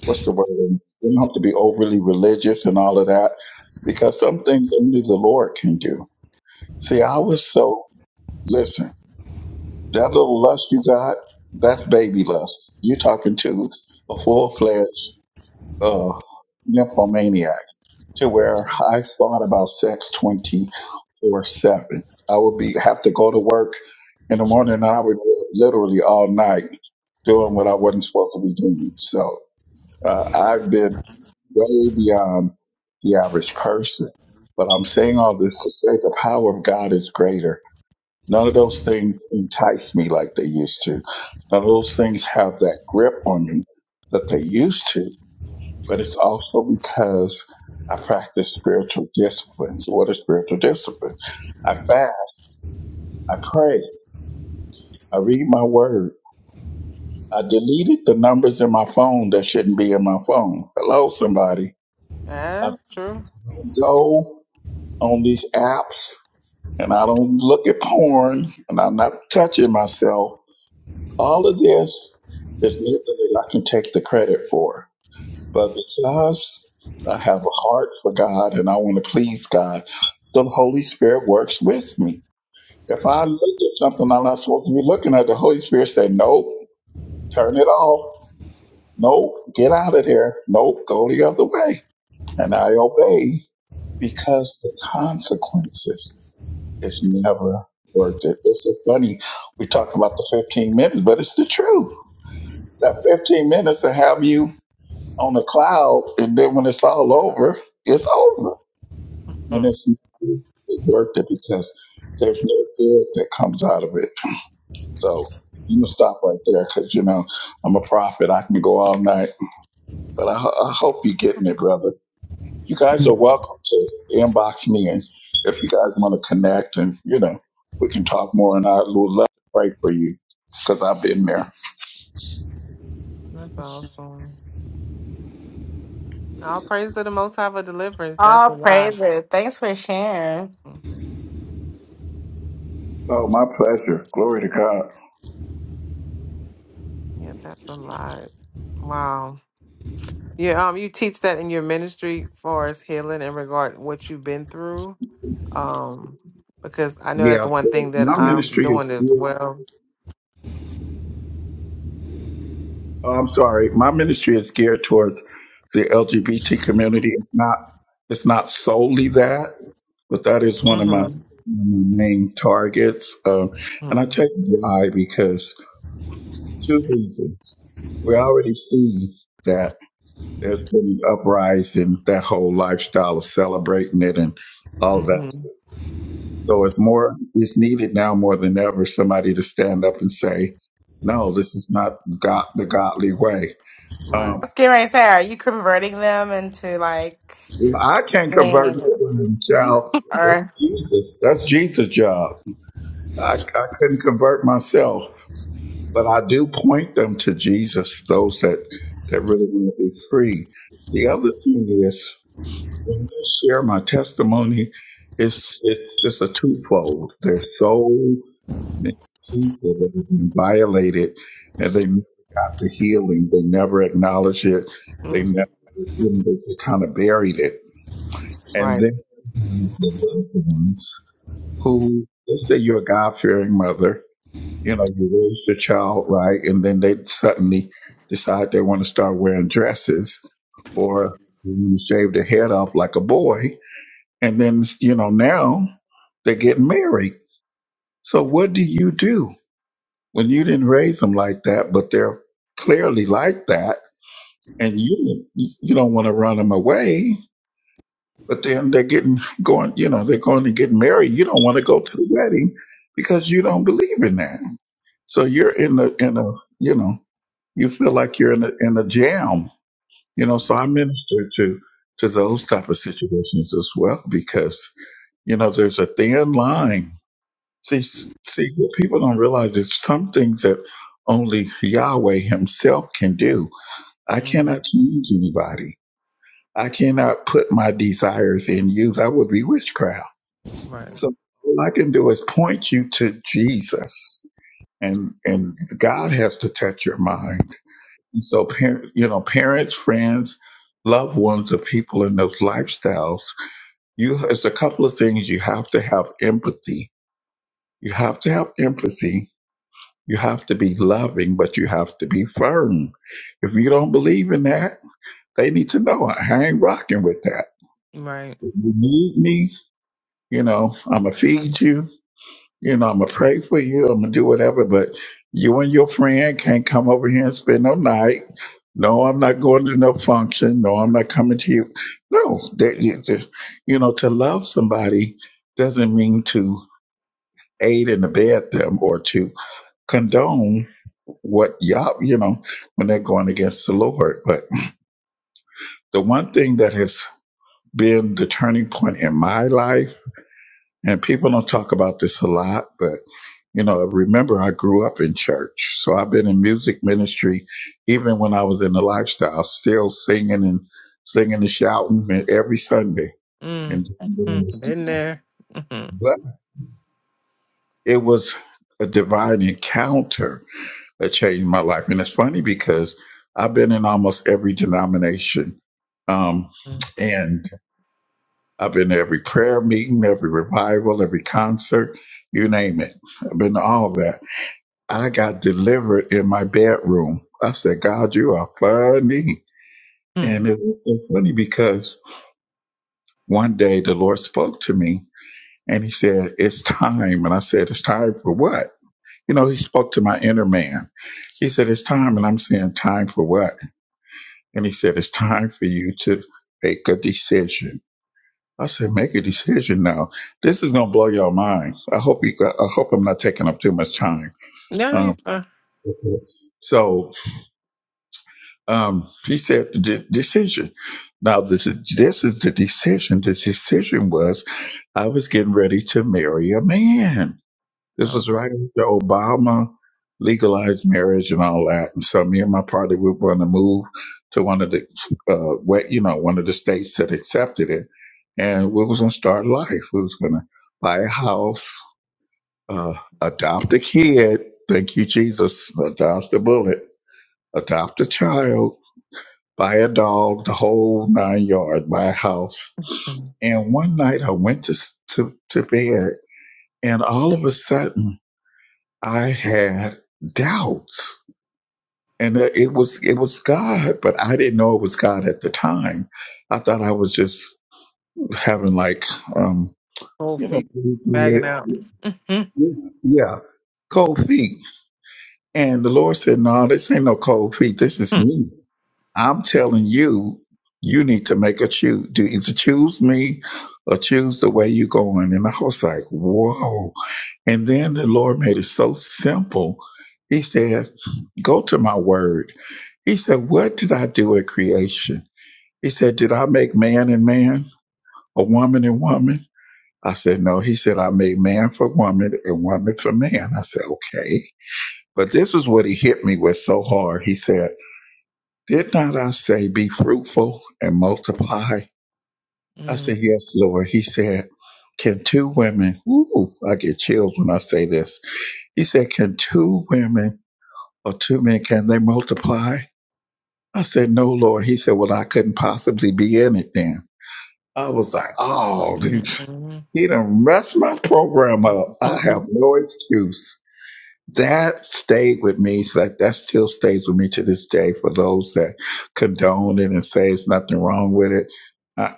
K: what's the word? We don't have to be overly religious and all of that because some things only the Lord can do. See, I was so, listen, that little lust you got, that's baby lust. You're talking to a full fledged uh, nymphomaniac to where I thought about sex 24 7. I would be have to go to work in the morning and I would be literally all night doing what I wasn't supposed to be doing. So uh, I've been way beyond the average person. But I'm saying all this to say the power of God is greater. None of those things entice me like they used to. None of those things have that grip on me that they used to but it's also because I practice spiritual disciplines. What are spiritual disciplines? I fast, I pray, I read my word. I deleted the numbers in my phone that shouldn't be in my phone. Hello, somebody. I
A: That's true.
K: don't go on these apps and I don't look at porn and I'm not touching myself. All of this is nothing that I can take the credit for. But because I have a heart for God and I want to please God, the Holy Spirit works with me. If I look at something I'm not supposed to be looking at, the Holy Spirit say, Nope, turn it off. Nope, get out of there. Nope, go the other way. And I obey because the consequences is never worth it. It's so funny. We talk about the 15 minutes, but it's the truth. That 15 minutes to have you on a cloud, and then when it's all over, it's over And
A: Hmm.
K: if not, it worked it because there's no good that comes out of it. So I'm gonna stop right there because you know I'm a prophet. I can go all night, but I, ho- I hope you're getting it, brother. You guys are welcome to inbox me, and if you guys want to connect, and you know we can talk more. And I would love to pray for you because I've been there.
A: That's awesome. All praise to the Most High for deliverance. That's
C: All
A: a lot.
C: praises. Thanks for sharing. I
A: Mm,
K: Oh, my pleasure. Glory to God.
A: Yeah, that's a lot. Wow. Yeah. Um. You teach that in your ministry for us healing in regard what you've been through. Um. Because I know that's
K: Yeah.
A: one
K: So
A: thing that
K: my
A: I'm
K: ministry is
A: doing as
K: here.
A: well.
K: Oh, I'm sorry. My ministry is geared towards the LGBT community. It's not it's not solely that, but that is one of my, one of
A: Mm-hmm.
K: my main targets. Um, and I
A: Mm-hmm.
K: tell you why because two reasons. We already see that there's been an uprising, that whole lifestyle of celebrating it and all that.
A: hmm
K: So it's more it's needed now more than ever somebody to stand up and say, no, this is not God, the godly way. Um,
A: Right.
C: was getting ready to say, are you converting them into like,
K: Well, I can't
C: yeah,
K: convert nobody,
A: Mm,
K: child. That's
C: or
K: Jesus. That's Jesus' job. I, I couldn't convert myself, but I do point them to Jesus, those that, that really want to be free. The other thing is, when I share my testimony, it's, it's just a twofold. There's so many people that have been violated and they never got the healing. They never acknowledge it. They
A: mm,
K: never, you know, they kind of buried it
A: Right.
K: and then you have the loved ones who, let's say you're a God fearing mother, you know, you raise your child right, and then they suddenly decide they want to start wearing dresses or they want to shave their head off like a boy. And then, you know, now they're getting married. So what do you do when you didn't raise them like that, but they're clearly like that? And you, you don't want to run them away but then they're getting going, you know, they're going to get married. You don't want to go to the wedding because you don't believe in that. So you're in the in a you know, you feel like you're in a in a jam, you know. So I minister to to those type of situations as well because you know there's a thin line. See, s- see, what people don't realize is some things that only Yahweh Himself can do. I
A: hmm
K: cannot change anybody. I cannot put my desires in you. That would be witchcraft
A: Right.
K: so all I can do is point you to Jesus, and and God has to touch your mind. And so, parent, you know, parents, friends, loved ones of people in those lifestyles, you it's a couple of things you have to have empathy. You have to have empathy. You have to be loving, but you have to be firm. If you don't believe in that, they need to know I ain't rocking with that.
A: Right.
K: If you need me, you know, I'ma feed you. You know, I'm gonna pray for you. I'm gonna do whatever, but you and your friend can't come over here and spend no night. No, I'm not going to no function. No, I'm not coming to you. No, that you, that- you know, to love somebody doesn't mean to aid and abet them or to condone what y'all, you know, when they're going against the Lord. But the one thing that has been the turning point in my life And people don't talk about this a lot, but you know, remember I grew up in church. So I've been in music ministry even when I was in the lifestyle, still singing and singing and shouting and every Sunday.
A: Mm.
K: And doing what I was
A: Mm. Been
K: doing.
A: there. Mm-hmm.
K: but it was a divine encounter that changed my life. And it's funny because I've been in almost every denomination. Um, and I've been to every prayer meeting, every revival, every concert, you name it. I've been to all of that I got delivered in my bedroom. I said, God, you are funny. And
A: Mm-hmm.
K: it was so funny because one day the Lord spoke to me and he said, It's time. And I said, It's time for what? You know, he spoke to my inner man. He said, It's time. And I'm saying, Time for what? And he said, It's time for you to make a decision. I said, make a decision now. This is gonna blow your mind. I hope you. Got, I hope I'm not taking up too much time.
A: No, you're
K: Um,
A: fine.
K: so Um, he said the decision. Now this is, this is the decision. The decision was I was getting ready to marry a man. This was
A: Um,
K: right after Obama legalized marriage and all that. And so me and my partner we were going to move to one of the uh, what you know one of the states that accepted it, and we was going to start life. We was going to buy a house, uh, adopt a kid. Thank you, Jesus. Adopt a bullet. Adopt a child buy a dog, the whole nine yards, buy a house.
A: mm.
K: And one night I went to, to, to bed and all of a sudden I had doubts. And it it was, it was God, but I didn't know it was God at the time. I thought I was just having like, um,
A: whole
K: you
A: feet
K: know,
A: bagging out. Mm-hmm.
K: yeah, cold feet. And the Lord said, no, this ain't no cold feet. This is me. I'm telling you, you need to make a choose. Do either choose me or choose the way you're going. And I was like, whoa. And then the Lord made it so simple. He said, go to my word. He said, what did I do at creation? He said, did I make man and man or woman and woman? I said, no. He said, I made man for woman and woman for man. I said, okay. But this is what he hit me with so hard. He said, did not I say be fruitful and multiply? I
A: Mm-hmm.
K: said, Yes, Lord. He said, Can two women, ooh, I get chills when I say this. He said, Can two women or two men, can they multiply? I said, No, Lord. He said, Well, I couldn't possibly be in it then. I was like, Oh, dude, he done messed my program up. I have no excuse that stayed with me. So that, that still stays with me to this day. For those that condone it and say it's nothing wrong with it, uh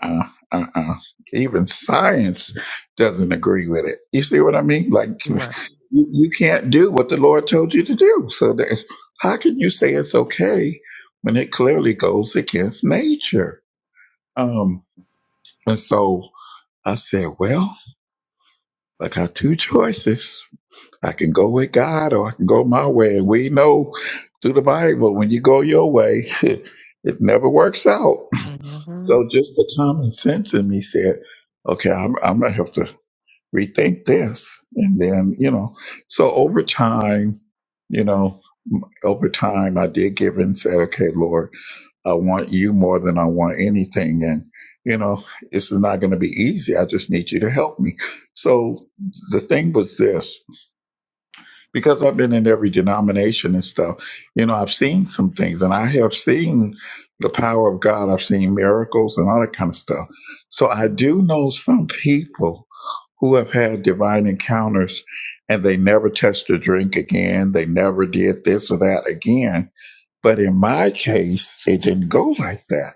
K: uh-uh, uh, Even science doesn't agree with it. You see what I mean? Like you,
A: Right.
K: you can't do what the Lord told you to do. So that, how can you say it's okay when it clearly goes against nature? Um, and so I said, well, I got two choices I can go with God or I can go my way. And we know through the Bible, when you go your way, it never works out.
A: Mm-hmm.
K: So just the common sense in me said, okay, I'm, I'm going to have to rethink this. And then, you know, so over time, you know, m- over time, I did give and said, okay, Lord, I want you more than I want anything. And, you know, this is not going to be easy. I just need you to help me. So the thing was this because I've been in every denomination and stuff, you know, I've seen some things and I have seen the power of God. I've seen miracles and all that kind of stuff. So I do know some people who have had divine encounters and they never touched a drink again. They never did this or that again. But in my case, it didn't go like that.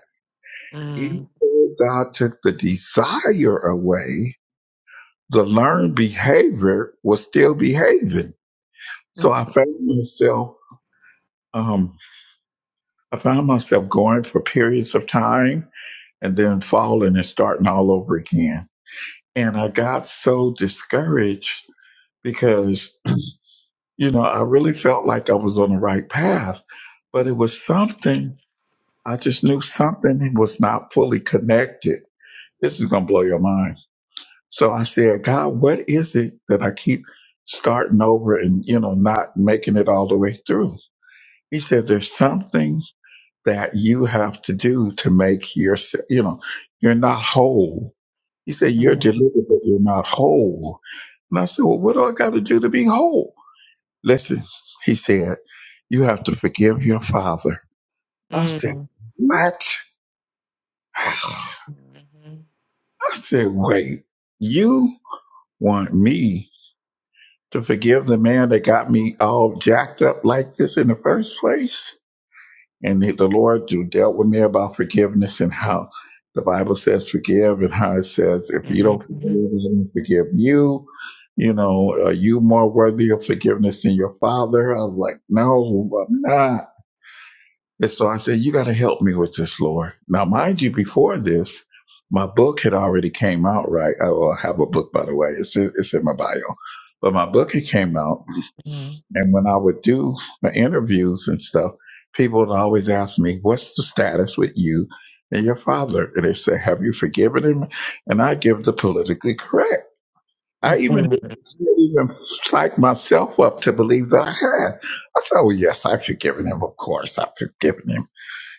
K: Even
A: Mm.
K: though God took the desire away, the learned behavior was still behaving. So I found myself Um, I found myself going for periods of time and then falling and starting all over again. And I got so discouraged because, you know, I really felt like I was on the right path, but it was something, I just knew something was not fully connected. This is going to blow your mind. So I said, God, what is it that I keep starting over and, you know, not making it all the way through? He said, there's something that you have to do to make your, you know, you're not whole. He said, you're
A: Mhm.
K: delivered, but you're not whole. And I said, well, what do I got to do to be whole? Listen, he said, you have to forgive your father.
A: Mm.
K: I said,
A: Mhm. Mhm.
K: what? I said, wait, you want me to forgive the man that got me all jacked up like this in the first place? and the Lord dealt with me about forgiveness and how the Bible says forgive and how it says if you don't forgive,
A: Mhm.
K: I don't forgive you. You know, are you more worthy of forgiveness than your father? I was like, no, I'm not. And so I said, you got to help me with this, Lord. Now, mind you, before this, my book had already came out, right? I will have a book, by the way. It's in, it's in my bio, but my book had came out and when I would do the interviews and stuff, people would always ask me, What's the status with you and your father? And they say, Have you forgiven him? And I give the politically correct. I even I even psyched myself up to believe that I had. I said, Oh, yes, I've forgiven him. Of course, I've forgiven him,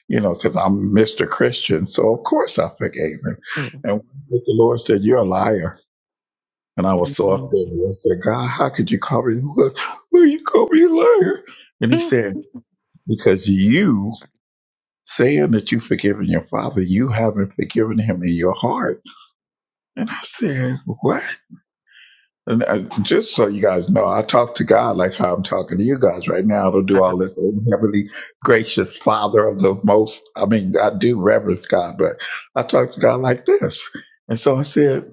K: you know, because I'm Mr. Christian. So, of course, I forgave him.
A: Mhm.
K: And the Lord said, You're a liar. And I was so
A: Mhm.
K: offended. I said, God, how could you call me? What? Will you call me a liar? And he
A: Mhm.
K: said, Because you saying that you've forgiven your father, you haven't forgiven him in your heart. And I said, What? And I, just so you guys know, I talk to God like how I'm talking to you guys right now. I don't
A: I
K: do all
A: don't-
K: this oh, heavenly, gracious Father of the most. I mean, I do reverence God, but I talk to God like this. And so I said,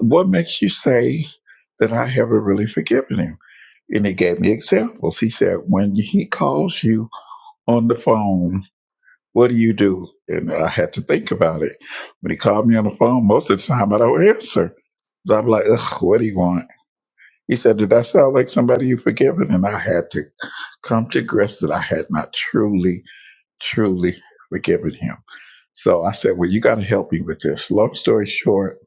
K: What makes you say that I haven't really forgiven him? And he gave me examples. He said, when he calls you on the phone, what do you do? And I had to think about it. When he called me on the phone, most of the time I don't answer. So I'm like, ugh, what do you want? He said, did that sound like somebody you've forgiven? And I had to come to grips that I had not truly, truly forgiven him. So I said, Well, you got to help me with this. Long story short,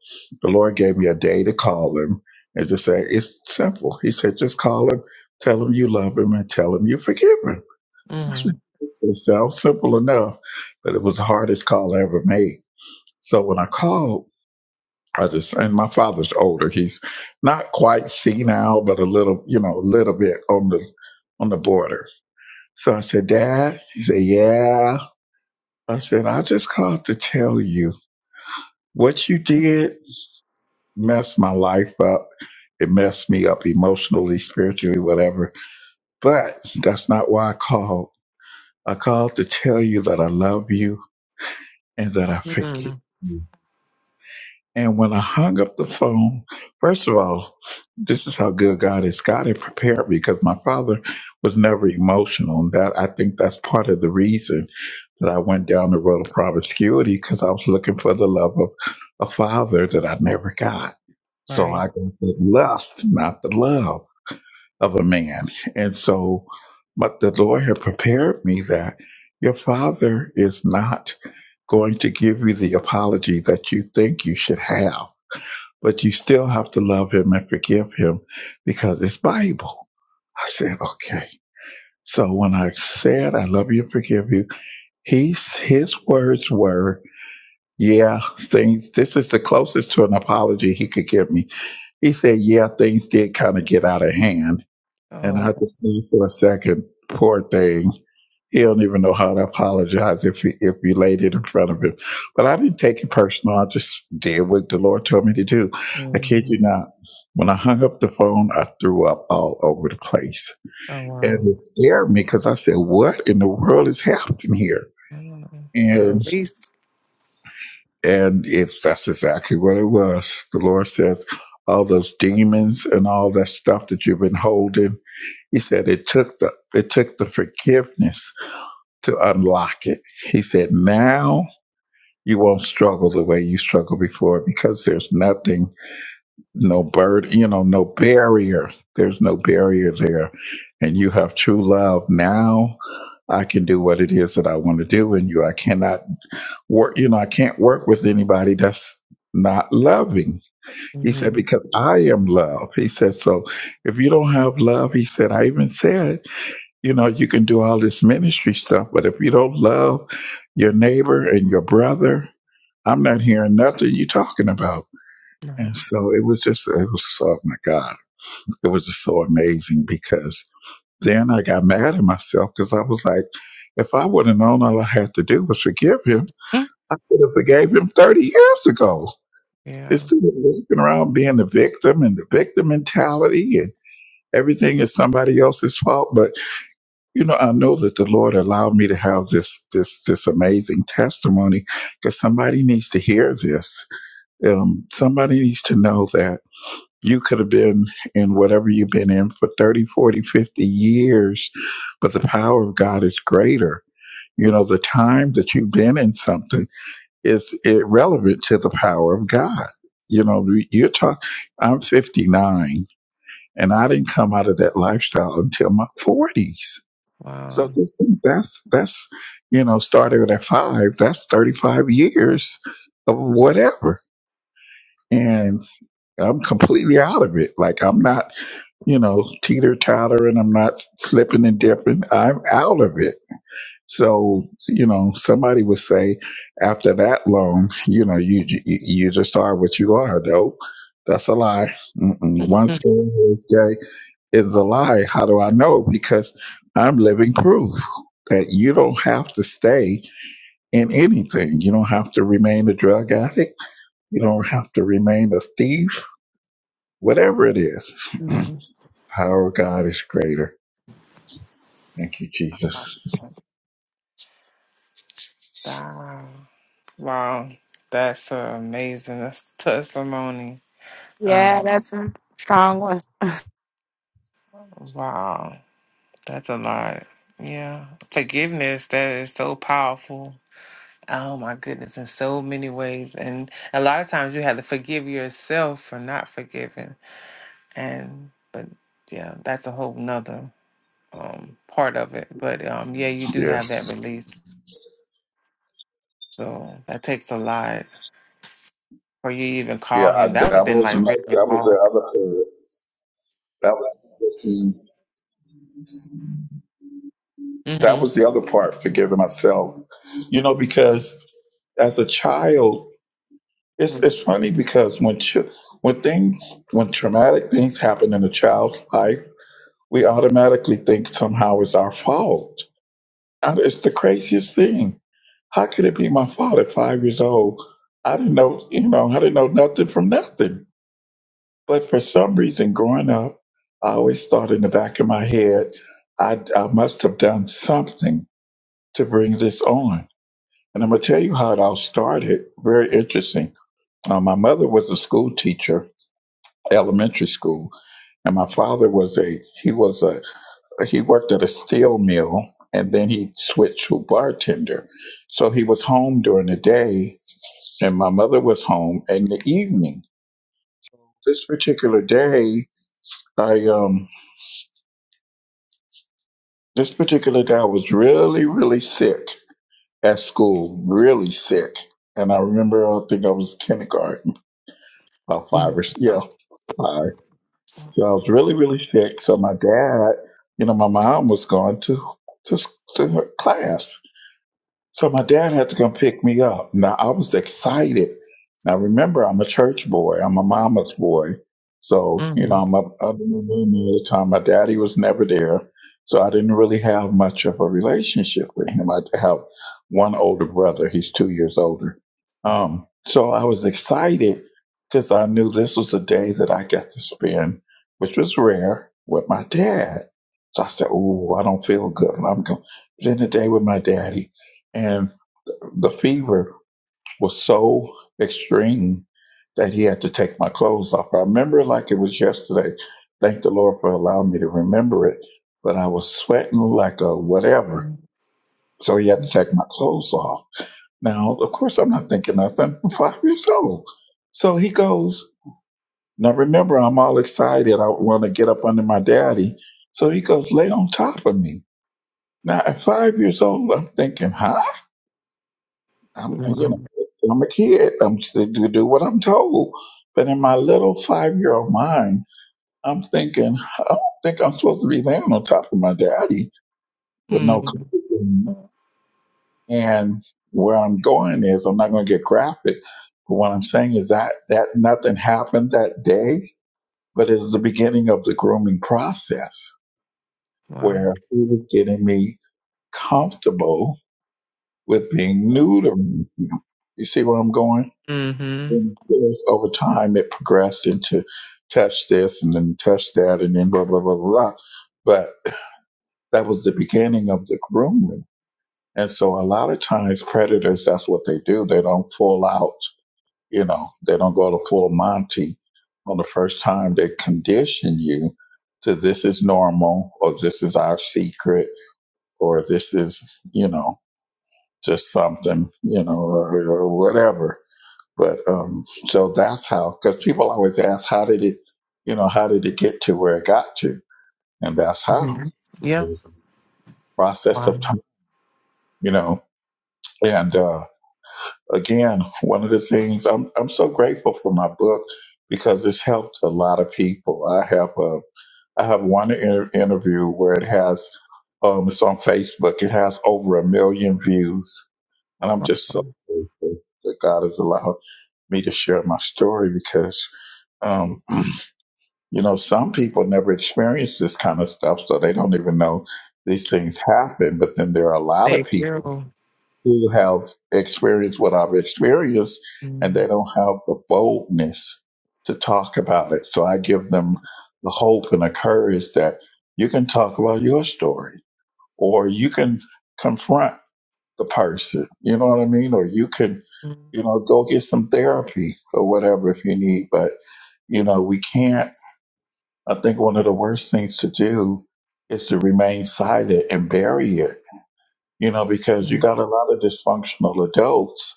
K: the Lord gave me a day to call him and just say, It's simple. He said, Just call him, tell him you love him, and tell him you forgive him. I said,
A: Mhm.
K: It sounds simple enough, but it was the hardest call I ever made. So when I called, I just, and my father's older. He's not quite senile, but a little, you know, a little bit on the, on the border. So I said, Dad, he said, yeah. I said, I just called to tell you. What you did messed my life up. It messed me up emotionally, spiritually, whatever. But that's not why I called. I called to tell you that I love you and that I forgive
A: Mhm.
K: you. And when I hung up the phone, first of all, this is how good God is. God had prepared me because my father was never emotional. And that I think that's part of the reason that I went down the road of promiscuity because I was looking for the love of a father that I never got. So
A: Right.
K: I got the lust, not the love of a man. And so, but the Lord had prepared me that your father is not going to give you the apology that you think you should have, but you still have to love him and forgive him because it's Bible. I said, okay. So when I said, I love you and forgive you, he's, his words were, yeah, things. This is the closest to an apology he could give me. He said, "Yeah, things did kind of get out of hand," and
A: Oh.
K: I just stood for a second. Poor thing. He don't even know how to apologize if he, if you laid it in front of him. But I didn't take it personal. I just did what the Lord told me to do. I kid you
A: Mhm.
K: not. When I hung up the phone, I threw up all over the place,
A: Oh
K: and
A: wow.
K: it scared me because I said, "What in the world is happening here?"
A: Mm, The release.
K: And if that's exactly what it was. The Lord says, all those demons and all that stuff that you've been holding, he said it took the it took the forgiveness to unlock it. He said, now you won't struggle the way you struggled before because there's nothing, no burden, you know, no barrier. There's no barrier there. And you have true love. Now I can do what it is that I want to do in you. I cannot work you know i can't work with anybody that's not loving he said
A: Mm-hmm.
K: because i am love he said so if you don't have love he said i even said you know you can do all this ministry stuff but if you don't love your neighbor and your brother i'm not hearing nothing you talking about and
A: Right.
K: so it was just it was oh my god it was just so amazing because then i got mad at myself because i was like if i would have known all i had to do was forgive him I could have forgave him 30 years ago.
A: Yeah.
K: Instead of walking around being the victim and the victim mentality and everything is somebody else's fault. But you know, I know that the Lord allowed me to have this this this amazing testimony because somebody needs to hear this. Um, somebody needs to know that you could have been in whatever you've been in for 30, 40, 50 years, but the power of God is greater. You know, the time that you've been in something is irrelevant to the power of God. You know, you're talking, I'm 59 and I didn't come out of that lifestyle until my 40s. So
A: Wow.
K: just think that's, that's, you know, started at five, that's 35 years of whatever. And I'm completely out of it. Like I'm not, you know, teeter tottering. I'm not slipping and dipping. I'm out of it so, you know, somebody would say after that long, you know, you you, you just are what you are. Nope, that's a lie. Mm-mm. Once gay is gay is a lie. How do I know? Because I'm living proof that you don't have to stay in anything. You don't have to remain a drug addict. You don't have to remain a thief. Whatever it is, Mm.
A: Mhm.
K: power of God is greater. Thank you, Jesus.
A: Wow. Wow. That's uh, amazing. That's testimony.
C: yeah,
A: Um,
C: that's a strong one.
A: wow. That's a lot. Yeah. Forgiveness, that is so powerful. Oh my goodness, in so many ways. And a lot of times you have to forgive yourself for not forgiving. And, but yeah, that's a whole nother. um, part of it. But um, yeah, you do have that
K: Yes.
A: release. So that takes a lot. Or you even
K: Yeah,
A: call
K: I,
A: him. That would have
K: that
A: been
K: was
A: like really
K: another- that was the
A: hard.
K: other. That was the, that
A: Mm-hmm.
K: was the other part, forgiving myself. You know, because as a child, it's it's funny because when ch- when things when traumatic things happen in a child's life, we automatically think somehow it's our fault. And it's the craziest thing. How could it be my fault at five years old? I didn't know, you know, I didn't know nothing from nothing. But for some reason, growing up, I always thought in the back of my head, I, I must have done something to bring this on. And I'm going to tell you how it all started. Very interesting. Uh, my mother was a school teacher, elementary school, and my father was a he was a he worked at a steel mill, and then he switched to bartender. So he was home during the day, and my mother was home in the evening. This particular day, I um this particular day I was really really sick at school, really sick, and I remember I think I was kindergarten about five or yeah,
A: Mm-hmm.
K: five. So I was really, really sick. So my dad, you know, my mom was going to to, to her class, so my dad had to come pick me up. Now I was excited. Now remember, I'm a church boy. I'm a mama's boy. So you know, I'm up up in the room all the time. My daddy was never there, so I didn't really have much of a relationship with him. I have one older brother. He's two years older. Um, so I was excited because I knew this was a day that I got to spend, which was rare, with my dad. So I said, "Oh, I don't feel good. I'm going to spend the day with my daddy." and the fever was so extreme that he had to take my clothes off. I remember it like it was yesterday. Thank the Lord for allowing me to remember it. But I was sweating like a whatever. So he had to take my clothes off. Now, of course, I'm not thinking nothing. I'm five years old. So he goes, Now remember, I'm all excited. I want to get up under my daddy. So he goes, Lay on top of me. Now, at five years old, I'm thinking, Huh? I'm, you
A: Wow.
K: know, I'm a kid. I'm s- to do what I'm told. But in my little five year old mind, I'm thinking, I don't think I'm supposed to be laying on top of my daddy with no
A: Mm-hmm.
K: clothing. And where I'm going is, I'm not going to get graphic. But what I'm saying is that that nothing happened that day, but it was the beginning of the grooming process
A: Wow.
K: where he was getting me comfortable with being new to me. You see where I'm going?
A: Mm-hmm.
K: And of course, over time, it progressed into touch this and then touch that and then blah, blah, blah, blah, blah. But that was the beginning of the grooming. And so a lot of times predators, that's what they do. They don't full out, you know, they don't go to full Monty on the first time. They condition you to this is normal or this is our secret or this is, you know, just something, you know, or, or whatever but um, so that's how, because people always ask, how did it, you know, how did it get to where it got to? And that's how
A: hmm
K: it
A: Yeah.
K: was a process
A: Wow.
K: of time, you know. And uh, again, one of the things I'm I'm so grateful for my book because it's helped a lot of people. I have a I have one inter- interview where it has um, it's on Facebook. It has over a million views, and I'm
A: Wow.
K: just so grateful that God has allowed me to share my story because. Um, You know, some people never experience this kind of stuff, so they don't even know these things happen. But then there are a lot of
A: Thank
K: people
A: you.
K: who have experienced what I've experienced, and
A: Mm-hmm.
K: they don't have the boldness to talk about it. So I give them the hope and the courage that you can talk about your story, or you can confront the person. You know what I mean? Or you can, you know, go get some therapy or whatever if you need. But you know, we can't. I think one of the worst things to do is to remain silent and bury it, you know, because you got a lot of dysfunctional adults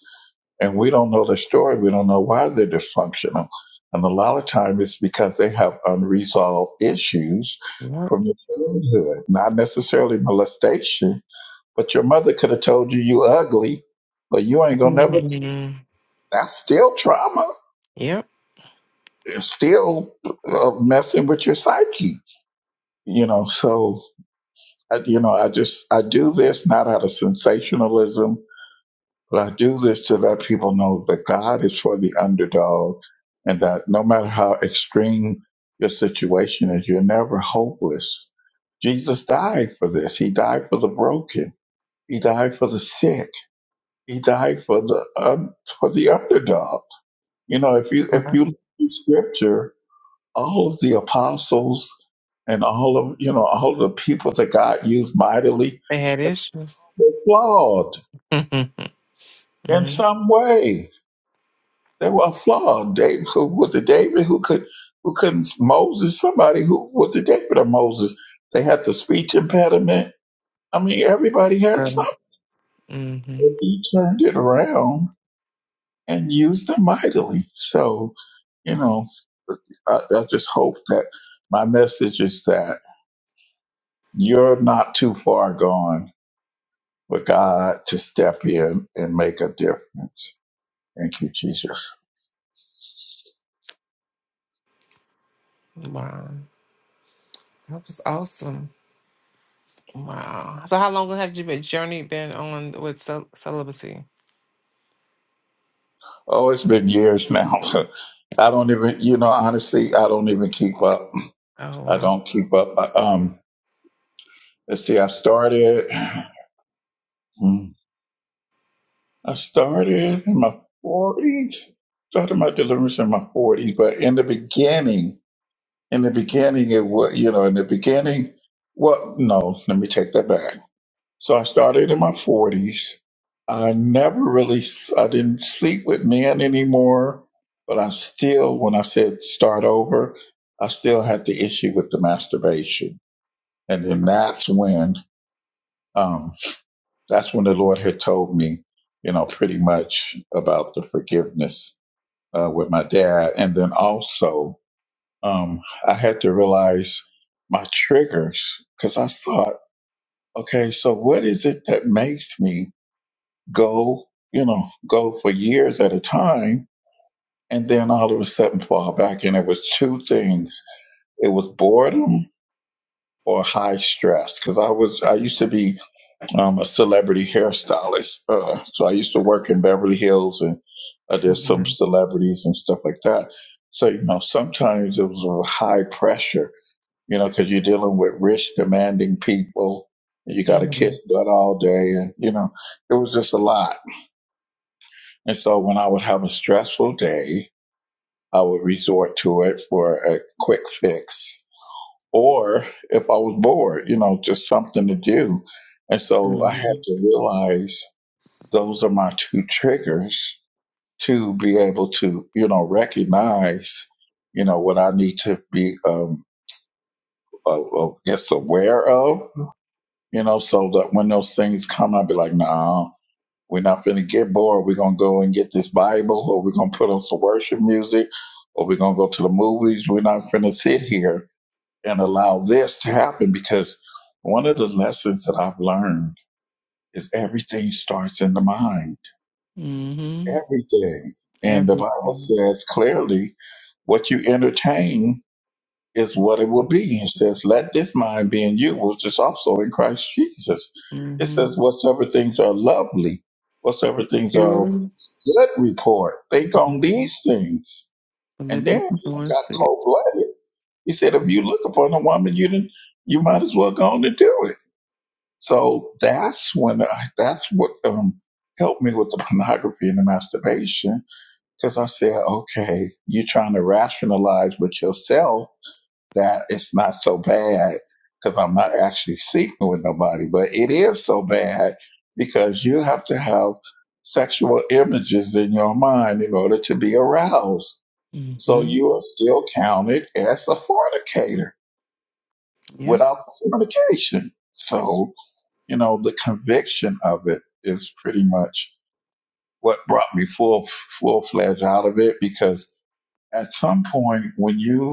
K: and we don't know the story. We don't know why they're dysfunctional. And a lot of times it's because they have unresolved issues
A: Yep.
K: from your childhood, not necessarily molestation, but your mother could have told you you ugly, but you ain't gonna never,
A: Mm-hmm.
K: that's still trauma.
A: Yep.
K: It's still uh, messing with your psyche, you know, so I, you know, I just I do this not out of sensationalism, but I do this to let people know that God is for the underdog, and that no matter how extreme your situation is, you're never hopeless. Jesus died for this. He died for the broken. He died for the sick. He died for the um, for the underdog. You know, if you
A: Wow. Wow.
K: if
A: Wow.
K: you look through Scripture, all of the apostles and all of you know all of the people that God used mightily
A: They had issues.
K: were flawed
A: mm-hmm.
K: in some way. They were flawed. David, who was it David who could who couldn't Moses? Somebody who was it David or Moses? They had the speech impediment. I mean, everybody had something.
A: Mm-hmm.
K: He turned it around and used them mightily. So you know, I, I just hope that my message is that you're not too far gone for God to step in and make a difference. Thank you, Jesus.
A: Wow. That was awesome. Wow. So how long have you been journey been on with cel- celibacy?
K: Oh, it's been years now. I don't even, you know, honestly, I don't even keep up.
A: Oh
K: I
A: wow.
K: don't keep up. I, um, let's see, I started, hmm, I started in my forties. Started my deliverance in my forties, but in the beginning, in the beginning, it was, you know, in the beginning, well, no, let me take that back. So I started in my 40s. I never really, s- I didn't sleep with men anymore, but I still, when I said start over, I still had the issue with the masturbation. And then that's when, um, that's when the Lord had told me, you know, pretty much about the forgiveness, uh, with my dad. And then also, um, I had to realize my triggers because I thought, okay, so what is it that makes me go, you know, go for years at a time and then all of a sudden fall back. And it was two things. It was boredom or high stress. Cause I was, I used to be um, a celebrity hairstylist. Uh, so I used to work in Beverly Hills and uh, there's some
A: Mhm.
K: celebrities and stuff like that. So, you know, sometimes it was a high pressure, you know, cause you're dealing with rich, demanding people. You got to
A: Mhm.
K: kiss butt all day. And, you know, it was just a lot And so when I would have a stressful day, I would resort to it for a quick fix. Or if I was bored, you know, just something to do. And so I had
A: Mhm.
K: to realize those are my two triggers to be able to, you know, recognize, you know, what I need to be, um, uh, uh, I guess aware of, you know, so that when those things come, I'd be like, nah. We're not going to get bored. We're going to go and get this Bible, or we're going to put on some worship music, or we're going to go to the movies. We're not going to sit here and allow this to happen because one of the lessons that I've learned is everything starts in the mind.
A: Mhm.
K: Everything. And the Bible
A: Everything.
K: says clearly what you entertain is what it will be. It says, Let this mind be in you, which is also in Christ Jesus. It says,
A: Mhm.
K: Whatsoever things are lovely, whatsoever things are
A: Pure.
K: good report. Think on
A: Mhm.
K: these things. And then
A: Philippians
K: he
A: one
K: got cold
A: six.
K: blooded. He said, if you look upon a woman, you didn't, you might as well go on to do it. So that's when I, that's what um, helped me with the pornography and the masturbation. Because I said, okay, you're trying to rationalize with yourself that it's not so bad because I'm not actually sleeping with nobody, but it is so bad because you have to have sexual images in your mind in order to be aroused. So
A: Mhm.
K: you are still counted as a fornicator
A: Yeah.
K: without fornication. So, you know, the conviction of it is pretty much what brought me full full fledged out of it because at some point when you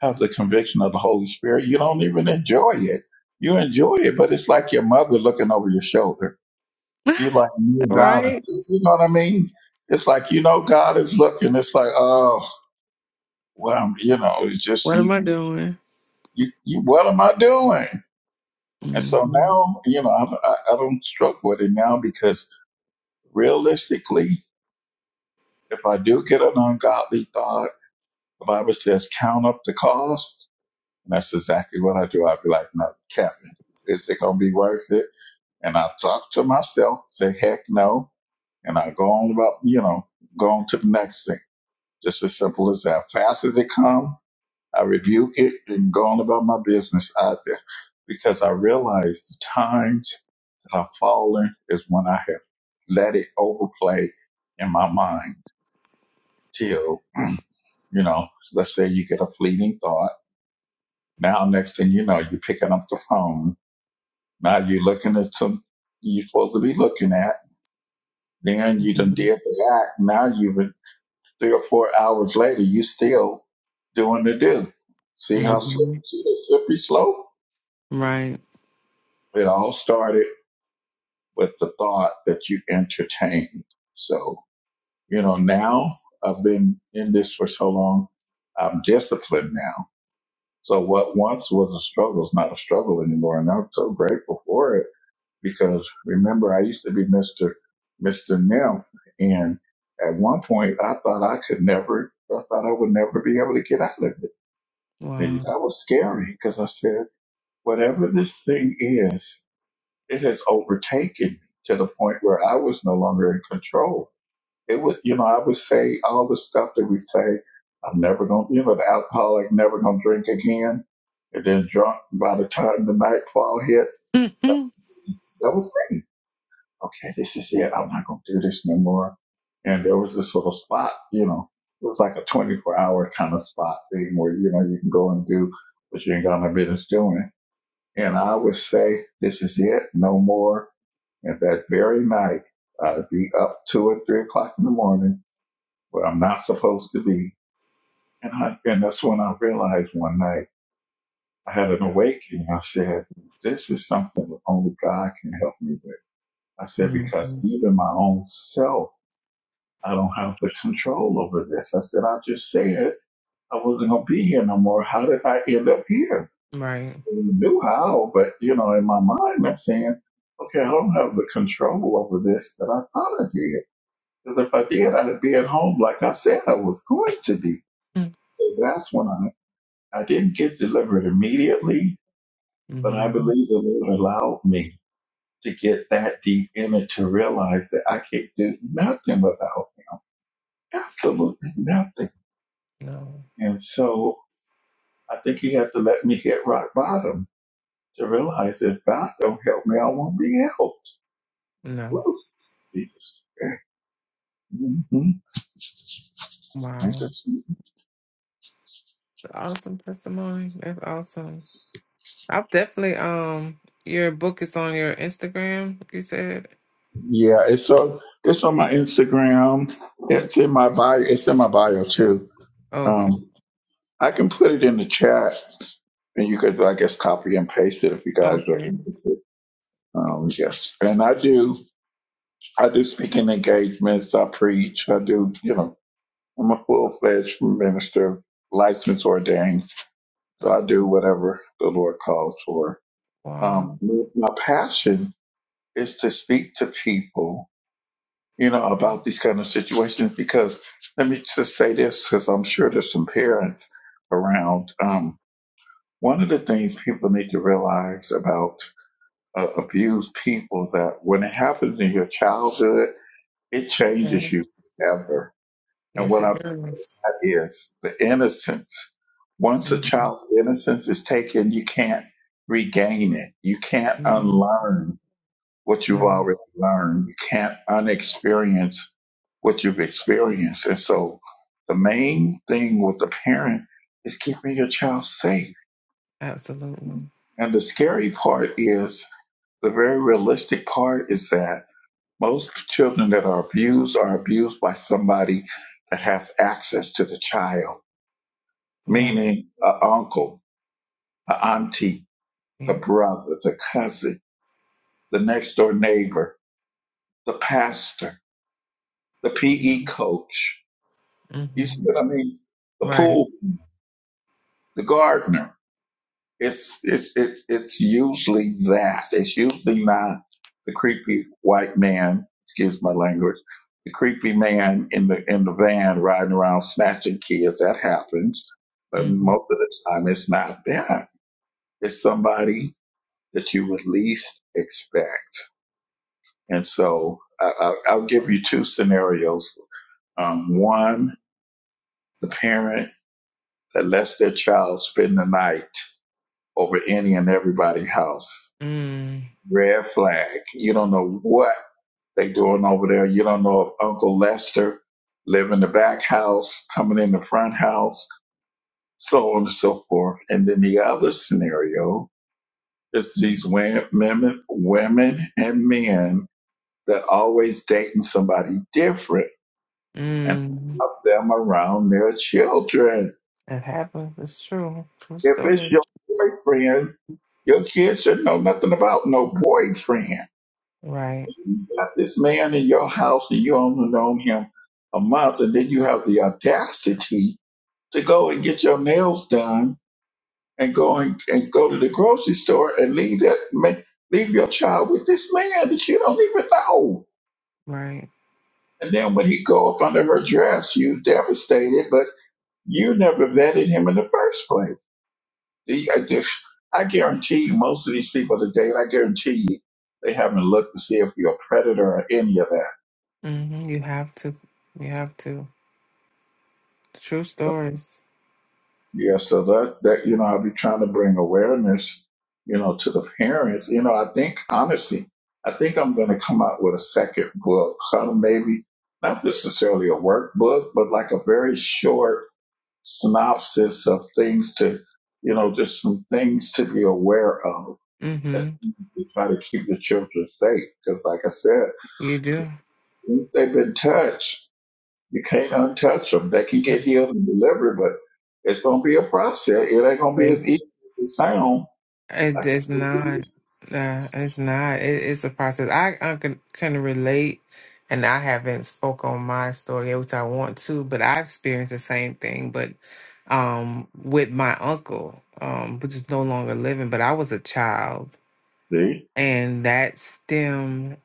K: have the conviction of the Holy Spirit, you don't even enjoy it. You enjoy it, but it's like your mother looking over your shoulder. You like know God is,
A: right.
K: you know what I mean? It's like you know God is looking. It's like oh well, you know, it's just
A: What
K: you,
A: am I doing?
K: you, you. What am I doing? And so
A: Mhm.
K: now, you know, I, I, I don't struggle with it now because realistically, if I do get an ungodly thought, the Bible says count up the cost, and that's exactly what I do. I'd be like, no, Captain, is it gonna be worth it? And I talk to myself, say, heck no. And I go on about, you know, go on to the next thing. Just as simple as that. Fast as it comes, I rebuke it and go on about my business out there because I realize the times that I've fallen is when I have let it overplay in my mind till, you know, let's say you get a fleeting thought. Now, next thing you know, you're picking up the phone. Now you're looking at some you're supposed to be looking at Then you done did
A: Mhm.
K: the act. Now you've been three or four hours later, you still doing the do. See how slippery,
A: Mhm.
K: see the slippery slope?
A: Right.
K: It all started with the thought that you entertained. So, you know, now I've been in this for so long, I'm disciplined now. So what once was a struggle is not a struggle anymore. And I'm so grateful for it because remember I used to be Mr. Mr. Nim and at one point I thought I could never, I thought I would never be able to get out of it. And
A: Wow.
K: that was scary because I said, whatever this thing is, it has overtaken me to the point where I was no longer in control. It was, you know, I would say all the stuff that we say, I'm never going to, you know, the alcoholic never going to drink again. And then drunk by the time the nightfall hit, that,
A: Mhm.
K: that was me okay, this is it. I'm not going to do this no more. And there was this little spot, you know, it was like a 24 hour kind of spot thing where, you know, you can go and do what you ain't got no business doing. And I would say, this is it, no more. And that very night, I'd be up two or three o'clock in the morning where I'm not supposed to be. And I, and that's when I realized one night I had an awakening. I said, this is something that only God can help me with. I said, because
A: Mhm.
K: even my own self I don't have the control over this. I said, I just said I wasn't going to be here no more. How did I end up here?
A: Right.
K: I knew how, but you know, in my mind, I'm saying, okay, I don't have the control over this that I thought I did. Because if I did, I'd be at home like I said I was going to be. So that's when I, I didn't get delivered immediately, but I
A: Mhm.
K: believe the Lord allowed me to get that deep in it to realize that I can't do nothing without him. Absolutely nothing.
A: No.
K: And so I think he had to let me hit rock bottom to realize if God don't help me, I won't be helped.
A: No.
K: Woo, Jesus. Mhm.
A: Wow. Awesome testimony. That's awesome. i have definitely um your book is on your Instagram, you said?
K: Yeah, it's so it's on my Instagram. It's in my bio. It's in my bio too.
A: Okay.
K: Um, I can put it in the chat, and you could, I guess, copy and paste it if you guys are
A: Okay.
K: interested. Um, yes, and I do. I do speaking engagements. I preach. I do. You know, I'm a full fledged minister, licensed, ordained. So
A: Oh,
K: I do whatever the Lord calls for.
A: wow.
K: Um, m- my passion is to speak to people, you know, about these kind of situations because let me just say this because I'm sure there's some parents around. Um, one of the things people need to realize about uh, abused people that when it happens in your childhood, it changes
A: Yes.
K: you forever. And
A: Yes,
K: what I
A: it does.
K: is the innocence. Once a
A: Mhm.
K: child's innocence is taken, you can't regain it. You can't
A: No.
K: unlearn what you've
A: No.
K: already learned. You can't unexperience what you've experienced. And so the main thing with the parent is keeping your child safe.
A: Absolutely.
K: And the scary part is the very realistic part is that most children that are abused are abused by somebody that has access to the child,
A: Right.
K: meaning an uncle the auntie, the
A: Yeah.
K: brother, the cousin, the next door neighbor, the pastor, the PE coach. You see
A: Mm-hmm.
K: what I mean? The
A: Right.
K: pool, the gardener. It's it's it's it's usually that. It's usually not the creepy white man. Excuse my language. The creepy man in the in the van riding around snatching kids. That happens, but
A: Mm-hmm.
K: most of the time it's not that. It's somebody that you would least expect. And so I, I, I'll give you two scenarios. Um, one, the parent that lets their child spend the night over any and everybody's house.
A: Mm.
K: Red flag. You don't know what they are doing over there. You don't know if Uncle Lester live in the back house, coming in the front house, so on and so forth. And then the other scenario is these wo- women, women and men that always dating somebody different and
A: Mm.
K: love them around their children.
A: That happens. It's true. True
K: If it's
A: story.
K: your boyfriend, your kids should know nothing about no boyfriend.
A: Right.
K: You got this man in your house and you only known him a month, and then you have the audacity to go and get your nails done and go and, and go to the grocery store and leave that ma- leave your child with this man that you don't even know.
A: Right.
K: And then when he go up under her dress, you devastated, but you never vetted him in the first place. The- I just- I guarantee you, most of these people today, I guarantee you, they haven't looked to see if you're a predator or any of that.
A: Mm-hmm. You have to. You have to. True stories.
K: Yeah, so that that you know, I'll be trying to bring awareness, you know, to the parents. You know, I think honestly, I think I'm going to come out with a second book, kind of maybe not necessarily a workbook, but like a very short synopsis of things to, you know, just some things to be aware of as
A: Mm-hmm.
K: to try to keep the children safe. Because, like I said.
A: You do.
K: Once they've been touched, you can't untouch them. They can get healed and delivered, but it's going to be a process. It ain't going to be
A: It,
K: as easy as it sounds.
A: it is not. Nah. it's not. It, it's a process. I, I can, can relate, and I haven't spoke on my story, which I want to, but I've experienced the same thing. But um, with my uncle, um, which is no longer living, but I was a child,
K: See?
A: and that stemmed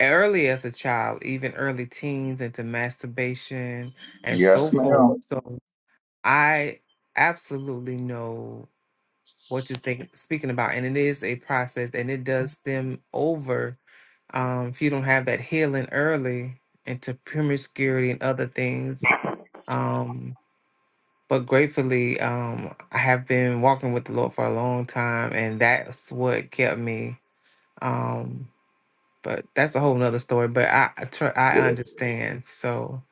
A: early as a child, even early teens, into masturbation and so
K: Yes,
A: forth.
K: ma'am.
A: So I absolutely know what you're thinking, speaking about. And it is a process and it does stem over um, if you don't have that healing early into promiscuity and other things. Um, but gratefully, um, I have been walking with the Lord for a long time, and that's what kept me. Um, but that's a whole nother story. But I I tr-
K: Yeah.
A: I understand, so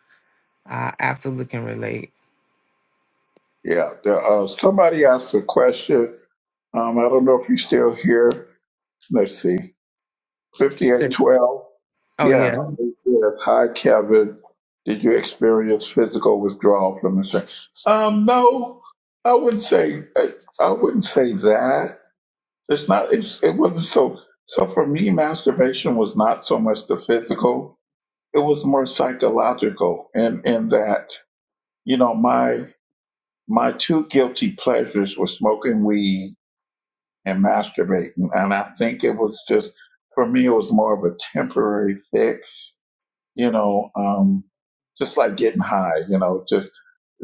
A: I absolutely can relate.
K: yeah. There, uh, somebody asked a question. Um, I don't know if you're still here. Let's see.
A: So-
K: 5812.
A: Oh yeah.
K: Yes. It says, Hi, Kevin. Did you experience physical withdrawal from the sex? Um, no, I wouldn't say, I, I wouldn't say that. It's not. It's, it wasn't so. So for me, masturbation was not so much the physical. It was more psychological, and in in that you know my my two guilty pleasures were smoking weed and masturbating, and I think it was just for me it was more of a temporary fix. You know, um, just like getting high. You know, just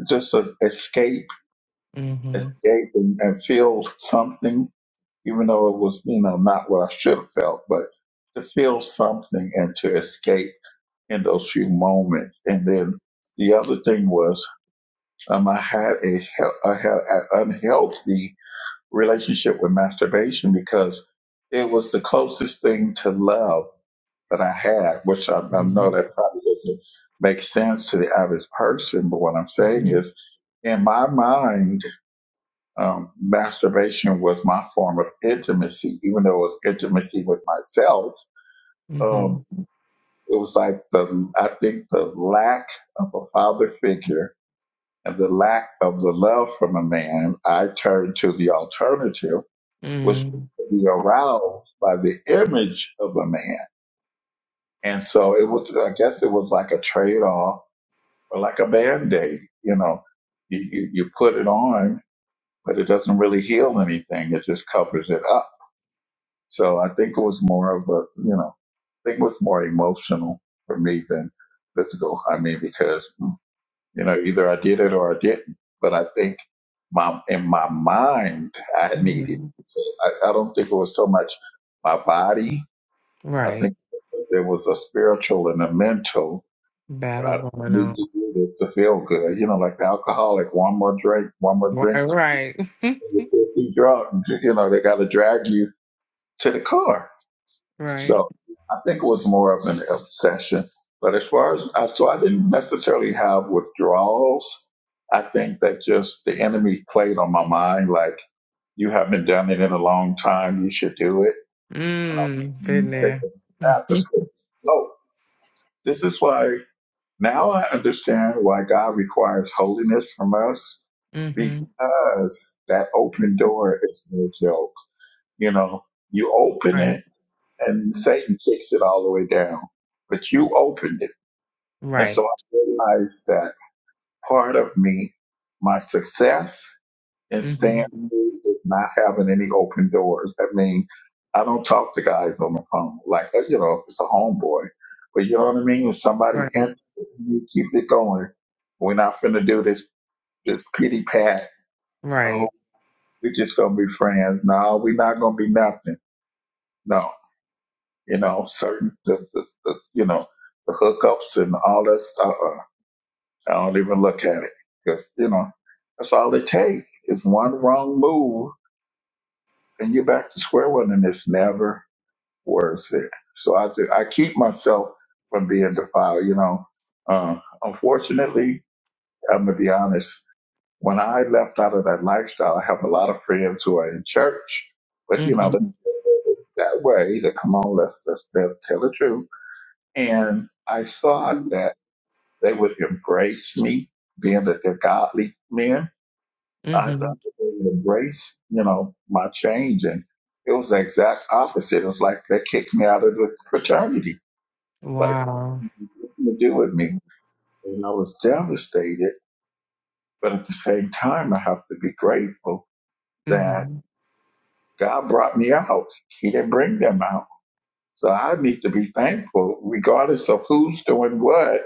K: just a escape,
A: Mm-hmm.
K: escape, and, and feel something even though it was, you know, not what I should have felt, but to feel something and to escape in those few moments. And then the other thing was, um, I had a, he- I had an unhealthy relationship with masturbation because it was the closest thing to love that I had, which I, I know
A: Mm-hmm.
K: that probably doesn't make sense to the average person. But what I'm saying
A: Mm-hmm.
K: is, in my mind, um, masturbation was my form of intimacy, even though it was intimacy with myself. Um,
A: Mm-hmm.
K: it was like the, I think the lack of a father figure and the lack of the love from a man, I turned to the alternative, which was
A: Mm-hmm.
K: to be aroused by the image of a man. And so it was, I guess it was like a trade off or like a band aid, you know, you, you, you put it on, but it doesn't really heal anything. It just covers it up So I think it was more of a, you know, I think it was more emotional for me than physical. I mean, because, you know, either I did it or I didn't, but I think my, in my mind, I needed it. So I, I don't think it was so much my body. I
A: Right.
K: think there was a spiritual and a mental.
A: Battle
K: I
A: going
K: need
A: on.
K: to do this to feel good. You know, like the alcoholic, one more drink, one more
A: Right,
K: drink.
A: right.
K: You're fifty drunk. You know, they got to drag you to the car So
A: Right.
K: I think it was more of an obsession. But as far as I, so I didn't necessarily have withdrawals. I think that just the enemy played on my mind, like you haven't done it in a long time. You should do it.
A: Mm,
K: You
A: been
K: Take
A: there.
K: the path to sleep. Oh, this is why now I understand why God requires holiness from us
A: Mm-hmm.
K: because that open door is no joke. You know, you open
A: Right.
K: it and Satan kicks it all the way down. But you opened it. And
A: Right.
K: so I realized that part of me, my success in staying
A: Mm-hmm.
K: free is not having any open doors. I mean, I don't talk to guys on the phone. Like, you know, it's a homeboy. But you know what I mean? If somebody's
A: Right.
K: interested in me, keep it going. We're not finna do this, this pity pat. Oh,
A: Right.
K: we're just gonna be friends. No, we're not gonna be nothing. No. you know, certain, the, the, the, you know, the hookups and all that stuff. Uh, I don't even look at it because, you know, that's all it takes is one wrong move and you're back to square one and it's never worth it. So I, do- I keep myself from being defiled, you know. Uh, unfortunately, I'm going to be honest. When I left out of that lifestyle, I have a lot of friends who are in church, but you know, that
A: Mm-hmm.
K: that way, that come on, let's, let's tell, tell the truth And I thought that they would embrace me, being that they're godly men. I thought
A: Mm-hmm.
K: that they would embrace, you know, my change. And it was the exact opposite. It was like they kicked me out of the fraternity. Like,
A: Wow.
K: nothing to do with me. And I was devastated. But at the same time, I have to be grateful that
A: Mm-hmm.
K: God brought me out. He didn't bring them out. So I need to be thankful, regardless of who's doing what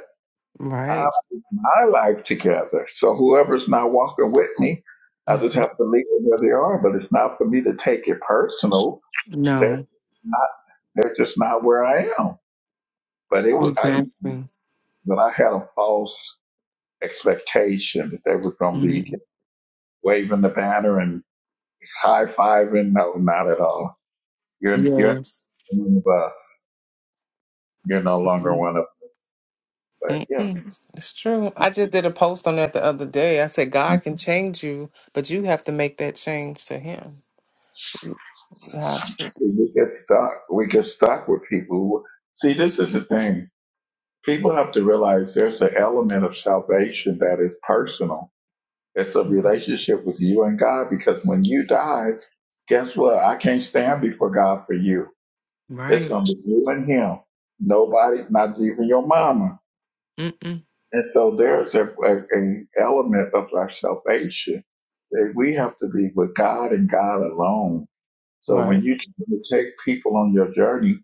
K: I
A: Right.
K: put my life together. So whoever's not walking with me, I
A: hmm
K: just have to leave them where they are. But it's not for me to take it personal. They're
A: No.
K: not, they're just not where I am. But it was I,
A: Exactly.
K: but I had a false expectation that they were going to be
A: Mm-hmm.
K: waving the banner and high fiving. No, not at all. You're you're not
A: Yes.
K: one of us. You're no longer
A: hmm
K: one of us. But yeah,
A: It's true. I just did a post on that the other day. I said, God can change you, but you have to make that change to Him. Yeah.
K: see, we get stuck. We get stuck with people. who- See, this is the thing people have to realize there's an element of salvation that is personal. It's a relationship with you and God because when you die, guess what? I can't stand before God for you. It's
A: Right.
K: going to be you and Him. Nobody, not even your mama.
A: Mm-mm.
K: And so there's a, a, a element of our salvation that we have to be with God and God alone. So
A: Right.
K: when you take people on your journey,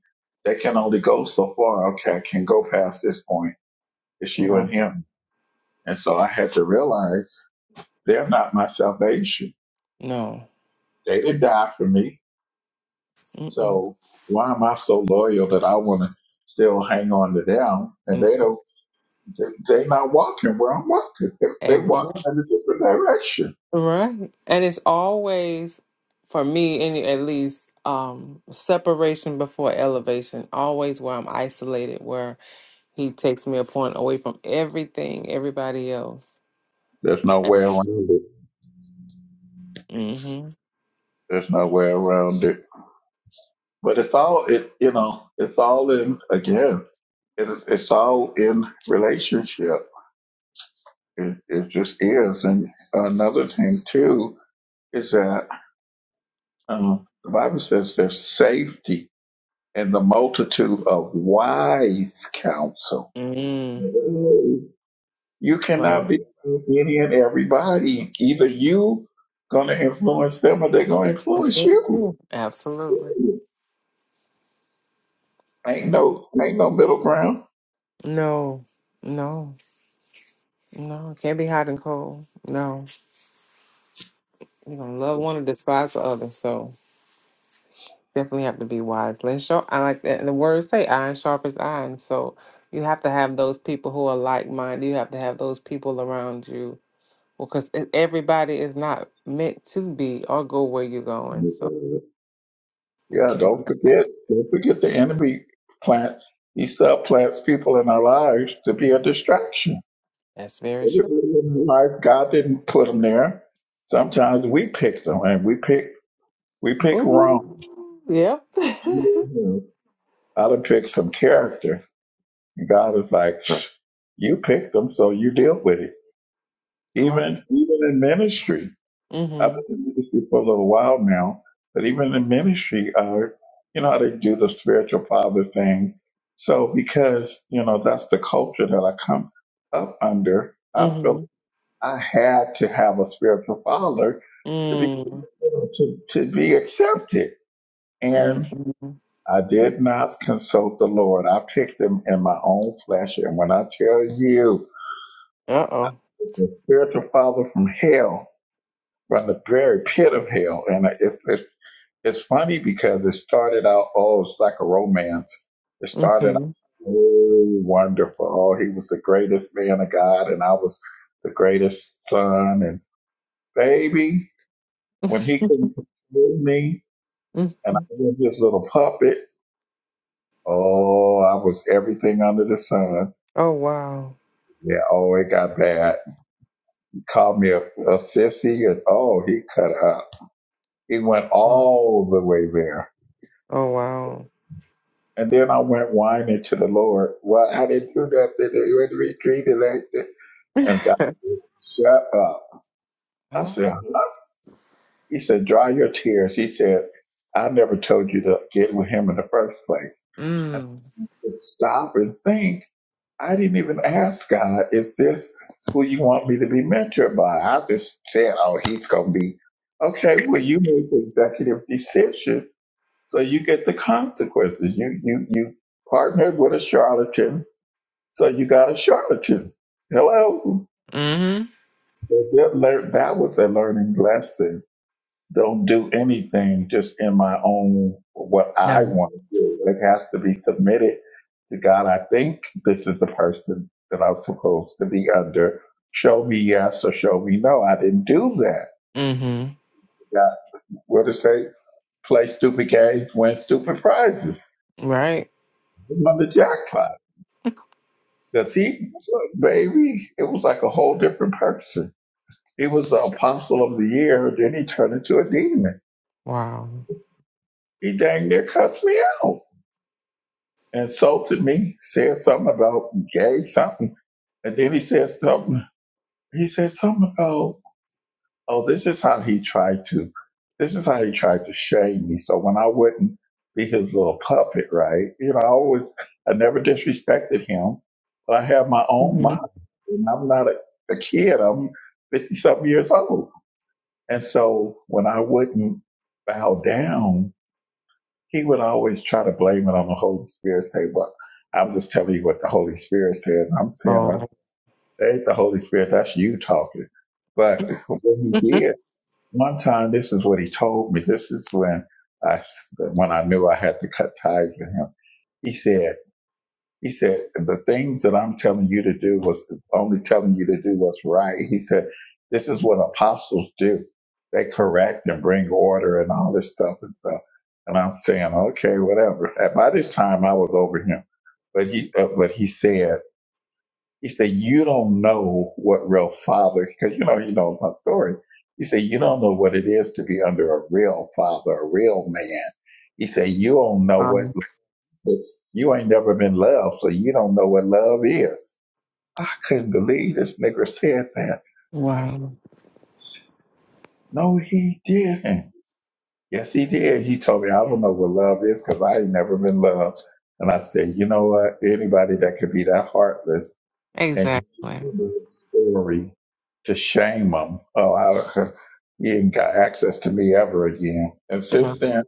K: they can only go so far. Okay, I can go past this point. It's you
A: No,
K: and Him. And so I had to realize they're not my salvation.
A: no.
K: They didn't die for me.
A: Mm-mm.
K: So why am I so loyal that I want to still hang on to them? And
A: Mm.
K: they don't, they, they not walking where I'm walking. They, they
A: And,
K: walking in a different direction.
A: right. And it's always, for me, any at least, um, separation before elevation. Always where I'm isolated, where he takes me a point away from everything, everybody else.
K: There's no way around it.
A: Mm-hmm.
K: There's no way around it. But it's all, it, you know, it's all in, again, it, it's all in relationship. It, it just is. And another thing too, is that Uh, the Bible says there's safety in the multitude of wise counsel.
A: Mm.
K: You cannot
A: Right.
K: be with any and everybody. Either you gonna influence them or they're gonna
A: That's
K: influence
A: what it
K: you.
A: is. Absolutely.
K: Ain't
A: Mm.
K: no ain't no middle ground.
A: No, no, no. Can't be hot and cold. No. You're going to love one and despise the other. So. definitely have to be wise. Let's show. I like that. And The words say iron sharpens iron. So you have to have those people who are like minded. You have to have those people around you because everybody is not meant to be or go where you're going. So you
K: Yeah, don't
A: cannot.
K: forget don't forget the enemy plant he subplants people in our lives to be a distraction.
A: That's very true.
K: Like God didn't put them there. Sometimes we pick them, and we pick we pick wrong.
A: Ooh, yep.
K: I know I have. I done picked some character, and God is like, you picked them, so you deal with it.
A: wow.
K: Even even in ministry, I've
A: Mhm.
K: been in ministry for a little while now, but even in ministry, uh, you know how they do the spiritual father thing. So because you know that's the culture that I come up under, I feel
A: Mhm.
K: I had to have a spiritual father to be
A: Mm.
K: to, to be accepted. And
A: Mm.
K: I did not consult the Lord. I picked him in my own flesh. And when I tell you
A: Uh oh.
K: the spiritual father from hell, from the very pit of hell, and it's it's, it's funny because it started out oh, it's like a romance. It started out
A: Mhm.
K: so wonderful. Oh, he was the greatest man of God, and I was the greatest son. And baby, When he couldn't control me and I
A: Mhm.
K: was his little puppet, oh, I was everything under the sun.
A: Oh wow.
K: Yeah, oh, it got bad. He called me a, a sissy and oh, he cut up. He went
A: Um,
K: all the way there.
A: Oh wow.
K: And then I went whining to the Lord. Well, I didn't do nothing. You went to was retreated like that. And God said, shut up. I
A: Huh?
K: said, he said, dry your tears. He said, I never told you to get with him in the first place. And
A: mm.
K: I had to stop and think. I didn't even ask God, is this who you want me to be mentored by? I just said, oh, he's going to be, okay, well, you made the executive decision, so you get the consequences. You, you, you partnered with a charlatan, so you got a charlatan. Hello.
A: Mhm.
K: So that, lear- that was a learning lesson don't do anything just in my own what I
A: No.
K: want to do. It has to be submitted to God. I think this is the person that I'm supposed to be under. Show me yes or show me no. I didn't do that.
A: Mm-hmm.
K: God, what to say? Play stupid games, win stupid prizes.
A: Right.
K: I won the jackpot. Cause he, baby, it was like a whole different person. He was the apostle of the year. Then he turned into a demon.
A: Wow.
K: He dang near cussed me out. insulted me, said something about gay something, and then he said something. He said something about, oh, this is how he tried to, this is how he tried to shame me. So when I wouldn't be his little puppet, right? You know, I always, I never disrespected him, but I have my own
A: hmm
K: mind, and I'm not a, a kid. I'm fifty something years old, and so when I wouldn't bow down he would always try to blame it on the Holy Spirit, say, Well, I'm just telling you what the Holy Spirit said. And I'm saying, well,
A: Oh.
K: that ain't the Holy Spirit, that's you talking. But what he did, one time, this is what he told me. This is when I when I knew I had to cut ties with him. He said, he said, The things that I'm telling you to do was only telling you to do what's right. He said, This is what apostles do. They correct and bring order and all this stuff and stuff. And I'm saying, okay, whatever. And by this time, I was over him. But he, uh, but he said, he said, you don't know what real father, because you know, you know my story. He said, you don't know what it is to be under a real father, a real man. He said, you don't know what
A: um,
K: but you ain't never been loved, so you don't know what love is. I couldn't believe this nigga said that. I said,
A: wow.
K: no, he didn't. Yes, he did. He told me, I don't know what love is because I ain't never been loved. And I said, you know what? Anybody that could be that heartless and use
A: Exactly.
K: a little story to shame them, oh, I, he ain't got access to me ever again. And since
A: No.
K: then,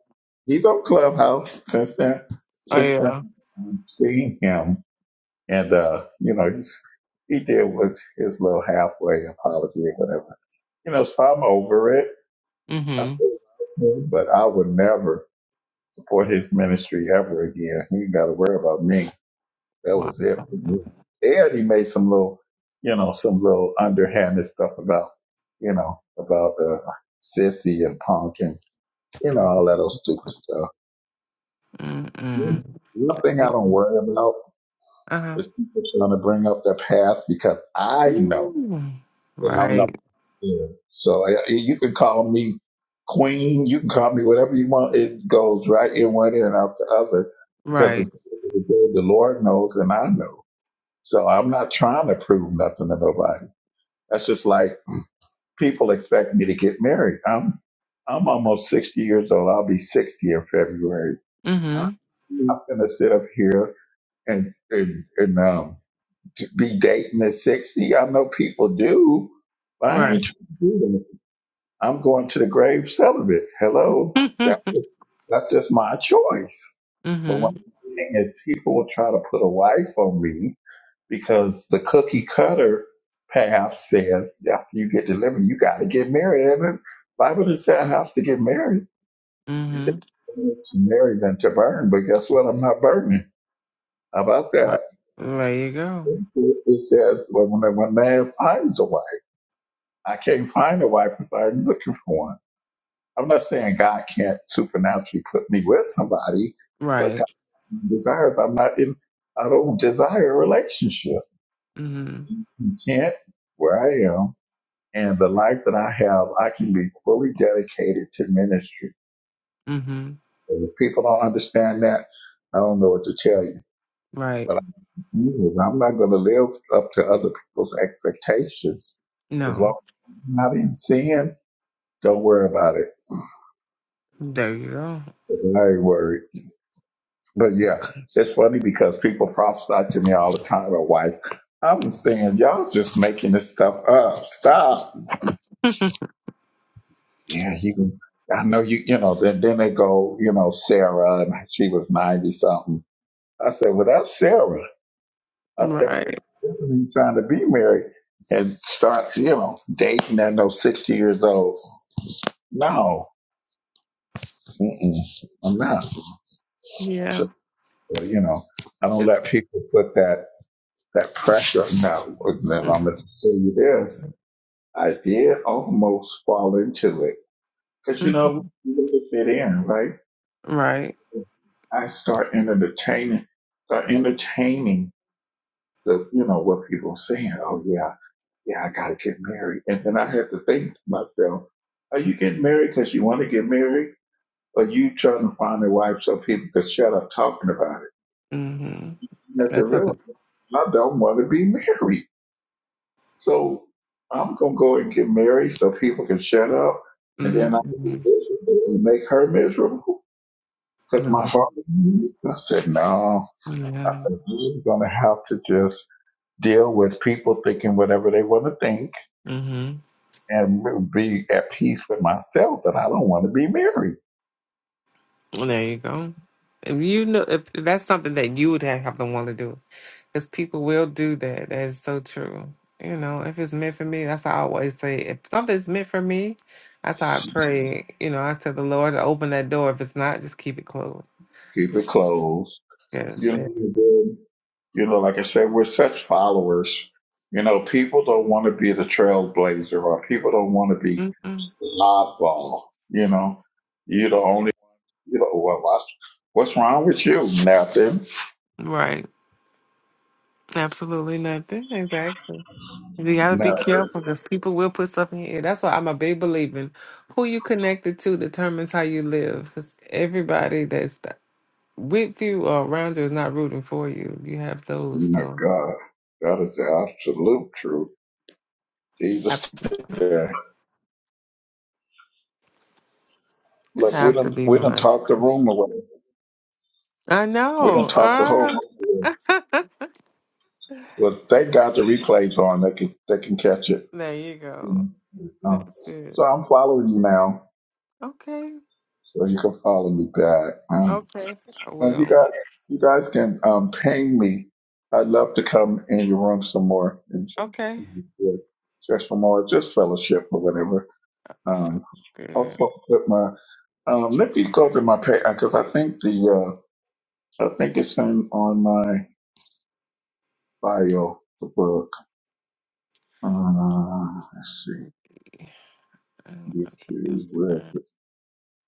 K: he's on Clubhouse. Since then,
A: Oh
K: since then,
A: yeah.
K: I've seen him And, uh, you know, he's, he did with his little halfway apology or whatever. You know, so I'm over it. I
A: Mm-hmm.
K: still love him, but I would never support his ministry ever again. He got to worry about me. That
A: Wow.
K: was it for me. And he made some little, you know, some little underhanded stuff about, you know, about uh, sissy and punk and, you know, all that old stupid stuff. One
A: Mm-mm.
K: one thing I don't worry about
A: Uh-huh.
K: is people trying to bring up their past because I know.
A: Ooh.
K: that I'm not.
A: Right.
K: Yeah. So I, you can call me queen. You can call me whatever you want. It goes right in one ear and out the other because
A: Right.
K: it's the end of the day the Lord knows and I know. So I'm not trying to prove nothing to nobody. That's just like people expect me to get married. I'm I'm almost 60 years old. I'll be 60 in February. I'm
A: Mm-hmm.
K: not going to sit up here and, and, and um, be dating at 60. I know people do, but I
A: Right.
K: ain't trying to do that. I'm going to the grave celibate. Hello, that's
A: mm-hmm.
K: just, that's just my choice. But what I'm saying is, people will try to put a wife on me because the cookie cutter path says after you get delivered, you got to get married. And the Bible didn't say I have to get married. It
A: Mm-hmm.
K: said it's better to marry than to burn. But guess what? I'm not burning. How about
A: Right.
K: that?
A: There you go.
K: It says well, when a when a man finds a wife, I can't find a wife if I'm looking for one. I'm not saying God can't supernaturally put me with somebody, but God
A: Right.
K: desires. I'm not in. I don't desire a relationship.
A: Mm-hmm.
K: I'm content where I am, and the life that I have, I can be fully dedicated to ministry.
A: Mm-hmm.
K: And if people don't understand that, I don't know what to tell you.
A: Right.
K: But I'm is I'm not going to live up to other people's expectations. As
A: No.
K: long as I'm not in sin, don't worry about it.
A: There you
K: I ain't worried. But yeah, it's funny because people prophesy to me all the time. My wife, I'm saying y'all just making this stuff up. Stop.
A: go.
K: Yeah, you can. I know you. You know. Then then they go. You know, Sarah, and she was ninety something. I said, well, that's Sarah. I said,
A: right.
K: Sarah ain't trying to be married and start, you know, dating at no sixty years old. No, mm-mm, I'm not. So,
A: Yeah.
K: you know, I don't let
A: It's.
K: people put that. that pressure. Now, now I'm going to say you this. I did almost fall into it. Because, you
A: mm-hmm.
K: know, you want to fit in, right?
A: Right.
K: I start entertaining, start entertaining the, you know, what people are saying. Oh, yeah, yeah, I got to get married. And then I had to think to myself, are you getting married because you want to get married? Or you trying to find a wife so people can shut up talking about it?
A: Mm-hmm.
K: You have to
A: That's
K: realize
A: something.
K: I don't want to be married. So I'm gonna go and get married so people can shut up, and then I can be
A: Mm-hmm.
K: miserable and make her miserable because my
A: No.
K: heart is in it. I said, no,
A: Yeah.
K: I'm gonna have to just deal with people thinking whatever they want to think
A: Mm-hmm.
K: and be at peace with myself that I don't want to be married.
A: Well, There you go. If you know, if that's something that you would have to want to do, because people will do that. That is so true. You know, if it's meant for me, that's how I always say. If something's meant for me, that's how I pray. You know, I tell the Lord to open that door. If it's not, just keep it closed.
K: Keep it closed. You
A: Yes.
K: know,
A: It,
K: and then, you know, like I said, we're such followers. You know, people don't want to be the trailblazer or people don't want to be
A: mm-mm.
K: It's an Oddball. You know, you the only, you know, well, what's, what's wrong with you? Nothing.
A: Right. Absolutely nothing. Exactly. You gotta be
K: No.
A: careful because people will put stuff in your ear. That's why I'm a big believer in who you connected to determines how you live. Because everybody that's th- with you or around you is not rooting for you. You have those,
K: My
A: so
K: God, that is the absolute truth.
A: have
K: Jesus. Yeah. Look, we
A: have to
K: didn't,
A: be
K: we didn't
A: mindful.
K: talk the room away.
A: I
K: We
A: know.
K: didn't talk the whole
A: Uh,
K: room away. Well, thank God the replays on. They can, they can catch it.
A: there you go.
K: Um,
A: That's it.
K: so I'm following you now.
A: Okay.
K: So you can follow me back. Um,
A: Okay. I
K: Uh, you
A: will.
K: guys, you guys can um, ping me. I'd love to come in your room some more and
A: Okay.
K: and just just for more, just fellowship or whatever. Um,
A: Sounds good.
K: also put my um, let me go to my page because I think the uh, I think it's in on my bio the book. Uh, let's see,
A: Yeah, I don't know to
K: YouTube. Where is
A: Instagram.
K: it?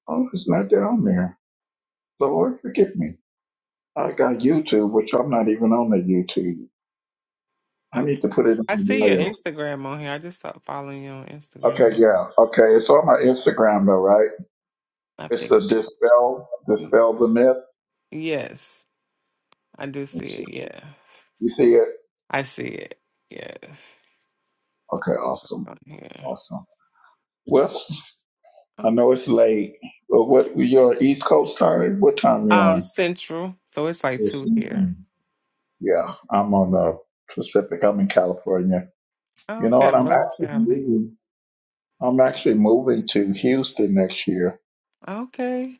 K: Oh, it's not down there. Lord, forgive me. I got YouTube, which I'm not even on the YouTube. I need
A: Okay.
K: to put it in
A: I
K: the
A: see your
K: bio.
A: Instagram on here. I just stopped following you on
K: Okay,
A: Instagram.
K: yeah. Okay, it's on my Instagram though, right?
A: I
K: It's
A: think
K: the
A: so.
K: dispel,
A: Y-
K: dispel the myth.
A: Yes, I do see
K: Let's see.
A: it. Yeah,
K: You see it?
A: I see it. Yes.
K: Okay, awesome,
A: Oh, Yeah.
K: awesome. Well,
A: Oh,
K: I know it's late, but what your East Coast time? What time you
A: Um,
K: on?
A: Central. So it's like
K: It's
A: two here.
K: Eastern. Yeah, I'm on the Pacific. I'm in California. You know
A: Okay, I
K: what? I'm
A: love
K: actually
A: Cali.
K: moving. I'm actually moving to Houston next year.
A: Okay,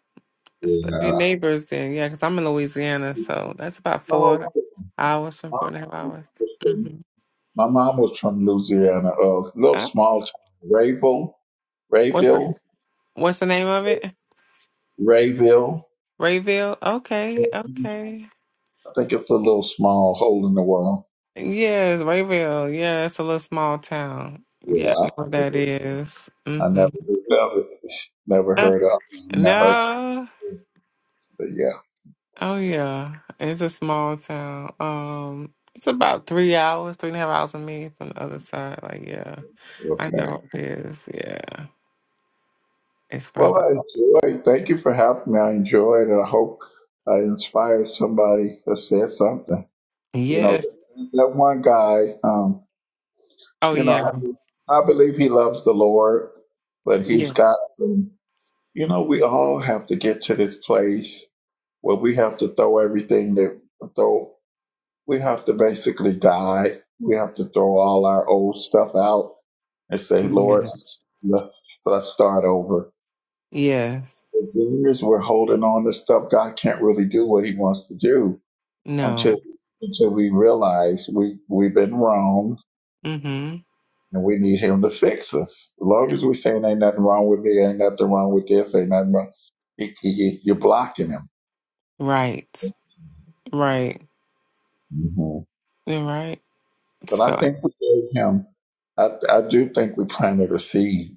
A: it's the we
K: Yeah.
A: neighbors then. Yeah, because I'm in Louisiana, so that's about
K: Oh,
A: four hours from four and a half hours.
K: awesome.
A: Mm-hmm.
K: My mom was from Louisiana, a little small town, Rayville,
A: what's the
K: Rayville,
A: What's the name of it?
K: Rayville.
A: Rayville. Okay.
K: I
A: Okay.
K: think it's a little small hole in the wall.
A: Yes, Rayville. Yeah, it's a little small town.
K: Yeah,
A: Yeah, I
K: I,
A: know what
K: heard of
A: that
K: it.
A: is.
K: I
A: Mm-hmm.
K: never heard of it. Never
A: Uh,
K: heard of it. I mean, I heard of
A: no.
K: it, but yeah,
A: Oh yeah. It's a small town. Um it's about three hours, three and a half hours from me. It's on the other side. Like, yeah. I
K: okay.
A: know it is. Yeah. It's
K: Well,
A: further.
K: I enjoyed. Thank you for having me. I enjoyed. and I hope I inspired somebody that said something. You know,
A: Yes.
K: that one guy, um,
A: Oh
K: you
A: yeah.
K: know, I believe he loves the Lord, but
A: Yeah.
K: he's got some. You know, we all have to get to this place where we have to throw everything that throw. We have to basically die. We have to throw all our old stuff out and say, Lord,
A: Yes.
K: let's let's start over.
A: Yes.
K: As long as we're holding on to stuff, God can't really do what He wants to do until
A: No.
K: until we realize we we've been wrong
A: Mm-hmm.
K: and we need Him to fix us. As long as we're saying ain't nothing wrong with me, ain't nothing wrong with this, ain't nothing wrong, you, you, you're blocking Him.
A: Right. Right.
K: Mhm.
A: You're right.
K: But I
A: So
K: think we gave him, I, I do think we planted a seed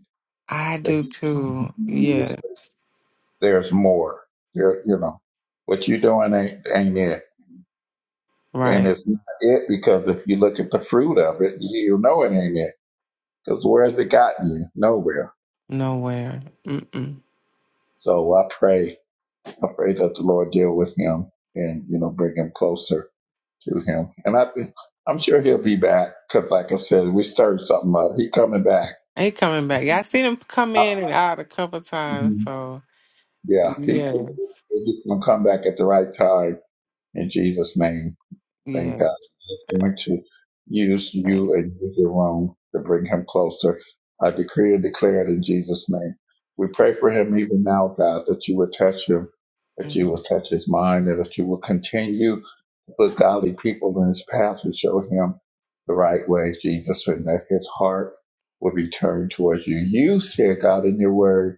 A: I
K: that
A: do
K: he, he
A: too.
K: knows
A: Yeah.
K: that there's more. There, you know, what you're doing ain't, ain't it. And
A: Right.
K: it's not it because if you look at the fruit of it, you know it ain't it. Because where has it gotten you? Nowhere.
A: Nowhere. Mm-mm.
K: So I pray, I pray that the Lord deal with him and, you know, bring him closer to him. And I think, I'm sure he'll be back because like I said, we stirred something up. He coming back.
A: Ain't coming back. Yeah, I seen him come in and out a couple times, so
K: Yeah, he's gonna do it.
A: Yes.
K: He's just gonna come back at the right time in Jesus' name. Thank
A: Yeah.
K: God. He's going to use you
A: Right.
K: and use your room to bring him closer. I decree and declare it in Jesus' name. We pray for him even now, God, that you would touch him, that you
A: Mhm.
K: will touch his mind, and that you will continue but godly people in his path would show him the right way, Jesus, and that his heart will be turned towards you. You said, God, in your word,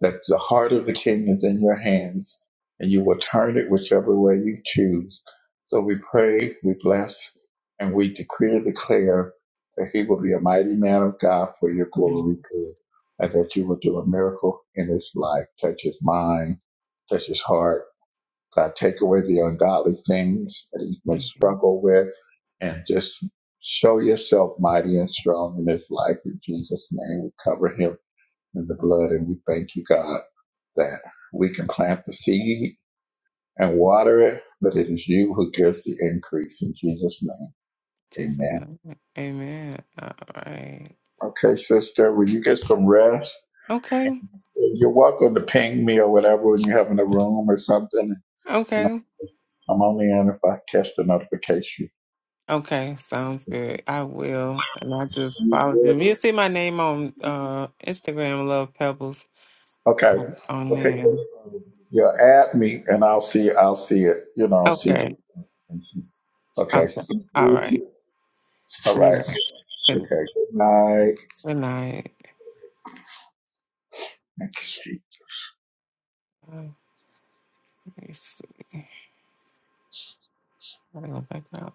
K: that the heart of the king is in your hands, and you will turn it whichever way you choose. So we pray, we bless, and we decree and declare that he will be a mighty man of God for your
A: Mhm.
K: glory good, and that you will do a miracle in his life, touch his mind, touch his heart God take away the ungodly things that he may
A: Mhm.
K: struggle with and just show yourself mighty and strong in his life. In Jesus' name, we cover him in the blood and we thank you, God, that we can plant the seed and water it, but it is you who gives the increase in Jesus' name.
A: Jesus.
K: Amen.
A: name. Amen. All right.
K: Okay, sister, will you get some rest?
A: Okay.
K: You're welcome to ping me or whatever when you have in a room or something. And
A: Okay.
K: I'll come on in if I catch the notification.
A: Okay. Sounds good. I will. And I just followed them. You'll see my name on uh Instagram, Love Pebbles.
K: Okay.
A: On
K: Okay.
A: there.
K: Yeah, add me and I'll see I'll see it. You know, I'll see the
A: Okay.
K: Okay.
A: Okay. All right.
K: All right.
A: Yes. Good,
K: Okay. Good night.
A: good night.
K: Thank you.
A: Uh, Let me see. I go back out.